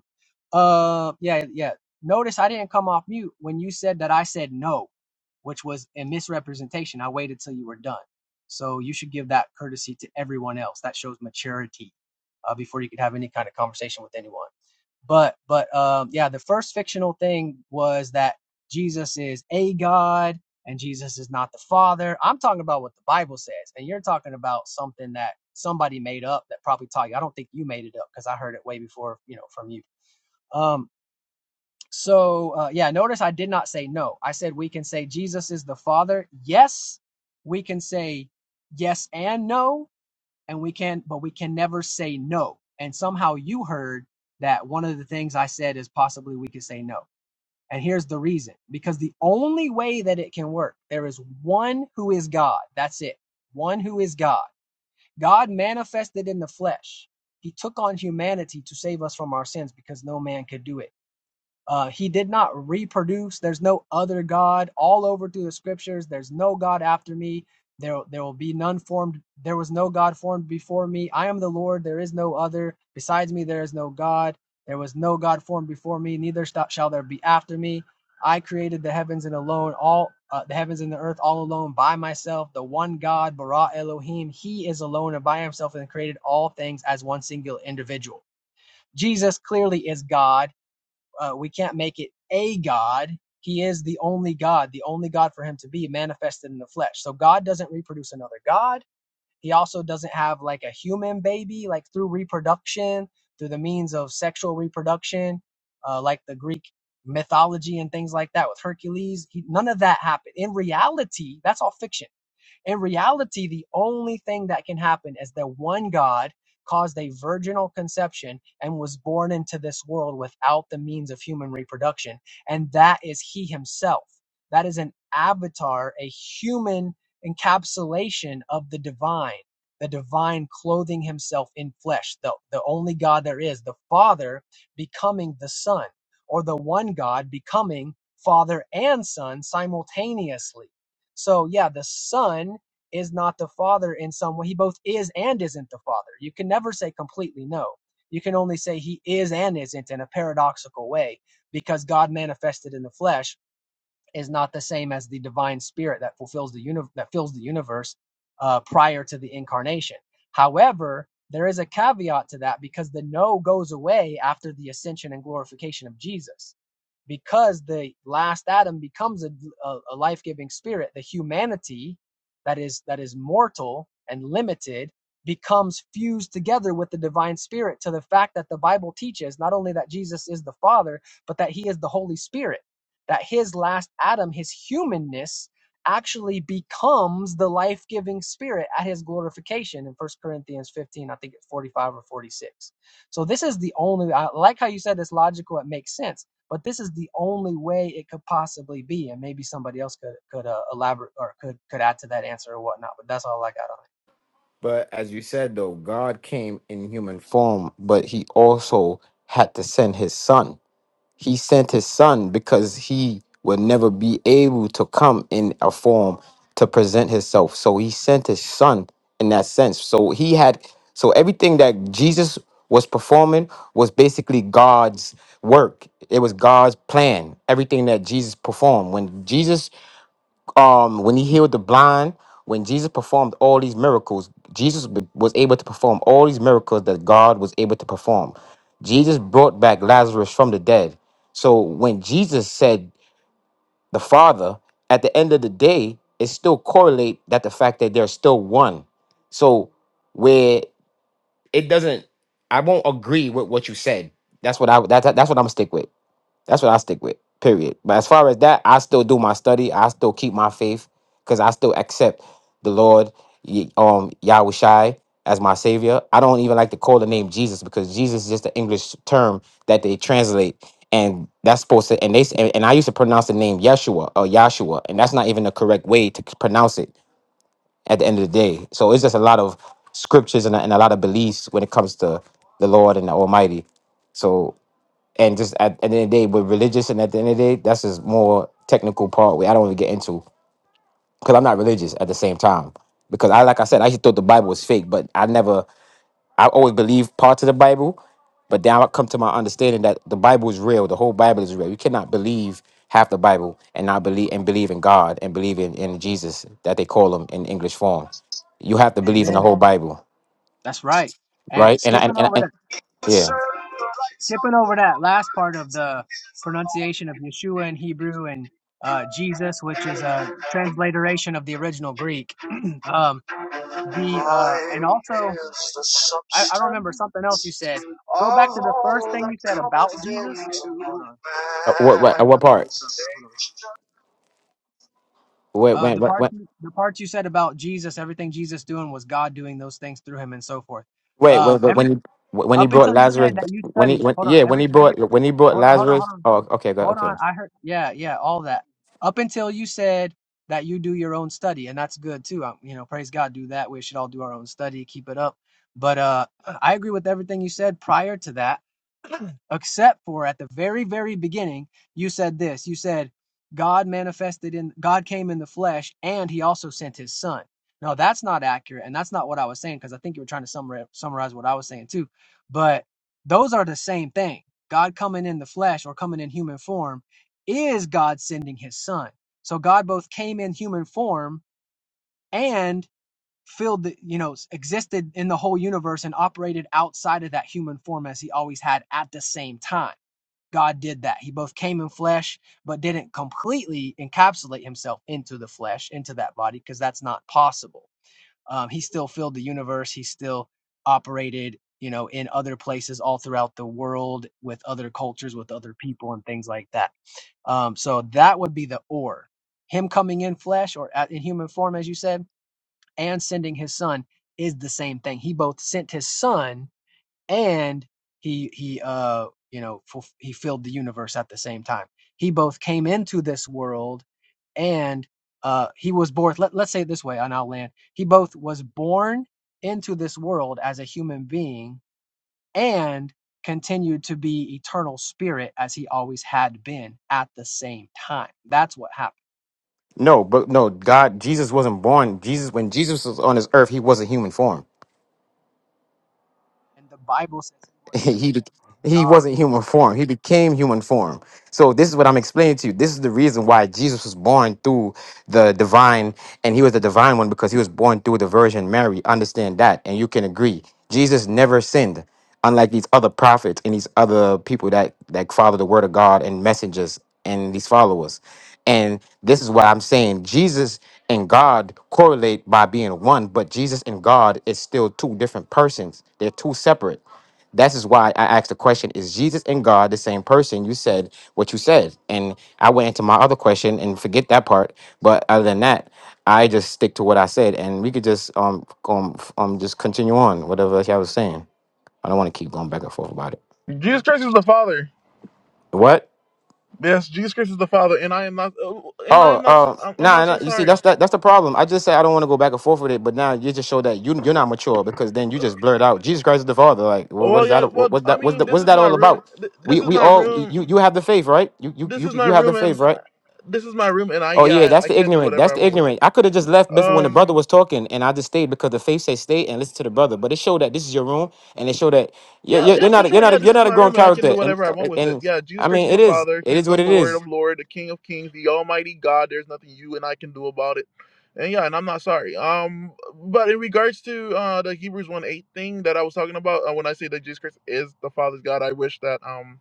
Speaker 17: Uh, yeah, yeah. Notice I didn't come off mute when you said that I said no, which was a misrepresentation. I waited till you were done. So you should give that courtesy to everyone else. That shows maturity uh, before you could have any kind of conversation with anyone. But but um, yeah, the first fictional thing was that Jesus is a God and Jesus is not the Father. I'm talking about what the Bible says, and you're talking about something that somebody made up that probably taught you. I don't think you made it up because I heard it way before, you know, from you. Um, so uh, yeah, notice I did not say no. I said we can say Jesus is the Father. Yes, we can say yes and no, and we can, but we can never say no. And somehow you heard that one of the things I said is possibly we could say no. And here's the reason because the only way that it can work, there is one who is God. That's it. One who is God. God manifested in the flesh. He took on humanity to save us from our sins because no man could do it. Uh, he did not reproduce. There's no other God all over through the scriptures. There's no God after me. There, there will be none formed. There was no God formed before me. I am the Lord. There is no other. Besides me, there is no God. There was no God formed before me. Neither shall there be after me. I created the heavens and alone, all uh, the heavens and the earth, all alone by myself. The one God, Bara Elohim, He is alone and by Himself, and created all things as one singular individual. Jesus clearly is God uh, we can't make it a God. He is the only God, the only God for him to be manifested in the flesh. So God doesn't reproduce another God. He also doesn't have like a human baby, like through reproduction, through the means of sexual reproduction, uh, like the Greek mythology and things like that with Hercules. He, none of that happened. In reality, that's all fiction. In reality, the only thing that can happen is that one God caused a virginal conception and was born into this world without the means of human reproduction, and that is He Himself. That is an avatar, a human encapsulation of the divine, the divine clothing Himself in flesh, the, the only God there is, the Father becoming the Son, or the one God becoming Father and Son simultaneously so yeah, the son is not the father in some way. He both is and isn't the father. You can never say completely no. You can only say he is and isn't in a paradoxical way because God manifested in the flesh is not the same as the divine spirit that fulfills the uni- that fills the universe uh, prior to the incarnation. However, there is a caveat to that because the no goes away after the ascension and glorification of Jesus because the last Adam becomes a, a, a life-giving spirit, the humanity that is that is mortal and limited becomes fused together with the divine spirit to the fact that the Bible teaches not only that Jesus is the Father, but that he is the Holy Spirit. That his last Adam, his humanness, actually becomes the life-giving spirit at his glorification in First Corinthians 15, I think it's 45 or 46. So this is the only I like how you said it's logical, it makes sense but this is the only way it could possibly be, and maybe somebody else could could uh, elaborate or could could add to that answer or whatnot. But that's all I got on
Speaker 18: But as you said though, God came in human form, but he also had to send his son. He sent his son because he would never be able to come in a form to present himself. So he sent his son in that sense. So he had so everything that Jesus was performing was basically God's work. It was God's plan. Everything that Jesus performed when Jesus um when he healed the blind when jesus performed all these miracles jesus be- was able to perform all these miracles that god was able to perform jesus brought back lazarus from the dead so when jesus said the father at the end of the day it still correlate that the fact that they're still one so where it doesn't i won't agree with what you said that's what i that, that- that's what i'm gonna stick with that's what I stick with. Period. But as far as that, I still do my study. I still keep my faith because I still accept the Lord, Ye- um, Yahweh Shai as my savior. I don't even like to call the name Jesus because Jesus is just an English term that they translate, and that's supposed to. And they s- and, and I used to pronounce the name Yeshua or Yahshua, and that's not even the correct way to c- pronounce it at the end of the day. So it's just a lot of scriptures and a, and a lot of beliefs when it comes to the Lord and the Almighty. So and just at, at the end of the day, with religious, and at the end of the day, that's just more technical part where I don't really get into because I'm not religious at the same time. Because I, like I said, I just thought the Bible was fake, but I never, I always believed parts of the Bible, but now I come to my understanding that the Bible is real. The whole Bible is real. You cannot believe half the Bible and not believe and believe in God and believe in, in Jesus that they call him in English form. You have to
Speaker 17: it.
Speaker 18: believe in the
Speaker 17: Amen.
Speaker 18: whole Bible,
Speaker 17: That's right. And
Speaker 18: right? And I- and
Speaker 17: skipping
Speaker 18: and,
Speaker 17: over
Speaker 18: and
Speaker 17: to
Speaker 18: yeah,
Speaker 19: Serve the rights of
Speaker 17: skipping
Speaker 19: the
Speaker 17: over that last part of the pronunciation of Yeshua in Hebrew and uh, Jesus, which is a transliteration of the original Greek. um,
Speaker 19: Lord and His alone.
Speaker 17: the uh, and
Speaker 19: Mine
Speaker 17: also
Speaker 19: is the
Speaker 17: I, I don't remember something else you
Speaker 19: substance
Speaker 17: said. Go
Speaker 19: of
Speaker 17: back to the first
Speaker 19: all
Speaker 17: thing
Speaker 19: that
Speaker 17: you said
Speaker 19: cometh
Speaker 17: about Jesus.
Speaker 19: into
Speaker 17: Hold on,
Speaker 18: Uh, what right? uh,
Speaker 17: somebody's
Speaker 18: What
Speaker 17: being
Speaker 18: part?
Speaker 17: disrupted. Hold on.
Speaker 19: manifestation.
Speaker 18: When,
Speaker 17: Uh,
Speaker 18: when,
Speaker 17: the part
Speaker 18: when,
Speaker 17: the part you said about Jesus, everything Jesus doing was God doing those things through him and so forth.
Speaker 18: Wait,
Speaker 17: Um,
Speaker 18: wait, but
Speaker 17: every
Speaker 18: when he when he
Speaker 17: up
Speaker 18: brought
Speaker 17: until you
Speaker 18: Lazarus,
Speaker 17: said that you
Speaker 18: when he
Speaker 17: study.
Speaker 18: when
Speaker 17: Hold on,
Speaker 18: yeah, when
Speaker 17: every
Speaker 18: he
Speaker 17: every
Speaker 18: brought when he brought
Speaker 17: hold on, hold on,
Speaker 18: Lazarus.
Speaker 17: hold on,
Speaker 18: Oh, okay, go-
Speaker 17: hold
Speaker 18: okay.
Speaker 17: on. I heard yeah, yeah, all that up until you said that you do your own study, and that's good too. Um, you know, praise God, do that. We should all do our own study, keep it up. But uh, I agree with everything you said prior to that except for at the very very beginning you said this you said god manifested in god came in the flesh and he also sent his son no that's not accurate and that's not what i was saying because i think you were trying to summarize, summarize what i was saying too but those are the same thing god coming in the flesh or coming in human form is god sending his son so god both came in human form and filled the you know existed in the whole universe and operated outside of that human form as he always had at the same time God did that. He both came in flesh, but didn't completely encapsulate himself into the flesh, into that body, because that's not possible. Um, he still filled the universe. He still operated, you know, in other places all throughout the world with other cultures, with other people, and things like that. Um, so that would be the or. Him coming in flesh or at, in human form, as you said, and sending his son is the same thing. He both sent his son and he he uh you know fulf he filled the universe at the same time he both came into this world and uh he was born let, let's say it this way and I'll land he both was born into this world as a human being and continued to be eternal spirit as he always had been at the same time that's what happened
Speaker 18: No, but no, God, Jesus wasn't born. Jesus, when Jesus was on this earth, he was a human form.
Speaker 17: and the bible says he was the
Speaker 18: he
Speaker 17: form
Speaker 18: bec-
Speaker 17: of
Speaker 18: he wasn't human form. He became human form. So this is what I'm explaining to you. This is the reason why Jesus was born through the divine, and he was the divine one because he was born through the Virgin Mary. Understand that, and you can agree. Jesus never sinned, unlike these other prophets and these other people that that follow the word of God and messengers and these followers. And this is why I'm saying Jesus and God correlate by being one, but Jesus and God is still two different persons. They're two separate. That is why I asked the question Is Jesus and God the same person? You said what you said. And I went into my other question and forget that part. But other than that, I just stick to what I said. And we could just um, um, um just continue on, whatever I was saying. I don't want to keep going back and forth about it.
Speaker 1: it. Jesus Christ is the Father.
Speaker 18: What?
Speaker 1: Yes, Jesus Christ is the Father, and I am not. oh, And I
Speaker 18: Oh,
Speaker 1: am not.
Speaker 18: uh,
Speaker 1: I'm I'm
Speaker 18: nah,
Speaker 1: not
Speaker 18: nah,
Speaker 1: so
Speaker 18: you see,
Speaker 1: sorry.
Speaker 18: that's that, that's the problem. I just say I don't want to go back and forth with it, but now you just show that you you're not mature because then you just blurt out Jesus Christ is the Father. Like, well,
Speaker 1: Oh,
Speaker 18: what
Speaker 1: Well,
Speaker 18: is
Speaker 1: yeah.
Speaker 18: that? What,
Speaker 1: Well,
Speaker 18: what's
Speaker 1: I
Speaker 18: that? What's
Speaker 1: mean,
Speaker 18: that?
Speaker 1: this
Speaker 18: What's
Speaker 1: is
Speaker 18: that
Speaker 1: my
Speaker 18: all
Speaker 1: room.
Speaker 18: about?
Speaker 1: th-
Speaker 18: We
Speaker 1: This is
Speaker 18: we
Speaker 1: my
Speaker 18: all
Speaker 1: room.
Speaker 18: you you have the faith, right? You you
Speaker 1: This
Speaker 18: you
Speaker 1: is my
Speaker 18: you have the
Speaker 1: room, and
Speaker 18: faith, right?
Speaker 1: this is my room, and I
Speaker 18: Oh yeah,
Speaker 1: yeah, I,
Speaker 18: that's
Speaker 1: I
Speaker 18: the
Speaker 1: can do
Speaker 18: ignorant.
Speaker 1: whatever
Speaker 18: That's
Speaker 1: I
Speaker 18: the
Speaker 1: want with it.
Speaker 18: ignorant. I could have just left before when the
Speaker 1: Um.
Speaker 18: brother was talking, and I just stayed because the faith said stay and listen to the brother. But it showed that this is your room, and it showed that you're,
Speaker 1: Yeah,
Speaker 18: you're you're
Speaker 1: yeah,
Speaker 18: not
Speaker 1: for
Speaker 18: a- you're
Speaker 1: sure.
Speaker 18: not a,
Speaker 1: Yeah,
Speaker 18: you're
Speaker 1: this is
Speaker 18: not a
Speaker 1: my
Speaker 18: grown
Speaker 1: room and I can
Speaker 18: character,
Speaker 1: do
Speaker 18: and
Speaker 1: whatever I want with it.
Speaker 18: and
Speaker 1: Yeah, Jesus
Speaker 18: I
Speaker 1: Christ
Speaker 18: mean
Speaker 1: is
Speaker 18: it
Speaker 1: the
Speaker 18: is
Speaker 1: Father.
Speaker 18: it
Speaker 1: He's
Speaker 18: is
Speaker 1: the
Speaker 18: what it
Speaker 1: Lord
Speaker 18: is.
Speaker 1: of Lord, the King of Kings, the Almighty God. There's nothing you and I can do about it. And yeah, and I'm not sorry. Um, but in regards to uh the Hebrews 1 8 thing that I was talking about, uh, when I say that Jesus Christ is the Father's God, I wish that um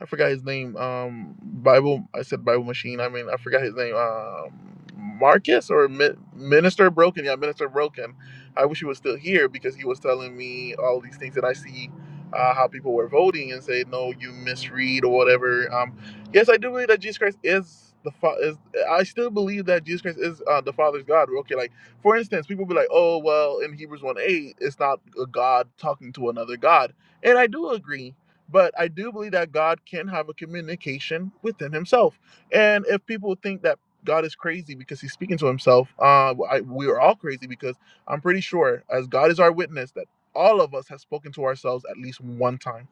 Speaker 1: I forgot his name. Um, Bible. I said Bible machine. I mean, I forgot his name. Um, Marcus or Mi- Minister Broken. Yeah, Minister Broken. I wish he was still here because he was telling me all these things that I see. Uh, how people were voting and say no, you misread or whatever. Um, yes, I do believe that Jesus Christ is the fa- is. I still believe that Jesus Christ is uh, the Father's God. Okay, like for instance, people be like, oh well, in Hebrews one eight, it's not a God talking to another God, and I do agree but I do believe that God can have a communication within Himself. And if people think that God is crazy because He's speaking to Himself, uh, I, we are all crazy because I'm pretty sure, as God is our witness, that all of us have spoken to ourselves at least one time.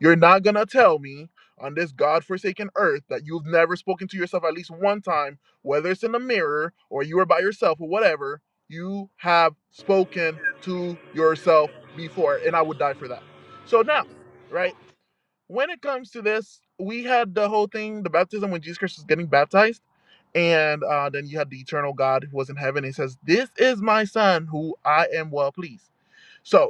Speaker 1: You're not gonna tell me on this God-forsaken earth that you've never spoken to yourself at least one time, whether it's in a mirror or you are by yourself or whatever. You have spoken to yourself before, and I would die for that. So now right? when it comes to this, we had the whole thing, the baptism when Jesus Christ was getting baptized, and uh, then you had the eternal God who was in heaven. He says, "This is my son, who I am well pleased." So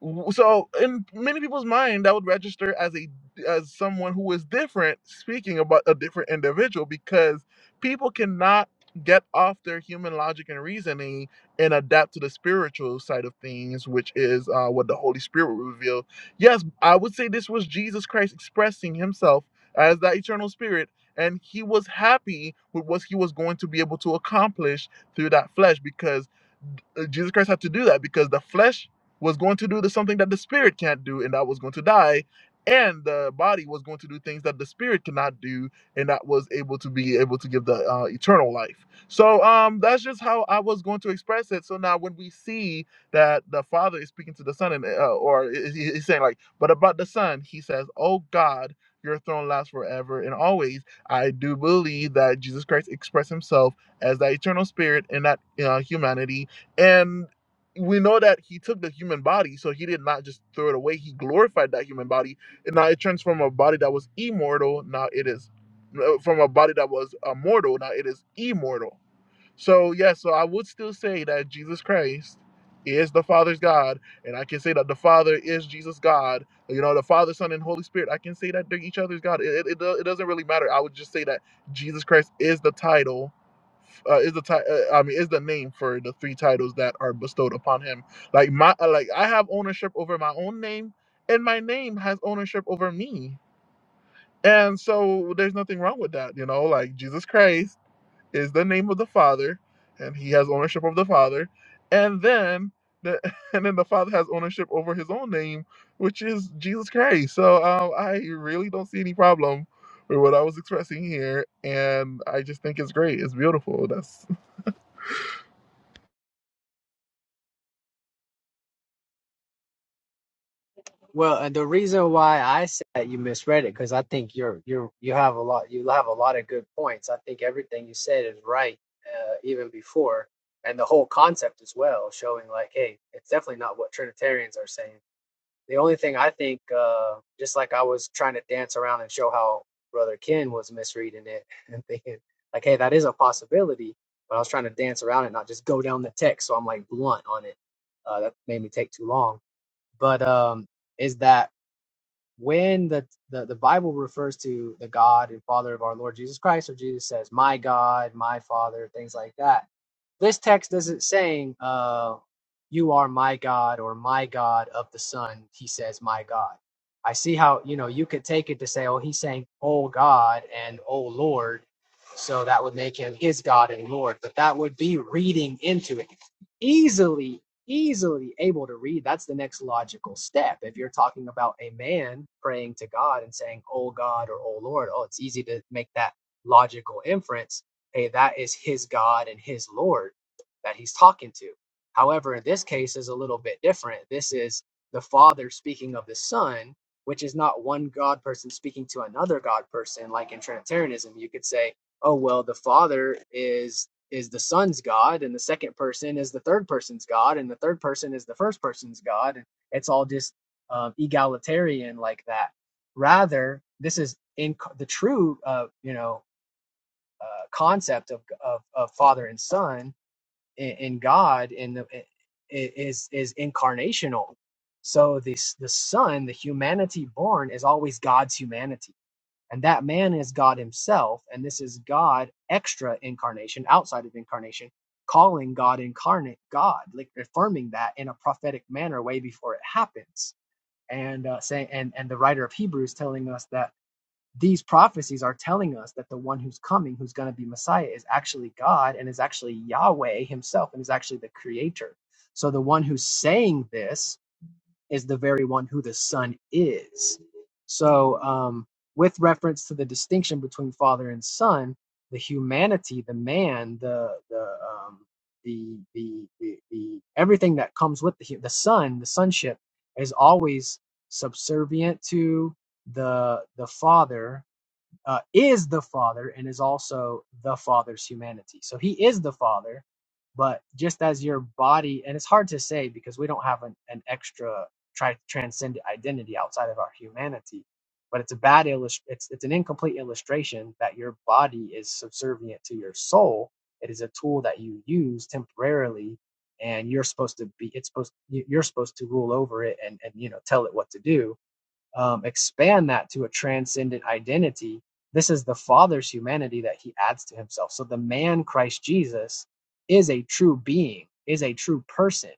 Speaker 1: W- So in many people's mind, that would register as a as someone who is different, speaking about a different individual, because people cannot get off their human logic and reasoning and adapt to the spiritual side of things, which is uh, what the Holy Spirit will reveal. Yes, I would say this was Jesus Christ expressing Himself as that eternal Spirit, and He was happy with what He was going to be able to accomplish through that flesh, because uh, Jesus Christ had to do that because the flesh was going to do the something that the spirit can't do, and that was going to die, and the body was going to do things that the spirit cannot do, and that was able to be able to give the uh, eternal life. So um, that's just how I was going to express it. So now when we see that the Father is speaking to the Son, and uh, or he- he- he's saying like, but about the Son, he says, "Oh God." Your throne lasts forever and always. I do believe that Jesus Christ expressed himself as the eternal spirit in that uh, humanity and we know that he took the human body, so he did not just throw it away. He glorified that human body. And now it turns from a body that was immortal, now it is no, from a body that was uh, mortal, now it is immortal. So, yeah, so I would still say that Jesus Christ is the Father's God. And I can say that the Father is Jesus God. You know, the Father, Son, and Holy Spirit, I can say that they're each other's God. It, it, it doesn't really matter. I would just say that Jesus Christ is the title uh, is the ti- uh, I mean is the name for the three titles that are bestowed upon him. Like my uh, like I have ownership over my own name, and my name has ownership over me. And so there's nothing wrong with that, you know. Like Jesus Christ is the name of the Father, and He has ownership of the Father, and then the and then the Father has ownership over His own name, which is Jesus Christ. So um, I really don't see any problem with what I was expressing here, and I just think it's great. It's beautiful. That's
Speaker 17: Well, and the reason why I said you misread it because I think you're you're you have a lot you have a lot of good points. I think everything you said is right, uh, even before, and the whole concept as well, showing like, hey, it's definitely not what Trinitarians are saying. The only thing I think, uh, just like I was trying to dance around and show how Brother Ken was misreading it and thinking like, hey, that is a possibility, but I was trying to dance around it, not just go down the text. So I'm like blunt on it. Uh, that made me take too long, but um, is that when the, the the Bible refers to the God and Father of our Lord Jesus Christ, or Jesus says, "My God, my Father," things like that. This text isn't saying, uh, "You are my God" or "My God of the Son." He says, "My God." I see how you know you could take it to say, "Oh, he's saying, oh God and oh Lord," so that would make him his God and Lord. But that would be reading into it easily easily able to read that's the next logical step if you're talking about a man praying to god and saying oh god or oh lord oh it's easy to make that logical inference hey that is his god and his lord that he's talking to however in this case is a little bit different this is the father speaking of the son which is not one god person speaking to another god person like in trinitarianism you could say oh well the father is is the son's God, and the second person is the third person's God, and the third person is the first person's God. And it's all just um, egalitarian like that. Rather, this is in the true, uh, you know, uh, concept of, of of father and son in, in God in the is is incarnational. So this the son, the humanity born, is always God's humanity and that man is God himself and this is God extra incarnation outside of incarnation calling God incarnate God like affirming that in a prophetic manner way before it happens and uh, saying and and the writer of Hebrews telling us that these prophecies are telling us that the one who's coming who's going to be Messiah is actually God and is actually Yahweh himself and is actually the creator so the one who's saying this is the very one who the Son is. So, um, with reference to the distinction between Father and Son, the humanity, the man, the the um, the, the the the everything that comes with the the Son, the sonship, is always subservient to the the Father uh, is the Father and is also the Father's humanity. So he is the Father, but just as your body, and it's hard to say because we don't have an, an extra tri- transcendent identity outside of our humanity. But it's a bad illustration. It's it's an incomplete illustration that your body is subservient to your soul. It is a tool that you use temporarily, and you're supposed to be. It's supposed you- you're supposed to rule over it and and you know tell it what to do um, expand that to a transcendent identity. This is the Father's humanity that he adds to himself. So the man Christ Jesus is a true being, is a true person,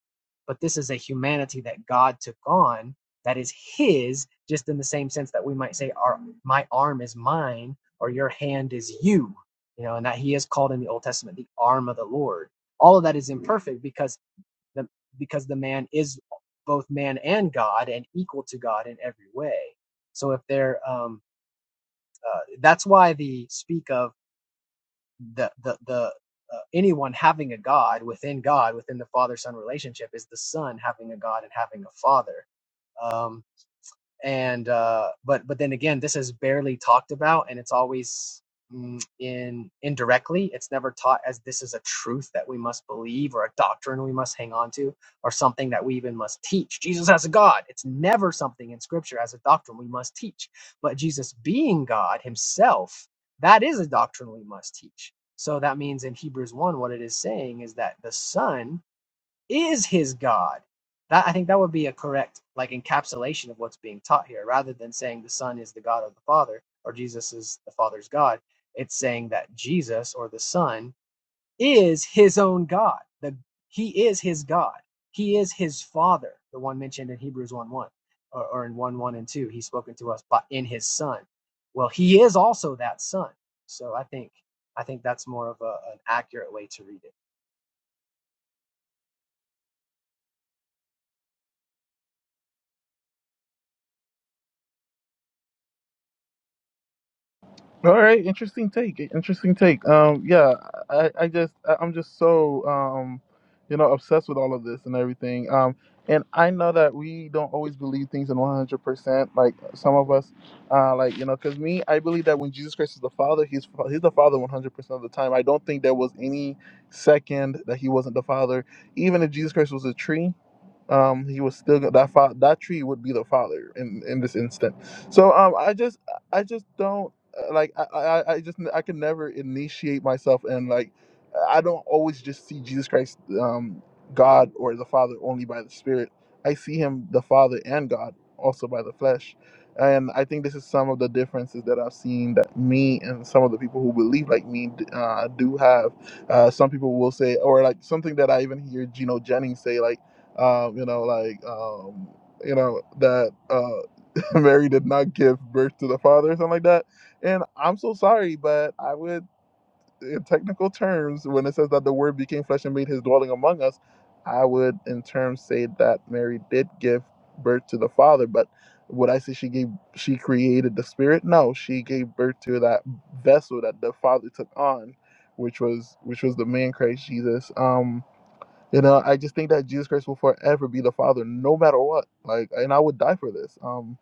Speaker 17: but this is a humanity that God took on that is his, just in the same sense that we might say, our, My arm is mine, or your hand is you, you know, and that he is called in the Old Testament the arm of the Lord. All of that is imperfect because the, because the man is both man and God and equal to God in every way. So if they're, um, uh, that's why the speak of the the the uh, anyone having a God within God within the Father Son relationship is the Son having a God and having a Father. Um, and uh, but but then again, this is barely talked about, and it's always mm, in indirectly. It's never taught as this is a truth that we must believe, or a doctrine we must hang on to, or something that we even must teach. Jesus as a God. It's never something in Scripture as a doctrine we must teach. But Jesus being God Himself, that is a doctrine we must teach. So that means in Hebrews one, what it is saying is that the Son is his God. That I think that would be a correct like encapsulation of what's being taught here, rather than saying the Son is the God of the Father or Jesus is the Father's God. It's saying that Jesus or the Son is his own God. The he is his God. He is his Father, the one mentioned in Hebrews 1 1 or, or in 1 1 and 2. He's spoken to us by in his Son. Well, he is also that Son. So I think I think that's more of a, an accurate way to read
Speaker 1: All right, interesting take. Interesting take. Um, yeah, I, I just, I- I'm just so, um, you know, obsessed with all of this and everything. Um, and I know that we don't always believe things in 100%. Like some of us, uh, like you know, because me, I believe that when Jesus Christ is the Father, he's he's the Father 100% of the time. I don't think there was any second that he wasn't the Father. Even if Jesus Christ was a tree um he was still go- that fa- that tree would be the father in in this instant so um i just i just don't uh, like i i, I just i can never initiate myself and like i don't always just see jesus christ um god or the father only by the spirit i see him the father and god also by the flesh and i think this is some of the differences that i've seen that me and some of the people who believe like me d- uh, do have uh, some people will say or like something that i even hear gino jennings say like um, you know, like, um, you know, that uh, Mary did not give birth to the father or something like that. And I'm so sorry, but I would, in technical terms, when it says that the word became flesh and made his dwelling among us, I would, in terms, say that Mary did give birth to the father. But would I say she gave, she created the spirit? No, she gave birth to that vessel that the father took on. Which was which was the man Christ Jesus. Um, you know, I just think that Jesus Christ will forever be the Father, no matter what. Like, and I would die for this. Um,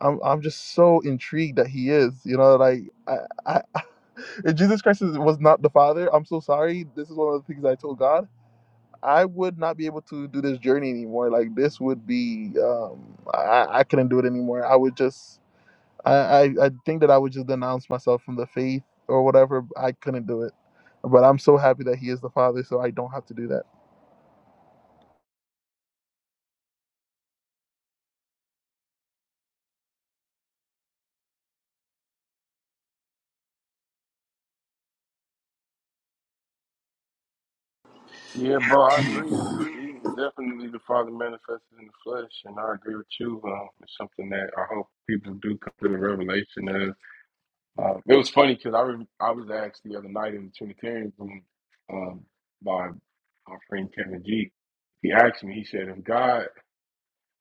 Speaker 1: I'm I'm just so intrigued that He is. You know, like I, I if Jesus Christ is, was not the Father, I'm so sorry. This is one of the things I told God. I would not be able to do this journey anymore. Like this would be, um, I I couldn't do it anymore. I would just I, I I think that I would just denounce myself from the faith or whatever. I couldn't do it, but I'm so happy that He is the Father, so I don't have to do that.
Speaker 14: Yeah, bro, I agree. Jesus is definitely the Father manifested in the flesh, and I agree with you. Um, it's something that I hope people do come to the revelation of. Uh, it was funny because I, re- I was asked the other night in the Trinitarian room um, by our friend Kevin G. He asked me, he said, if God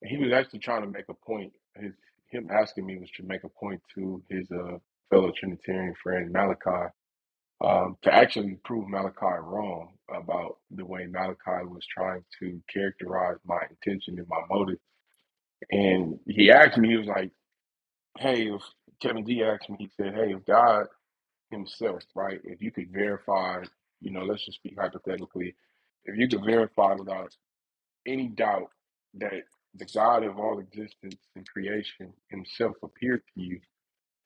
Speaker 14: He was actually trying to make a point. His him asking me was to make a point to his uh, fellow Trinitarian friend Malachi um, to actually prove Malachi wrong about the way Malachi was trying to characterize my intention and my motive. And he asked me, he was like, "Hey, if Kevin D asked me, he said, "Hey, if God Himself, right? If you could verify, you know, let's just speak hypothetically, if you could verify without any doubt that the God of all existence and creation himself appeared to you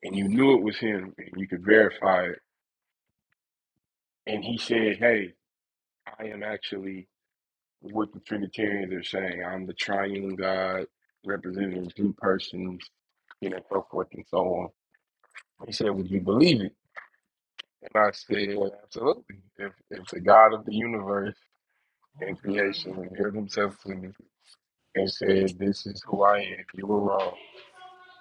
Speaker 14: and you knew it was him and you could verify it, and he said, Hey, I am actually what the Trinitarians are saying. I'm the triune God representing three persons, you know, so forth and so on. He said, Would you believe it? And I said, well, Absolutely. If if the God of the universe and creation revealed himself to me and said, This is who I am, you were wrong.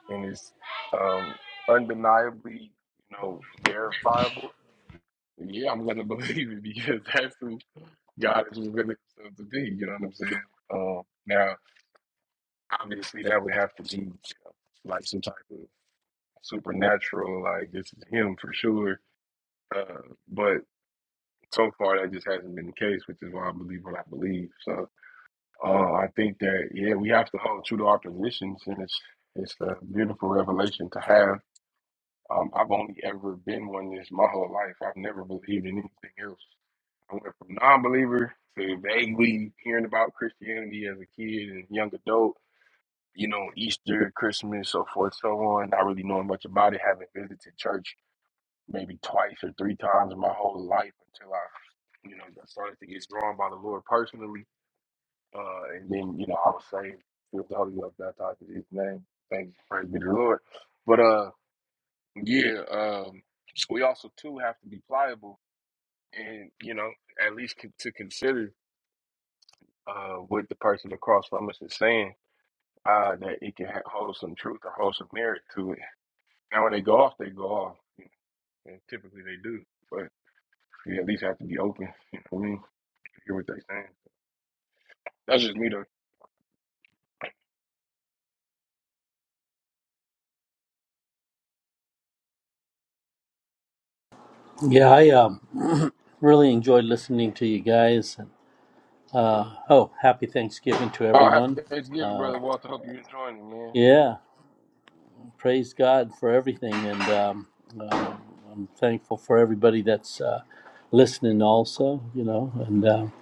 Speaker 14: and it's um, undeniably, you know, verifiable, yeah, I'm gonna believe it because that's who God is revealing Himself to be. You know what I'm saying? Um, now, obviously, that would have to be you know, like some type of supernatural, like this is Him for sure. Uh, but so far, that just hasn't been the case, which is why I believe what I believe. So uh, I think that yeah, we have to hold true to our positions, and it's it's a beautiful revelation to have Um, I've only ever been one this my whole life. I've never believed in anything else. I went from non-believer to vaguely hearing about Christianity as a kid and young adult. You know, Easter, Christmas, so forth, so on. Not really knowing much about it. Haven't visited church maybe twice or three times in my whole life until I, you know, started to get drawn by the Lord personally. Uh, and then, you know, I was saved, filled with the Holy Ghost, baptized in His name. Thanks, praise be to the Lord. But uh. Yeah, um, so we also too have to be pliable, and you know, at least con- to consider uh, what the person across from us is saying. Uh, that it can ha- hold some truth or hold some merit to it. Now, when they go off, they go off, and typically they do. But you at least have to be open. You know what I mean? Hear what they're saying. That's just me, though.
Speaker 20: Yeah, I um, really enjoyed listening to you guys. Oh, happy Thanksgiving to
Speaker 14: Oh, happy
Speaker 20: everyone.
Speaker 14: Thanksgiving,
Speaker 20: Uh,
Speaker 14: brother Walter. Hope you're enjoying it, man.
Speaker 20: yeah, praise God for everything. And um, uh, I'm thankful for everybody that's uh, listening also, you know. And um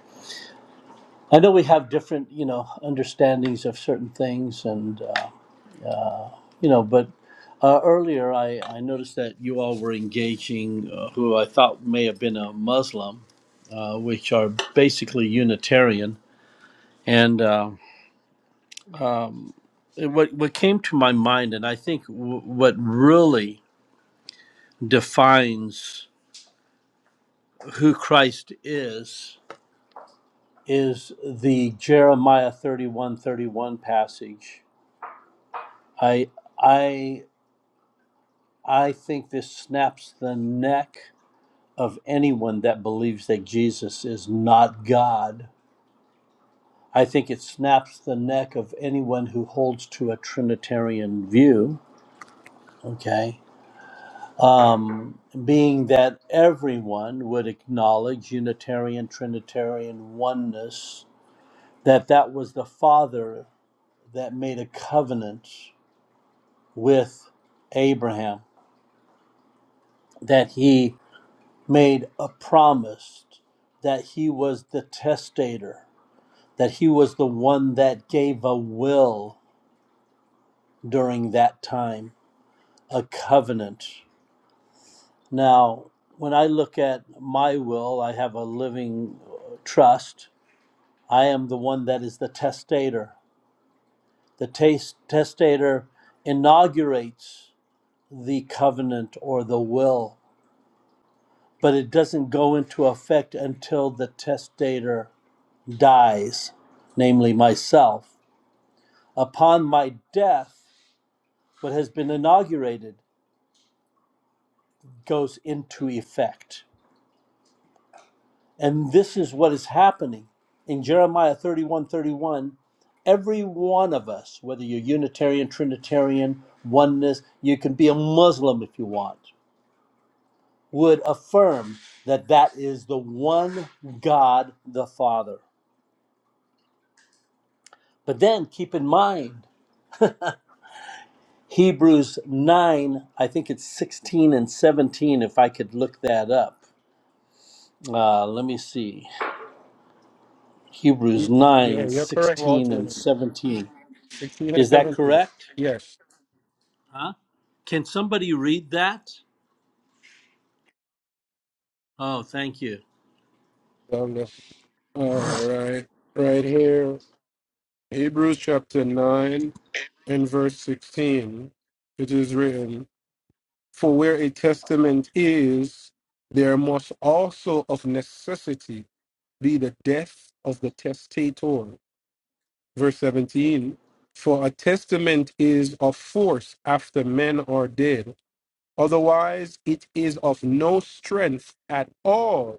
Speaker 20: I know we have different, you know, understandings of certain things. And, uh, you know, but uh, earlier I, I noticed that you all were engaging uh, who I thought may have been a Muslim, uh, which are basically Unitarian. And, uh, um, what what came to my mind, and I think w- what really defines who Christ is is the Jeremiah thirty one thirty one passage. I I I think this snaps the neck of anyone that believes that Jesus is not God. I think it snaps the neck of anyone who holds to a Trinitarian view. Okay um, being that everyone would acknowledge Unitarian Trinitarian oneness, that that was the Father that made a covenant with Abraham, that he made a promise, that he was the testator, that he was the one that gave a will during that time, a covenant. Now, when I look at my will, I have a living uh, trust I am the one that is the testator. The taste, testator inaugurates the covenant or the will, but it doesn't go into effect until the testator dies, namely myself. Upon my death, what has been inaugurated goes into effect. And this is what is happening in Jeremiah 31:31. Every one of us, whether you're Unitarian, Trinitarian, oneness, you can be a Muslim if you want, would affirm that that is the one God the Father. But then keep in mind, Hebrews 9, I think it's 16 and 17, if I could look that up. Uh, let me see. Hebrews
Speaker 15: You- yeah,
Speaker 20: 9:16
Speaker 15: you're correct,
Speaker 20: and
Speaker 15: Walter.
Speaker 20: 17.
Speaker 15: Sixteen and
Speaker 20: Is that
Speaker 15: seventeen.
Speaker 20: correct?
Speaker 15: Yes.
Speaker 20: Huh? Can somebody read that? Oh, thank you.
Speaker 15: Um, all right, right here, Hebrews chapter nine and verse sixteen. It is written, "For where a testament is, there must also of necessity be the death of the testator." Verse seventeen. For a testament is of force after men are dead, Otherwise, it is of no strength at all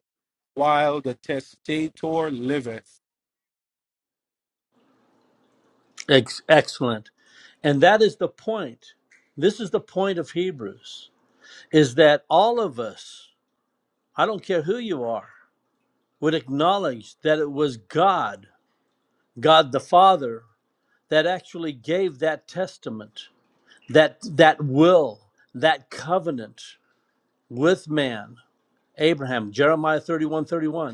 Speaker 15: while the testator liveth.
Speaker 20: Ex- excellent. And that is the point. This is the point of Hebrews is that all of us, I don't care who you are, would acknowledge that it was God, God the Father, that actually gave that testament, that that will, that covenant with man, Abraham, Jeremiah 31, 31.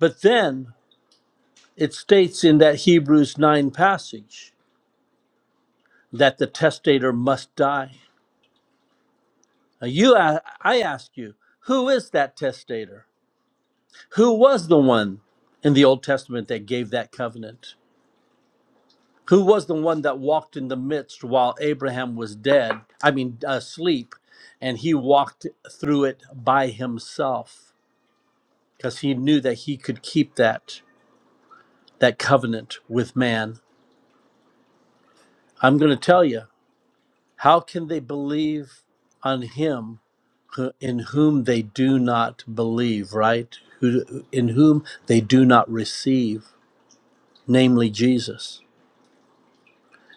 Speaker 20: But then it states in that Hebrews 9 passage that the testator must die. Now you, I, I ask you, who is that testator? Who was the one in the Old Testament that gave that covenant? Who was the one that walked in the midst while Abraham was dead? I mean, asleep, and he walked through it by himself because he knew that he could keep that that covenant with man. I'm going to tell you. How can they believe on him who- in whom they do not believe, right? Who, in whom they do not receive, namely Jesus.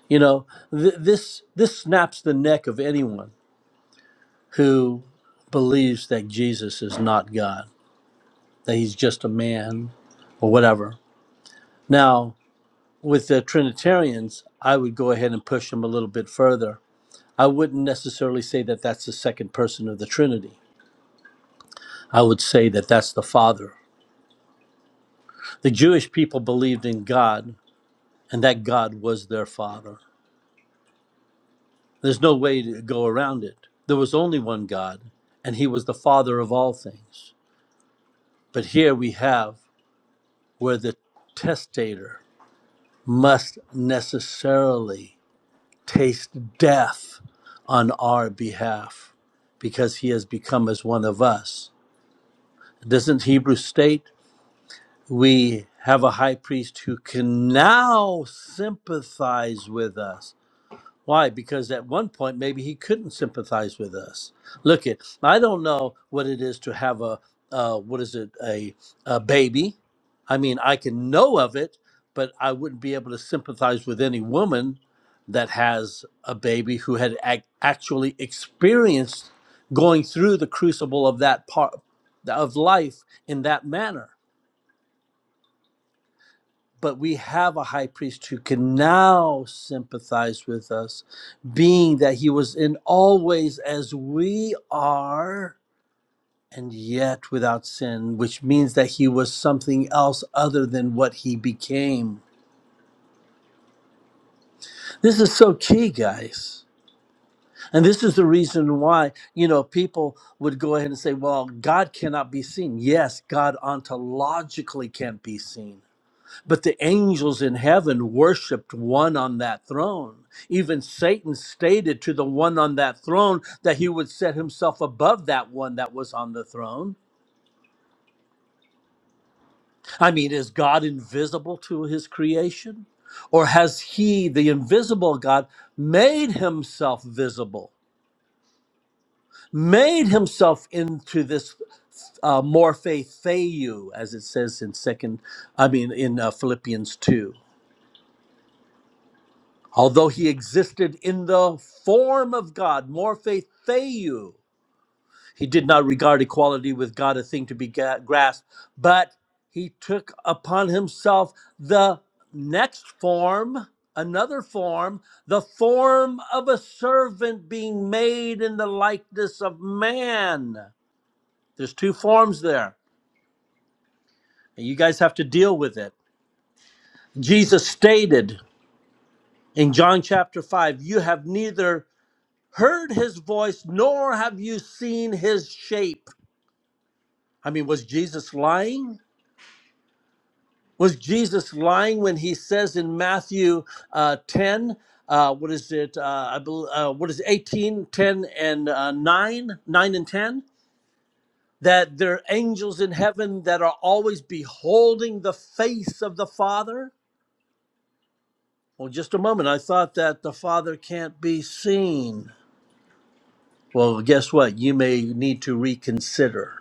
Speaker 20: You know, th- this this snaps the neck of anyone who believes that Jesus is not God, that he's just a man or whatever. Now, with the Trinitarians, I would go ahead and push them a little bit further. I wouldn't necessarily say that that's the second person of the Trinity I would say that that's the Father. The Jewish people believed in God and that God was their Father. There's no way to go around it. There was only one God, and He was the Father of all things. But here we have where the testator must necessarily taste death on our behalf because He has become as one of us. Doesn't Hebrews state we have a high priest who can now sympathize with us. Why? Because at one point, maybe he couldn't sympathize with us. Look, it. I don't know what it is to have a uh, what is it a, a baby. I mean, I can know of it, but I wouldn't be able to sympathize with any woman that has a baby who had ac- actually experienced going through the crucible of that part of life in that manner but we have a high priest who can now sympathize with us, being that he was in all ways as we are, and yet without sin, which means that he was something else other than what he became. This is so key, guys. And this is the reason why, you know, people would go ahead and say, well, God cannot be seen. Yes, God ontologically can't be seen But the angels in heaven worshiped one on that throne. Even Satan stated to the one on that throne that he would set himself above that one that was on the throne. I mean, is God invisible to his creation? Or has he, the invisible God, made himself visible, made himself into this uh, morphe theou, as it says in second, I mean, in uh, Philippians 2? Although he existed in the form of God, morphe theou, he did not regard equality with God a thing to be ga- grasped, but he took upon himself the next form, another form, the form of a servant being made in the likeness of man. There's two forms there, and you guys have to deal with it. Jesus stated in John chapter 5, You have neither heard his voice, nor have you seen his shape. I mean, was Jesus lying? Was Jesus lying when he says in Matthew uh, 10, uh, what is it? Uh, I bel uh, what is it, 18, ten, and uh, 9, 9 and 10? That there are angels in heaven that are always beholding the face of the Father? Well, just a moment. I thought that the Father can't be seen. Well, guess what? You may need to reconsider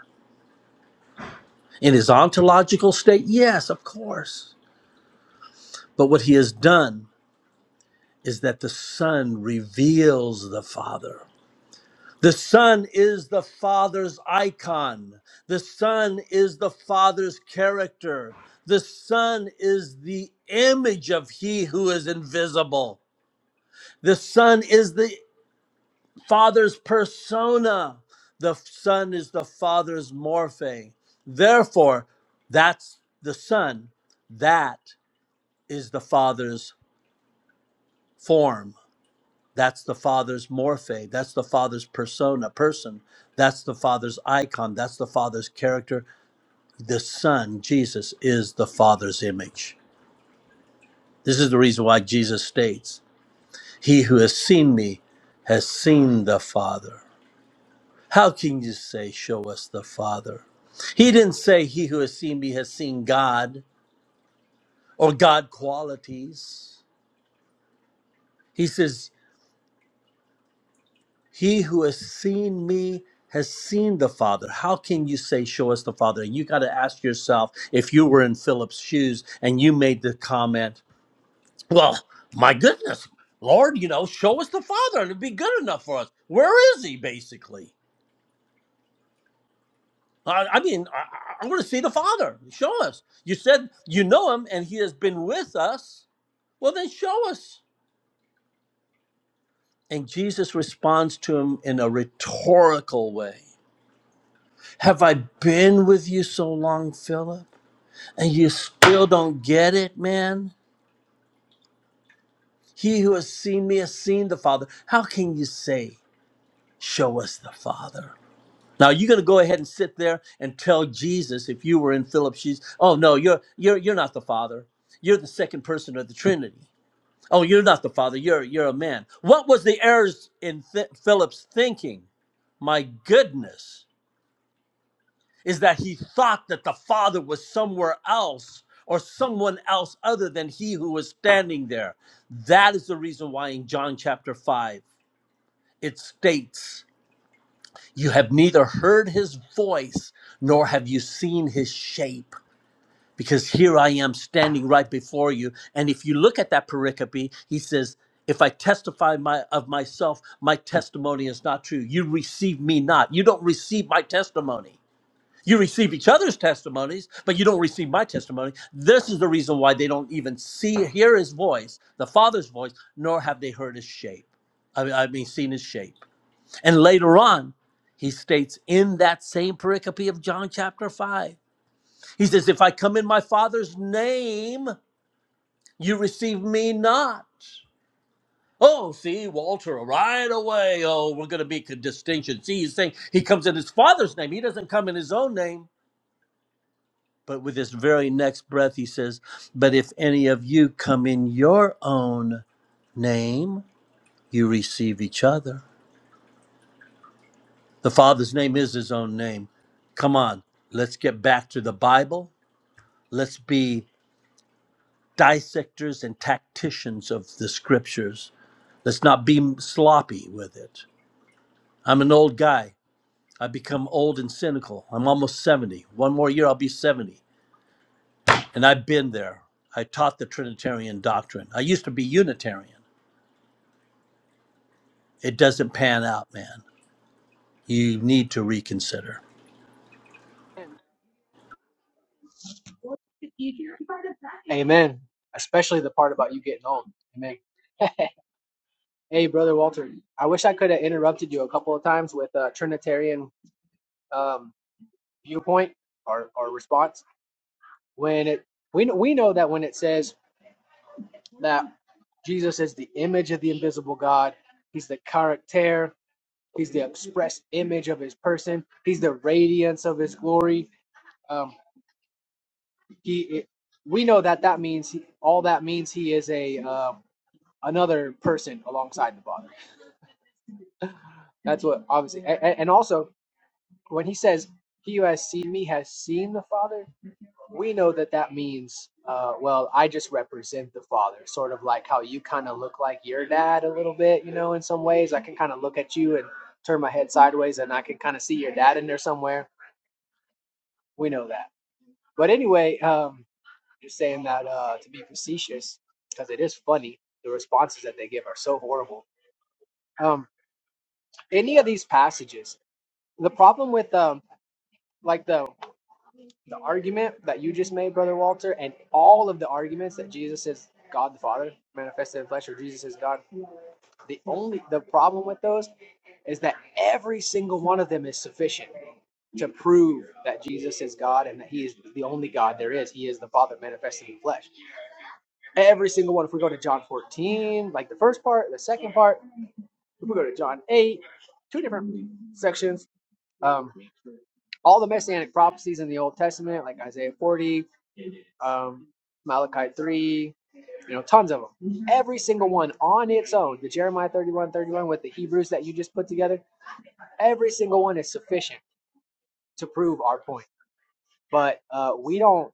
Speaker 20: In his ontological state, yes, of course. But what he has done is that the Son reveals the Father. The Son is the Father's icon. The Son is the Father's character. The Son is the image of He who is invisible. The Son is the Father's persona. The Son is the Father's morphe. Therefore, that's the Son. That is the father's form that's the father's morphe that's the father's persona person that's the father's icon that's the father's character the son jesus is the father's image this is the reason why jesus states he who has seen me has seen the father how can you say show us the father he didn't say he who has seen me has seen god or god qualities he says He who has seen me has seen the Father. How can you say, Show us the Father? You got to ask yourself if you were in Philip's shoes and you made the comment, Well, my goodness, Lord, you know, show us the Father and it'd be good enough for us. Where is he, basically? I, I mean, I, I I want to see the Father. Show us. You said you know him and he has been with us. Well, then show us. And Jesus responds to him in a rhetorical way. Have I been with you so long, Philip? And you still don't get it, man? He who has seen me has seen the Father. How can you say, Show us the Father? Now you're gonna go ahead and sit there and tell Jesus if you were in Philip's shoes, oh no, you're you're you're not the Father. You're the second person of the Trinity. Oh, you're not the Father, you're you're a man. What was the errors in Th- Philip's thinking? My goodness. is that he thought that the Father was somewhere else or someone else other than he who was standing there. That is the reason why in John chapter 5 it states, You have neither heard his voice nor have you seen his shape. Because here I am standing right before you. And if you look at that pericope, he says, if I testify my, of myself, my testimony is not true. You receive me not. You don't receive my testimony. You receive each other's testimonies, but you don't receive my testimony. This is the reason why they don't even see, hear his voice, the Father's voice, nor have they heard his shape. I mean, I mean, seen his shape. And later on, he states in that same pericope of John chapter 5, he says, If I come in my Father's name, you receive me not. Oh, see, Walter, right away. Oh, we're going to make a distinction. See, he's saying he comes in his Father's name, he doesn't come in his own name. But with this very next breath, he says, But if any of you come in your own name, you receive each other. The Father's name is his own name. Come on, let's get back to the Bible. Let's be dissectors and tacticians of the scriptures. Let's not be sloppy with it. I'm an old guy. I become old and cynical. I'm almost 70. One more year, I'll be 70. And I've been there. I taught the Trinitarian doctrine. I used to be Unitarian. it doesn't pan out, man, you need to reconsider.
Speaker 17: it. Amen. Especially the part about you getting old. Amen. Hey, brother Walter, I wish I could have interrupted you a couple of times with a Trinitarian um, viewpoint or, or response. When it we know, we know that when it says that Jesus is the image of the invisible God, He's the character, He's the express image of His person, He's the radiance of His glory. Um, he, it, we know that that means he, all that means He is a um another person alongside the Father That's what obviously, and, and also when he says, "He who has seen me has seen the Father," we know that that means, uh, well, I just represent the Father, sort of like how you kind of look like your dad a little bit, you know, in some ways. I can kind of look at you and turn my head sideways, and I can kind of see your dad in there somewhere. We know that. But anyway, um, just saying that uh, to be facetious because it is funny. The responses that they give are so horrible. Um, any of these passages, the problem with um, like the the argument that you just made, Brother Walter, and all of the arguments that Jesus is God the Father manifested in flesh or Jesus is God, the only the problem with those is that every single one of them is sufficient to prove that Jesus is God and that he is the only God there is. He is the Father manifested in flesh. Every single one. If we go to John 14, like the first part, the second part, if we go to John 8, two different sections. Um, all the messianic prophecies in the Old Testament, like Isaiah 40, um, Malachi 3, you know, tons of them. Every single one on its own, the Jeremiah 31 31 with the Hebrews that you just put together, every single one is sufficient to prove our point. But uh, we don't,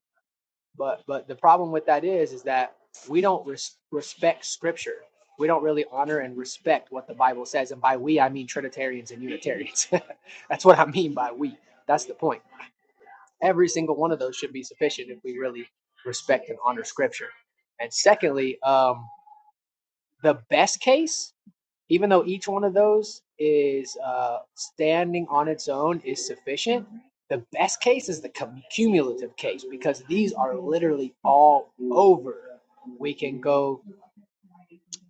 Speaker 17: but, but the problem with that is, is that we don't res- respect scripture. We don't really honor and respect what the Bible says. And by we, I mean Trinitarians and Unitarians. That's what I mean by we. That's the point. every single one of those should be sufficient if we really respect and honor scripture. And secondly, um, the best case, even though each one of those is uh, standing on its own is sufficient, the best case is the cumulative case because these are literally all over. We can go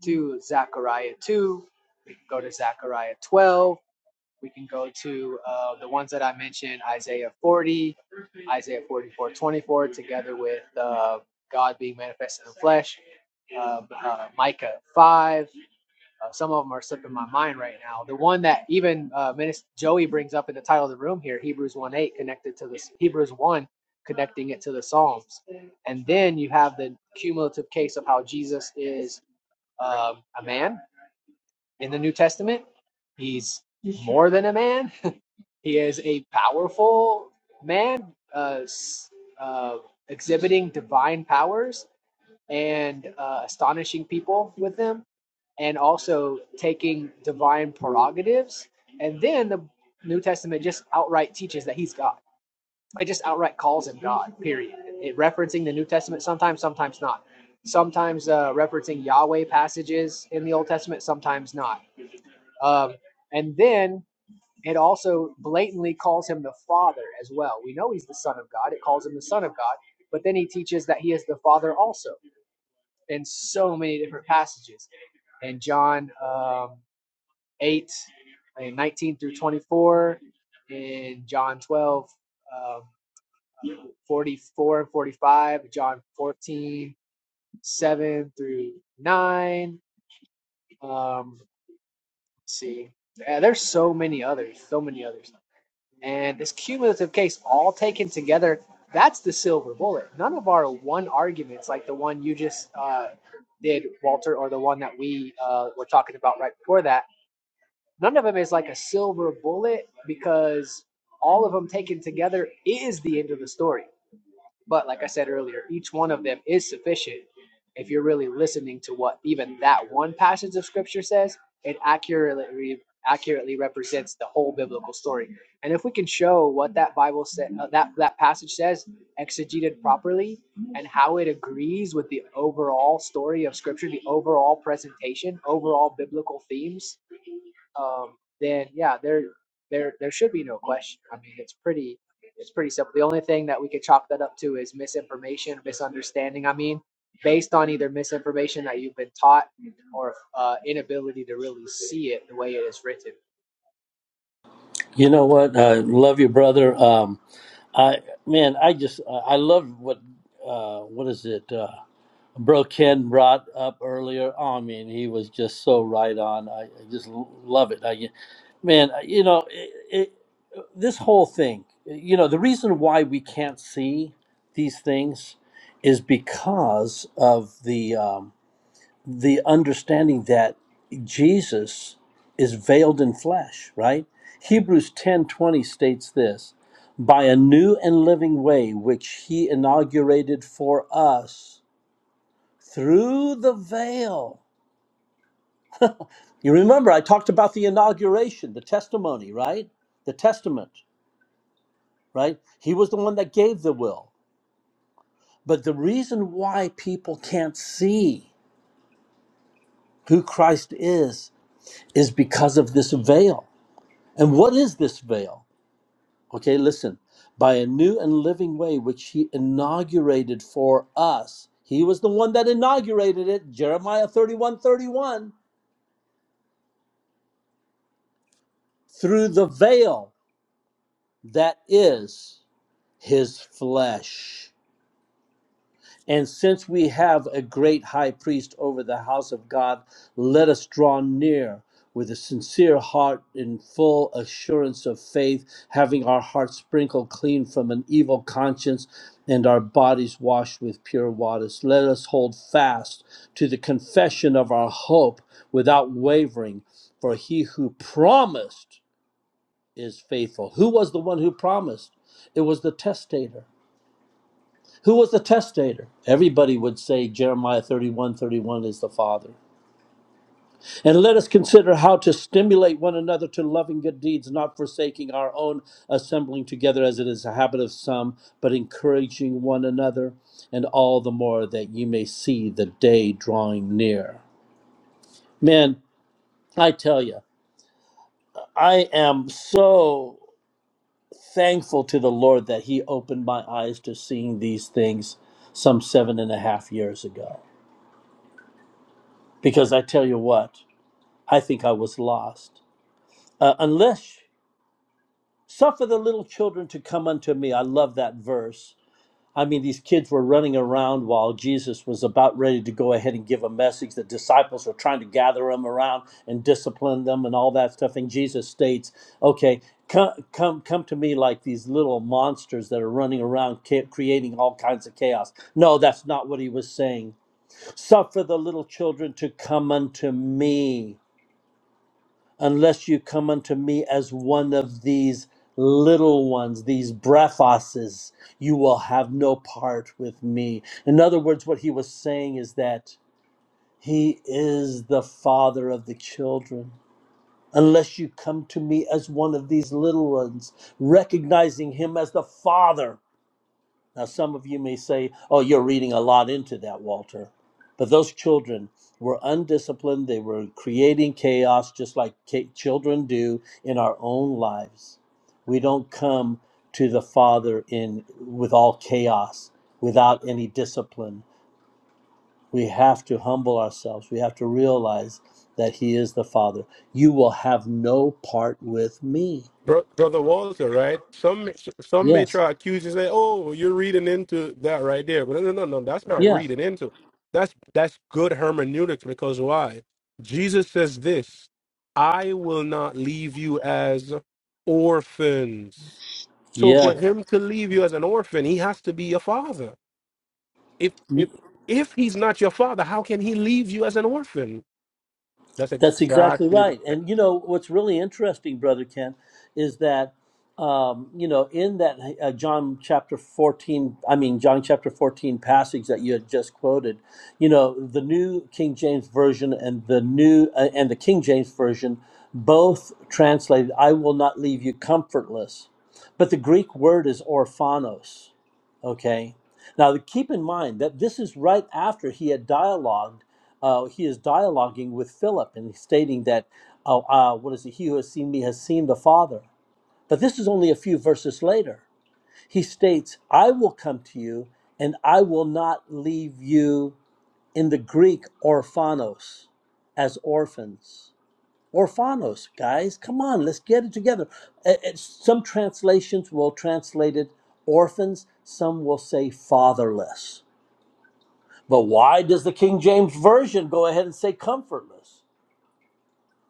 Speaker 17: to Zechariah 2, we can go to Zechariah 12, we can go to uh, the ones that I mentioned Isaiah 40, Isaiah 44:24, together with uh, God being manifested in the flesh, uh, uh, Micah 5. Uh, some of them are slipping my mind right now. The one that even uh, Minister Joey brings up in the title of the room here, Hebrews 1 8, connected to this, Hebrews 1, connecting it to the Psalms. And then you have the cumulative case of how Jesus is um, a man in the New Testament. He's more than a man he is a powerful man, uh, uh, exhibiting divine powers and uh, astonishing people with them, and also taking divine prerogatives. And then the New Testament just outright teaches that he's God. It just outright calls him God. Period. It referencing the New Testament sometimes, sometimes not. Sometimes uh, referencing Yahweh passages in the Old Testament, sometimes not. Um, and then it also blatantly calls him the Father as well. We know he's the Son of God. It calls him the Son of God, but then he teaches that he is the Father also in so many different passages. In John um, 8, and 19 through 24, in John 12, um, 44 and 45, John 14 7 through 9. Um, let's see. Yeah, there's so many others, so many others. And this cumulative case, all taken together, that's the silver bullet. None of our one arguments, like the one you just uh, did, Walter, or the one that we uh, were talking about right before that, none of them is like a silver bullet because all of them taken together is the end of the story. But like I said earlier, each one of them is sufficient if you're really listening to what even that one passage of scripture says. It accurately accurately represents the whole biblical story. And if we can show what that Bible said, uh, that that passage says, exegeted properly, and how it agrees with the overall story of scripture, the overall presentation, overall biblical themes, um, then yeah, there there there should be no question. I mean, it's pretty it's pretty simple. The only thing that we could chalk that up to is misinformation, misunderstanding. I mean, based on either misinformation that you've been taught or uh, inability to really see it the way it is written.
Speaker 20: You know what? I love you, brother. Um, I man, I just I love what uh, what is it? Uh, Bro Ken brought up earlier. Oh, I mean, he was just so right on. I, I just l- love it. I, man, you know, it, it, this whole thing. You know, the reason why we can't see these things is because of the. um, the understanding that Jesus is veiled in flesh, right? Hebrews 10:20 states this, by a new and living way which he inaugurated for us through the veil. You remember I talked about the inauguration, the testimony, right? The testament, right? He was the one that gave the will. But the reason why people can't see who Christ is is because of this veil. And what is this veil? Okay, listen. By a new and living way which he inaugurated for us. He was the one that inaugurated it, Jeremiah thirty-one, thirty-one, through the veil that is his flesh. And since we have a great high priest over the house of God, let us draw near with a sincere heart in full assurance of faith, having our hearts sprinkled clean from an evil conscience and our bodies washed with pure waters. Let us hold fast to the confession of our hope without wavering, for he who promised is faithful. Who was the one who promised? It was the testator. Who was the testator? Everybody would say Jeremiah 31, 31 is the Father. And let us consider how to stimulate one another to loving good deeds, not forsaking our own assembling together as it is a habit of some, but encouraging one another, and all the more that you may see the day drawing near. Man, I tell you, I am so thankful to the Lord that He opened my eyes to seeing these things some seven and a half years ago Because I tell you what, I think I was lost. Uh, unless suffer the little children to come unto me. I love that verse. I mean, these kids were running around while Jesus was about ready to go ahead and give a message. The disciples were trying to gather them around and discipline them and all that stuff. And Jesus states, okay, come, come, come to me like these little monsters that are running around ca- creating all kinds of chaos. No, that's not what he was saying. Suffer the little children to come unto me. unless you come unto me as one of these little ones, these brephoses, you will have no part with me. In other words, what he was saying is that he is the father of the children. Unless you come to me as one of these little ones, recognizing him as the father now, some of you may say, oh, you're reading a lot into that, Walter. But those children were undisciplined. They were creating chaos just like ca- children do in our own lives. We don't come to the Father in with all chaos, without any discipline. We have to humble ourselves. We have to realize that He is the Father. You will have no part with me.
Speaker 15: Bro- Brother Walter, right? Some some may
Speaker 20: Yes.
Speaker 15: try to accuse you, say, "Oh, you're reading into that right there," but no, no, no, no, that's not
Speaker 20: Yeah.
Speaker 15: reading into. That's that's good hermeneutics because why? Jesus says this: "I will not leave you as orphans." So for
Speaker 20: Yeah.
Speaker 15: him to leave you as an orphan, he has to be your father. If if if he's not your father, how can he leave you as an orphan? That's
Speaker 20: That's exactly
Speaker 15: exactly the
Speaker 20: right.
Speaker 15: point.
Speaker 20: And you know what's really interesting, brother Ken, is that um, you know in that uh, John chapter fourteen, I mean John chapter fourteen passage that you had just quoted, you know the New King James version and the new uh, and the King James version both translated, "I will not leave you comfortless," but the Greek word is orphanos Okay. Now keep in mind that this is right after he had dialogued. Uh, he is dialoguing with Philip and stating that, oh, uh, what is it? He who has seen me has seen the Father. But this is only a few verses later. He states, I will come to you and I will not leave you in the Greek orphanos, as orphans. Orphanos, guys, come on, let's get it together. Uh, uh, Some translations will translate it orphans, some will say fatherless. But why does the King James Version go ahead and say comfortless?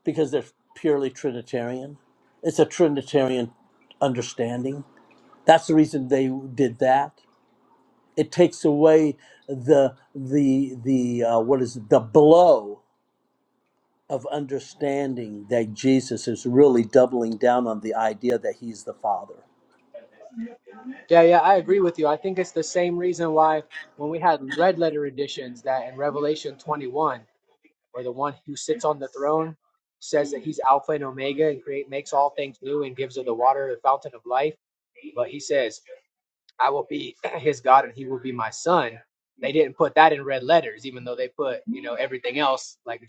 Speaker 20: Because they're purely Trinitarian. It's a Trinitarian understanding. That's the reason they did that. It takes away the the the uh, what is it, the blow of understanding that Jesus is really doubling down on the idea that he's the Father.
Speaker 17: Yeah, yeah, I agree with you. I think it's the same reason why when we had red letter editions that in Revelation 21 where the one who sits on the throne says that he's Alpha and Omega and create makes all things new and gives of the water the fountain of life. But he says, I will be his God and he will be my son. They didn't put that in red letters, even though they put, you know, everything else, like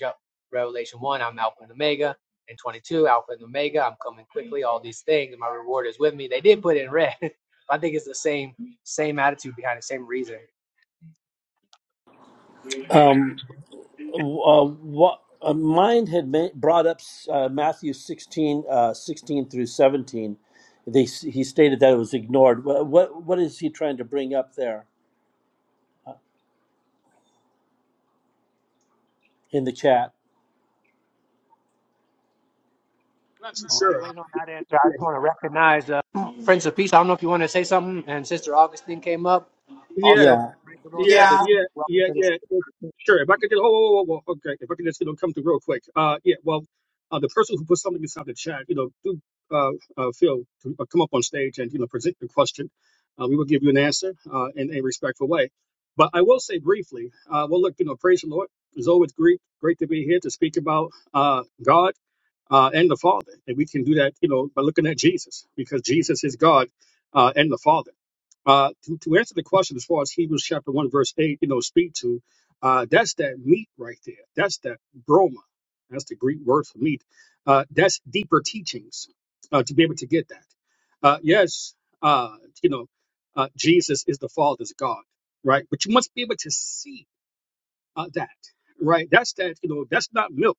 Speaker 17: Revelation 1, I'm Alpha and Omega, and 22, Alpha and Omega, I'm coming quickly, all these things, and my reward is with me. They did put it in red. I think it's the same same attitude behind the same reason.
Speaker 21: I'm
Speaker 20: Um, uh, what uh, mine had ma- brought up uh, Matthew 16, uh, 16 through 17. They, he stated that it was ignored. What, what, what is he trying to bring up there in the chat?
Speaker 21: not too
Speaker 17: Oh, While you're
Speaker 21: sure. Uh,
Speaker 17: waiting on that answer, I
Speaker 21: yeah,
Speaker 17: just want to recognize uh, Prince of Peace. I don't know if you want to say something. And Sister Augustine came up.
Speaker 21: yeah,
Speaker 17: Also,
Speaker 20: Yeah.
Speaker 17: and praise the Lord,
Speaker 21: yeah,
Speaker 17: Brother
Speaker 22: Yeah,
Speaker 21: yeah,
Speaker 17: Steve. Welcome
Speaker 21: yeah,
Speaker 17: to this.
Speaker 21: yeah. yeah.
Speaker 17: I
Speaker 21: Sure. If I could just, oh, whoa, whoa, whoa, whoa, okay. If I could just, you know, come through real quick. Uh, yeah. Well, uh, the person who put something inside the chat, you know, do uh, uh feel to uh, come up on stage and you know present your question. Uh, we will give you an answer uh, in a respectful way. But I will say briefly. Uh, well, look, you know, praise the Lord. It's always great, great to be here to speak about uh God uh, and the Father, and we can do that, you know, by looking at Jesus, because Jesus is God uh, and the Father. Uh, to, to answer the question as far as Hebrews chapter 1, verse 8, you know, speak to, uh, that's that meat right there. That's that broma. That's the Greek word for meat. Uh, that's deeper teachings uh, to be able to get that. Uh, yes, uh, you know, uh, Jesus is the Father's God, right? But you must be able to see uh, that, right? That's that, you know, that's not milk,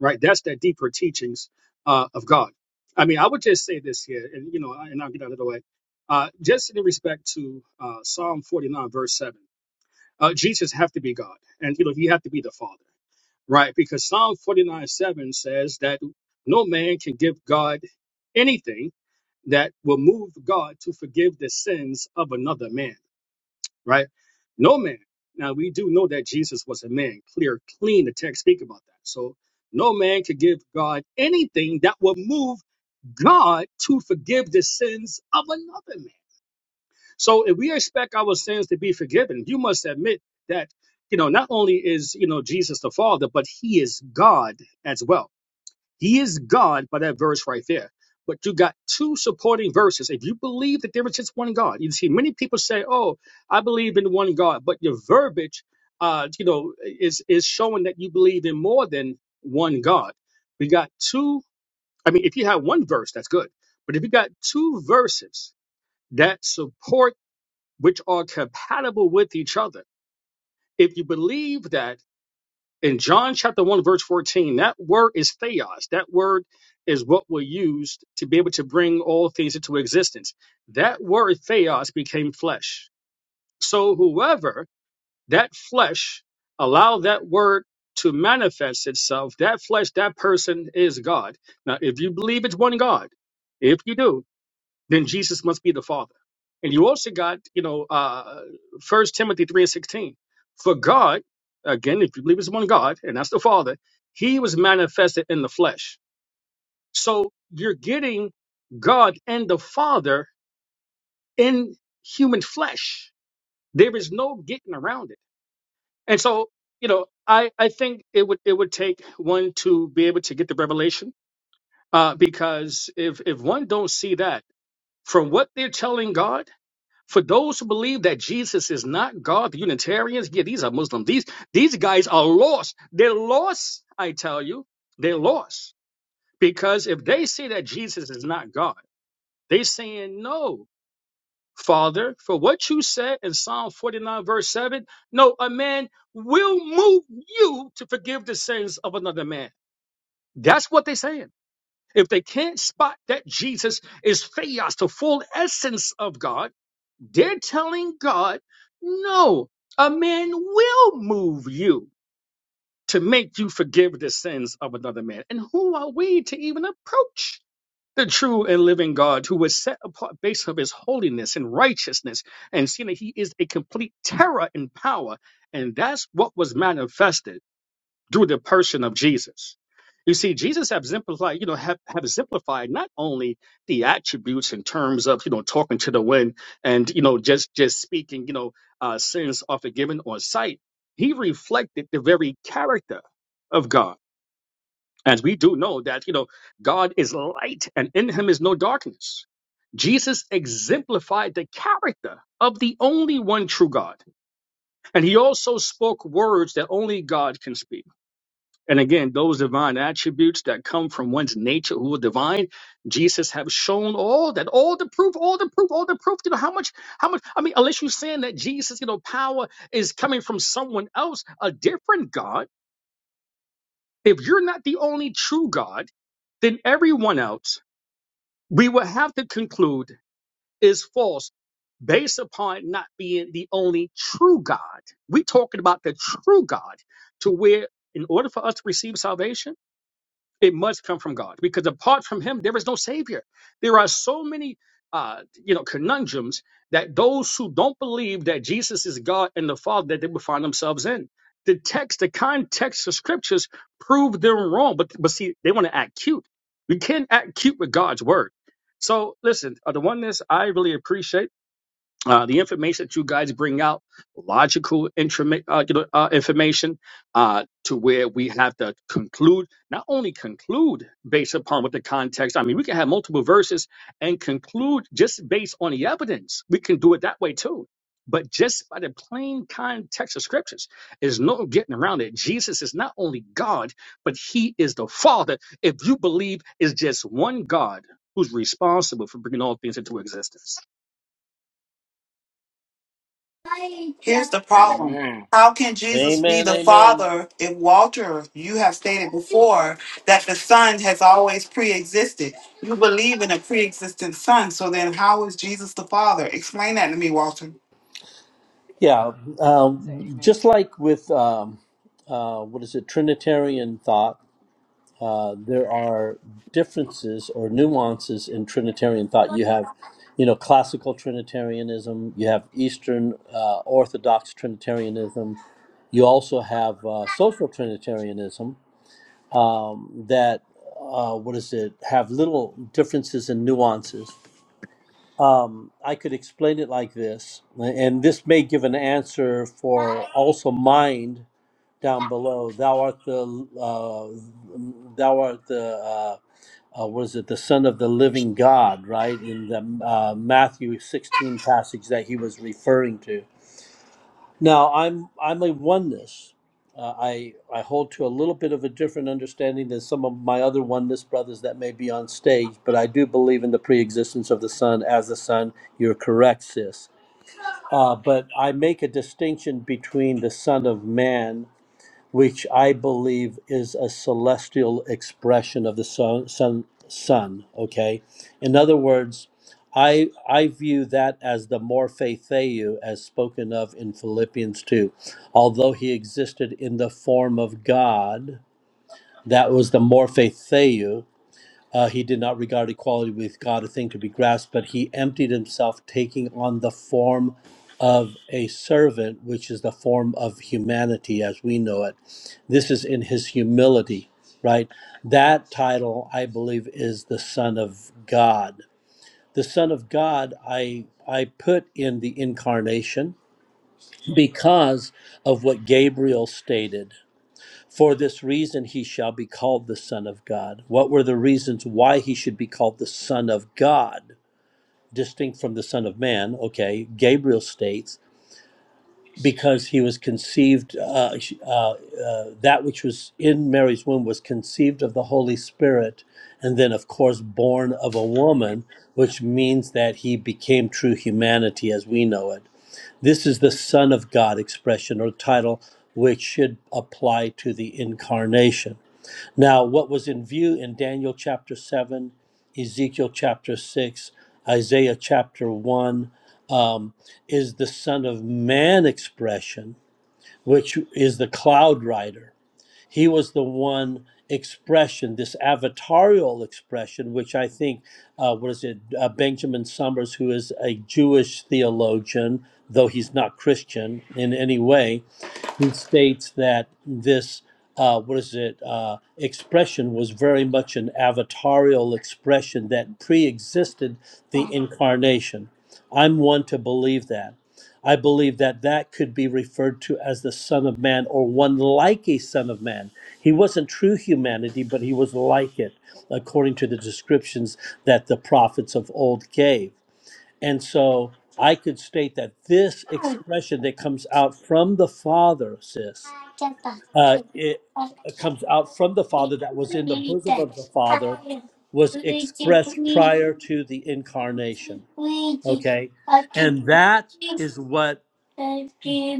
Speaker 21: right? That's that deeper teachings uh, of God. I mean, I would just say this here, and, you know, and I'll get out of the way. Uh, just in respect to uh, Psalm 49, verse 7, uh, Jesus have to be God, and, you know, he have to be the Father, right? Because Psalm 49, 7 says that no man can give God anything that will move God to forgive the sins of another man right? No man. Now we do know that Jesus was a man, clear, clean. The text speak about that. So no man could give God anything that would move God to forgive the sins of another man. So if we expect our sins to be forgiven, you must admit that you know not only is you know Jesus the Father, but He is God as well. He is God by that verse right there. But you got two supporting verses. If you believe that there is just one God, you see many people say, "Oh, I believe in one God," but your verbiage, uh, you know, is is showing that you believe in more than one God. We got two. I mean, if you have one verse, that's good. But if you got two verses that support, which are compatible with each other, if you believe that in John chapter 1, verse 14, that word is theos. That word is what we used to be able to bring all things into existence. That word theos became flesh. So whoever that flesh allow that word to manifest itself, that flesh, that person is God. Now, if you believe it's one God, if you do, then Jesus must be the Father. And you also got, you know, uh First Timothy three and sixteen. For God, again, if you believe it's one God, and that's the Father, He was manifested in the flesh. So you're getting God and the Father in human flesh. There is no getting around it. And so, you know, I I think it would it would take one to be able to get the revelation, uh, because if if one don't see that from what they're telling God For those who believe that Jesus is not God, the Unitarians, yeah, these are Muslims. These these guys are lost. They're lost, I tell you. They're lost. Because if they say that Jesus is not God, they're saying, No, Father, for what you said in Psalm 49, verse 7, no, a man will move you to forgive the sins of another man. That's what they're saying. If they can't spot that Jesus is theos, the full essence of God, they're telling God, no, a man will move you to make you forgive the sins of another man. And who are we to even approach the true and living God who was set apart based on his holiness and righteousness and seeing that he is a complete terror in power? And that's what was manifested through the person of Jesus. You see, Jesus have exemplified, you know, have, have exemplified not only the attributes in terms of, you know, talking to the wind and, you know, just just speaking, you know, uh, sins are forgiven on sight. He reflected the very character of God. As we do know that, you know, God is light and in him is no darkness. Jesus exemplified the character of the only one true God. And he also spoke words that only God can speak. And again, those divine attributes that come from one's nature who are divine, Jesus have shown all that, all the proof, all the proof, all the proof. You know how much, how much? I mean, unless you're saying that Jesus, you know, power is coming from someone else, a different God. If you're not the only true God, then everyone else we will have to conclude is false, based upon not being the only true God. we are talking about the true God, to where in order for us to receive salvation it must come from God because apart from Him, there is no Savior. There are so many, uh, you know, conundrums that those who don't believe that Jesus is God and the Father that they would find themselves in. The text, the context of scriptures prove them wrong, but but see, they want to act cute. We can't act cute with God's word. So listen, uh, the oneness I really appreciate uh, the information that you guys bring out, logical intrami- uh, you know, uh, information, uh, to where we have to conclude, not only conclude based upon what the context, I mean, we can have multiple verses and conclude just based on the evidence. We can do it that way too. But just by the plain context of scriptures, there's no getting around it. Jesus is not only God, but he is the Father. If you believe it's just one God who's responsible for bringing all things into existence.
Speaker 22: here's the problem.
Speaker 14: Amen.
Speaker 22: How can Jesus be
Speaker 20: Amen.
Speaker 22: the
Speaker 20: Amen.
Speaker 22: Father if Walter, you have stated before that the Son has always pre existed? You believe in a pre existent Son, so then how is Jesus the Father? Explain that to me, Walter.
Speaker 20: Yeah.
Speaker 17: say
Speaker 20: Um,
Speaker 17: amen to
Speaker 20: just
Speaker 17: sin.
Speaker 20: like with, um, uh, what is it, Trinitarian thought. uh, there are differences or nuances in Trinitarian thought. You have, you know, classical Trinitarianism. You have Eastern uh, Orthodox Trinitarianism. You also have uh, social Trinitarianism that, uh, what is it, have little differences and nuances. Um, I could explain it like this, and this may give an answer for also mind down below. Thou art the uh, thou art the uh, uh, was it the Son of the Living God, right? In the uh, Matthew 16 passage that he was referring to. Now, I'm I'm a oneness. Uh, I I hold to a little bit of a different understanding than some of my other oneness brothers that may be on stage, but I do believe in the preexistence of the Son as the Son. You're correct, sis. Uh, but I make a distinction between the Son of Man which I believe is a celestial expression of the sun, sun, sun. Okay, in other words, I I view that as the morphe theou, as spoken of in Philippians two. Although he existed in the form of God, that was the morphe theou. Uh, he did not regard equality with God a thing to be grasped, but he emptied himself, taking on the form of a servant, which is the form of humanity as we know it. This is in his humility, right? That title, I believe, is the Son of God. The Son of God, I I put in the incarnation because of what Gabriel stated. For this reason he shall be called the Son of God. What were the reasons why he should be called the Son of God? Distinct from the Son of Man, okay, Gabriel states, because he was conceived, uh, uh, uh, that which was in Mary's womb was conceived of the Holy Spirit, and then, of course, born of a woman, which means that he became true humanity as we know it. This is the Son of God expression or title, which should apply to the incarnation now, what was in view in Daniel chapter 7, Ezekiel chapter 6, Isaiah chapter 1 um, is the Son of Man expression, which is the cloud rider. He was the one expression, this avatarial expression, which I think, uh, what is it, uh, Benjamin Summers, who is a Jewish theologian, though he's not Christian in any way, who states that this uh, what is it uh, expression was very much an avatarial expression that pre-existed the incarnation i'm one to believe that i believe that that could be referred to as the son of man or one like a son of man he wasn't true humanity but he was like it according to the descriptions that the prophets of old gave and so I could state that this expression that comes out from the Father, sis, uh, it it comes out from the Father that was in the bosom of the Father, was expressed prior to the incarnation. Okay. And that is what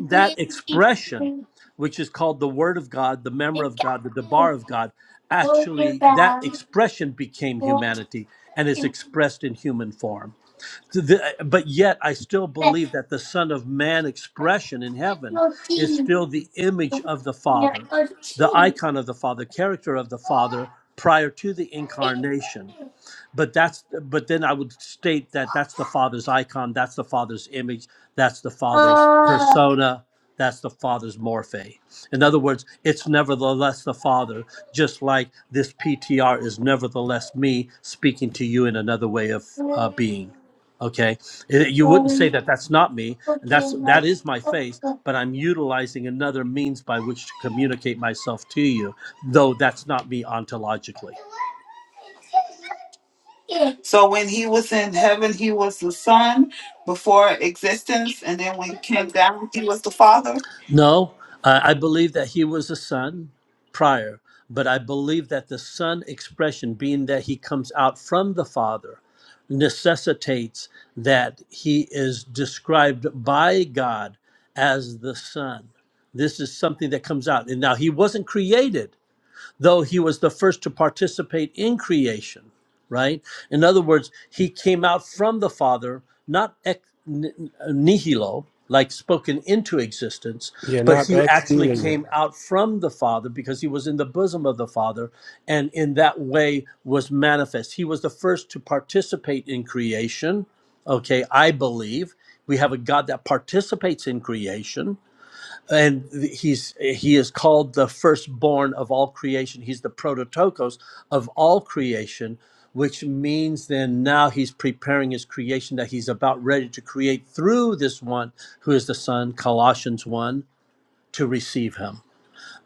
Speaker 20: that expression, which is called the Word of God, the Memor of God, the Debar of God, actually that expression became humanity and is expressed in human form. To the- but yet, I still believe that the Son of Man expression in heaven is still the image of the Father, the icon of the Father, character of the Father prior to the incarnation but that's but then i would state that that's the father's icon that's the father's image that's the father's persona that's the father's morphe in other words it's nevertheless the father just like this ptr is nevertheless me speaking to you in another way of uh, being okay It- you wouldn't say that that's not me and that's that is my face but i'm utilizing another means by which to communicate myself to you though that's not me ontologically
Speaker 22: So when he was in heaven, he was the Son before existence, and then when he came down, he was the Father?
Speaker 20: No, uh, I believe that he was a son prior, but I believe that the son expression, being that he comes out from the father, necessitates that he is described by God as the son. This is something that comes out. And now he wasn't created though he was the first to participate in creation, right? In other words, he came out from the Father, not ex nihilo, like spoken into existence,
Speaker 15: Yeah,
Speaker 20: but
Speaker 15: not
Speaker 20: he actually
Speaker 15: ex-stealing. you.
Speaker 20: came out from the Father because he was in the bosom of the Father and in that way was manifest. He was the first to participate in creation. Okay, I believe we have a God that participates in creation and he's he is called the firstborn of all creation he's the prototokos of all creation which means then now he's preparing his creation that he's about ready to create through this one who is the son colossians 1 to receive him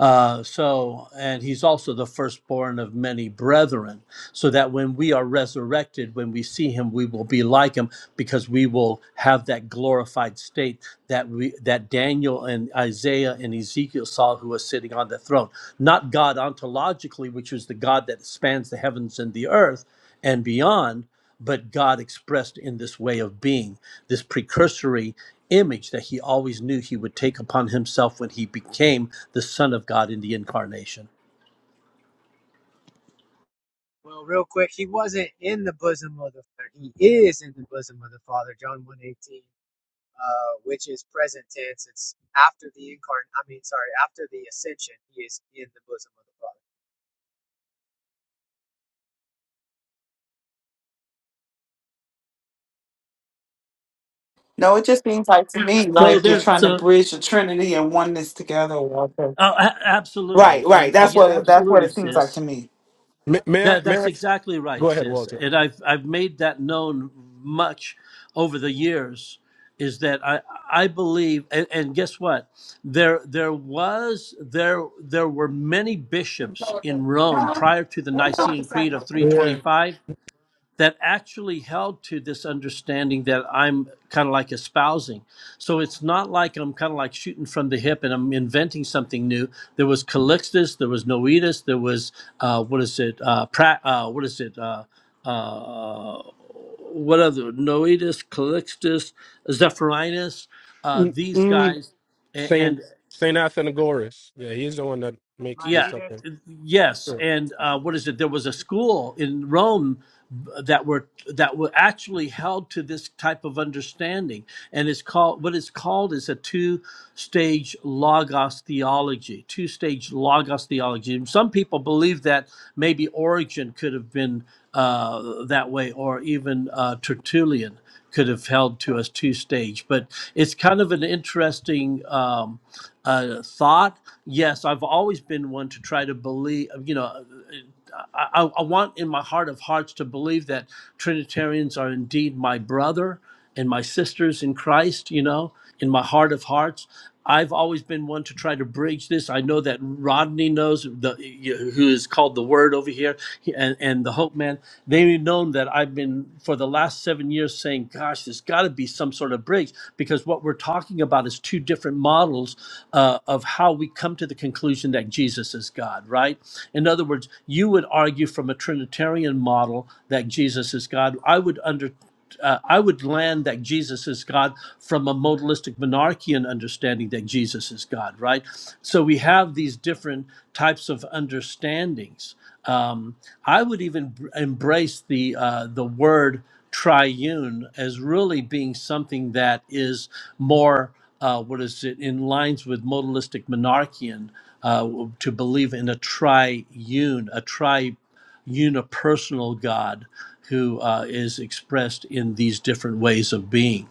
Speaker 20: uh, so, and he's also the firstborn of many brethren, so that when we are resurrected, when we see him, we will be like him because we will have that glorified state that we that Daniel and Isaiah and Ezekiel saw who was sitting on the throne. Not God ontologically, which is the God that spans the heavens and the earth, and beyond, but God expressed in this way of being, this precursory image that he always knew he would take upon himself when he became the Son of God in the incarnation.
Speaker 17: Well, real quick, he wasn't in the bosom of the Father. He is in the bosom of the Father, John 118, uh, which is present tense. It's after the incarn I mean, sorry, after the ascension, he is in the bosom of the
Speaker 22: No, it just seems like to me
Speaker 20: So
Speaker 22: like you're
Speaker 20: there,
Speaker 22: trying to
Speaker 20: so
Speaker 22: bridge the Trinity and oneness together, Walter.
Speaker 20: oh, a- absolutely,
Speaker 22: Right, right.
Speaker 20: and uh,
Speaker 22: That's
Speaker 20: yeah,
Speaker 22: what it, that's what
Speaker 20: absolutely,
Speaker 22: it seems like
Speaker 20: sis.
Speaker 22: to me.
Speaker 15: May, may I?
Speaker 20: That,
Speaker 15: May
Speaker 20: that's
Speaker 15: I?
Speaker 20: exactly
Speaker 15: Go
Speaker 20: right,
Speaker 15: ahead,
Speaker 20: sis.
Speaker 15: Walter.
Speaker 20: And I've I've made that known much over the years. Is that I I believe and, and guess what? There there was there there were many bishops in Rome prior to the Nicene Creed of
Speaker 15: Yeah.
Speaker 20: 325 that actually held to this understanding that I'm kind of like espousing. So it's not like I'm kind of like shooting from the hip and I'm inventing something new. There was Calixtus, there was Noetus, there was uh, what is it? Uh, pra- uh, what is it? Uh, uh, what other? Noetus, Calixtus, Zephyrinus. Uh,
Speaker 15: Mm,
Speaker 20: these
Speaker 15: mm,
Speaker 20: guys, a-
Speaker 15: Saint
Speaker 20: and,
Speaker 15: Saint Athenagoras. Yeah, he's the one that makes
Speaker 17: Father. My
Speaker 20: yeah,
Speaker 15: these up.
Speaker 17: leader,
Speaker 15: there.
Speaker 20: yes,
Speaker 15: Sure.
Speaker 20: and uh, what is it? There was a school in Rome uh, that were that were actually held to this type of understanding, and it's called what it's called is a two-stage logos theology. Two-stage logos theology. And some people believe that maybe Origen could have been uh, that way, or even uh, Tertullian could have held to us two-stage. But it's kind of an interesting. Um, uh, thought. Yes, I've always been one to try to believe, you know, I, I I want in my heart of hearts to believe that Trinitarians are indeed my brother and my sisters in Christ, you know, in my heart of hearts. I've always been one to try to bridge this. I know that Rodney knows the who is called the Word over here, and, and the Hope Man man, they would have known that I've been for the last seven years saying, "Gosh, there's got to be some sort of break," because what we're talking about is two different models uh, of how we come to the conclusion that Jesus is God. Right? In other words, you would argue from a Trinitarian model that Jesus is God. I would under uh, I would land that Jesus is God from a modalistic monarchian understanding that Jesus is God, right? So we have these different types of understandings. Um, I would even br- embrace the uh, the word triune as really being something that is more uh, what is it in lines with modalistic monarchian uh, w- to believe in a triune, a tri unipersonal God who uh, is expressed in these different ways of being.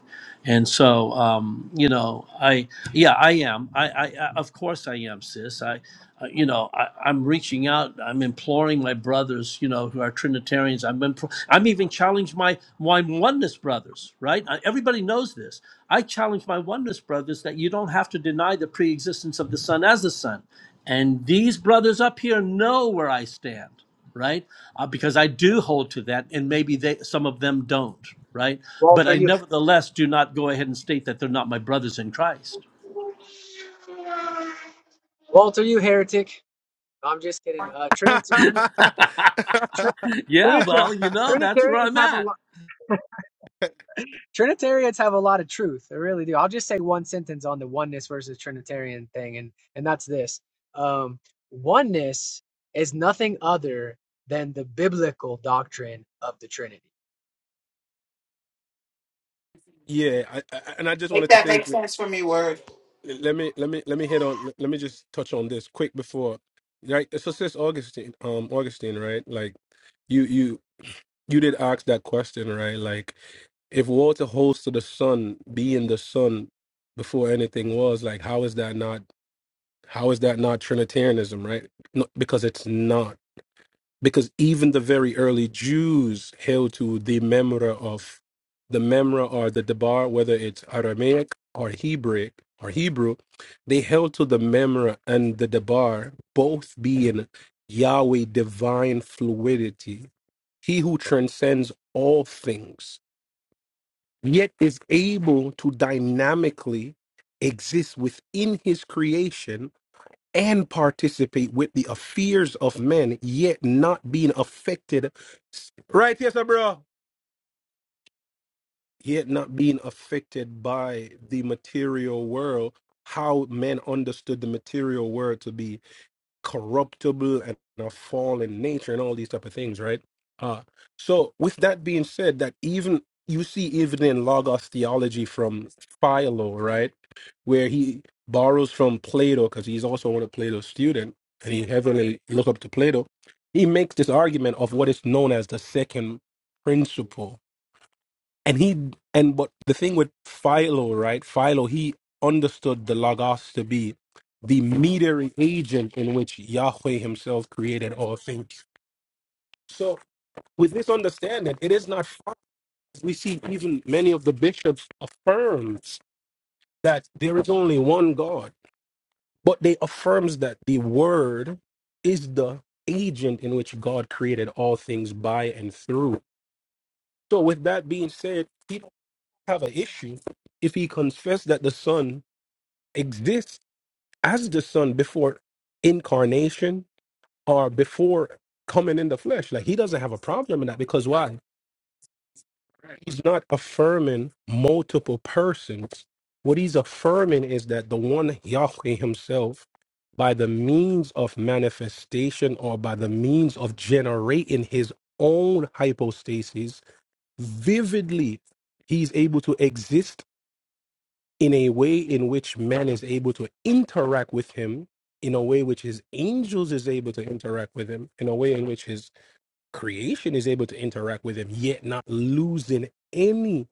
Speaker 20: And so, um, you know, I, yeah, I am. I, I, I of course I am, sis. I, uh, you know, I, I'm reaching out. I'm imploring my brothers, you know, who are Trinitarians. I'm, impl- I'm even challenged my, my oneness brothers, right? I, everybody knows this. I challenge my oneness brothers that you don't have to deny the pre-existence of the Son as the Son. And these brothers up here know where I stand right? Uh, because I do hold to that, and maybe they, some of them don't, right? But
Speaker 17: Walter,
Speaker 20: I
Speaker 17: you.
Speaker 20: nevertheless do not go ahead and state that they're not my brothers in Christ.
Speaker 17: Walter, you heretic. No, I'm just kidding. Uh, Trinity. Trin-
Speaker 20: Yeah,
Speaker 17: Trinita-
Speaker 20: well, you know, that's where
Speaker 17: Trinitarians
Speaker 20: I'm
Speaker 17: have a
Speaker 20: at.
Speaker 17: lot. Trinitarians have a lot of truth. They really do. I'll just say one sentence on the oneness versus Trinitarian thing, and and that's this: um, oneness is nothing other than the biblical doctrine of the Trinity.
Speaker 15: yeah, I, I, and I just
Speaker 22: Make
Speaker 15: wanted to
Speaker 22: that
Speaker 15: say,
Speaker 22: make sense for me, word.
Speaker 15: let me let me let me hit on let me just touch on this quick before, right? So since Augustine, um, Augustine, right? Like you you did ask that question, right? Like, if water holds to the sun, being the sun before anything was, like, how is that not? How is that not Trinitarianism, right? No, because it's not because even the very early Jews held to the memra of the memra or the debar, whether it's Aramaic or Hebrew or Hebrew, they held to the memra and the debar, both being Yahweh divine fluidity, He who transcends all things, yet is able to dynamically exist within His creation and participate with the affairs of men, yet not being affected. Right, yes, sir, bro. Yet not being affected by the material world, how men understood the material world to be corruptible and a fallen nature and all these type of things, right? Uh, so with that being said, that even you see even in Logos theology from Philo, right, where he borrows from Plato because he's also one of Plato's student and he heavily look up to Plato. He makes this argument of what is known as the second principle, and he and but the thing with Philo, right? Philo, he understood the Logos to be the mediating agent in which Yahweh himself created all things. So with this understanding, it is not far. We see even many of the bishops affirms that there is only one God, but they affirms that the word is the agent in which God created all things by and through. So with that being said, he don't have an issue if he confessed that the Son exists as the son before incarnation or before coming in the flesh. Like he doesn't have a problem in that because why? He's not affirming multiple persons. What he's affirming is that the one Yahweh himself, by the means of manifestation or by the means of generating his own hypostasis, vividly, he's able to exist in a way in which man is able to interact with him in a way which his angels is able to interact with him in a way in which his creation is able to interact with him yet not losing any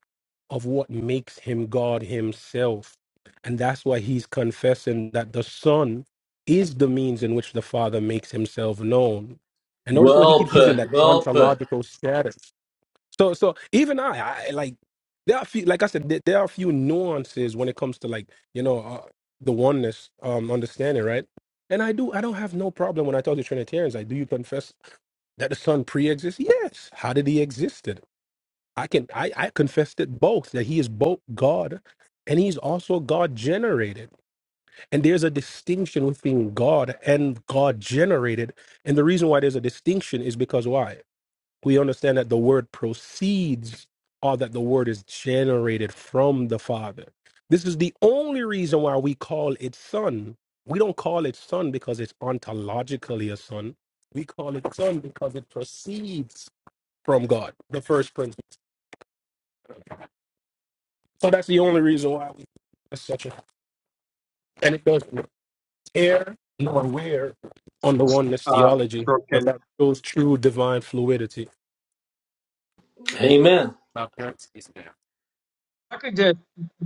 Speaker 15: of what makes him god himself and that's why he's confessing that the son is the means in which the father makes himself known and notice what he
Speaker 20: Well
Speaker 15: keeps using that
Speaker 20: put. Well put.
Speaker 15: ontological status so so even I, I like there are a few like I said there, there are a few nuances when it comes to like you know uh, the oneness um understanding right. And I do I don't have no problem when I talk to Trinitarians. Like, do you confess that the Son pre-exists? Yes. How did he existed? I can I I confessed it both that he is both God and he's also God generated. And there's a distinction between God and God generated. And the reason why there's a distinction is because why? we understand that the word proceeds or that the word is generated from the father this is the only reason why we call it son we don't call it son because it's ontologically a son we call it son because it proceeds from god the first principle so that's the only reason why we it's such a and it doesn't tear nor wear on the oneness
Speaker 21: Uh,
Speaker 15: theology but
Speaker 21: Brooke,
Speaker 15: that shows true divine fluidity
Speaker 20: Amen.
Speaker 15: Now, parents, is there-
Speaker 21: I could just,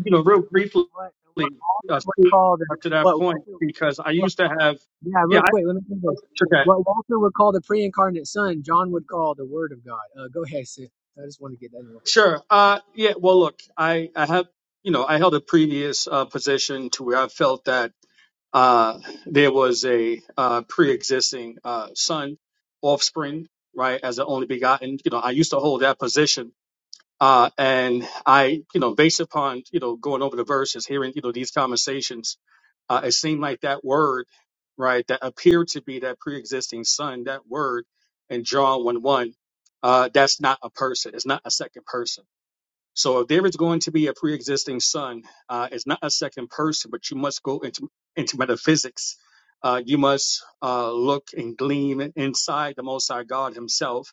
Speaker 21: you know,
Speaker 17: Yeah, and
Speaker 21: real briefly
Speaker 17: what, and what
Speaker 21: uh,
Speaker 17: Walter would
Speaker 21: speak
Speaker 17: call the
Speaker 21: up to that
Speaker 17: what
Speaker 21: point
Speaker 17: Walter,
Speaker 21: because I
Speaker 17: what-
Speaker 21: used to have,
Speaker 17: yeah,
Speaker 21: yeah,
Speaker 17: real
Speaker 21: I,
Speaker 17: quick, let me do this.
Speaker 21: okay,
Speaker 17: What Walter would call the pre-incarnate Son, John would call the Word of God. Uh, go ahead, sis. I just want to get that in real
Speaker 21: sure. Uh, yeah, well, look, I, I have, you know, I held a previous uh, position to where I felt that uh, there was a uh, pre-existing uh, son, offspring, right, as the only begotten. You know, I used to hold that position. Uh, and I, you know, based upon, you know, going over the verses, hearing, you know, these conversations, Uh, it seemed like that word, right, that appeared to be that pre-existing son, that word in John 1 1, uh, that's not a person. It's not a second person. So if there is going to be a pre-existing son, uh, it's not a second person, but you must go into, into metaphysics. Uh, you must uh, look and glean inside the Most High God Himself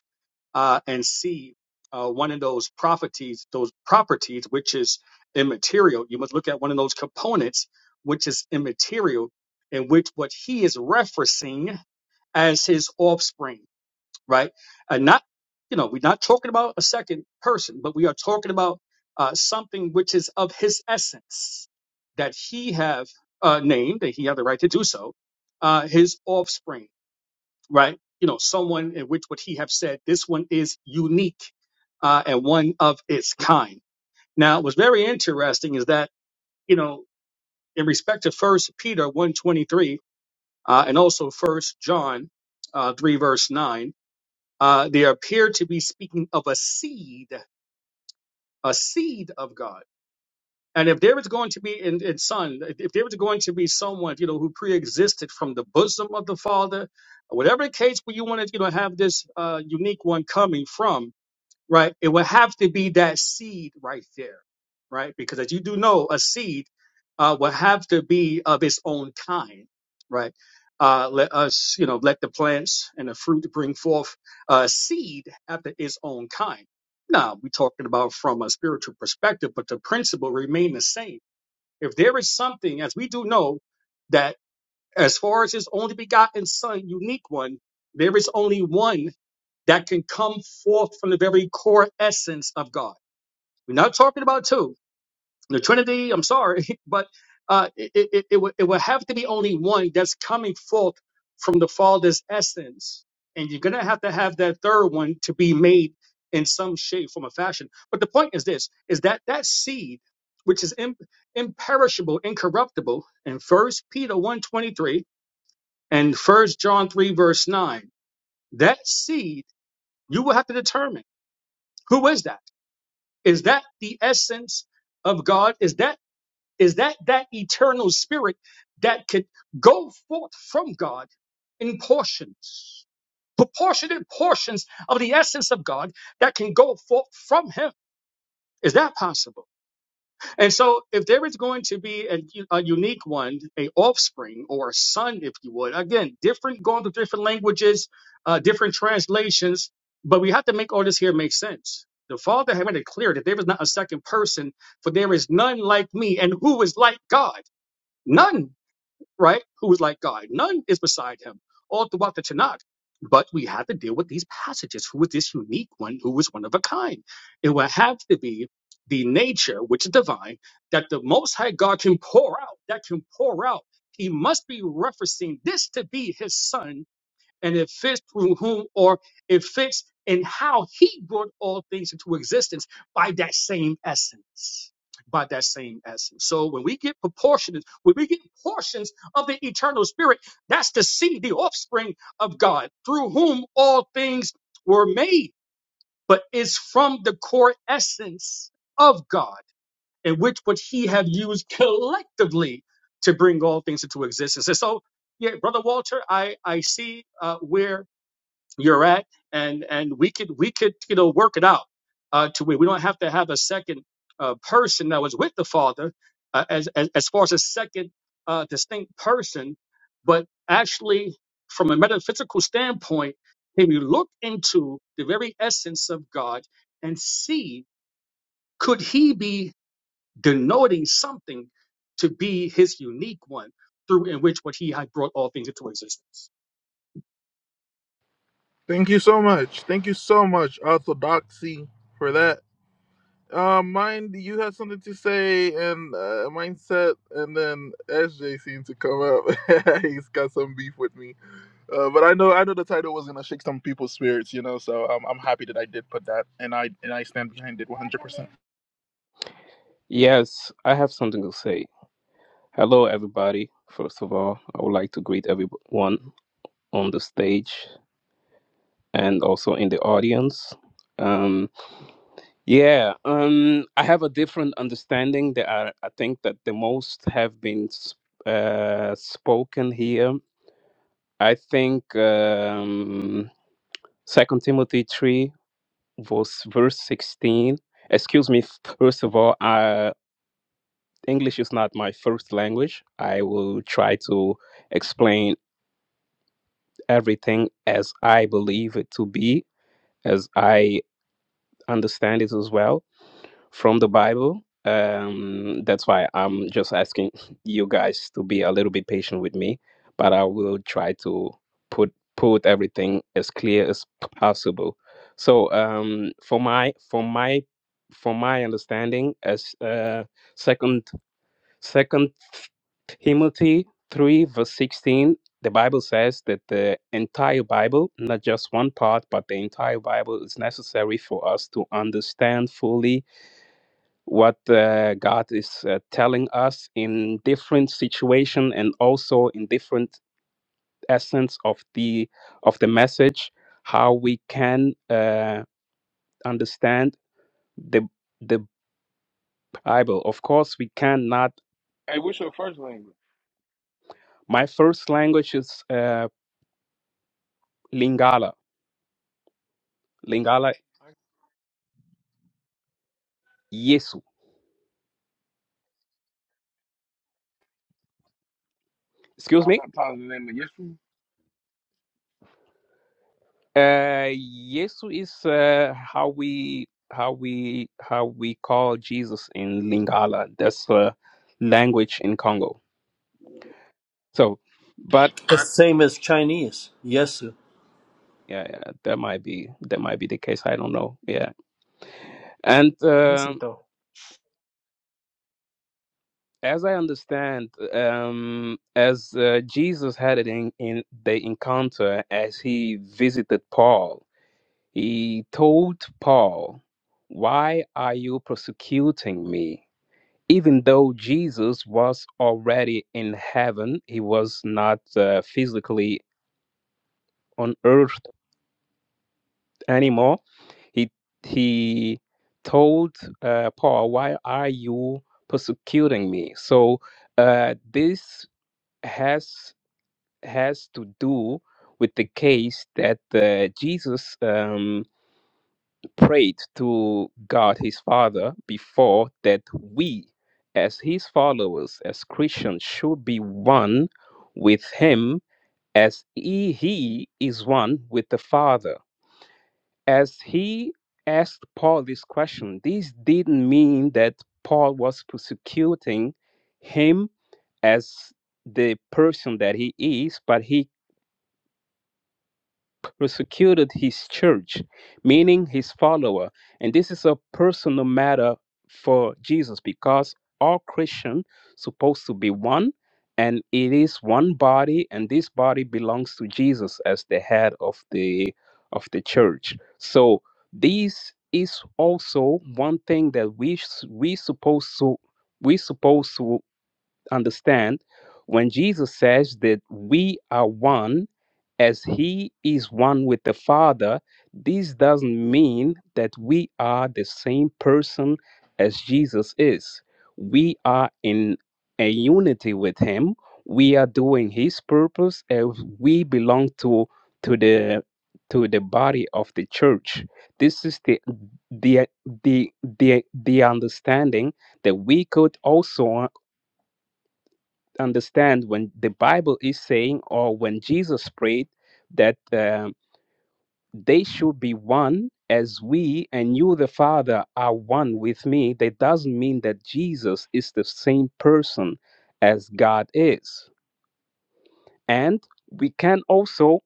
Speaker 21: uh, and see uh, one of those properties, those properties which is immaterial. You must look at one of those components which is immaterial, in which what he is referencing as his offspring, right? And not, you know, we're not talking about a second person, but we are talking about uh, something which is of his essence that he have uh, named, that he have the right to do so, uh, his offspring right? You know, someone in which would he have said, this one is unique uh, and one of its kind. Now, what's very interesting is that, you know, in respect to First Peter 123 uh, and also First John uh, 3 verse 9, uh, they appear to be speaking of a seed, a seed of God. And if there was going to be, and, and son, if there was going to be someone, you know, who pre-existed from the bosom of the Father, whatever case where you want to, you know, have this uh, unique one coming from, right? It would have to be that seed right there, right? Because as you do know, a seed uh, will have to be of its own kind, right? Uh, let us, you know, let the plants and the fruit bring forth uh, seed after its own kind. Now we're talking about from a spiritual perspective, but the principle remain the same. If there is something, as we do know, that as far as his only begotten son, unique one, there is only one that can come forth from the very core essence of God. We're not talking about two. The Trinity, I'm sorry, but uh, it, it, it, it would, it would have to be only one that's coming forth from the Father's essence. And you're going to have to have that third one to be made in some shape, form, or fashion. But the point is this, is that that seed, which is im- imperishable, incorruptible, in First Peter one twenty three and First John 3, verse 9, that seed, you will have to determine who is that? Is that the essence of God? Is that is that that eternal spirit that could go forth from God in portions, proportionate portions of the essence of God that can go forth from Him? Is that possible? And so, if there is going to be a, a unique one, a offspring or a son, if you would, again, different going to different languages, uh, different translations, but we have to make all this here make sense. The Father had made it clear that there is not a second person, for there is none like me, and who is like God? None right? Who is like God. None is beside him all throughout the Tanakh. But we have to deal with these passages. Who is this unique one? Who is one of a kind? It will have to be the nature, which is divine, that the Most High God can pour out, that can pour out. He must be referencing this to be his son, and it fits through whom or it fits in how he brought all things into existence by that same essence by. So when we get proportions, when we get portions of the eternal spirit, that's the seed, the offspring of God, through whom all things were made, but is from the core essence of God, in which would he have used collectively to bring all things into existence. And so, yeah, brother Walter, I I see uh, where you're at, and and we can uh, work it out. Uh, to have to have a second uh, sister uh, as, as as far as a second uh, distinct person, but actually from a metaphysical standpoint, can you look into the very essence of God and see could He be denoting something to be His unique one through in which what He had brought all things into existence?
Speaker 1: Thank you so much. Thank you so much, Orthodoxy, for that. Uh, Mind, you have something to say, and uh, Mindset, and then SJ seems to come up. He's got some beef with me. Uh, but I know I know the title was gonna shake some people's spirits, you know. So I'm I'm happy that I did put that, and I and I stand behind it 100. percent
Speaker 23: Yes, I have something to say. Hello, everybody. First of all, I would like to greet everyone on the stage and also in the audience. Um, yeah, um, I have a different understanding that I, I think that the most have been s- uh, spoken here. I think um, 2 Timothy 3, verse, verse 16. Excuse me, first of all, English is not my first language. I will try to explain everything as I believe it to be, as I understand it as well from the Bible. Um, that's why I'm just asking you guys to be a little bit patient with me, but I will try to put put everything as clear as p- possible. So, um, for my for my for my understanding, as uh, Second Second Timothy 3, verse 16, the Bible says that the entire Bible, not just one part, but the entire Bible is necessary for us to understand fully what uh, God is uh, telling us in different situation and also in different essence of the of the message how we can uh, understand the the Bible of course we cannot
Speaker 14: Hey, what's your first language?
Speaker 23: my first language is uh, Lingala Lingala
Speaker 17: quick.
Speaker 23: Yesu. Excuse
Speaker 14: Y'all
Speaker 23: me.
Speaker 14: baptized in the name of Yeshua?
Speaker 23: Uh, Yesu is uh, how we how we how we call Jesus in Lingala. That's uh, language in Congo. So, but
Speaker 20: The same as Chinese. Yes, sir.
Speaker 23: yeah, yeah, that might be that might be the case. I don't know. Yeah, and um
Speaker 17: Felicito.
Speaker 23: as I understand, um, as uh, Jesus had it in, in the encounter as he visited Paul, He told Paul, Why are you persecuting me? Even though Jesus was already in heaven, he was not uh, physically on earth anymore. He, he told uh, Paul, Why are you persecuting me? So uh, this has, has to do with the case that uh, Jesus. Um, prayed to God his Father before that we, as his followers, as Christians, should be one with him as he, he is one with the Father. As he asked Paul this question, this didn't mean that Paul was persecuting him as the person that he is, but he persecuted his church, meaning his follower. And this is a personal matter for Jesus because all Christians supposed to be one and it is one body and this body belongs to Jesus as the head of the of the church. So this is also one thing that we s- we supposed to we supposed to understand when Jesus says that we are one as he is one with the Father, this doesn't mean that we are the same person as Jesus is. We are in a unity with him. We are doing his purpose and we belong to to the to the body of the church. This is the the the the, the understanding that we could also understand when the Bible is saying or when Jesus prayed that um, they should be one as we and you the father are one with me that doesn't mean that jesus is the same person as god is and we can also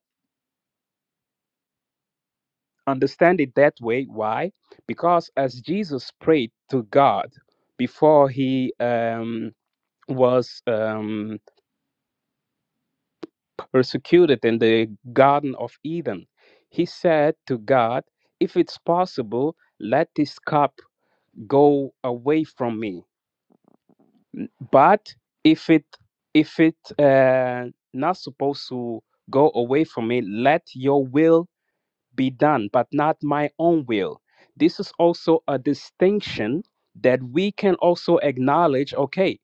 Speaker 23: understand it that way why because as jesus prayed to god before he um, was um, persecuted in the garden of eden he said to god if it's possible let this cup go away from me but if it if it uh, not supposed to go away from me let your will be done but not my own will this is also a distinction that we can also acknowledge okay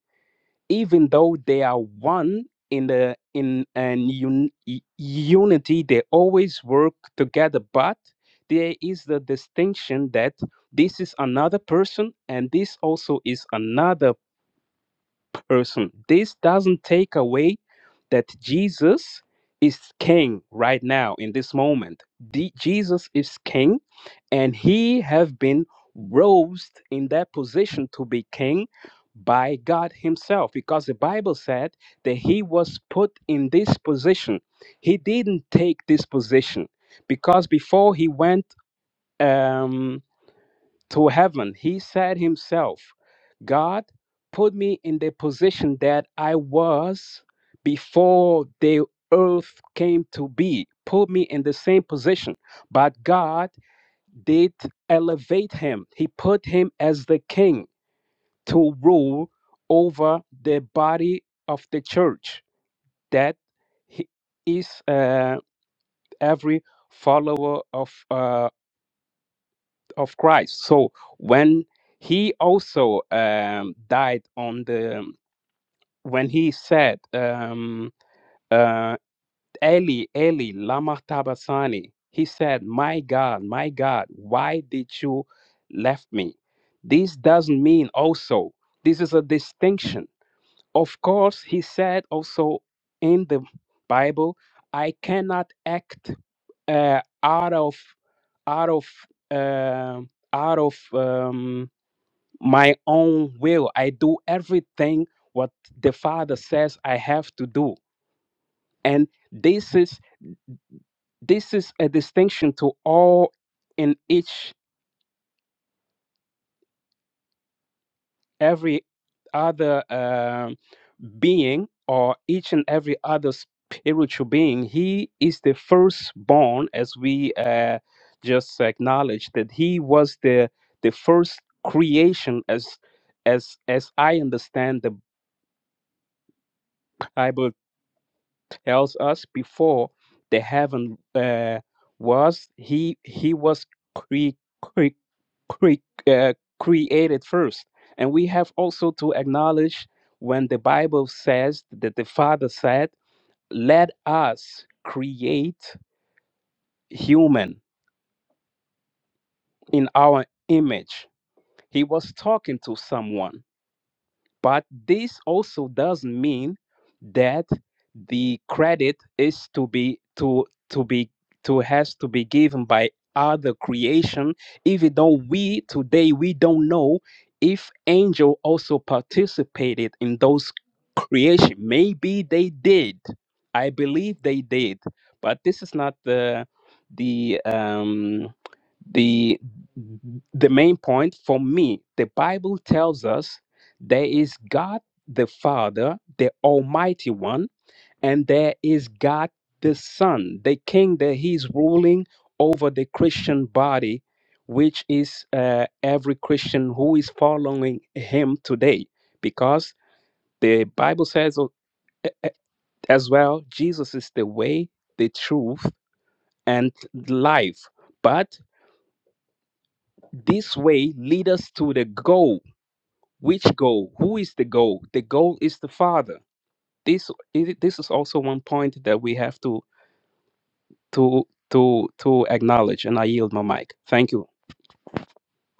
Speaker 23: even though they are one in the in an un, unity they always work together but there is the distinction that this is another person and this also is another person. This doesn't take away that Jesus is king right now in this moment. The- Jesus is king and he have been raised in that position to be king by God himself because the Bible said that he was put in this position. He didn't take this position because before he went um to heaven. He said himself, God put me in the position that I was before the earth came to be, put me in the same position. But God did elevate him, He put him as the king to rule over the body of the church that he is uh, every follower of uh, of Christ. So when he also um, died on the when he said um, uh, Eli Eli lama tabasani, he said, "My God, my God, why did you left me?" This doesn't mean also. This is a distinction. Of course, he said also in the Bible, "I cannot act uh, out of out of um out of." Um, my own will. I do everything what the Father says I have to do. And this is this is a distinction to all in each every other um being or each and every other spiritual being. He is the firstborn, as we uh, just acknowledged that he was the the first creation as as as I understand the Bible else us before the heaven uh, was he he was cre- cre- cre- uh, created first and we have also to acknowledge when the bible says that the father said let us create human in our image he was talking to someone But this also doesn't mean that the credit is to be to to be to has to be given by other creation, even though we today we don't know if angel also participated in those creation. Maybe they did. I believe they did, but this is not the the um the the main point for me the bible tells us there is god the father the almighty one and there is god the son the king that he's ruling over the christian body which is uh, every christian who is following him today because the bible says uh, uh, as well jesus is the way the truth and life But This way lead us to the goal. Which goal? Who is the goal? The goal is the Father. This i- this is also one point that we have to to to to acknowledge. And I yield my mic. Thank you.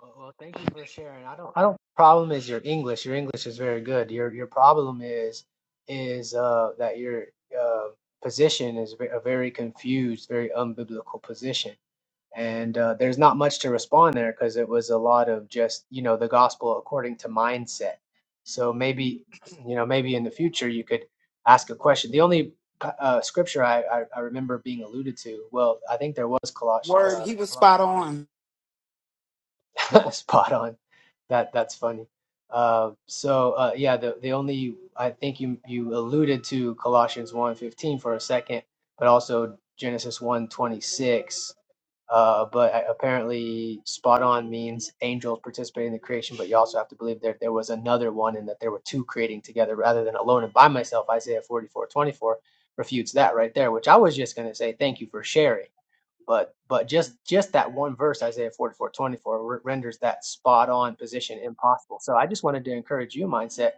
Speaker 17: Well, well, thank you for sharing. I don't. I don't. Problem is your English. Your English is very good. Your your problem is is uh that your uh, position is ve- a very confused, very unbiblical position, and uh, there's not much to respond there because it was a lot of just you know the gospel according to mindset. So maybe you know maybe in the future you could ask a question. The only uh, uh, scripture I, I I remember being alluded to. Well, I think there was Colossians
Speaker 22: Word,
Speaker 17: uh,
Speaker 22: he was spot
Speaker 17: Colossians
Speaker 22: on.
Speaker 17: Spot on. That that's funny. Uh, so uh, yeah, the the only I think you you alluded to Colossians one fifteen for a second, but also Genesis one twenty six. Uh, but a- apparently, spot on means angels participating in the creation, but you also have to believe that there was another one and that there were two creating together rather than alone and by myself. Isaiah 44:24 refutes that right there, which I was just going to say thank you for sharing but but just just that one verse isaiah 44 24 renders that spot on position impossible so i just wanted to encourage you mindset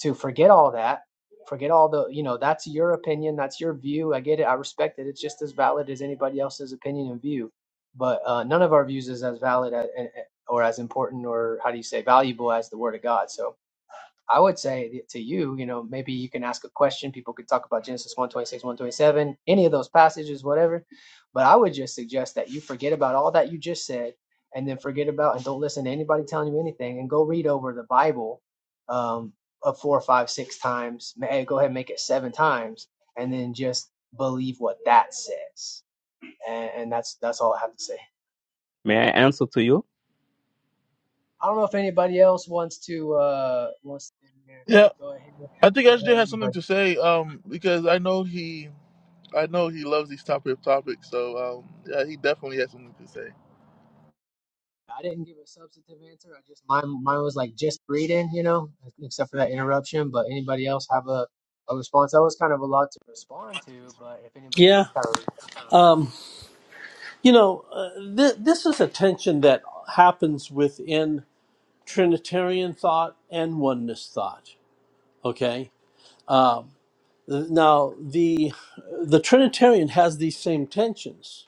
Speaker 17: to forget all that forget all the you know that's your opinion that's your view i get it i respect it it's just as valid as anybody else's opinion and view but uh, none of our views is as valid a- or as important or how do you say valuable as the word of god so I would say to you, you know, maybe you can ask a question. People could talk about Genesis 126, 127, any of those passages, whatever. But I would just suggest that you forget about all that you just said and then forget about and don't listen to anybody telling you anything and go read over the Bible um, a four, five, six times. Hey, go ahead and make it seven times and then just believe what that says. And, and that's that's all I have to say.
Speaker 23: May I answer to you?
Speaker 17: I don't know if anybody else wants to uh wants to yeah,
Speaker 1: Yeah,
Speaker 17: go ahead.
Speaker 1: I think SJ has
Speaker 17: But
Speaker 1: something to say, um, because I know he I know he loves these topic of topics. So um, yeah, he definitely has something to say.
Speaker 17: I didn't give a substantive answer. I just mine mine was like just reading, you know, except for that interruption. But anybody else have a, a response? That was kind of a lot to respond to, but if anybody
Speaker 20: Yeah.
Speaker 17: else have a-
Speaker 20: You know, uh, th- this is a tension that happens within Trinitarian thought and oneness thought. Okay. Now, the the Trinitarian has these same tensions.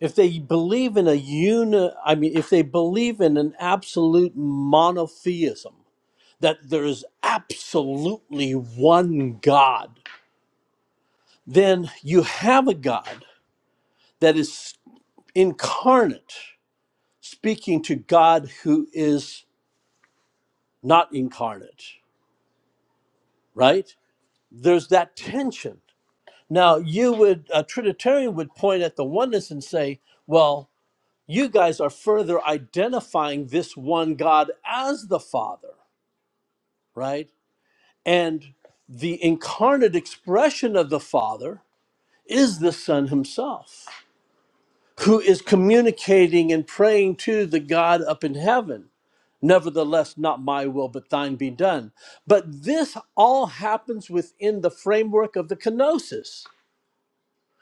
Speaker 20: if they believe in a uni i mean if they believe in an absolute monotheism that there is absolutely one god then you have a god that is incarnate speaking to god who is not incarnate right there's that tension now you would a trinitarian would point at the oneness and say well you guys are further identifying this one god as the father right? And the incarnate expression of the Father is the Son Himself, who is communicating and praying to the God up in heaven. Nevertheless, not my will, but thine be done. But this all happens within the framework of the kenosis,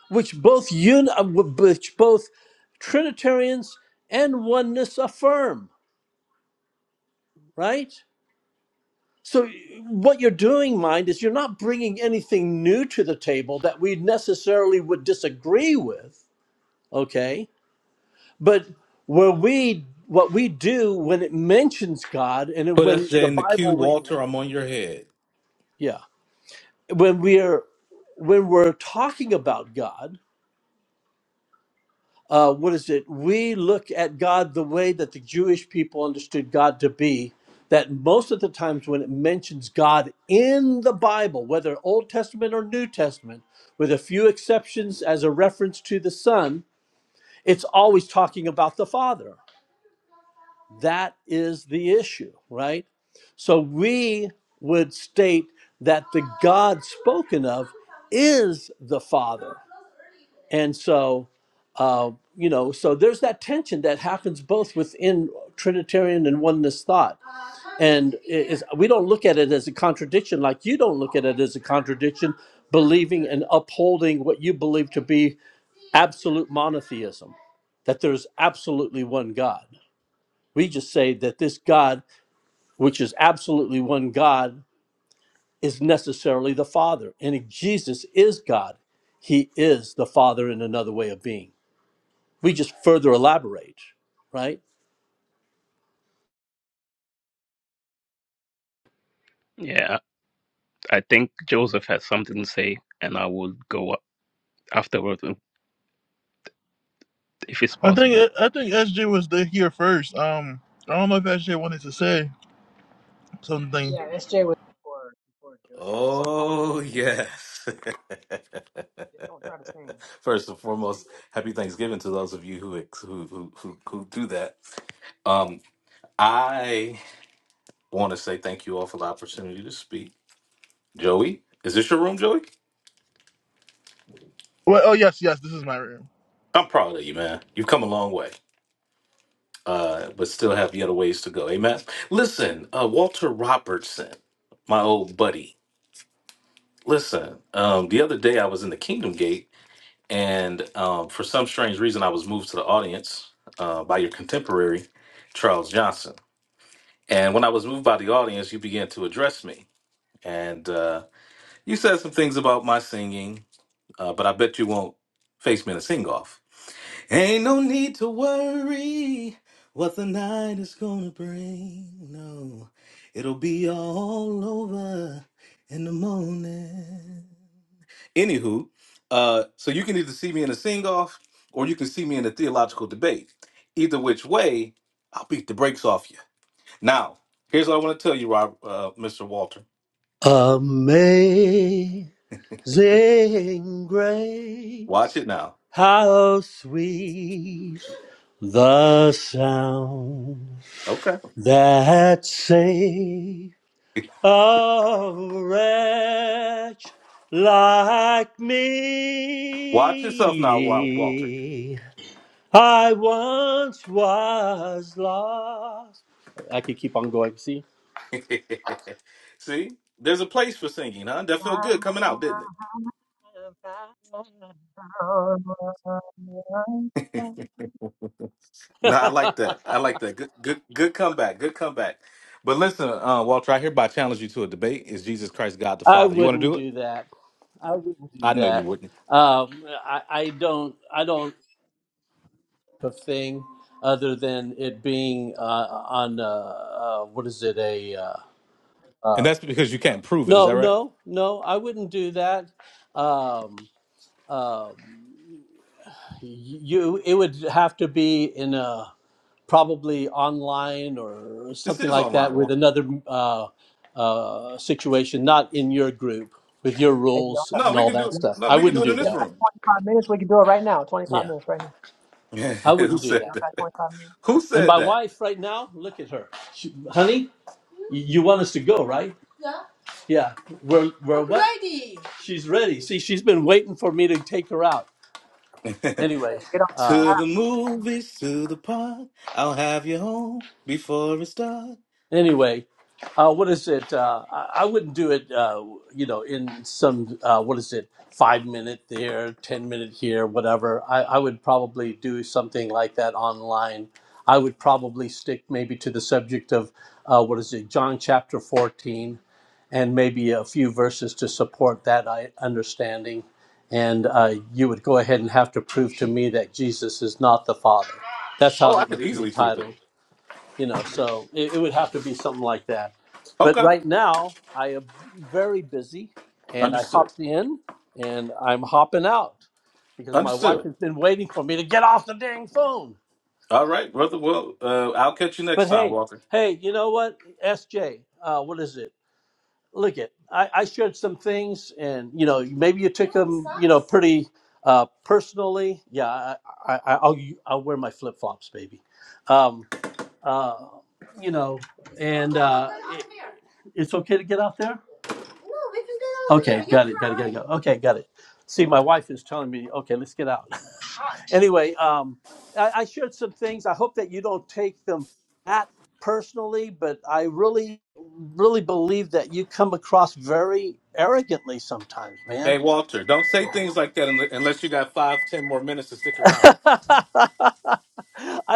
Speaker 20: which both un- uh, which both Trinitarians and oneness affirm, right? So, what you're doing, mind, is you're not bringing anything new to the table that we necessarily would disagree with, okay? But where we, what we do when it mentions God and
Speaker 24: Put
Speaker 20: when
Speaker 24: us
Speaker 20: the
Speaker 24: in the queue,
Speaker 20: Bible, re-
Speaker 24: Walter. I'm on your head.
Speaker 20: yeah, when we're when we're talking about God, uh, what is it? We look at God the way that the Jewish people understood God to be. That most of the times when it mentions God in the Bible, whether Old Testament or New Testament, with a few exceptions as a reference to the Son, it's always talking about the Father. That is the issue, right? So we would state that the God spoken of is the Father. And so uh, you know, so there's that tension that happens both within Trinitarian and oneness thought. And it is, we don't look at it as a contradiction, like you don't look at it as a contradiction, believing and upholding what you believe to be absolute monotheism, that there's absolutely one God. We just say that this God, which is absolutely one God, is necessarily the Father. And Jesus is God, He is the Father in another way of being. We just further elaborate, right?
Speaker 23: Yeah, I think Joseph has something to say, and I will go up afterward if it's
Speaker 1: I think
Speaker 23: possible.
Speaker 1: I think SJ was the, here first. Um, I don't know if SJ wanted to say something.
Speaker 17: yeah, SJ was before before Joseph before Paul.
Speaker 24: Oh yes.
Speaker 17: Just don't try to sing.
Speaker 24: First and foremost, happy Thanksgiving to those of you who who who who, who do that. Um, I want to say thank you all for the opportunity to speak. Joey, is this your room, Joey?
Speaker 1: Well, oh yes, yes, this is my room.
Speaker 24: I'm proud of you, man. You've come a long way, uh, but still have yet a ways to go. Amen. Listen, uh, Walter Robertson, my old buddy. Listen, um, the other day I was in the Kingdom Gate And um, for some strange reason, I was moved to the audience uh, by your contemporary, Charles Johnson. And when I was moved by the audience, you began to address me. And uh, you said some things about my singing, uh, but I bet you won't face me in a sing off. Ain't no need to worry what the night is gonna bring. No, it'll be all over in the morning. Anywho, uh, so you can either see me in a sing off or you can see me in a theological debate. Either which way, I'll beat the brakes off you. Now, here's what I want to tell you, Rob, uh, Mr. Walter.
Speaker 20: Amazing
Speaker 24: Watch
Speaker 20: grace,
Speaker 24: it now.
Speaker 20: how sweet the sound
Speaker 24: Okay.
Speaker 20: that saved a wretch like
Speaker 24: Watch yourself now, Wa- Walter.
Speaker 20: me. I once was lost. I could keep on going. See?
Speaker 24: see, there's a place for singing, huh? That felt good coming out, didn't it? No, I like that. I like that. Good, good, good comeback. Good comeback. But listen, uh, Walter, I hereby challenge you to a debate. Is Jesus Christ God the
Speaker 20: I
Speaker 24: Father? You want to
Speaker 20: wouldn't
Speaker 24: do it?
Speaker 20: do that. I wouldn't do
Speaker 24: I know you
Speaker 20: that.
Speaker 24: wouldn't.
Speaker 20: Um, I, I don't. I don't a thing other than it being uh, on uh, uh, what is it a uh,
Speaker 24: And
Speaker 20: uh,
Speaker 24: that's because you can't prove it. Is
Speaker 20: no
Speaker 24: that right?
Speaker 20: no no. I wouldn't do that. Um, um, you it would have to be in a probably online or
Speaker 24: This
Speaker 20: something
Speaker 24: is
Speaker 20: like that
Speaker 24: online,
Speaker 20: with
Speaker 24: Walter.
Speaker 20: another uh, uh, situation, not in your group with your
Speaker 17: Hey,
Speaker 20: rules
Speaker 24: No,
Speaker 20: and
Speaker 24: we
Speaker 20: all
Speaker 24: could
Speaker 20: that
Speaker 24: do
Speaker 20: stuff.
Speaker 24: no,
Speaker 20: I
Speaker 24: we could
Speaker 20: wouldn't
Speaker 24: do it
Speaker 20: do
Speaker 24: in
Speaker 17: you got
Speaker 24: this
Speaker 20: that.
Speaker 24: room.
Speaker 17: about 25 minutes.
Speaker 20: Yeah.
Speaker 17: right now.
Speaker 20: I
Speaker 24: Who
Speaker 20: wouldn't do
Speaker 24: said
Speaker 17: You got
Speaker 20: that.
Speaker 17: about
Speaker 24: that?
Speaker 17: 25 minutes.
Speaker 24: Who
Speaker 20: And
Speaker 24: said
Speaker 20: my
Speaker 24: that?
Speaker 20: wife right now, look at her. She, honey, y- you want us to go, right? Yeah. Yeah. We're we're what? ready. She's ready. See, she's been waiting for me to take her out. Anyway,
Speaker 17: Better get on.
Speaker 24: To
Speaker 20: um,
Speaker 24: the movies, to the park. I'll have you home before it's dark.
Speaker 20: anyway, uh, what is it? Uh, I, I wouldn't do it, uh, you know, in some, uh, what is it, five minute there, 10 minute here, whatever. I, I would probably do something like that online. I would probably stick maybe to the subject of, uh, what is it, John chapter 14, and maybe a few verses to support that I, understanding. And uh, you would go ahead and have to prove to me that Jesus is not the Father. That's how
Speaker 24: Oh, I
Speaker 20: it would
Speaker 24: could
Speaker 20: be
Speaker 24: easily prove it.
Speaker 20: titled you know so it, it would have to be something like that but
Speaker 24: Okay.
Speaker 20: right now i am very busy and i
Speaker 24: Understood.
Speaker 20: hopped in and i'm hopping out because my wife
Speaker 24: Understood.
Speaker 20: has been waiting for me to get off the dang phone
Speaker 24: All right, brother. Well, uh, I'll catch you next
Speaker 20: but
Speaker 24: time,
Speaker 20: hey
Speaker 24: Walter.
Speaker 20: hey you know what sj uh, what is it look it I, I shared some things and you know maybe you took them you know pretty uh, personally yeah I, I, I- I'll, I'll wear my flip-flops baby um, uh, you know, and uh, it- it's okay to get out there. Okay, got it, got it, got it, got it. Okay, got it. See, my wife is telling me, okay, let's get out. Anyway, um, I, I shared some things. I hope that you don't take them that personally, but I really, really believe that you come across very arrogantly sometimes, man.
Speaker 24: Hey, Walter, don't say things like that unle- unless you got five, ten more minutes to stick around.
Speaker 20: I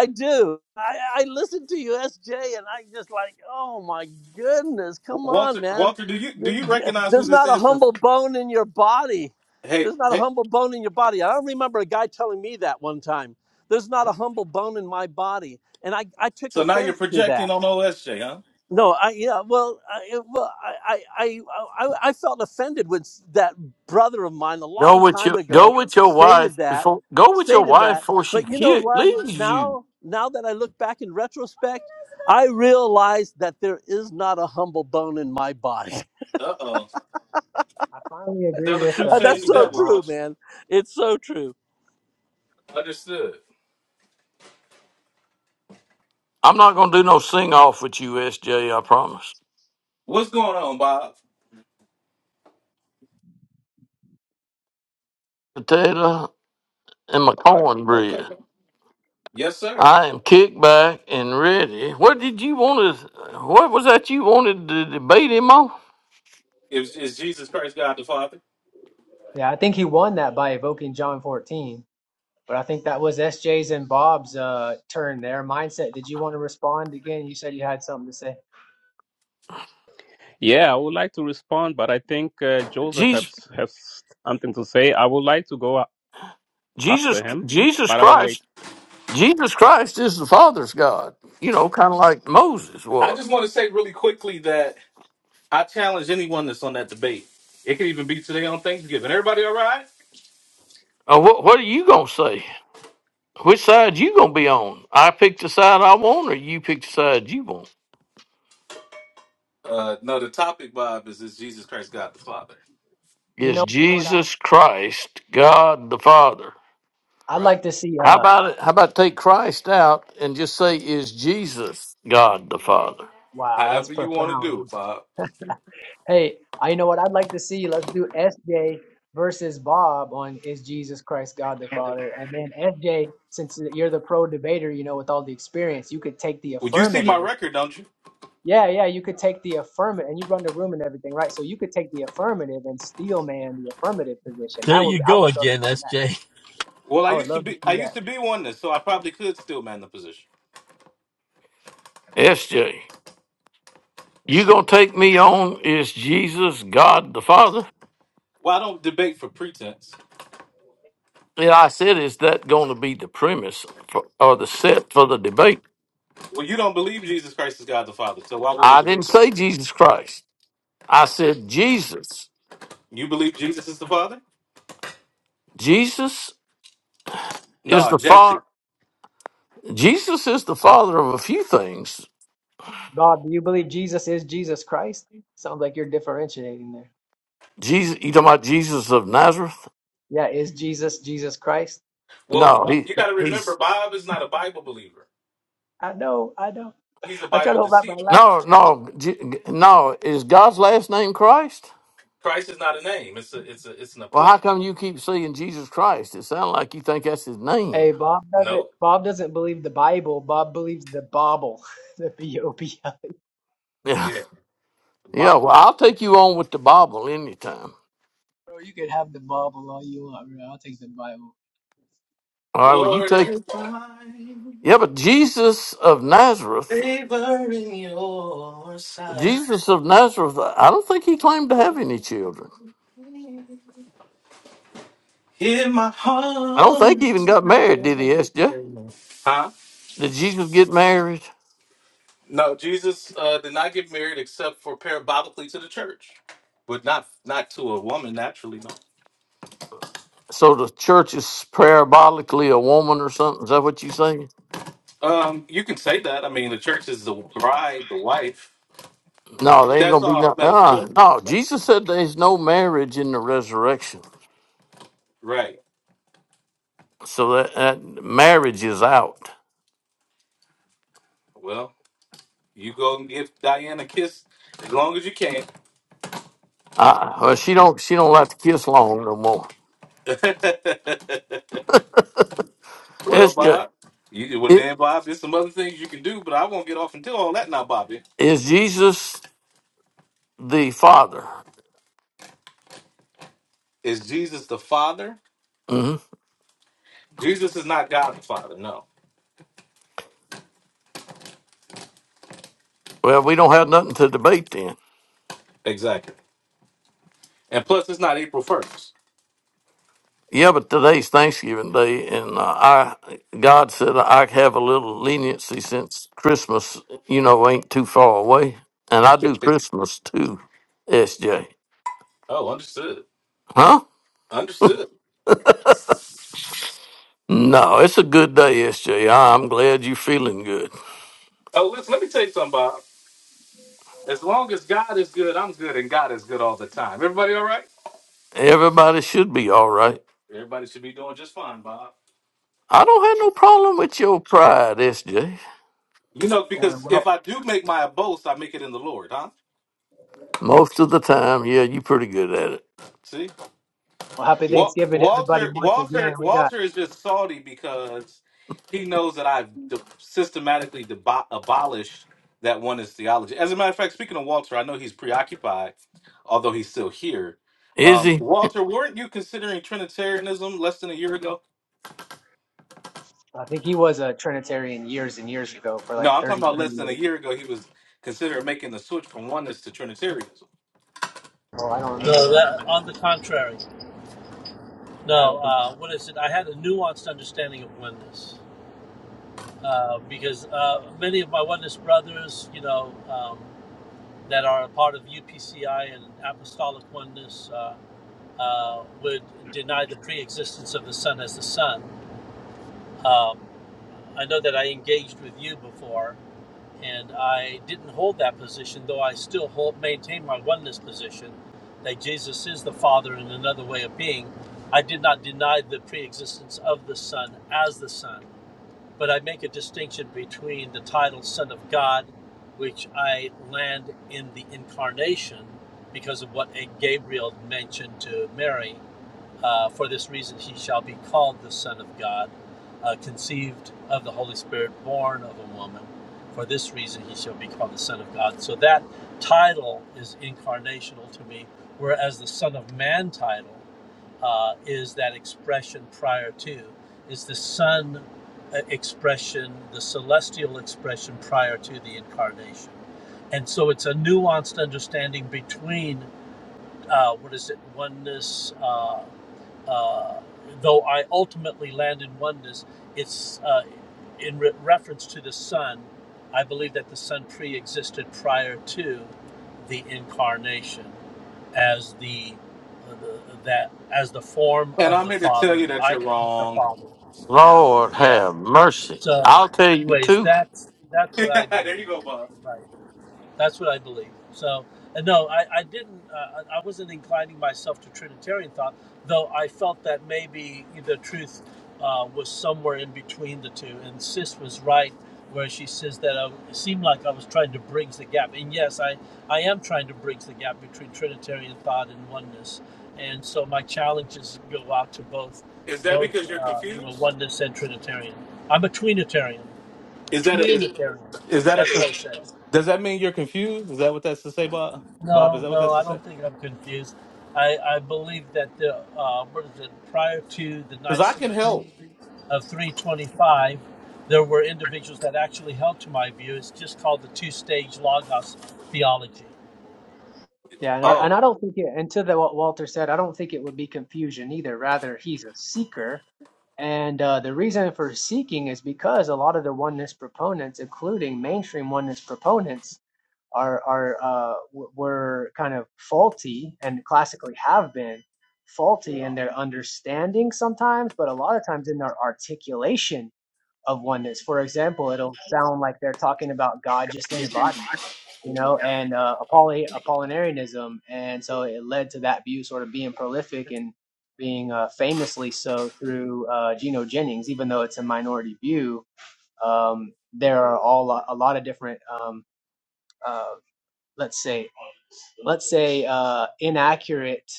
Speaker 20: do. I, I listen to you, SJ, and I just like, oh my goodness,
Speaker 24: W-
Speaker 20: come on,
Speaker 24: Walter,
Speaker 20: man.
Speaker 24: Walter, do you do
Speaker 20: You-
Speaker 24: you
Speaker 20: you-
Speaker 24: recognize who
Speaker 20: There's
Speaker 24: this
Speaker 20: not a
Speaker 24: is from?
Speaker 20: humble bone in your body.
Speaker 24: Hey,
Speaker 20: There's not a
Speaker 24: hey,
Speaker 20: humble bone in your body. I don't remember a guy telling me that one time. There's not a humble bone in my body. And I, I took
Speaker 24: So now you're
Speaker 20: offense to that.
Speaker 24: projecting on OSJ, huh?
Speaker 20: No, I yeah, well, I, yeah, well, I, I, I, I I felt offended when s- that brother of mine a
Speaker 25: Go
Speaker 20: long
Speaker 25: with your
Speaker 20: time
Speaker 25: go
Speaker 20: ago
Speaker 25: with your wife
Speaker 20: stated that,
Speaker 25: before go with your
Speaker 20: stated
Speaker 25: wife
Speaker 20: that.
Speaker 25: before she
Speaker 20: But you know
Speaker 25: ki-
Speaker 20: what?
Speaker 25: leaves you.
Speaker 20: Now, now that I look back in retrospect, I realize that there is not a humble bone in my body.
Speaker 24: Uh oh.
Speaker 17: I finally agree
Speaker 24: Tell the
Speaker 17: with
Speaker 24: truth,
Speaker 17: uh
Speaker 20: And
Speaker 24: shame
Speaker 20: That's
Speaker 24: the
Speaker 17: with
Speaker 20: so
Speaker 24: devil.
Speaker 17: Bob.
Speaker 20: true,
Speaker 24: Watch.
Speaker 20: man. It's so true.
Speaker 24: Understood.
Speaker 25: I'm not gonna do no sing off with you, SJ. I promise.
Speaker 24: What's going on, Bob?
Speaker 25: Potato and my
Speaker 24: Okay.
Speaker 25: cornbread.
Speaker 24: Yes, sir.
Speaker 25: I am kicked back and ready. What did you want to? What was that you wanted to debate him on?
Speaker 24: Is, is Jesus Christ God the Father?
Speaker 17: Yeah, I think he won that by evoking John 14. But I think that was S J's and Bob's uh, turn there. Mindset, did you want to respond again? You said you had something to say.
Speaker 23: Yeah, I would like to respond, but I think uh, Joseph
Speaker 25: Jesus,
Speaker 23: has has something to say. I would like to go a- after
Speaker 25: Jesus,
Speaker 23: him,
Speaker 25: Jesus
Speaker 23: but I'll wait.
Speaker 25: Christ. Jesus Christ is the Father's God. You know, kind of like Moses
Speaker 24: I
Speaker 25: was.
Speaker 24: just want to say really quickly that I challenge anyone that's on that debate. It could even be today on Thanksgiving. Everybody all right?
Speaker 25: Uh, what What are you gonna say? Which side you gonna be on? I pick the side I want, or you pick the side you want?
Speaker 24: Uh, no, the topic, Bob, is is Jesus Christ God the Father?
Speaker 17: You
Speaker 25: It's
Speaker 17: know,
Speaker 25: Jesus Christ, God the Father.
Speaker 17: I'd
Speaker 24: Right.
Speaker 17: like to see.
Speaker 25: How
Speaker 17: Uh,
Speaker 25: about it? How about take Christ out and just say, "Is Jesus God the Father?"
Speaker 17: wow, that's
Speaker 24: However you want to
Speaker 17: profound.
Speaker 24: do it, Bob.
Speaker 17: Hey, I you know what I'd like to see. Let's do SJ versus Bob on is Jesus Christ God the Father, and then SJ, since you're the pro debater, you know, with all the experience, you could take the
Speaker 24: Well, you see my
Speaker 17: affirmative
Speaker 24: record, don't you?
Speaker 17: Yeah, yeah, you could take the affirmative and you run the room and everything, right? So you could take the affirmative and steel man the affirmative position. I
Speaker 20: There
Speaker 17: would
Speaker 20: you
Speaker 17: I
Speaker 20: go
Speaker 17: would love to
Speaker 20: again,
Speaker 17: see that.
Speaker 20: SJ.
Speaker 24: Well, I
Speaker 17: I would
Speaker 24: used to
Speaker 17: love to
Speaker 24: be I
Speaker 17: see that.
Speaker 24: used to be one, so I probably could still man the position.
Speaker 25: SJ, you gonna take me on? Is Jesus God the Father?
Speaker 24: Well, I don't debate for pretense.
Speaker 25: And I said, "Is that going to be the premise for, or the set for the debate?"
Speaker 24: Well, you don't believe Jesus Christ is God the Father, so why would we
Speaker 25: I didn't
Speaker 24: debate that?
Speaker 25: say Jesus Christ. I said Jesus.
Speaker 24: You believe Jesus is the Father?
Speaker 25: Jesus is
Speaker 24: No,
Speaker 25: the
Speaker 24: Jesse.
Speaker 25: Father. Jesus is the father of a few things.
Speaker 17: Bob, do you believe Jesus is Jesus Christ? Sounds like you're differentiating there.
Speaker 25: Jesus, you talking about Jesus of Nazareth?
Speaker 17: Yeah, is Jesus Jesus Christ?
Speaker 24: Well,
Speaker 25: No, he
Speaker 24: you got to remember,
Speaker 25: he's
Speaker 24: Bob is not a Bible believer.
Speaker 17: I know, I know.
Speaker 24: He's a
Speaker 17: I'm trying
Speaker 24: Bible
Speaker 17: to hold back my
Speaker 24: deceiver.
Speaker 17: laugh.
Speaker 25: no no Je- no. Is God's last name Christ?
Speaker 24: Christ is not a name. It's a, it's a, it's an
Speaker 25: Well, how
Speaker 24: appointment.
Speaker 25: come you keep saying Jesus Christ? It sounds like you think that's his name.
Speaker 17: Hey, Bob doesn't
Speaker 24: No.
Speaker 17: Bob doesn't believe the Bible. Bob believes the Bible. The B O B L. E.
Speaker 25: Yeah,
Speaker 24: Yeah.
Speaker 25: yeah.
Speaker 24: Bob.
Speaker 25: Well, I'll take you on with the Bible anytime.
Speaker 17: Bro, you could have the Bible all you want, bro. I'll take the Bible.
Speaker 25: All right. Well, you
Speaker 24: Lord,
Speaker 25: take
Speaker 24: if I
Speaker 25: yeah, but Jesus of Nazareth,
Speaker 24: favor in your sight,
Speaker 25: Jesus of Nazareth. I don't think he claimed to have any children.
Speaker 24: hear my
Speaker 25: I don't think he
Speaker 24: heart.
Speaker 25: even got married, did he, S.J.?
Speaker 24: Huh?
Speaker 25: Did Jesus get married?
Speaker 24: No, Jesus uh, did not get married except for parabolically to the church, but not not to a woman naturally.
Speaker 25: So the church is parabolically a woman or something. Is that what you saying?
Speaker 24: No, um, you can say that. I mean, the church is the bride, the wife.
Speaker 25: No, they ain't
Speaker 24: That's
Speaker 25: gonna be
Speaker 24: all
Speaker 25: no. Uh,
Speaker 24: metaphor,
Speaker 25: no, Jesus said there's no marriage in the resurrection,
Speaker 24: right?
Speaker 25: so that, that marriage is out.
Speaker 24: Well, you go and give Diana a kiss as long as you can.
Speaker 25: Uh, well, she don't she don't like to kiss long no more.
Speaker 24: well,
Speaker 25: It's just,
Speaker 24: Bob, you well
Speaker 25: it
Speaker 24: then, Bob. There's some other things you can do, but I won't get off until all that. Now, Bobby,
Speaker 25: is Jesus the Father.
Speaker 24: is Jesus the Father?
Speaker 25: hmm
Speaker 24: Jesus is not God the Father. No,
Speaker 25: Well, we don't have nothing to debate then.
Speaker 24: exactly. And plus, it's not April first.
Speaker 25: Yeah, but today's Thanksgiving Day, and uh, I God said I have a little leniency since Christmas, you know, ain't too far away, and I do Christmas too, SJ.
Speaker 24: oh, understood.
Speaker 25: Huh?
Speaker 24: Understood.
Speaker 25: No, it's a good day, SJ. I- am glad you're feeling good.
Speaker 24: Oh, listen, let me tell you something, Bob. As long as God is good, I'm good, and God is good all the time. Everybody all right?
Speaker 25: Everybody should be all right.
Speaker 24: Everybody should be doing just fine, Bob.
Speaker 25: I don't have no problem with your pride, SJ.
Speaker 24: You
Speaker 17: I
Speaker 24: know,
Speaker 17: want to
Speaker 24: because
Speaker 17: well,
Speaker 24: if I do make my boast, I make it in the Lord, huh?
Speaker 25: Most of the time, yeah, you're pretty good at it.
Speaker 24: See?
Speaker 17: well, happy
Speaker 24: Wa-
Speaker 17: Thanksgiving to everybody
Speaker 24: Walter,
Speaker 17: once again.
Speaker 24: Walter,
Speaker 17: We got
Speaker 24: Walter is just salty because he knows that I've de- systematically debo abolished that oneness theology. As a matter of fact, speaking of Walter, I know he's preoccupied, although he's still here.
Speaker 25: Is
Speaker 24: Um,
Speaker 25: he?
Speaker 24: Walter, weren't you considering Trinitarianism less than a year ago?
Speaker 17: I think he was a Trinitarian years and years ago for
Speaker 24: No,
Speaker 17: like
Speaker 24: I'm talking about
Speaker 17: 33
Speaker 24: less than a
Speaker 17: years.
Speaker 24: year ago. He was considering making the switch from oneness to Trinitarianism,
Speaker 17: Oh, I don't remember
Speaker 20: No,
Speaker 17: that.
Speaker 20: that, on the contrary.
Speaker 17: Yeah, I
Speaker 20: No,
Speaker 17: don't think so.
Speaker 20: uh, what is it? I had a nuanced understanding of oneness. uh, because uh, many of my oneness brothers, you know, um, that are a part of UPCI and Apostolic Oneness uh, uh, would deny the pre existence of the Son as the Son. Um, I know that I engaged with you before, and I didn't hold that position, though I still hold, maintain my oneness position that Jesus is the Father in another way of being. I did not deny the pre existence of the Son as the Son, but I make a distinction between the title Son of God which I land in the incarnation because of what Gabriel mentioned to Mary. Uh, for this reason, he shall be called the Son of God, uh, conceived of the Holy Spirit, born of a woman. For this reason, he shall be called the Son of God. So that title is incarnational to me, whereas the Son of Man title uh, is that expression prior to. It's the Son uh, expression, the celestial expression prior to the incarnation. And so it's a nuanced understanding between, uh, what is it, oneness, uh, uh, though I ultimately land in oneness, it's uh, in re- reference to the Son. I believe that the Son pre existed prior to the incarnation as the, the that as the form
Speaker 24: and
Speaker 20: of
Speaker 24: I'm
Speaker 20: the
Speaker 24: here to tell
Speaker 20: Father,
Speaker 24: you
Speaker 20: the
Speaker 24: that you're
Speaker 20: icon of the
Speaker 24: wrong.
Speaker 20: Father.
Speaker 25: Lord
Speaker 20: Yeah.
Speaker 25: have mercy.
Speaker 20: So,
Speaker 25: I'll tell you
Speaker 20: anyways,
Speaker 25: too.
Speaker 20: that's that's what I
Speaker 24: there
Speaker 20: believe.
Speaker 24: you go, Bob.
Speaker 20: Right. That's what I believe. So, and no, I, I didn't, uh, I I wasn't inclining myself to Trinitarian thought, though I felt that maybe the truth uh, was somewhere in between the two. And Sis was right where she says that I, it seemed like I was trying to bridge the gap. And yes, I, I am trying to bridge the gap between Trinitarian thought and oneness. And so my challenges go out to both,
Speaker 24: Is that
Speaker 20: both
Speaker 24: because you're
Speaker 20: uh, you know,
Speaker 24: confused?
Speaker 20: oneness and Trinitarian. I'm a tweenitarian.
Speaker 24: Is that a is,
Speaker 20: Tweenitarian.
Speaker 24: is that a
Speaker 20: That's what
Speaker 24: confusion?
Speaker 20: I said.
Speaker 24: Does that mean you're confused? Is that what that's to say, Bob? Bob, is
Speaker 20: No,
Speaker 24: that what
Speaker 20: no,
Speaker 24: that's to
Speaker 20: I
Speaker 24: say?
Speaker 20: don't think I'm confused. I, I believe that the uh, what is it? Prior to the
Speaker 24: Because I can
Speaker 20: Nicene
Speaker 24: help.
Speaker 20: Creed of 325, there were individuals that actually held to my view. It's just called the two-stage logos theology.
Speaker 17: Yeah, and I, and
Speaker 24: Oh,
Speaker 17: I don't think it, and to the, what Walter said, I don't think it would be confusion either. Rather, he's a seeker. And uh, the reason for seeking is because a lot of the oneness proponents, including mainstream oneness proponents, are are uh, w- were kind of faulty and classically have been faulty in their understanding sometimes, but a lot of times in their articulation of oneness. For example, it'll sound like they're talking about God just in a body, you know, and uh, Apolli- Apollinarianism, and so it led to that view sort of being prolific and being uh, famously so through uh, Geno Jennings, even though it's a minority view. Um, there are all a lot of different, um, uh, let's say, let's say, uh, inaccurate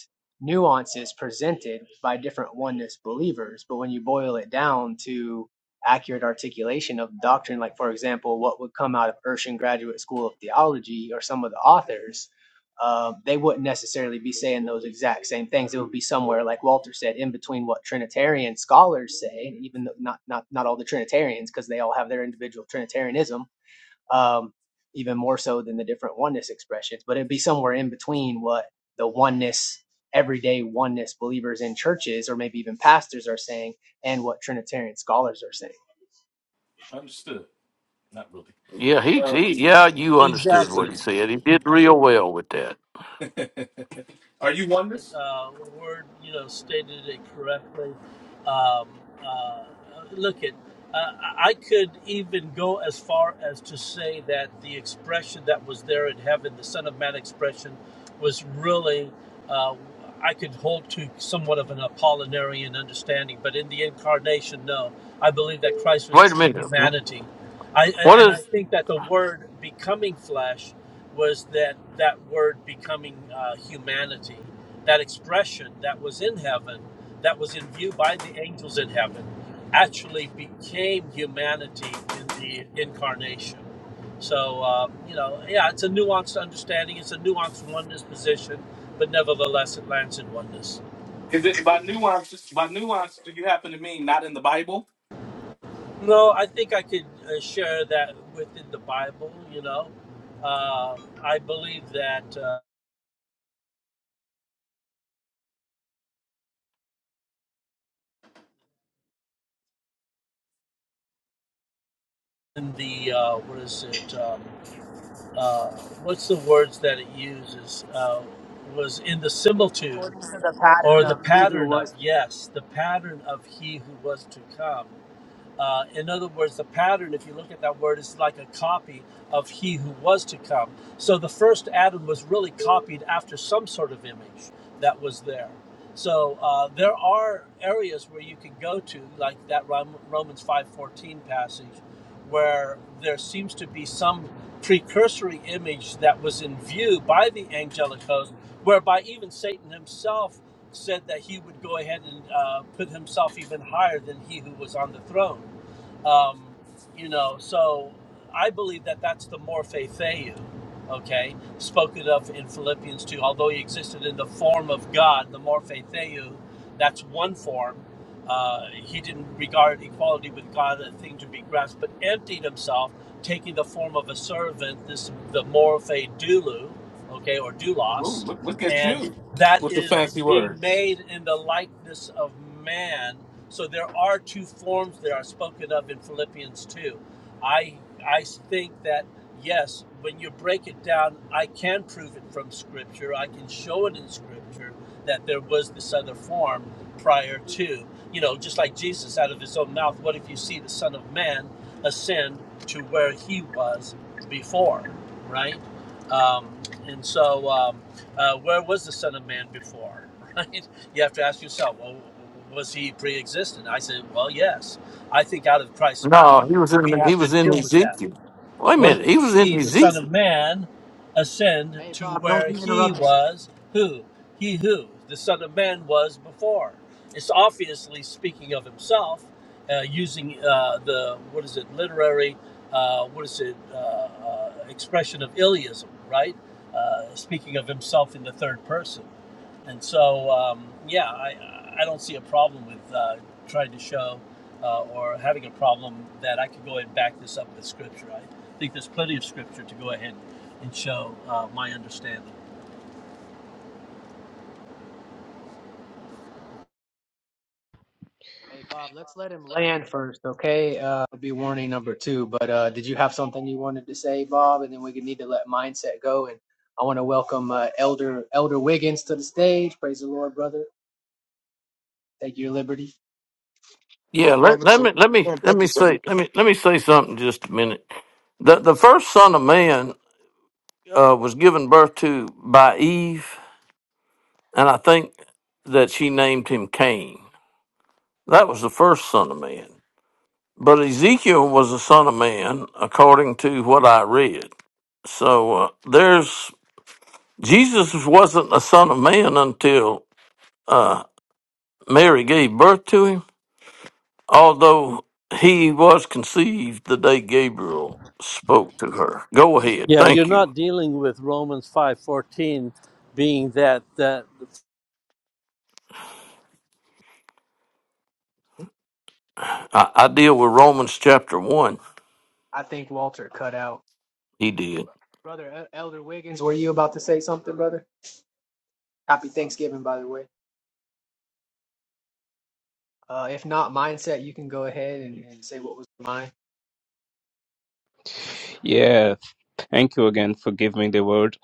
Speaker 17: nuances presented by different oneness believers. But when you boil it down to accurate articulation of doctrine, like, for example, what would come out of Urshan Graduate School of Theology or some of the authors, uh, they wouldn't necessarily be saying those exact same things. It would be somewhere, like Walter said, in between what Trinitarian scholars say, even though not, not, not all the Trinitarians, because they all have their individual Trinitarianism um, even more so than the different oneness expressions. But it'd be somewhere in between what the oneness, everyday oneness believers in churches or maybe even pastors are saying and what Trinitarian scholars are saying.
Speaker 24: understood. Not really.
Speaker 25: Yeah, he,
Speaker 24: Uh,
Speaker 25: he yeah, you understood what
Speaker 20: Exactly.
Speaker 25: he said. He did real well with that.
Speaker 24: are you oneness?
Speaker 20: uh, Word, you know, stated it correctly. Um, uh, look at, uh, I could even go as far as to say that the expression that was there in heaven, the Son of Man expression, was really, uh, I could hold to somewhat of an Apollinarian understanding, but in the incarnation, no. I believe that Christ was
Speaker 25: Wait a
Speaker 20: true
Speaker 25: minute.
Speaker 20: humanity. I, I-
Speaker 25: What
Speaker 20: and I
Speaker 25: is
Speaker 20: think that the word becoming flesh was that that word becoming uh, humanity that expression that was in heaven, that was in view by the angels in heaven, actually became humanity in the incarnation. So, uh, you know, yeah, it's a nuanced understanding, it's a nuanced oneness position, but nevertheless, it lands in oneness.
Speaker 24: Is it by nuance? By nuance, do you happen to mean not in the Bible?
Speaker 20: No, I think I could uh, share that within the Bible, you know. Uh, I believe that uh, in the, uh, what is it? um, uh, what's the words that it uses uh, was in the similitude
Speaker 17: According to the
Speaker 20: or
Speaker 17: pattern
Speaker 20: the
Speaker 17: of he who
Speaker 20: pattern of
Speaker 17: was.
Speaker 20: yes the pattern of he who was to come uh, in other words, the pattern, if you look at that word, is like a copy of he who was to come. So the first Adam was really copied after some sort of image that was there. So uh, there are areas where you can go to, like that Romans 5.14 passage, where there seems to be some precursory image that was in view by the angelic host, whereby even Satan himself said that he would go ahead and uh, put himself even higher than he who was on the throne. Um, you know, so I believe that that's the morphe theou, okay, spoken of in Philippians 2. Although he existed in the form of God, the morphe theou, that's one form. Uh, he didn't regard equality with God a thing to be grasped, but emptied himself, taking the form of a servant, this the morphe doulou, okay, or
Speaker 24: Ooh,
Speaker 20: doulos,
Speaker 24: look, look at
Speaker 20: and
Speaker 24: you
Speaker 20: that
Speaker 24: with your
Speaker 20: is
Speaker 24: fancy
Speaker 20: being
Speaker 24: words.
Speaker 20: made in the likeness of man. So there are two forms that are spoken of in Philippians 2. I I think that yes, when you break it down, I can prove it from scripture. I can show it in scripture that there was this other form prior to. You know, just like Jesus out of his own mouth, what if you see the son of man ascend to where he was before, right? Um, and so Um, uh, where was the Son of Man before? Right? You have to ask yourself, well, was he pre-existent? I said, well, yes. I think out of Christ's mouth,
Speaker 25: no, he was
Speaker 20: we
Speaker 25: in he
Speaker 20: have to
Speaker 25: was in
Speaker 20: deal with that.
Speaker 25: Ezekiel. Wait a
Speaker 20: What
Speaker 25: minute,
Speaker 20: if
Speaker 25: he
Speaker 20: we
Speaker 25: was in
Speaker 20: see the Son of
Speaker 25: Ezekiel.
Speaker 20: Man ascend
Speaker 17: Hey,
Speaker 20: to
Speaker 17: Bob, don't.
Speaker 20: where he was, who? He who the Son of Man was before. It's obviously speaking of himself, uh, using uh, the, what is it, literary, uh, what is it, uh, uh, expression of Iliism, right? Uh, speaking of himself in the third person. And so, um, yeah, I, I don't see a problem with uh, trying to show uh, or having a problem that I could go and back this up with scripture. I think there's plenty of scripture to go ahead and show uh, my understanding.
Speaker 17: Hey, Bob, let's let him land first, okay? Uh, it'll be warning number two. But uh, did you have something you wanted to say, Bob? And then we need to let mindset go. And I want to welcome uh, Elder Elder Wiggins to the stage. Praise the Lord, brother. Take your liberty.
Speaker 25: Yeah,
Speaker 26: my
Speaker 25: let,
Speaker 26: brother.
Speaker 25: let
Speaker 26: Shalom.
Speaker 25: me let me let
Speaker 26: Thank
Speaker 25: me
Speaker 26: you, sir.
Speaker 25: say let me let me say something just a minute. The the first son of man uh, was given birth to by Eve, and I think that she named him Cain. That was the first son of man. But Ezekiel was a son of man, according to what I read. So uh, there's Jesus wasn't a son of man until uh, Mary gave birth to him, although he was conceived the day Gabriel spoke to her. Go ahead.
Speaker 20: Yeah, you're
Speaker 25: Thank you.
Speaker 20: not dealing with Romans 5:14 being that that
Speaker 25: I, I deal with Romans chapter 1.
Speaker 17: I think Walter cut out.
Speaker 25: He did.
Speaker 17: Brother E- Elder Wiggins, were you about to say something, brother? Happy Thanksgiving, by the way. Uh, if not mindset, you can go ahead and, and say what was mine.
Speaker 23: Yeah, thank you again for giving me the word.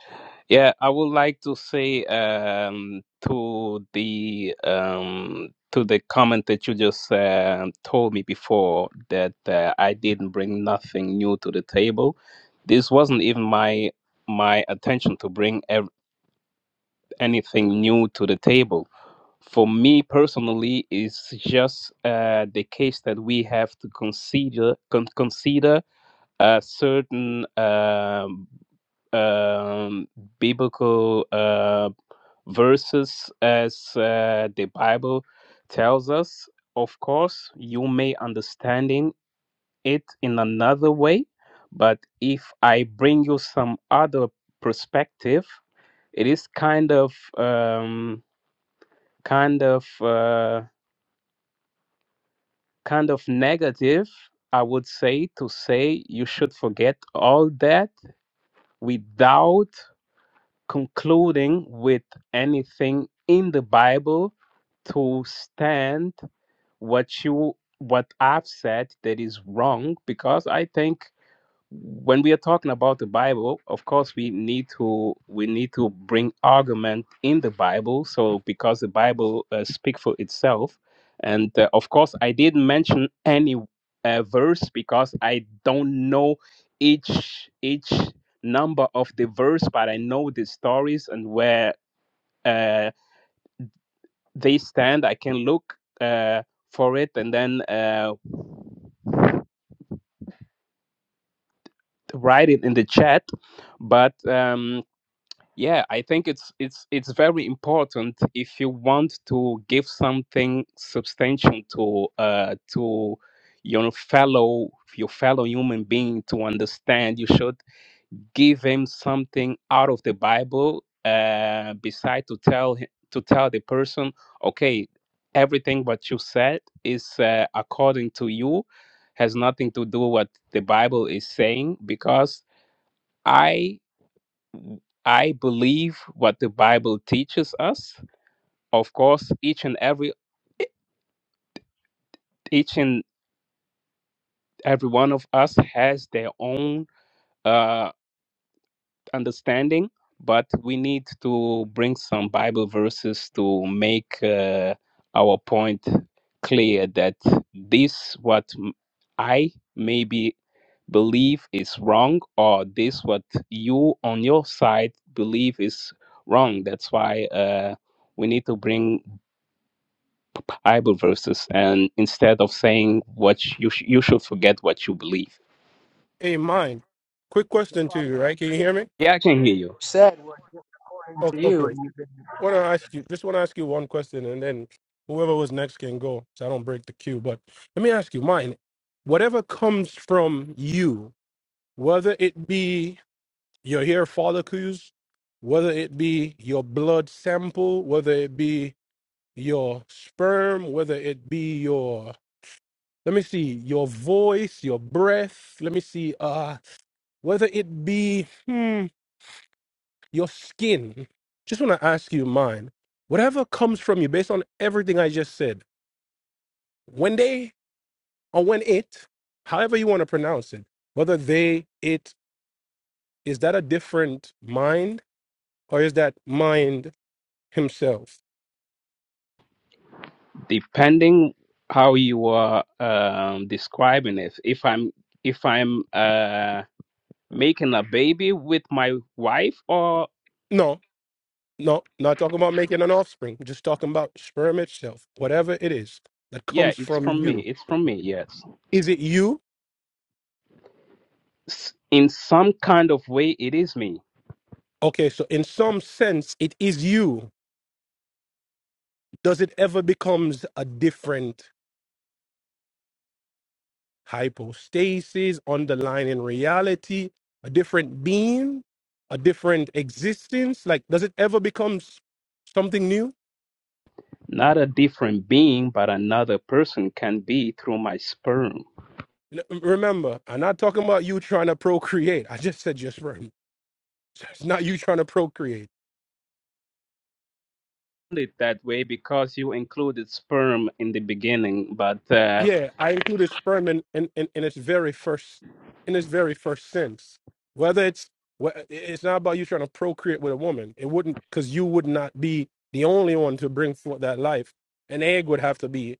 Speaker 23: Yeah, I would like to say um, to the um, to the comment that you just uh, told me before that uh, I didn't bring nothing new to the table. This wasn't even my my attention to bring ev- anything new to the table for me personally is just uh, the case that we have to consider con- consider a certain um, um, biblical uh, verses as uh, the Bible tells us. Of course, you may understanding it in another way, but if I bring you some other perspective, it is kind of um, kind of. Uh, kind of negative, I would say, to say you should forget all that without concluding with anything in the Bible to stand what you what I've said that is wrong because I think when we are talking about the bible of course we need to we need to bring argument in the bible so because the bible uh, speaks for itself and uh, of course i didn't mention any uh, verse because i don't know each each number of the verse but i know the stories and where uh, they stand i can look uh, for it and then uh, write it in the chat but um Yeah, I think it's it's it's very important if you want to give something substantial to uh to your fellow your fellow human being to understand. You should give him something out of the Bible, uh, beside to tell hi- to tell the person, okay, everything what you said is uh, according to you, has nothing to do what the Bible is saying because. I. I believe what the Bible teaches us. Of course, each and every e, each and every one of us has their own uh, understanding, but we need to bring some Bible verses to make uh, our point clear that this what m- I maybe believe is wrong, or this what you on your side believe is wrong. That's why uh, we need to bring Bible verses, and instead of saying what you sh- you should forget what you believe.
Speaker 15: hey mind quick
Speaker 17: You
Speaker 15: question to
Speaker 17: probably
Speaker 15: you right can you hear me
Speaker 23: Yeah, I can hear you.
Speaker 17: said what was according
Speaker 15: O-
Speaker 17: to you,
Speaker 15: Okay.
Speaker 17: and you've been.
Speaker 15: Want to ask you? Just want to ask you one question, and then whoever was next can go, so I don't break the queue. But let me ask you, mine. Whatever comes from you, whether it be your hair follicles, whether it be your blood sample, whether it be your sperm, whether it be your let me see your voice, your breath. Let me see. Uh, whether it be. hmm, your skin. Just want to ask you mine. Whatever comes from you, based on everything I just said, when they or when it, however you want to pronounce it, whether they, it, is that a different mind or is that mind himself?
Speaker 23: Depending how you are um, describing it, if I'm if I'm uh, making a baby with my wife, or
Speaker 15: No, no, not talking about making an offspring, just talking about sperm itself, whatever it is that
Speaker 23: yeah,
Speaker 15: comes
Speaker 23: it's from
Speaker 15: from
Speaker 23: me.
Speaker 15: you.
Speaker 23: It's from me. Yes,
Speaker 15: Is it you?
Speaker 23: S- in some kind of way, it is me
Speaker 15: Okay, so in some sense, it is you. Does it ever becomes a different hypostasis, underlying reality, a different being, a different existence? Like, does it ever become s- something new?
Speaker 23: Not a different being, but another person can be through my sperm.
Speaker 15: N- um, Remember, I'm not talking about you trying to procreate. I just said your sperm. It's not you trying to procreate.
Speaker 23: It that way because you included sperm in the beginning, but uh,
Speaker 15: Yeah, I included sperm in, in, in, in its very first in its very first sense. Whether it's wh- it's not about you trying to procreate with a woman. It wouldn't because you would not be the only one to bring forth that life. An egg would have to be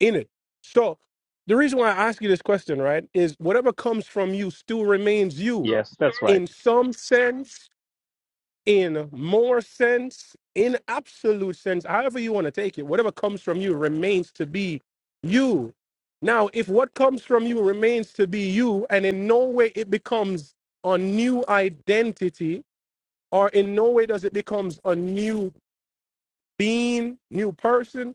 Speaker 15: in it. So the reason why I ask you this question, right, is whatever comes from you still remains you
Speaker 23: yes, that's right.
Speaker 15: in some sense, in more sense, in absolute sense, however you want to take it, whatever comes from you remains to be you. Now, if what comes from you remains to be you and in no way it becomes a new identity or in no way does it becomes a new being, new person,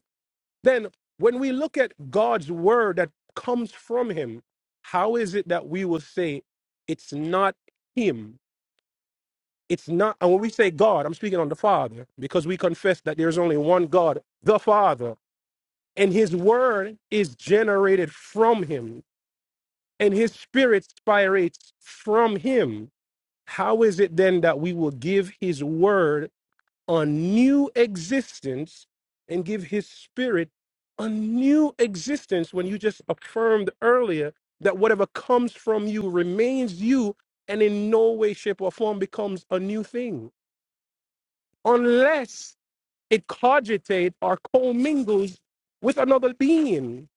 Speaker 15: then, when we look at God's word that comes from Him, how is it that we will say it's not Him? It's not, and when we say God, I'm speaking on the Father because we confess that there's only one God, the Father, and His word is generated from Him, and His spirit spirates from Him. How is it then that we will give His word? a new existence and give his spirit a new existence when you just affirmed earlier that whatever comes from you remains you and in no way shape or form becomes a new thing unless it cogitate or commingles with another being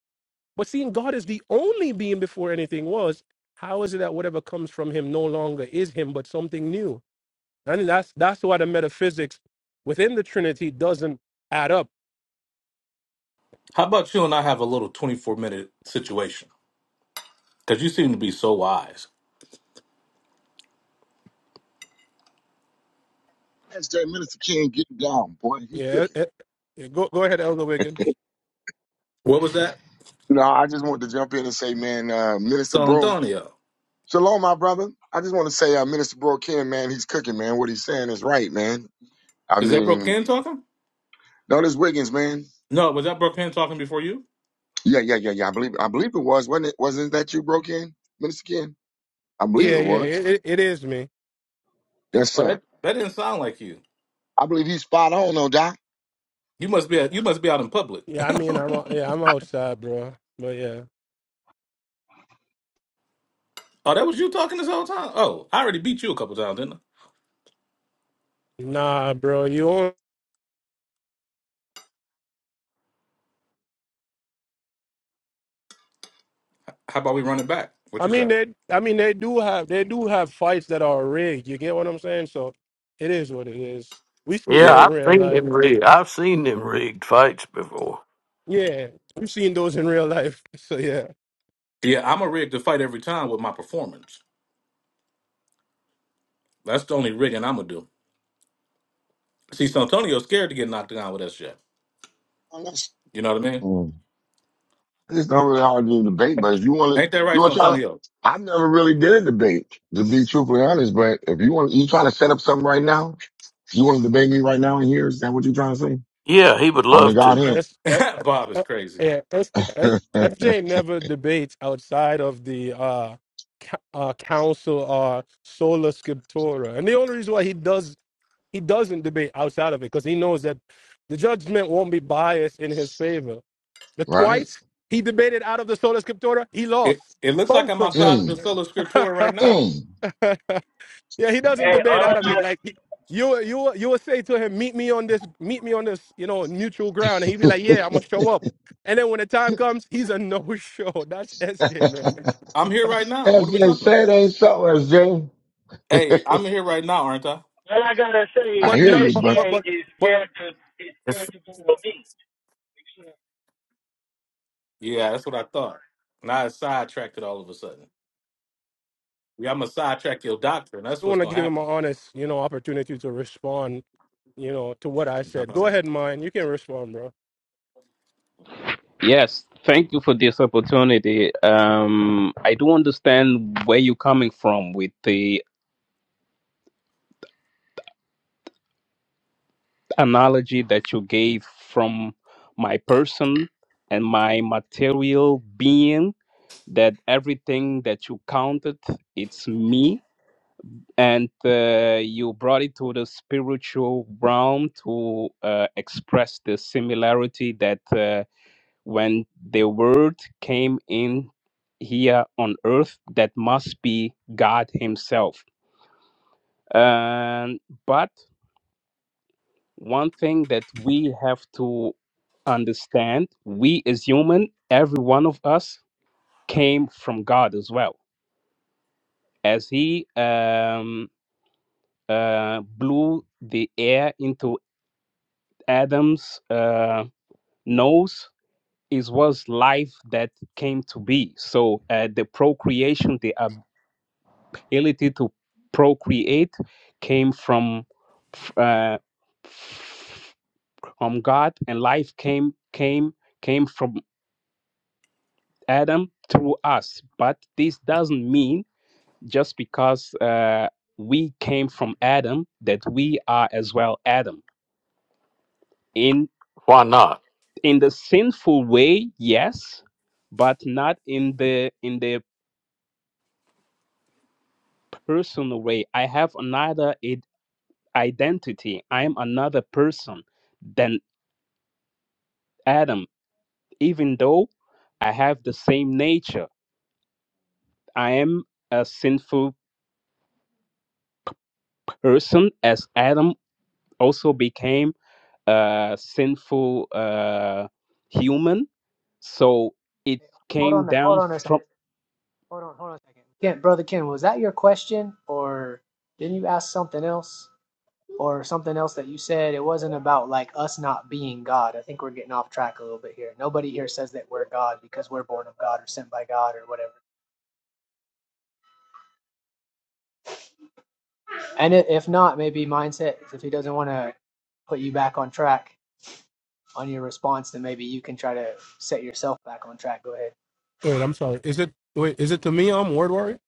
Speaker 15: but seeing god is the only being before anything was how is it that whatever comes from him no longer is him but something new and that's that's why the metaphysics within the Trinity doesn't add up.
Speaker 24: How about you and I have a little twenty-four minute situation? Because you seem to be so wise.
Speaker 26: That's that Minister King Getting down, boy. He
Speaker 15: Yeah, it-
Speaker 26: cooking.
Speaker 15: it- yeah, go go ahead, Elder Wiggins.
Speaker 24: What was that,
Speaker 26: No, I just want to jump in and say, man, uh, Minister
Speaker 24: San
Speaker 26: Bro.
Speaker 24: Antonio?
Speaker 26: Shalom, my brother. I just want to say, uh, Minister Bro King, man, he's cooking, man. What he's saying is right, man. I
Speaker 24: Is that Brooke
Speaker 26: mean,
Speaker 24: Ken talking?
Speaker 26: notice Wiggins, man.
Speaker 24: No, was that Brooke Ken talking before you?
Speaker 26: Yeah, yeah, yeah, yeah. I believe, I believe it was, wasn't it? Wasn't that you, Bro King, Minister King? I believe
Speaker 15: Yeah,
Speaker 26: it
Speaker 15: yeah,
Speaker 26: was.
Speaker 15: it, it, it is me.
Speaker 26: Yes,
Speaker 24: Oh,
Speaker 26: sir.
Speaker 24: that that didn't sound like you.
Speaker 26: I believe he's spot on, no doubt.
Speaker 24: You must be you must be out in public.
Speaker 15: Yeah, I mean, I'm o- yeah, I'm
Speaker 24: oh,
Speaker 15: outside, bro. But yeah,
Speaker 24: that was you talking this whole time. Oh, I already beat you a couple times, didn't I?
Speaker 15: nah, bro, you. On,
Speaker 24: How about we run it back? What
Speaker 15: I
Speaker 24: you
Speaker 15: mean,
Speaker 24: say?
Speaker 15: they, I mean, they do have they do have fights that are rigged. You get what I'm saying? So it is what it is. We see
Speaker 25: Yeah,
Speaker 15: that
Speaker 24: Yeah,
Speaker 15: in
Speaker 24: but
Speaker 25: I've
Speaker 15: real
Speaker 25: seen them
Speaker 15: life.
Speaker 25: rigged. I've seen them rigged fights before.
Speaker 15: Yeah, we've seen those in real life. So yeah.
Speaker 24: yeah, I'm a rig to fight every time with my performance. That's the only rigging I'm gonna do. See, Santonio's scared to get knocked down with that shit. You know what I mean?
Speaker 26: It's not really hard to do a debate, but if you want to,
Speaker 24: Ain't that
Speaker 26: you
Speaker 24: right,
Speaker 26: want to try to.
Speaker 24: Santonio?
Speaker 26: I've never really did a debate, to be truthfully honest. But if you want, you trying to set up something right now. You want to debate me right now in here? Is that what you're trying to say?
Speaker 25: Yeah, he would
Speaker 26: On the
Speaker 25: love to.
Speaker 26: Godhead,
Speaker 15: S, S,
Speaker 24: Bob is
Speaker 15: uh,
Speaker 24: crazy.
Speaker 15: yeah, SJ, S- SJ never debates outside of the uh, co- uh, council uh, sola scriptura, and the only reason why he does he doesn't debate outside of it because he knows that the judgment won't be biased in his favor. The
Speaker 26: right?
Speaker 15: twice he debated out of the sola scriptura, he
Speaker 24: It
Speaker 15: lost
Speaker 24: it looks like
Speaker 15: both
Speaker 24: I'm
Speaker 15: of
Speaker 24: outside
Speaker 15: them.
Speaker 24: of the
Speaker 26: Mm,
Speaker 24: solo scriptura right now.
Speaker 26: mm.
Speaker 15: Yeah, he doesn't
Speaker 27: Hey,
Speaker 15: debate
Speaker 27: all
Speaker 15: out
Speaker 27: I
Speaker 15: of it.
Speaker 27: got,
Speaker 15: Like he- you, you, you would say to him, "Meet me on this, meet me on this, you know, neutral ground," and he'd be like, "Yeah, I'm gonna show up." And then when the time comes, he's a no-show. That's SJ, man.
Speaker 24: I'm here right now. What are we
Speaker 26: SJ,
Speaker 24: talking
Speaker 26: say
Speaker 24: about?
Speaker 26: it ain't so, SJ.
Speaker 24: Hey, I'm here right now, aren't I?
Speaker 27: all I gotta
Speaker 26: I
Speaker 27: say,
Speaker 15: But
Speaker 26: hear
Speaker 15: not,
Speaker 26: you,
Speaker 15: but, but,
Speaker 27: SJ
Speaker 15: but,
Speaker 27: is
Speaker 15: but
Speaker 27: scared to is
Speaker 25: It's,
Speaker 27: scared to do a beat.
Speaker 24: Yeah, that's what I thought. And I sidetracked it all of a sudden. Yeah, I'm gonna sidetrack your doctrine. That's
Speaker 15: I
Speaker 24: what's
Speaker 15: want to
Speaker 24: gonna
Speaker 15: give him an honest, you know, opportunity to respond, you know, to what I said.
Speaker 24: happen.
Speaker 15: Go ahead, mine. You can respond, bro.
Speaker 23: Yes, thank you for this opportunity. Um, I do understand where you're coming from with the analogy that you gave from my person and my material being that everything that you counted it's me and uh, you brought it to the spiritual realm to uh, express the similarity that uh, when the word came in here on earth that must be god himself Um, but one thing that we have to understand we as human every one of us came from god as well as he um uh blew the air into adam's uh nose it was life that came to be so uh, the procreation the ability to procreate came from f- uh, f- from god and life came came came from Adam through us. But this doesn't mean just because uh, we came from Adam that we are as well Adam. In
Speaker 25: why not?
Speaker 23: in the sinful way, yes, but not in the in the personal way. I have another id- identity. I am another person than Adam, even though I have the same nature. I am a sinful person as Adam also became uh, sinful uh, human. So it
Speaker 17: Hold
Speaker 23: came
Speaker 17: on, hold
Speaker 23: down
Speaker 17: on a second.
Speaker 23: from
Speaker 17: Hold on, hold on a second. Ken, brother Ken, was that your question, or didn't you ask something else, or something else that you said? It wasn't about like us not being God. I think we're getting off track a little bit here. Nobody here says that we're God because we're born of God or sent by God or whatever. And if not, maybe mindset, if he doesn't want to put you back on track on your response, then maybe you can try to set yourself back on track. Go ahead.
Speaker 15: Wait, I'm sorry. Is it wait? Is it to me? I'm word worried.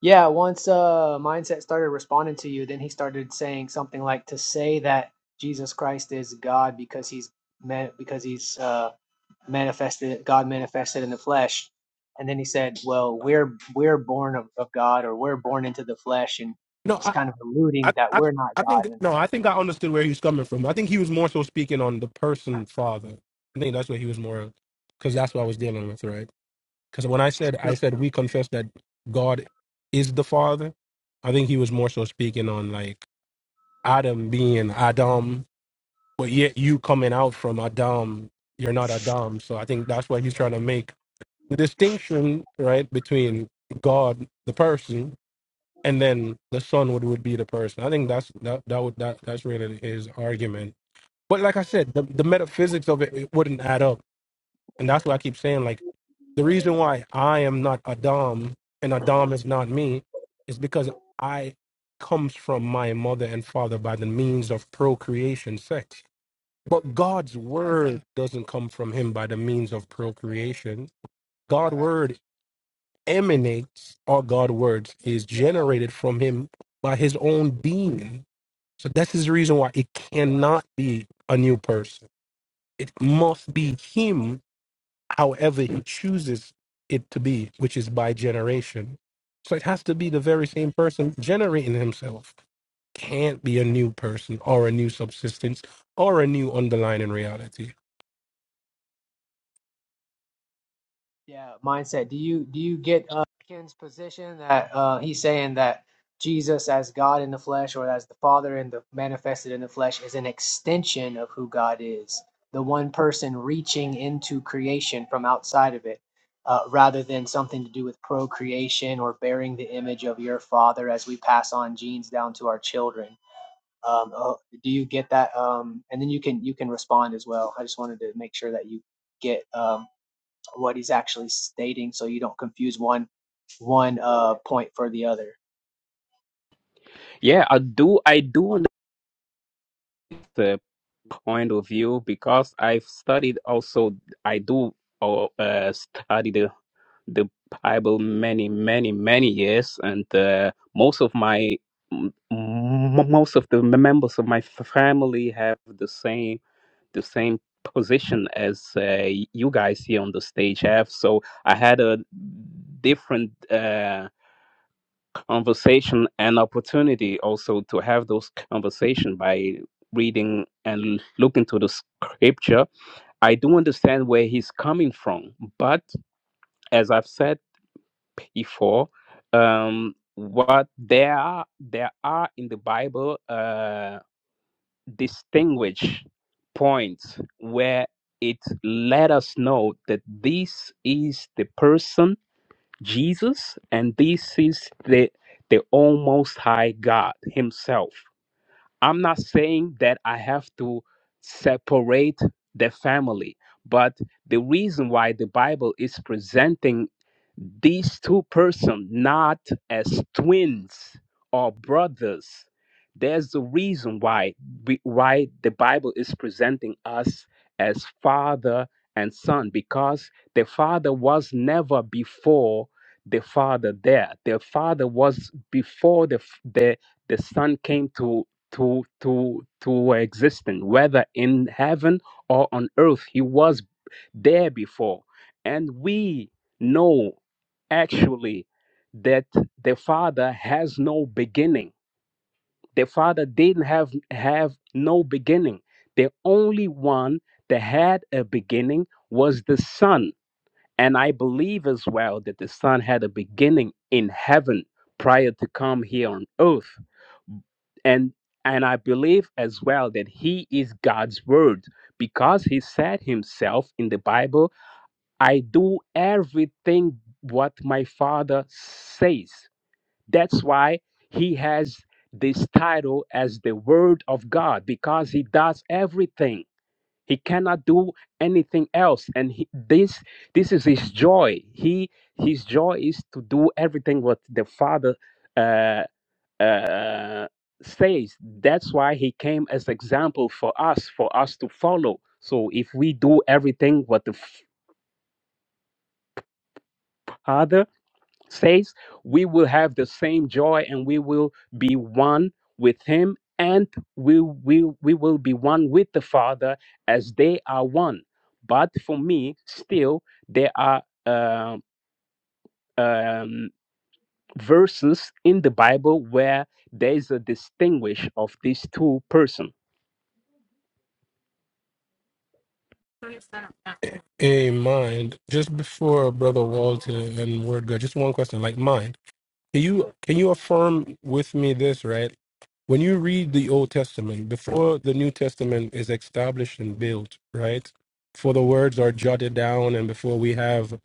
Speaker 17: Yeah, once uh, mindset started responding to you, then he started saying something like to say that Jesus Christ is God because he's man- because he's uh, manifested God manifested in the flesh, and then he said, "Well, we're we're born of, of God or we're born into the flesh," and
Speaker 15: No, I.
Speaker 17: he's kind of alluding
Speaker 15: I,
Speaker 17: that
Speaker 15: I,
Speaker 17: we're not
Speaker 15: I
Speaker 17: God,
Speaker 15: think
Speaker 17: and
Speaker 15: no, I think I understood where he's coming from. I think he was more so speaking on the person father. I think that's what he was more, because that's what I was dealing with, right? Because when I said I said we confess that God is the father, I think he was more so speaking on like Adam being Adam, but yet you coming out from Adam, you're not Adam. So I think that's why he's trying to make the distinction, right, between God the person and then the son would, would be the person. I think that's that that would that that's really his argument. But like I said, the, the metaphysics of it, it wouldn't add up, and that's why I keep saying like the reason why I am not Adam and Adam is not me, is because I comes from my mother and father by the means of procreation, sex. But God's word doesn't come from him by the means of procreation. God's word emanates or God words is generated from him by his own being. So that's his reason why it cannot be a new person. It must be him however he chooses it to be, which is by generation. So it has to be the very same person generating himself. Can't be a new person or a new subsistence or a new underlying reality.
Speaker 17: Yeah, mindset. Do you do you get uh, Ken's position that uh, he's saying that Jesus as God in the flesh or as the Father in the manifested in the flesh is an extension of who God is, the one person reaching into creation from outside of it, uh, rather than something to do with procreation or bearing the image of your Father as we pass on genes down to our children. Um, uh, do you get that? Um, and then you can you can respond as well. I just wanted to make sure that you get um, what he's actually stating so you don't confuse one one uh point for the other.
Speaker 23: yeah. I do I do understand the point of view because I've studied also. I do uh, uh, study the the Bible many many many years, and uh, most of my m- m- most of the members of my f- family have the same. the same position as uh, you guys here on the stage have. So I had a different uh, conversation and opportunity also to have those conversation by reading and looking to the scripture. I do understand where he's coming from, but as I've said before, um, what there are there are in the Bible. Uh, distinguish points where it let us know that this is the person Jesus and this is the the almost high God himself I'm not saying that I have to separate the family, but the reason why the Bible is presenting these two persons not as twins or brothers, there's a reason why we- why the Bible is presenting us as father and son because the father was never before the father there. The father was before the f- the the son came to to to to existing whether in heaven or on earth he was there before and we know actually that the father has no beginning the father didn't have have no beginning the only one that had a beginning was the son and i believe as well that the son had a beginning in heaven prior to come here on earth and and i believe as well that he is god's word because he said himself in the bible i do everything what my father says that's why he has this title as the word of god because he does everything he cannot do anything else and he, this this is his joy he his joy is to do everything what the father uh, uh, says that's why he came as example for us for us to follow so if we do everything what the father says we will have the same joy and we will be one with him and we will we will be one with the father as they are one but for me still there are um, um, verses in the Bible where there is a distinguish of these two persons.
Speaker 15: Hey, mind, just before Brother Walter and Word God, just one question like mine Can you can you affirm with me this, right? When you read the Old Testament, before the New Testament is established and built, right? Before the words are jotted down and before we have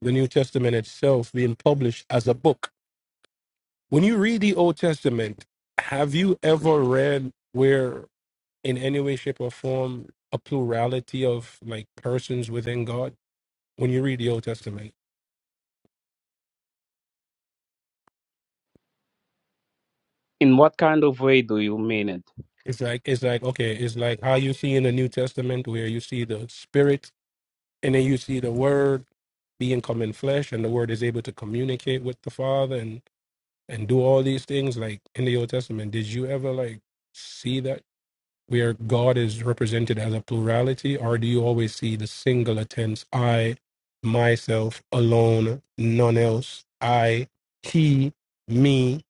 Speaker 15: the New Testament itself being published as a book. When you read the Old Testament, have you ever read where in any way, shape, or form a plurality of like persons within God? When you read the Old Testament.
Speaker 23: In what kind of way do you mean it?
Speaker 15: It's like it's like okay, it's like how you see in the New Testament where you see the spirit and then you see the word being come in flesh and the word is able to communicate with the father and and do all these things like in the old testament did you ever like see that where god is represented as a plurality or do you always see the singular tense i myself alone none else i he me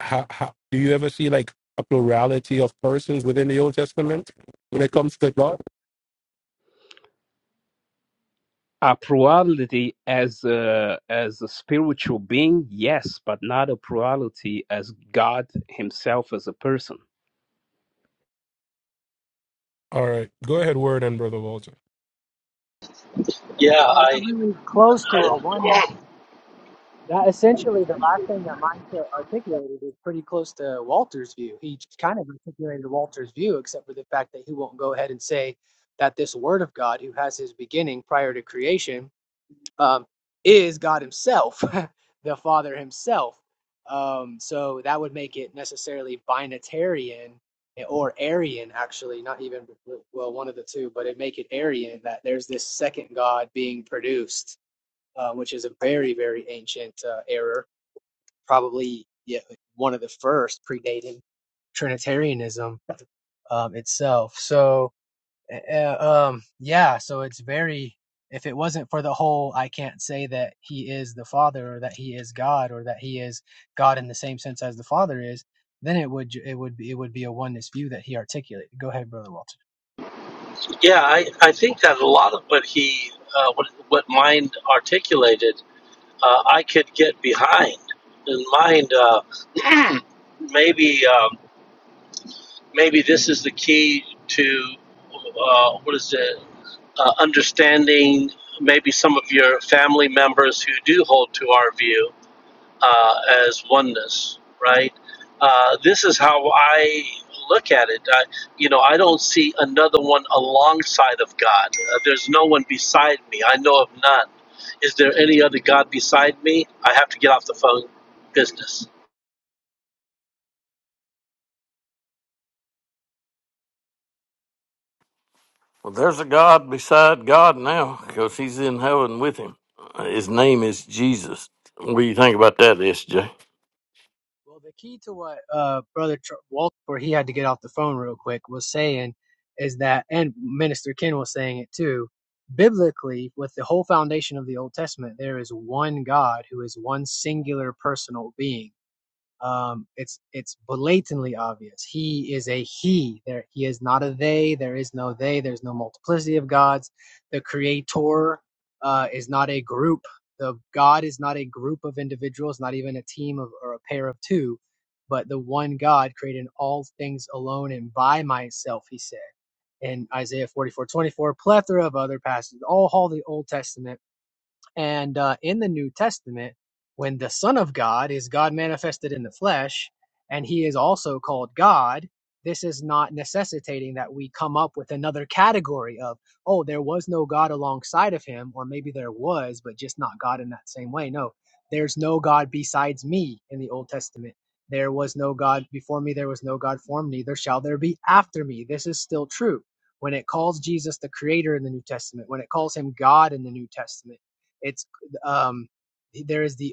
Speaker 15: how, how, do you ever see like a plurality of persons within the old testament when it comes to god
Speaker 23: A plurality as a, as a spiritual being, yes, but not a plurality as God Himself as a person.
Speaker 15: all right go ahead word and brother walter
Speaker 17: So you're really close to a one. That essentially the last thing that mindset articulated is pretty close to Walter's view. He kind of articulated Walter's view, except for the fact that he won't go ahead and say that this Word of God, who has his beginning prior to creation, um, is God Himself, the Father Himself. Um, so that would make it necessarily binatarian or Arian, actually, not even well one of the two, but it make it Arian that there's this second God being produced, uh, which is a very very ancient uh, error, probably yeah, one of the first predating Trinitarianism um, itself. So uh, um, yeah, so it's very, if it wasn't for the whole, I can't say that he is the Father or that he is God or that he is God in the same sense as the Father is, then it would, it would be, it would be a oneness view that he articulated. Go ahead, Brother Walter.
Speaker 20: Yeah, I, I think that a lot of what he, uh, what, what mind articulated, uh, I could get behind. And mind, uh, maybe, um, maybe this is the key to, uh, what is it, uh, understanding maybe some of your family members who do hold to our view. uh, as oneness, right? Uh, this is how I look at it. I, you know, I don't see another one alongside of God. Uh, there's no one beside me. I know of none. Is there any other God beside me? I have to get off the phone business.
Speaker 25: Well, there's a God beside God now because he's in heaven with him. His name is Jesus. What do you think about that, SJ?
Speaker 17: Well, the key to what, uh, Brother Tr- Walter, where he had to get off the phone real quick, was saying is that, and Minister Ken was saying it too, biblically, with the whole foundation of the Old Testament, there is one God who is one singular personal being um, it's it's blatantly obvious. He is a he. There, he is not a they. There is no they. There's no multiplicity of gods. The creator uh, is not a group. The God is not a group of individuals, not even a team of or a pair of two, but the one God created all things alone and by myself. He said in Isaiah 44:24. plethora of other passages, all, all the Old Testament and uh, in the New Testament, when the Son of God is God manifested in the flesh, and he is also called God, this is not necessitating that we come up with another category of, oh, there was no God alongside of him, or maybe there was, but just not God in that same way. No, there's no God besides me in the Old Testament. There was no God before me, there was no God for me, neither shall there be after me. This is still true. When it calls Jesus the Creator in the New Testament, when it calls him God in the New Testament, it's um, there is the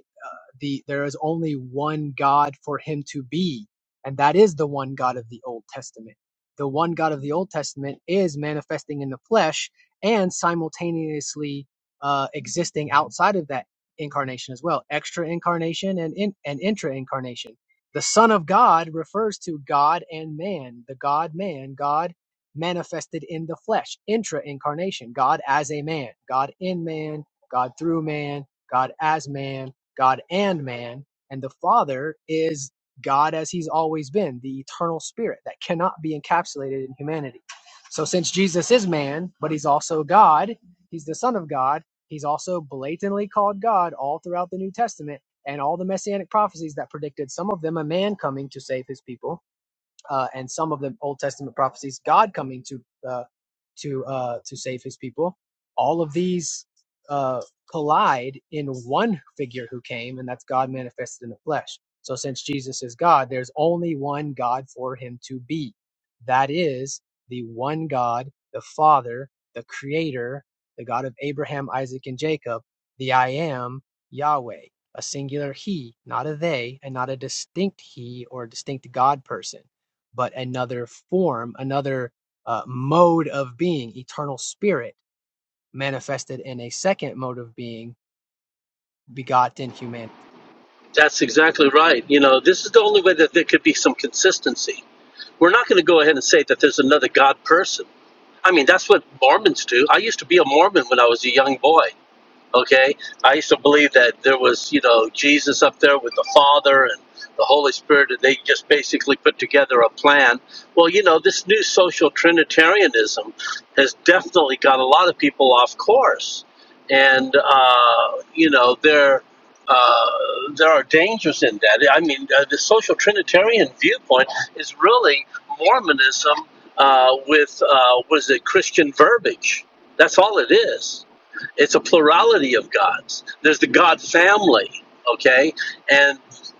Speaker 17: the there is only one God for him to be, and that is the one God of the Old Testament. The one God of the Old Testament is manifesting in the flesh and simultaneously uh, existing outside of that incarnation as well, extra incarnation and in, and intra incarnation. The Son of God refers to God and man, the God man, God manifested in the flesh, intra incarnation, God as a man, God in man, God through man, God as man, God and man, and the Father is God as he's always been, the eternal spirit that cannot be encapsulated in humanity. So since Jesus is man, but he's also God, he's the son of God, he's also blatantly called God all throughout the New Testament and all the messianic prophecies that predicted some of them a man coming to save his people uh, and some of the Old Testament prophecies, God coming to uh, to uh, to save His people. All of these uh, collide in one figure who came, and that's God manifested in the flesh. So, since Jesus is God, there's only one God for Him to be. That is the one God, the Father, the Creator, the God of Abraham, Isaac, and Jacob, the I Am, Yahweh a singular he, not a they, and not a distinct he or distinct God person but another form, another uh, mode of being, eternal spirit manifested in a second mode of being, begotten humanity.
Speaker 20: That's exactly right. You know, this is the only way that there could be some consistency. We're not going to go ahead and say that there's another God person. I mean, that's what Mormons do. I used to be a Mormon when I was a young boy. Okay, I used to believe that there was, you know, Jesus up there with the Father and the Holy Spirit, and they just basically put together a plan. Well, you know, this new social Trinitarianism has definitely got a lot of people off course, and uh, you know, there uh, there are dangers in that. I mean, uh, the social Trinitarian viewpoint is really Mormonism uh, with uh, was it Christian verbiage? That's all it is it's a plurality of gods. There's the God family, okay? And,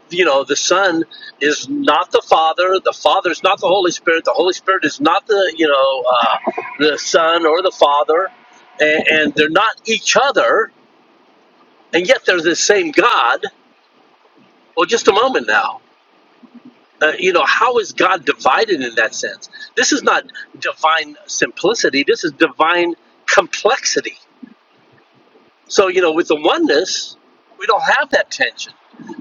Speaker 20: you know, the Son is not the Father. The Father is not the Holy Spirit. The Holy Spirit is not the, you know, uh, the Son or the Father. And, and they're not each other. And yet they're the same God. Well, just a moment now. Uh, you know, how is God divided in that sense? This is not divine simplicity. This is divine complexity So, you know, with the oneness, we don't have that tension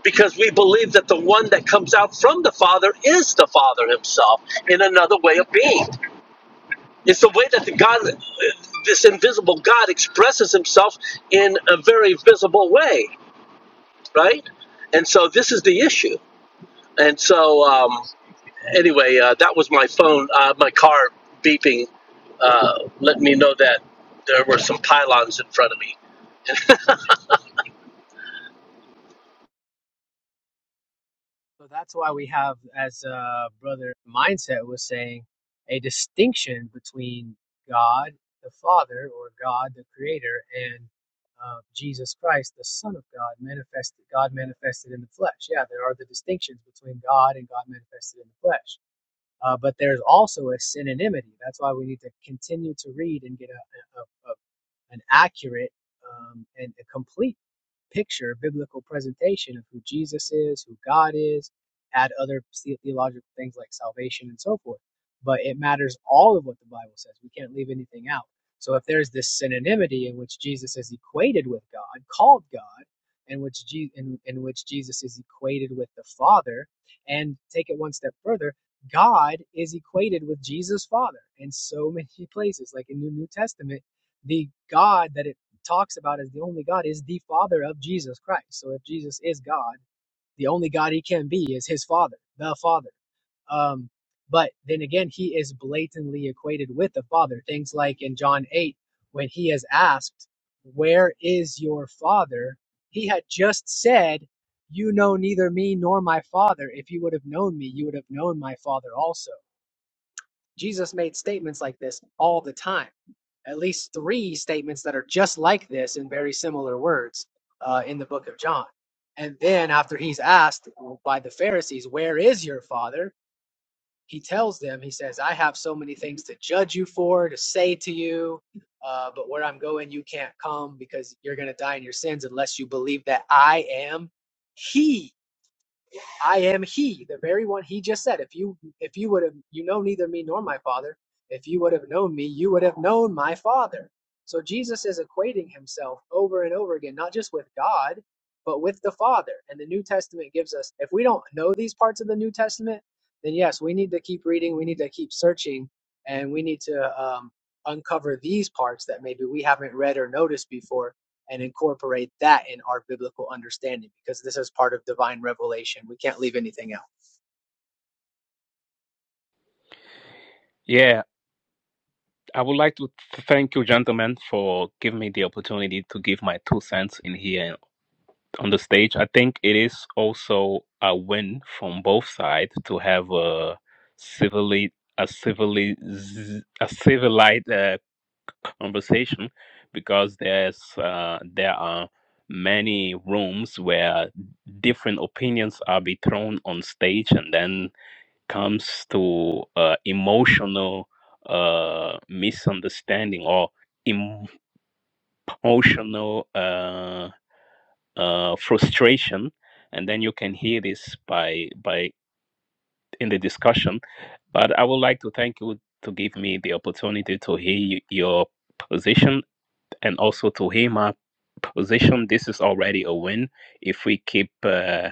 Speaker 20: because we believe that the one that comes out from the Father is the Father himself in another way of being. It's the way that the God, this invisible God, expresses himself in a very visible way, right? And so this is the issue. And so, um, anyway, uh, that was my phone, uh, my car beeping, uh, letting me know that there were some pylons in front of me.
Speaker 17: So that's why we have, as uh, Brother Mindset was saying, a distinction between God the Father or God the Creator and uh, Jesus Christ, the Son of God, manifested God manifested in the flesh. Yeah, there are the distinctions between God and God manifested in the flesh Uh, but there's also a synonymity. That's why we need to continue to read and get a, a, a an accurate um, and a complete picture, biblical presentation of who Jesus is, who God is, add other theological things like salvation and so forth. But it matters all of what the Bible says. We can't leave anything out. So if there's this synonymity in which Jesus is equated with God, called God, in which Je- in, in which Jesus is equated with the Father, and take it one step further, God is equated with Jesus Father in so many places, like in the New Testament the God that it talks about as the only God is the Father of Jesus Christ. So if Jesus is God, the only God he can be is his Father, the Father. Um, but then again, he is blatantly equated with the Father. Things like in John 8, when he is asked, Where is your Father? He had just said, You know neither me nor my Father. If you would have known me, you would have known my Father also. Jesus made statements like this all the time. At least three statements that are just like this in very similar words uh, in the book of John. And then after he's asked by the Pharisees, Where is your father? He tells them, He says, I have so many things to judge you for, to say to you, uh, but where I'm going, you can't come because you're going to die in your sins unless you believe that I am He I am he, the very one he just said. If you if you would have you know neither me nor my father, if you would have known me, you would have known my father. So Jesus is equating himself over and over again, not just with God, but with the Father. And the New Testament gives us if we don't know these parts of the New Testament, then yes, we need to keep reading, we need to keep searching, and we need to um, uncover these parts that maybe we haven't read or noticed before and incorporate that in our biblical understanding because this is part of divine revelation. We can't leave anything out.
Speaker 23: Yeah, I would like to th- thank you, gentlemen, for giving me the opportunity to give my two cents in here on the stage. I think it is also a win from both sides to have a civilly a civilly a civilized uh, conversation because there's uh, there are many rooms where different opinions are be thrown on stage and then comes to uh, emotional uh, misunderstanding or emotional uh, uh, frustration, and then you can hear this by by in the discussion. But I would like to thank you to give me the opportunity to hear y- your position and also to hear my position. This is already a win if we keep. Uh,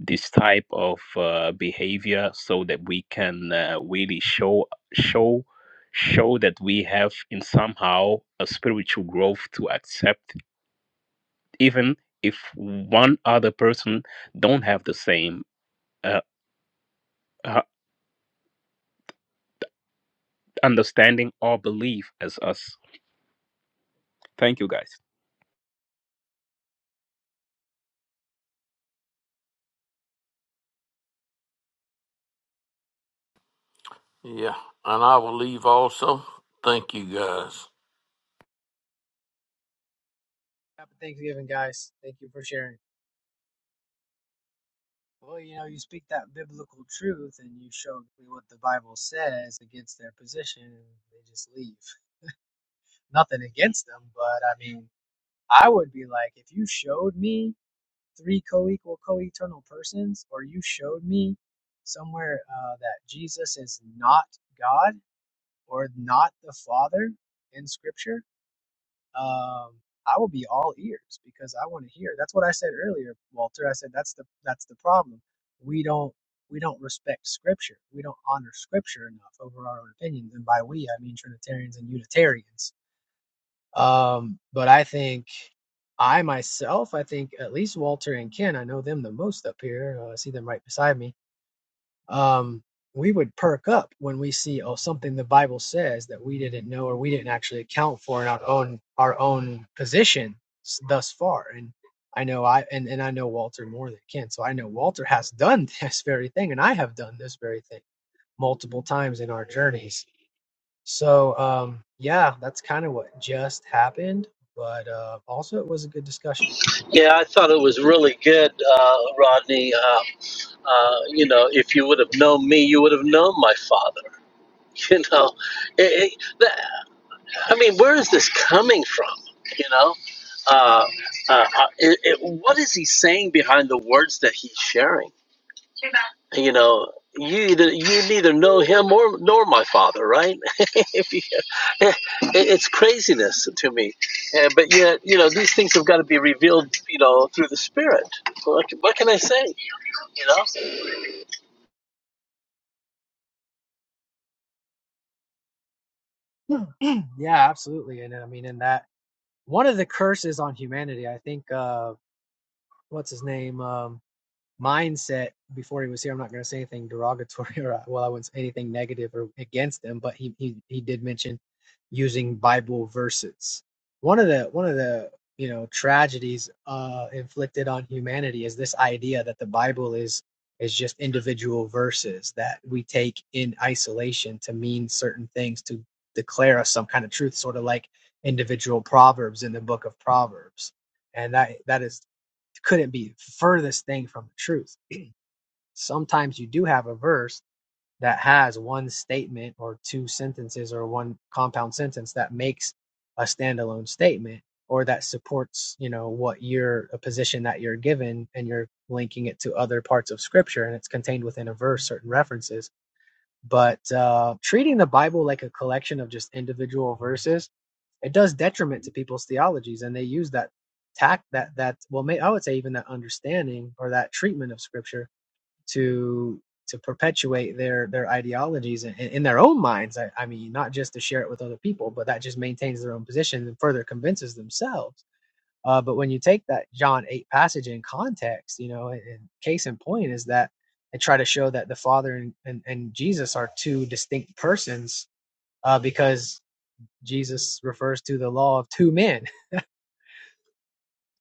Speaker 23: this type of uh, behavior so that we can uh, really show show show that we have in somehow a spiritual growth to accept even if one other person don't have the same uh, uh, understanding or belief as us. Thank you, guys.
Speaker 25: Yeah, and I will leave also. Thank you guys.
Speaker 17: Happy Thanksgiving, guys. Thank you for sharing. Well, you know, you speak that biblical truth and you show what the Bible says against their position, and they just leave. Nothing against them, but I mean, I would be like, if you showed me three co equal, co eternal persons, or you showed me somewhere uh, that Jesus is not God or not the Father in Scripture, um, I will be all ears because I want to hear. That's what I said earlier, Walter. I said that's the that's the problem. We don't we don't respect Scripture. We don't honor Scripture enough over our own opinions, and by we I mean Trinitarians and Unitarians. Um, but I think I myself, I think at least Walter and Ken, I know them the most up here. Uh, I see them right beside me um, we would perk up when we see oh something the Bible says that we didn't know or we didn't actually account for in our own our own position thus far. And I know I and, and I know Walter more than Ken, so I know Walter has done this very thing, and I have done this very thing multiple times in our journeys. So um, yeah, that's kind of what just happened. But uh, also, it was a good discussion.
Speaker 20: Yeah, I thought it was really good, uh, Rodney. Uh, uh, you know, if you would have known me, you would have known my father. You know, It- it- that- I mean, where is this coming from? You know, uh, uh, uh, it, it, what is he saying behind the words that he's sharing? you know you either you neither know him or nor my father right If you- it's craziness to me Uh, but yet you know these things have got to be revealed you know through the spirit what, what can i say you know
Speaker 17: yeah, absolutely. And I mean, in that one of the curses on humanity, I think. Uh, what's his name um, mindset before he was here. I'm not going to say anything derogatory or uh, well, I wouldn't say anything negative or against him, but he he he did mention using Bible verses. One of the one of the you know tragedies uh, inflicted on humanity is this idea that the Bible is is just individual verses that we take in isolation to mean certain things to declare us some kind of truth, sort of like individual proverbs in the book of Proverbs and that that is couldn't be furthest thing from the truth. Sometimes you do have a verse that has one statement or two sentences or one compound sentence that makes a standalone statement or that supports, you know, what you're a position that you're given and you're linking it to other parts of scripture and it's contained within a verse, certain references but uh, treating the Bible like a collection of just individual verses, it does detriment to people's theologies, and they use that tact that that well, may, I would say even that understanding or that treatment of Scripture to to perpetuate their their ideologies in, in their own minds. I, I mean, not just to share it with other people, but that just maintains their own position and further convinces themselves uh, but when you take that John 8 passage in context, you know, and, and case in point is that I try to show that the Father and, and, and Jesus are two distinct persons uh, because Jesus refers to the law of two men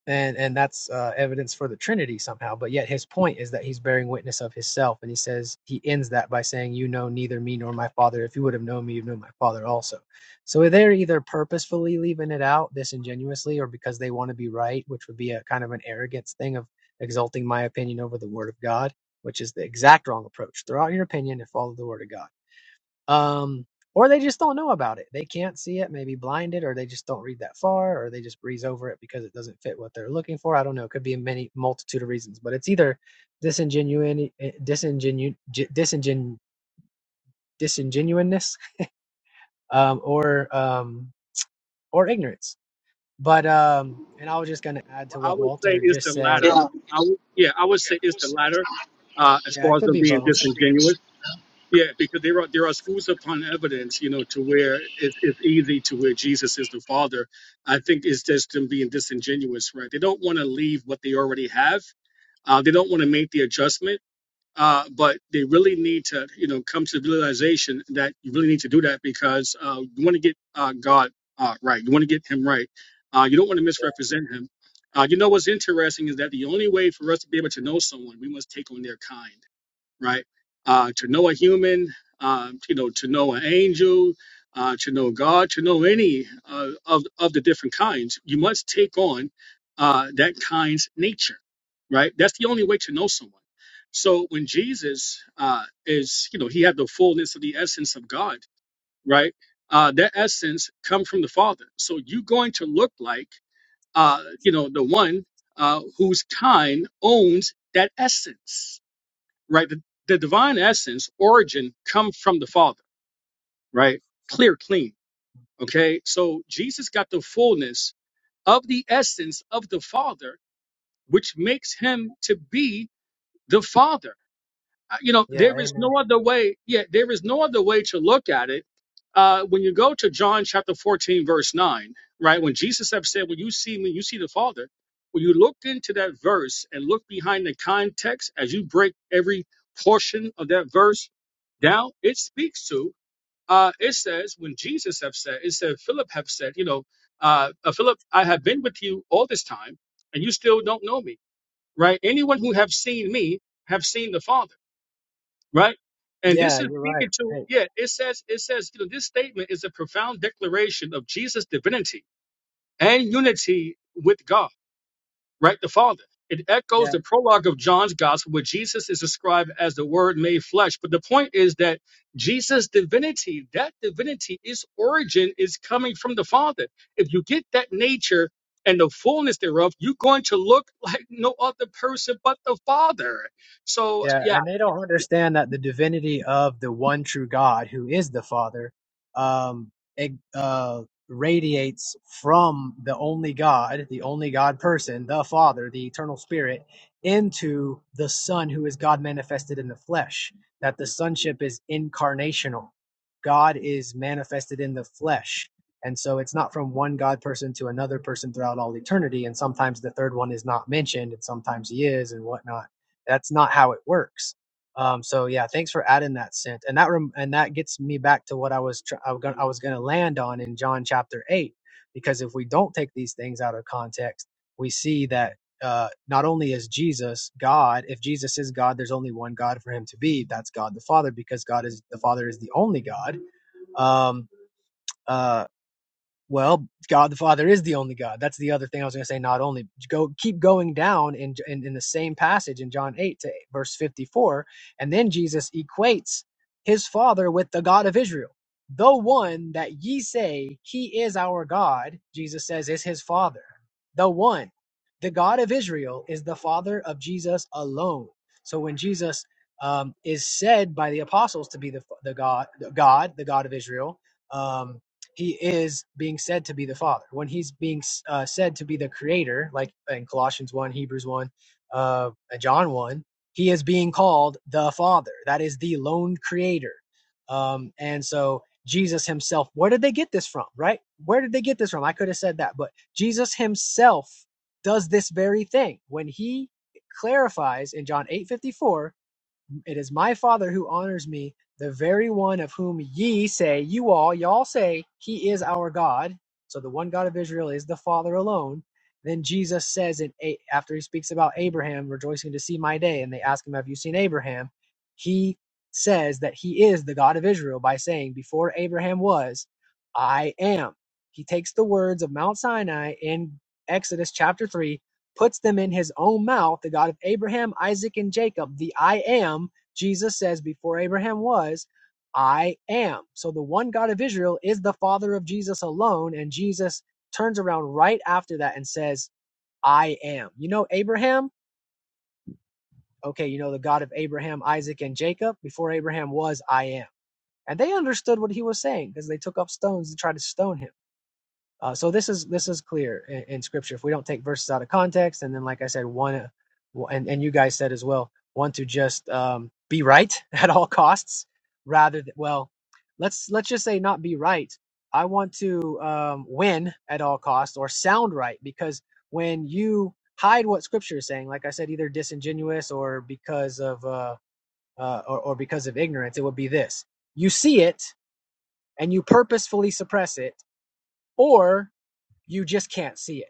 Speaker 17: and and that's uh, evidence for the Trinity somehow. But yet his point is that he's bearing witness of himself, and he says he ends that by saying, "You know neither me nor my Father. If you would have known me, you'd know my Father also." So they're either purposefully leaving it out disingenuously, or because they want to be right, which would be a kind of an arrogance thing of exalting my opinion over the Word of God, which is the exact wrong approach. Throw out your opinion and follow the Word of God um, or they just don't know about it. They can't see it, maybe blinded, or they just don't read that far, or they just breeze over it because it doesn't fit what they're looking for. I don't know. It could be many multitude of reasons, but it's either disingenuity, eh, disingenu, j- disingen, disingenuineness, um, or um, or ignorance. But um, and I was just gonna add to
Speaker 21: Well, I
Speaker 17: what
Speaker 21: would say
Speaker 17: Walter
Speaker 21: it's
Speaker 17: just
Speaker 21: the
Speaker 17: said.
Speaker 21: latter.
Speaker 20: yeah,
Speaker 21: I would, yeah, I would say it's the latter uh, as
Speaker 17: Yeah, it
Speaker 21: far as
Speaker 17: could
Speaker 21: them
Speaker 17: be
Speaker 21: being
Speaker 17: both.
Speaker 21: disingenuous. Yeah, because upon evidence, you know, to where it, it's easy to where Jesus is the Father. I think it's just them being disingenuous, right? They don't want to leave what they already have. Uh, they don't want to make the adjustment, uh, but they really need to, you know, come to the realization that you really need to do that because uh, you want to get uh, God uh, right. You want to get Him right. Uh, you don't want to misrepresent Him. Uh, you know what's interesting is that the only way for us to be able to know someone, we must take on their kind right? Uh, to know a human, uh, you know, to know an angel, uh, to know God, to know any uh, of of the different kinds, you must take on uh, that kind's nature, right? That's the only way to know someone. So when Jesus uh, is, you know, he had the fullness of the essence of God, right? Uh, that essence come from the Father. So you're going to look like, uh, you know, the one uh, whose kind owns that essence right? The, the divine essence, origin, comes from the Father, right? Clear, clean. Okay. So Jesus got the fullness of the essence of the Father, which makes him to be the Father uh, you know
Speaker 17: Yeah,
Speaker 21: there is
Speaker 17: amen.
Speaker 21: no other way yeah there is no other way to look at it uh when you go to john chapter 14 verse 9 right when jesus have said when you see me you see the father when you look into that verse and look behind the context as you break every portion of that verse down it speaks to uh it says when jesus have said it said philip have said you know uh, uh philip i have been with you all this time and you still don't know me right anyone who have seen me have seen the father right? And this
Speaker 17: Yeah,
Speaker 21: is
Speaker 17: you're right.
Speaker 21: speaking to
Speaker 17: Hey,
Speaker 21: yeah. It says it says you know this statement is a profound declaration of Jesus' divinity and unity with God, right? The Father. It
Speaker 17: yeah.
Speaker 21: echoes the prologue of John's Gospel, where Jesus is described as the Word made flesh. But the point is that Jesus' divinity, that divinity, its origin is coming from the Father. If you get that nature and the fullness thereof, you're going to look like no other person but the Father. So,
Speaker 17: Yeah,
Speaker 21: yeah.
Speaker 17: and they don't understand that the divinity of the one true God, who is the Father, um, it, uh, radiates from the only God, the only God person, the Father, the eternal Spirit, into the Son, who is God manifested in the flesh. That the sonship is incarnational. God is manifested in the flesh. And so it's not from one God person to another person throughout all eternity. And sometimes the third one is not mentioned, and sometimes he is, and whatnot that's not how it works. Um, so yeah, thanks for adding that, Sint. And that rem- and that gets me back to what I was tr- I was gonna I was gonna land on in John chapter eight, because if we don't take these things out of context, we see that uh, not only is Jesus God, if Jesus is God, there's only one God for him to be. That's God the Father, because God is the Father is the only God. Um, uh, well, God the Father is the only God. That's the other thing I was going to say. Not only go keep going down in, in in the same passage in John eight to verse fifty four, and then Jesus equates his Father with the God of Israel, the one that ye say he is our God. Jesus says is his Father, the one, the God of Israel is the Father of Jesus alone. So when Jesus um, is said by the apostles to be the the God, the God, the God of Israel. um he is being said to be the father when he's being uh, said to be the creator like in colossians 1 hebrews 1 uh, john 1 he is being called the father that is the lone creator um, and so jesus himself where did they get this from right where did they get this from i could have said that but jesus himself does this very thing when he clarifies in john eight fifty four it is my Father who honors me, the very one of whom ye say, you all, y'all say, he is our God. So the one God of Israel is the Father alone. Then Jesus says, in A- after he speaks about Abraham rejoicing to see my day, and they ask him, Have you seen Abraham? He says that he is the God of Israel by saying, Before Abraham was, I am. He takes the words of Mount Sinai in Exodus chapter 3 puts them in his own mouth, the God of Abraham, Isaac, and Jacob, the I am, Jesus says, Before Abraham was, I am. So the one God of Israel is the Father of Jesus alone. And Jesus turns around right after that and says, I am. You know Abraham? Okay, you know the God of Abraham, Isaac, and Jacob. Before Abraham was, I am. And they understood what he was saying because they took up stones to try to stone him. Uh, so this is this is clear in, in scripture. If we don't take verses out of context, and then like I said, one and and you guys said as well, want to just um, be right at all costs, rather than well, let's let's just say not be right. I want to um, win at all costs or sound right because when you hide what scripture is saying, like I said, either disingenuous or because of uh, uh, or, or because of ignorance, it would be this: you see it and you purposefully suppress it, or you just can't see it.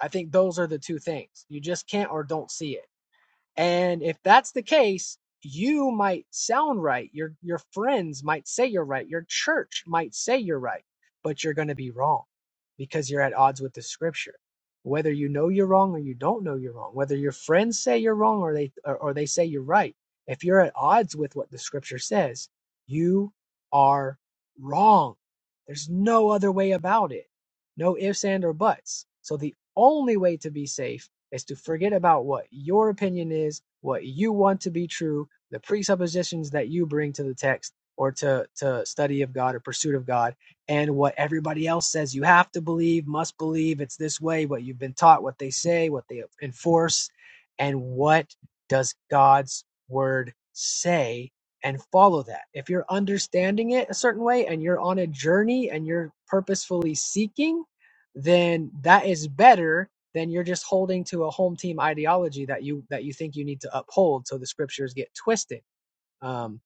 Speaker 17: I think those are the two things. You just can't or don't see it. And if that's the case, you might sound right. Your your friends might say you're right. Your church might say you're right, but you're going to be wrong because you're at odds with the scripture. Whether you know you're wrong or you don't know you're wrong, whether your friends say you're wrong or they or, or they say you're right, if you're at odds with what the scripture says, you are wrong. There's no other way about it. No ifs and or buts. So the only way to be safe is to forget about what your opinion is, what you want to be true, the presuppositions that you bring to the text or to, to study of God or pursuit of God, and what everybody else says you have to believe, must believe, it's this way, what you've been taught, what they say, what they enforce, and what does God's word say and follow that. If you're understanding it a certain way and you're on a journey and you're purposefully seeking, then that is better then you're just holding to a home team ideology that you that you think you need to uphold so the scriptures get twisted um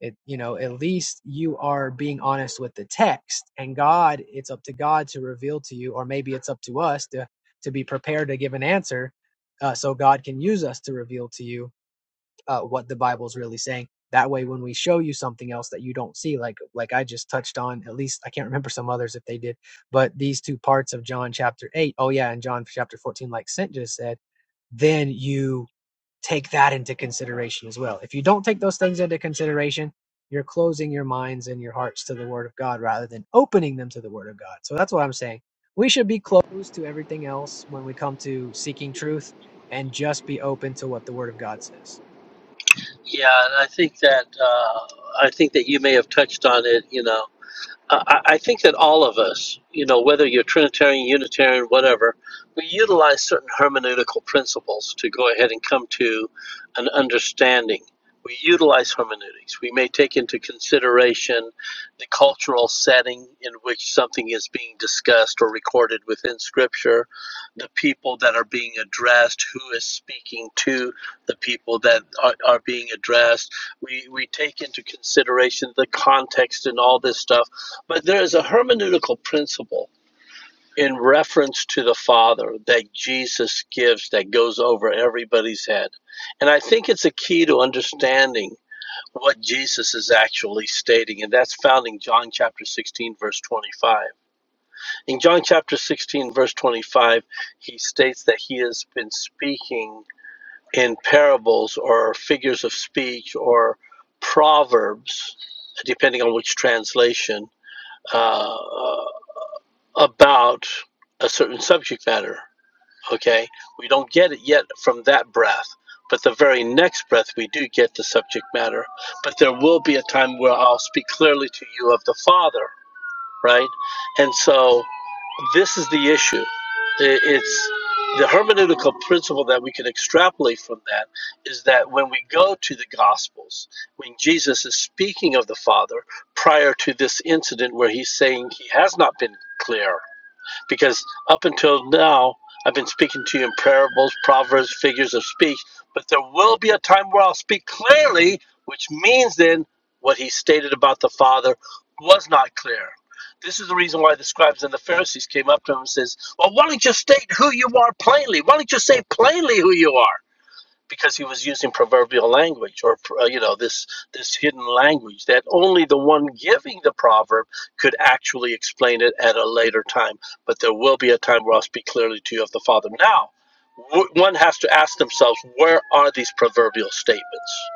Speaker 17: it you know at least you are being honest with the text and god it's up to god to reveal to you or maybe it's up to us to to be prepared to give an answer uh, so god can use us to reveal to you uh, what the Bible is really saying. That way, when we show you something else that you don't see, like like I just touched on, at least I can't remember some others if they did, but these two parts of John chapter eight, oh yeah, and John chapter fourteen, like Sent just said, then you take that into consideration as well. If you don't take those things into consideration, you're closing your minds and your hearts to the Word of God rather than opening them to the Word of God. So that's what I'm saying. We should be closed to everything else when we come to seeking truth and just be open to what the Word of God says.
Speaker 20: yeah and i think that uh, i think that you may have touched on it you know I, I I think that all of us, you know, whether you're Trinitarian, Unitarian, whatever, we utilize certain hermeneutical principles to go ahead and come to an understanding. We utilize hermeneutics. We may take into consideration the cultural setting in which something is being discussed or recorded within Scripture, the people that are being addressed, who is speaking to the people that are, are being addressed. We, we take into consideration the context and all this stuff but there is a hermeneutical principle in reference to the Father that Jesus gives that goes over everybody's head. And I think it's a key to understanding what Jesus is actually stating. And that's found in John chapter 16, verse 25. In John chapter 16, verse 25, he states that he has been speaking in parables or figures of speech or proverbs, depending on which translation uh, about a certain subject matter. Okay, we don't get it yet from that breath, but the very next breath we do get the subject matter. But there will be a time where I'll speak clearly to you of the Father, right? And so this is the issue. It's the hermeneutical principle that we can extrapolate from that is that when we go to the Gospels, when Jesus is speaking of the Father prior to this incident where he's saying he has not been clear, because up until now, I've been speaking to you in parables, proverbs, figures of speech, but there will be a time where I'll speak clearly, which means then what he stated about the Father was not clear. This is the reason why the scribes and the Pharisees came up to him and says, Well, why don't you state who you are plainly? Why don't you say plainly who you are? because he was using proverbial language or uh, you know this this hidden language that only the one giving the proverb could actually explain it at a later time but there will be a time where i'll speak clearly to you of the father now w- one has to ask themselves where are these proverbial statements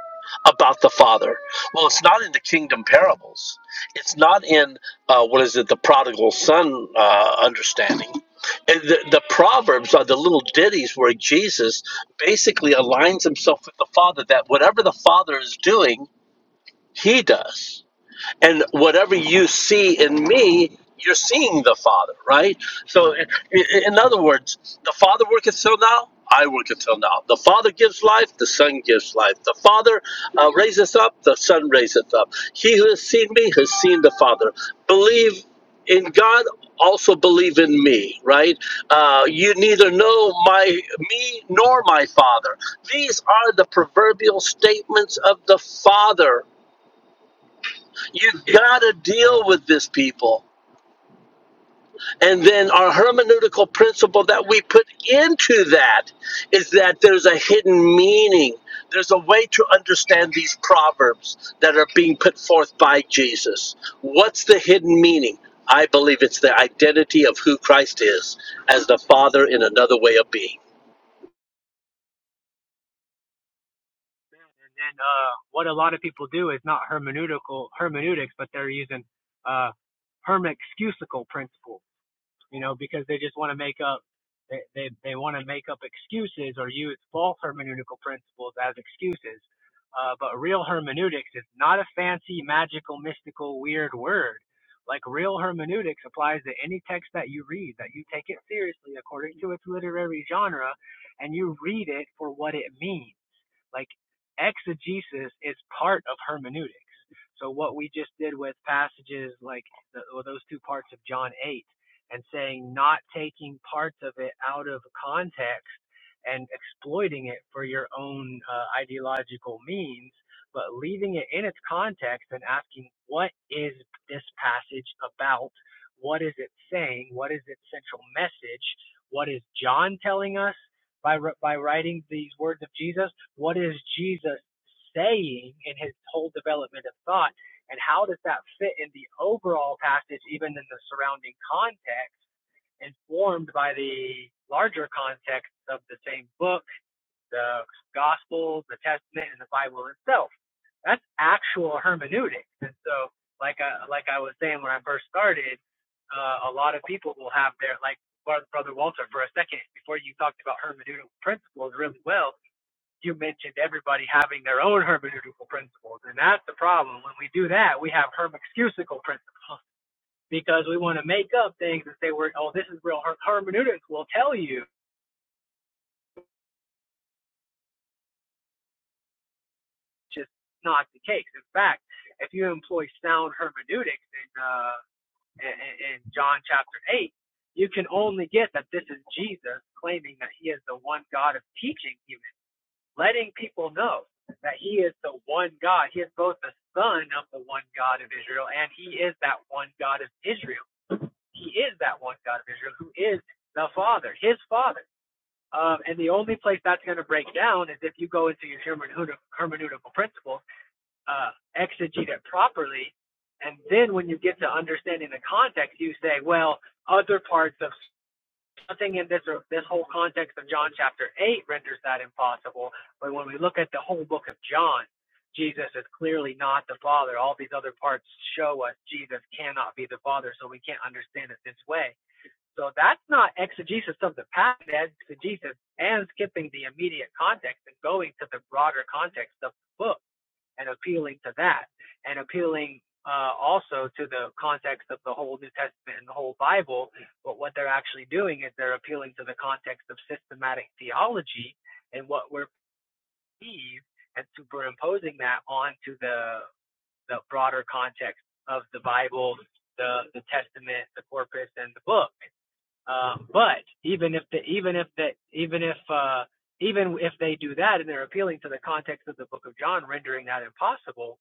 Speaker 20: about the father well it's not in the kingdom parables it's not in uh, what is it the prodigal son uh, understanding and the, the proverbs are the little ditties where jesus basically aligns himself with the Father, that whatever the Father is doing, he does and whatever you see in me you're seeing the father right so i- i- in other words the father worketh till now i work until now the father gives life the son gives life the father uh, raiseth up the son raiseth up he who has seen me has seen the father believe in god also believe in me right uh, you neither know my me nor my father these are the proverbial statements of the father you gotta deal with this people. And then our hermeneutical principle that we put into that is that there's a hidden meaning. There's a way to understand these proverbs that are being put forth by Jesus. What's the hidden meaning? I believe it's the identity of who Christ is as the Father in another way of being.
Speaker 17: And uh, what a lot of people do is not hermeneutical hermeneutics, but they're using uh, hermexcusical principle, you know, because they just want to make up they they, they want to make up excuses or use false hermeneutical principles as excuses. Uh, but real hermeneutics is not a fancy, magical, mystical, weird word. Like real hermeneutics applies to any text that you read, that you take it seriously according to its literary genre, and you read it for what it means like exegesis is part of hermeneutic. So what we just did with passages like the, or those two parts of John 8 and saying not taking parts of it out of context and exploiting it for your own uh, ideological means, but leaving it in its context and asking, what is this passage about? What is it saying? What is its central message? What is John telling us by, wr- by writing these words of Jesus? What is Jesus saying in his whole development of thought? And how does that fit in the overall passage, even in the surrounding context? informed by the larger context of the same book, the Gospels, the Testament, and the Bible itself. That's actual hermeneutics. And so, like I, like I was saying when I first started, uh, a lot of people will have their, like Brother Brother Walter for a second, before you talked about hermeneutical principles really well, you mentioned everybody having their own hermeneutical principles. And that's the problem. When we do that, we have hermexcusical principles because we want to make up things and say, we're, oh, this is real. Her- hermeneutics will tell you it's just not the case. In fact, if you employ sound hermeneutics in, uh, in, in John chapter 8, you can only get that this is Jesus claiming that he is the one God of teaching humans, letting people know that he is the one God. He is both the son of the one God of Israel and he is that one God of Israel. He is that one God of Israel who is the Father, his Father. Um, and the only place that's going to break down is if you go into your hermeneutical principles, uh, exegete it properly, and then when you get to understanding the context, you say, well, other parts of something in this or this whole context of John chapter eight renders that impossible. But when we look at the whole book of John, Jesus is clearly not the Father. All these other parts show us Jesus cannot be the Father, so we can't understand it this way. So that's not exegesis of the past, exegesis and skipping the immediate context and going to the broader context of the book and appealing to that and appealing uh, also to the context of the whole New Testament and the whole Bible. But what they're actually doing is they're appealing to the context of systematic theology and what we're perceived and superimposing that onto the the broader context of the Bible, the the Testament, the corpus, and the book. Um, but even if the even if that even if uh, even if they do that and they're appealing to the context of the Book of John, rendering that impossible,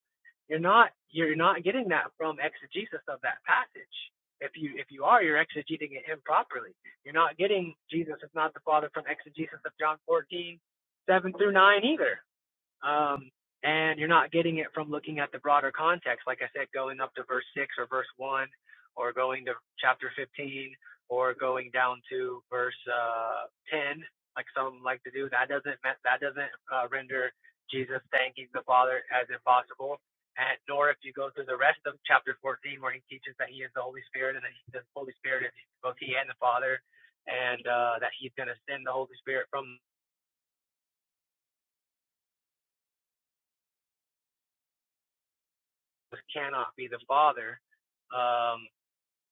Speaker 17: you're not you're not getting that from exegesis of that passage. If you if you are, you're exegeting it improperly. You're not getting Jesus is not the Father from exegesis of John 14 7 through 9 either. Um, and you're not getting it from looking at the broader context. Like I said, going up to verse 6 or verse 1, or going to chapter 15, or going down to verse uh, 10, like some like to do. That doesn't that doesn't uh, render Jesus thanking the Father as impossible. And nor if you go through the rest of chapter 14, where he teaches that he is the Holy Spirit and that he, the Holy Spirit is both he and the Father, and uh, that he's going to send the Holy Spirit from cannot be the Father. Um,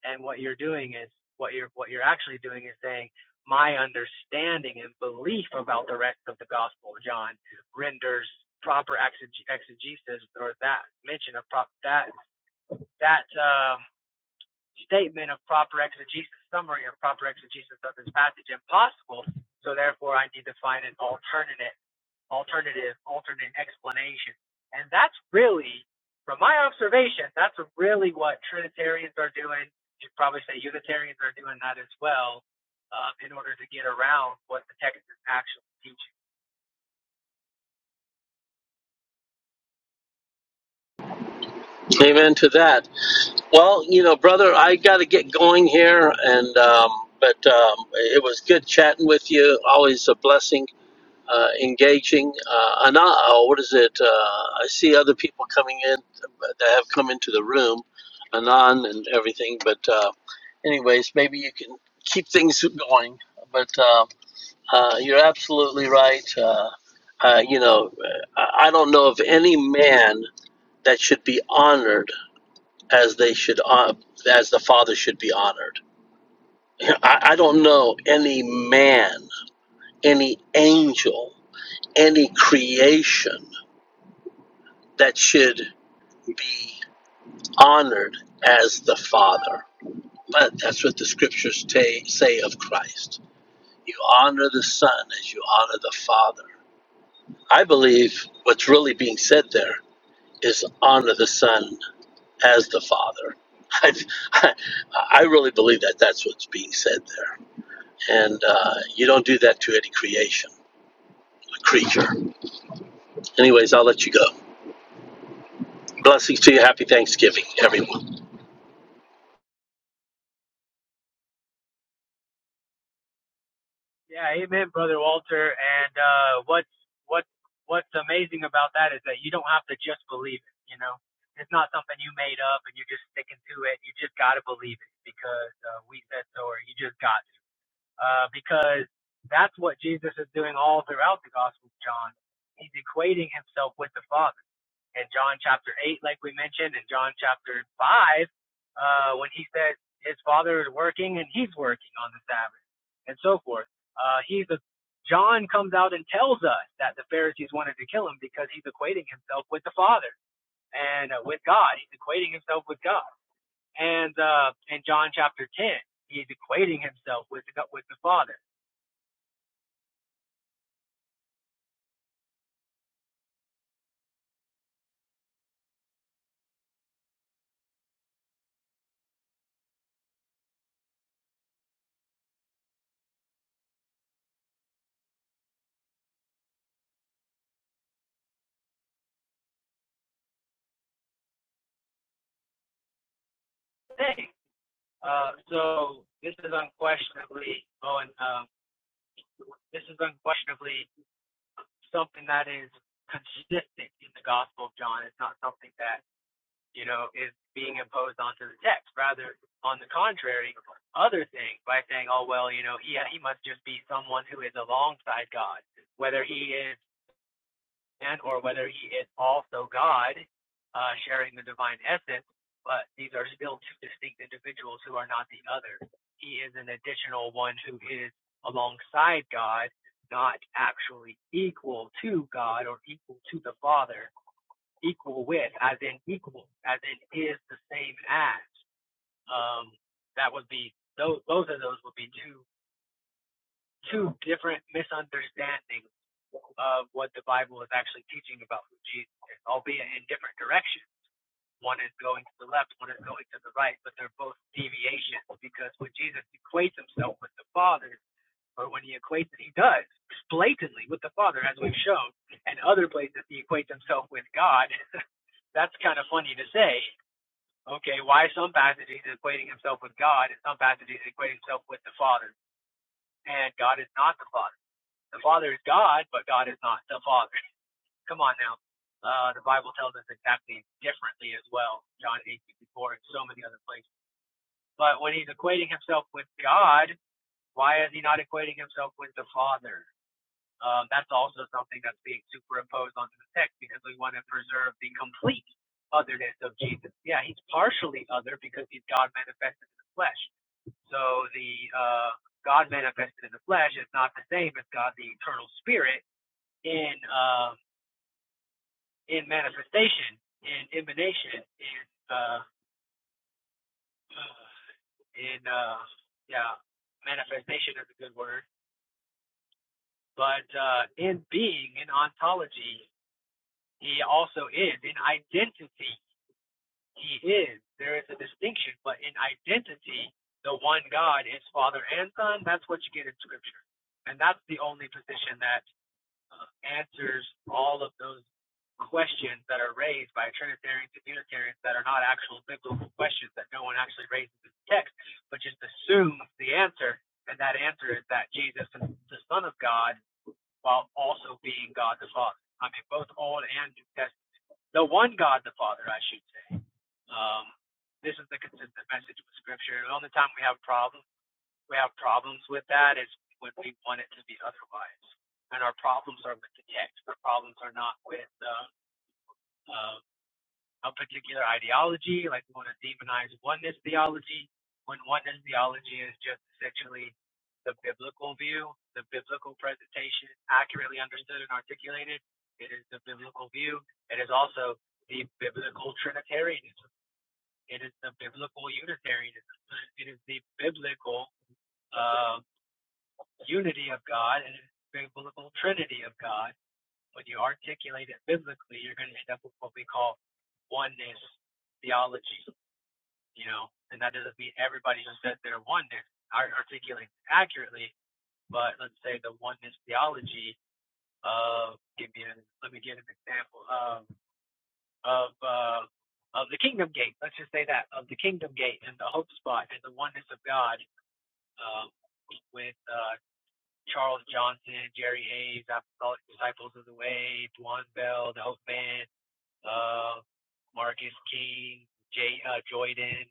Speaker 17: and what you're doing is what you're what you're actually doing is saying my understanding and belief about the rest of the gospel of john renders proper exeg- exegesis or that mention of prop that that um, statement of proper exegesis, summary of proper exegesis of this passage impossible. So therefore, I need to find an alternative, alternative, alternate explanation. And that's really, from my observation, that's really what Trinitarians are doing. You'd probably say Unitarians are doing that as well, um, in order to get around what the text is actually teaching.
Speaker 20: Amen to that. Well, you know, brother, I got to get going here, and um, but um, it was good chatting with you. Always a blessing uh, engaging. Uh, and I, uh, what is it? Uh, I see other people coming in that have come into the room, Anon and everything. But, uh, anyways, maybe you can keep things going. But uh, uh, you're absolutely right. Uh, uh, you know, I I don't know of any man that should be honored as they should, uh, as the father should be honored. I, I don't know any man, any angel, any creation that should be honored as the Father. But that's what the scriptures ta say of Christ. You honor the Son as you honor the Father. I believe what's really being said there is honor the Son as the Father. I, I, I really believe that that's what's being said there. And uh, you don't do that to any creation, a creature. Anyways, I'll let you go. Blessings to you. Happy Thanksgiving, everyone.
Speaker 17: Yeah, amen, brother Walter. And uh, what's what what's amazing about that is that you don't have to just believe it. You know, it's not something you made up and you're just sticking to it. You just got to believe it because uh, we said so, or you just got to. Uh, because that's what Jesus is doing all throughout the Gospel of John. He's equating himself with the Father in John chapter 8, like we mentioned, in John chapter 5, uh, when he says his father is working and he's working on the Sabbath and so forth. Uh, he's a, John comes out and tells us that the Pharisees wanted to kill him because he's equating himself with the Father and uh, with God. He's equating himself with God. And uh, in John chapter 10, he's equating himself with with the Father. Thing. Uh, so this is unquestionably, oh, and um, this is unquestionably something that is consistent in the Gospel of John. It's not something that, you know, is being imposed onto the text. Rather, on the contrary, other things by saying, oh, well, you know, he, he must just be someone who is alongside God, whether he is and or whether he is also God, uh, sharing the divine essence. But these are still two distinct individuals who are not the other. He is an additional one who is alongside God, not actually equal to God or equal to the Father, equal with, as in equal, as in is the same as. Um, that would be those. Those of those would be two two different misunderstandings of what the Bible is actually teaching about who Jesus is, albeit in different directions. One is going to the left, one is going to the right, but they're both deviations because when Jesus equates himself with the Father, or when he equates it, he does blatantly with the Father, as we've shown, and other places he equates himself with God. That's kind of funny to say. Okay, why some passages he's equating himself with God, and some passages he's equating himself with the Father, and God is not the Father. The Father is God, but God is not the Father. Come on now. Uh, the Bible tells us exactly differently as well. John 8, sixty-four and so many other places. But when he's equating himself with God, why is he not equating himself with the Father? Um, that's also something that's being superimposed onto the text because we want to preserve the complete otherness of Jesus. Yeah, he's partially other because he's God manifested in the flesh. So the uh, God manifested in the flesh is not the same as God the eternal spirit in um in manifestation, in emanation, in uh in uh yeah, manifestation is a good word. But uh in being, in ontology, he also is. In identity, he is. There is a distinction, but in identity, the one God is Father and Son. That's what you get in Scripture, and that's the only position that uh, answers all of those questions that are raised by Trinitarians and Unitarians that are not actual biblical questions that no one actually raises in the text, but just assumes the answer. And that answer is that Jesus is the Son of God while also being God the Father. I mean, both Old and New Testament. The one God the Father, I should say. Um, this is the consistent message with Scripture. The only time we have problems we have problems with that is when we want it to be otherwise. And our problems are with the text. Our problems are not with uh, uh, a particular ideology. Like we want to demonize oneness theology when oneness theology is just essentially the biblical view, the biblical presentation, accurately understood and articulated. It is the biblical view. It is also the biblical Trinitarianism. It is the biblical Unitarianism. It is the biblical uh, unity of God and the biblical trinity of God. When you articulate it biblically, you're going to end up with what we call oneness theology, you know, and that doesn't mean everybody who says they're oneness articulates accurately, but let's say the oneness theology of, give me a, let me give an example of, of, uh, of the kingdom gate, let's just say that, of the kingdom gate and the hope spot and the oneness of God, um, with uh, Charles Johnson, Jerry Hayes, Apostolic Disciples of the Way, Duane Bell, The Hope Man, uh, Marcus King, Jay uh, Joyden,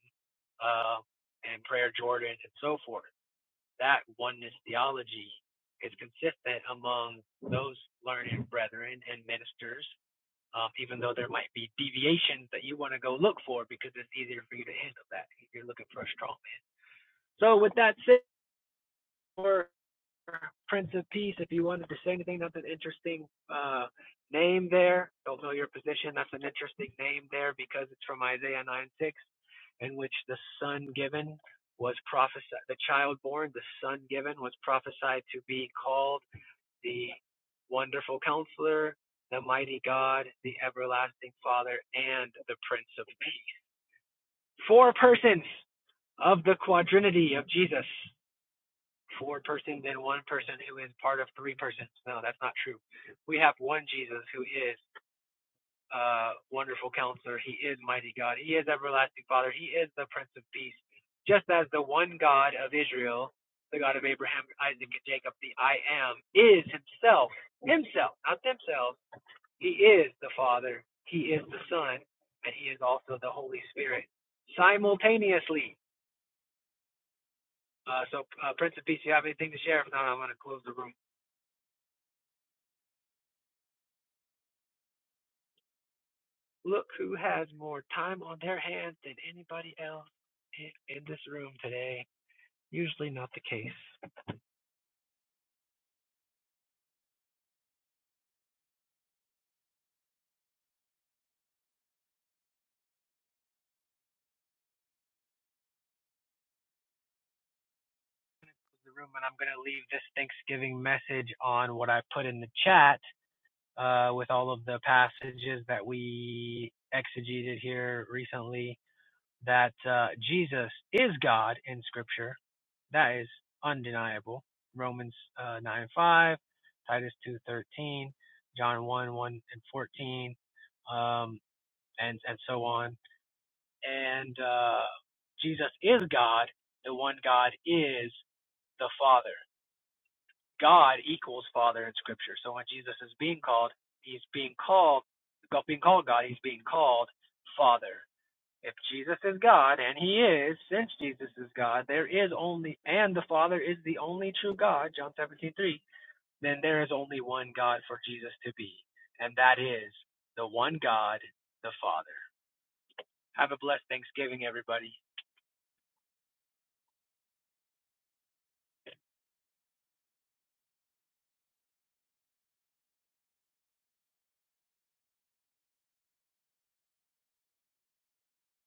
Speaker 17: uh, and Prayer Jordan, and so forth. That oneness theology is consistent among those learned brethren and ministers, um, even though there might be deviations that you want to go look for because it's easier for you to handle that if you're looking for a strong man. So, with that said, we're Prince of Peace, if you wanted to say anything, that's an interesting uh, name there. Don't know your position. That's an interesting name there because it's from Isaiah 9 6, in which the son given was prophesied, the child born, the son given was prophesied to be called the wonderful counselor, the mighty God, the everlasting father, and the Prince of Peace. Four persons of the quadrinity of Jesus four person, then one person who is part of three persons. No, that's not true. We have one Jesus who is uh, wonderful counselor. He is mighty God. He is everlasting Father. He is the Prince of Peace. Just as the one God of Israel, the God of Abraham, Isaac, and Jacob, the I am, is himself, himself, not themselves. He is the Father. He is the Son. And he is also the Holy Spirit simultaneously. Uh, so, uh, Prince of Peace, you have anything to share? If not, I'm going to close the room. Look who has more time on their hands than anybody else in, this room today. Usually not the case. The room, and I'm going to leave this Thanksgiving message on what I put in the chat uh, with all of the passages that we exegeted here recently. That uh, Jesus is God in Scripture. That is undeniable. Romans uh, 9 5, Titus two thirteen, John 1 1 and 14. Um, and and so on. And uh, Jesus is God. The one God is the Father. God equals Father in Scripture. So when Jesus is being called, he's being called God- being called God. He's being called Father. If Jesus is God, and He is, since Jesus is God, there is only, and the Father is the only true God, John seventeen three. then there is only one God for Jesus to be, and that is the one God, the Father. Have a blessed Thanksgiving, everybody.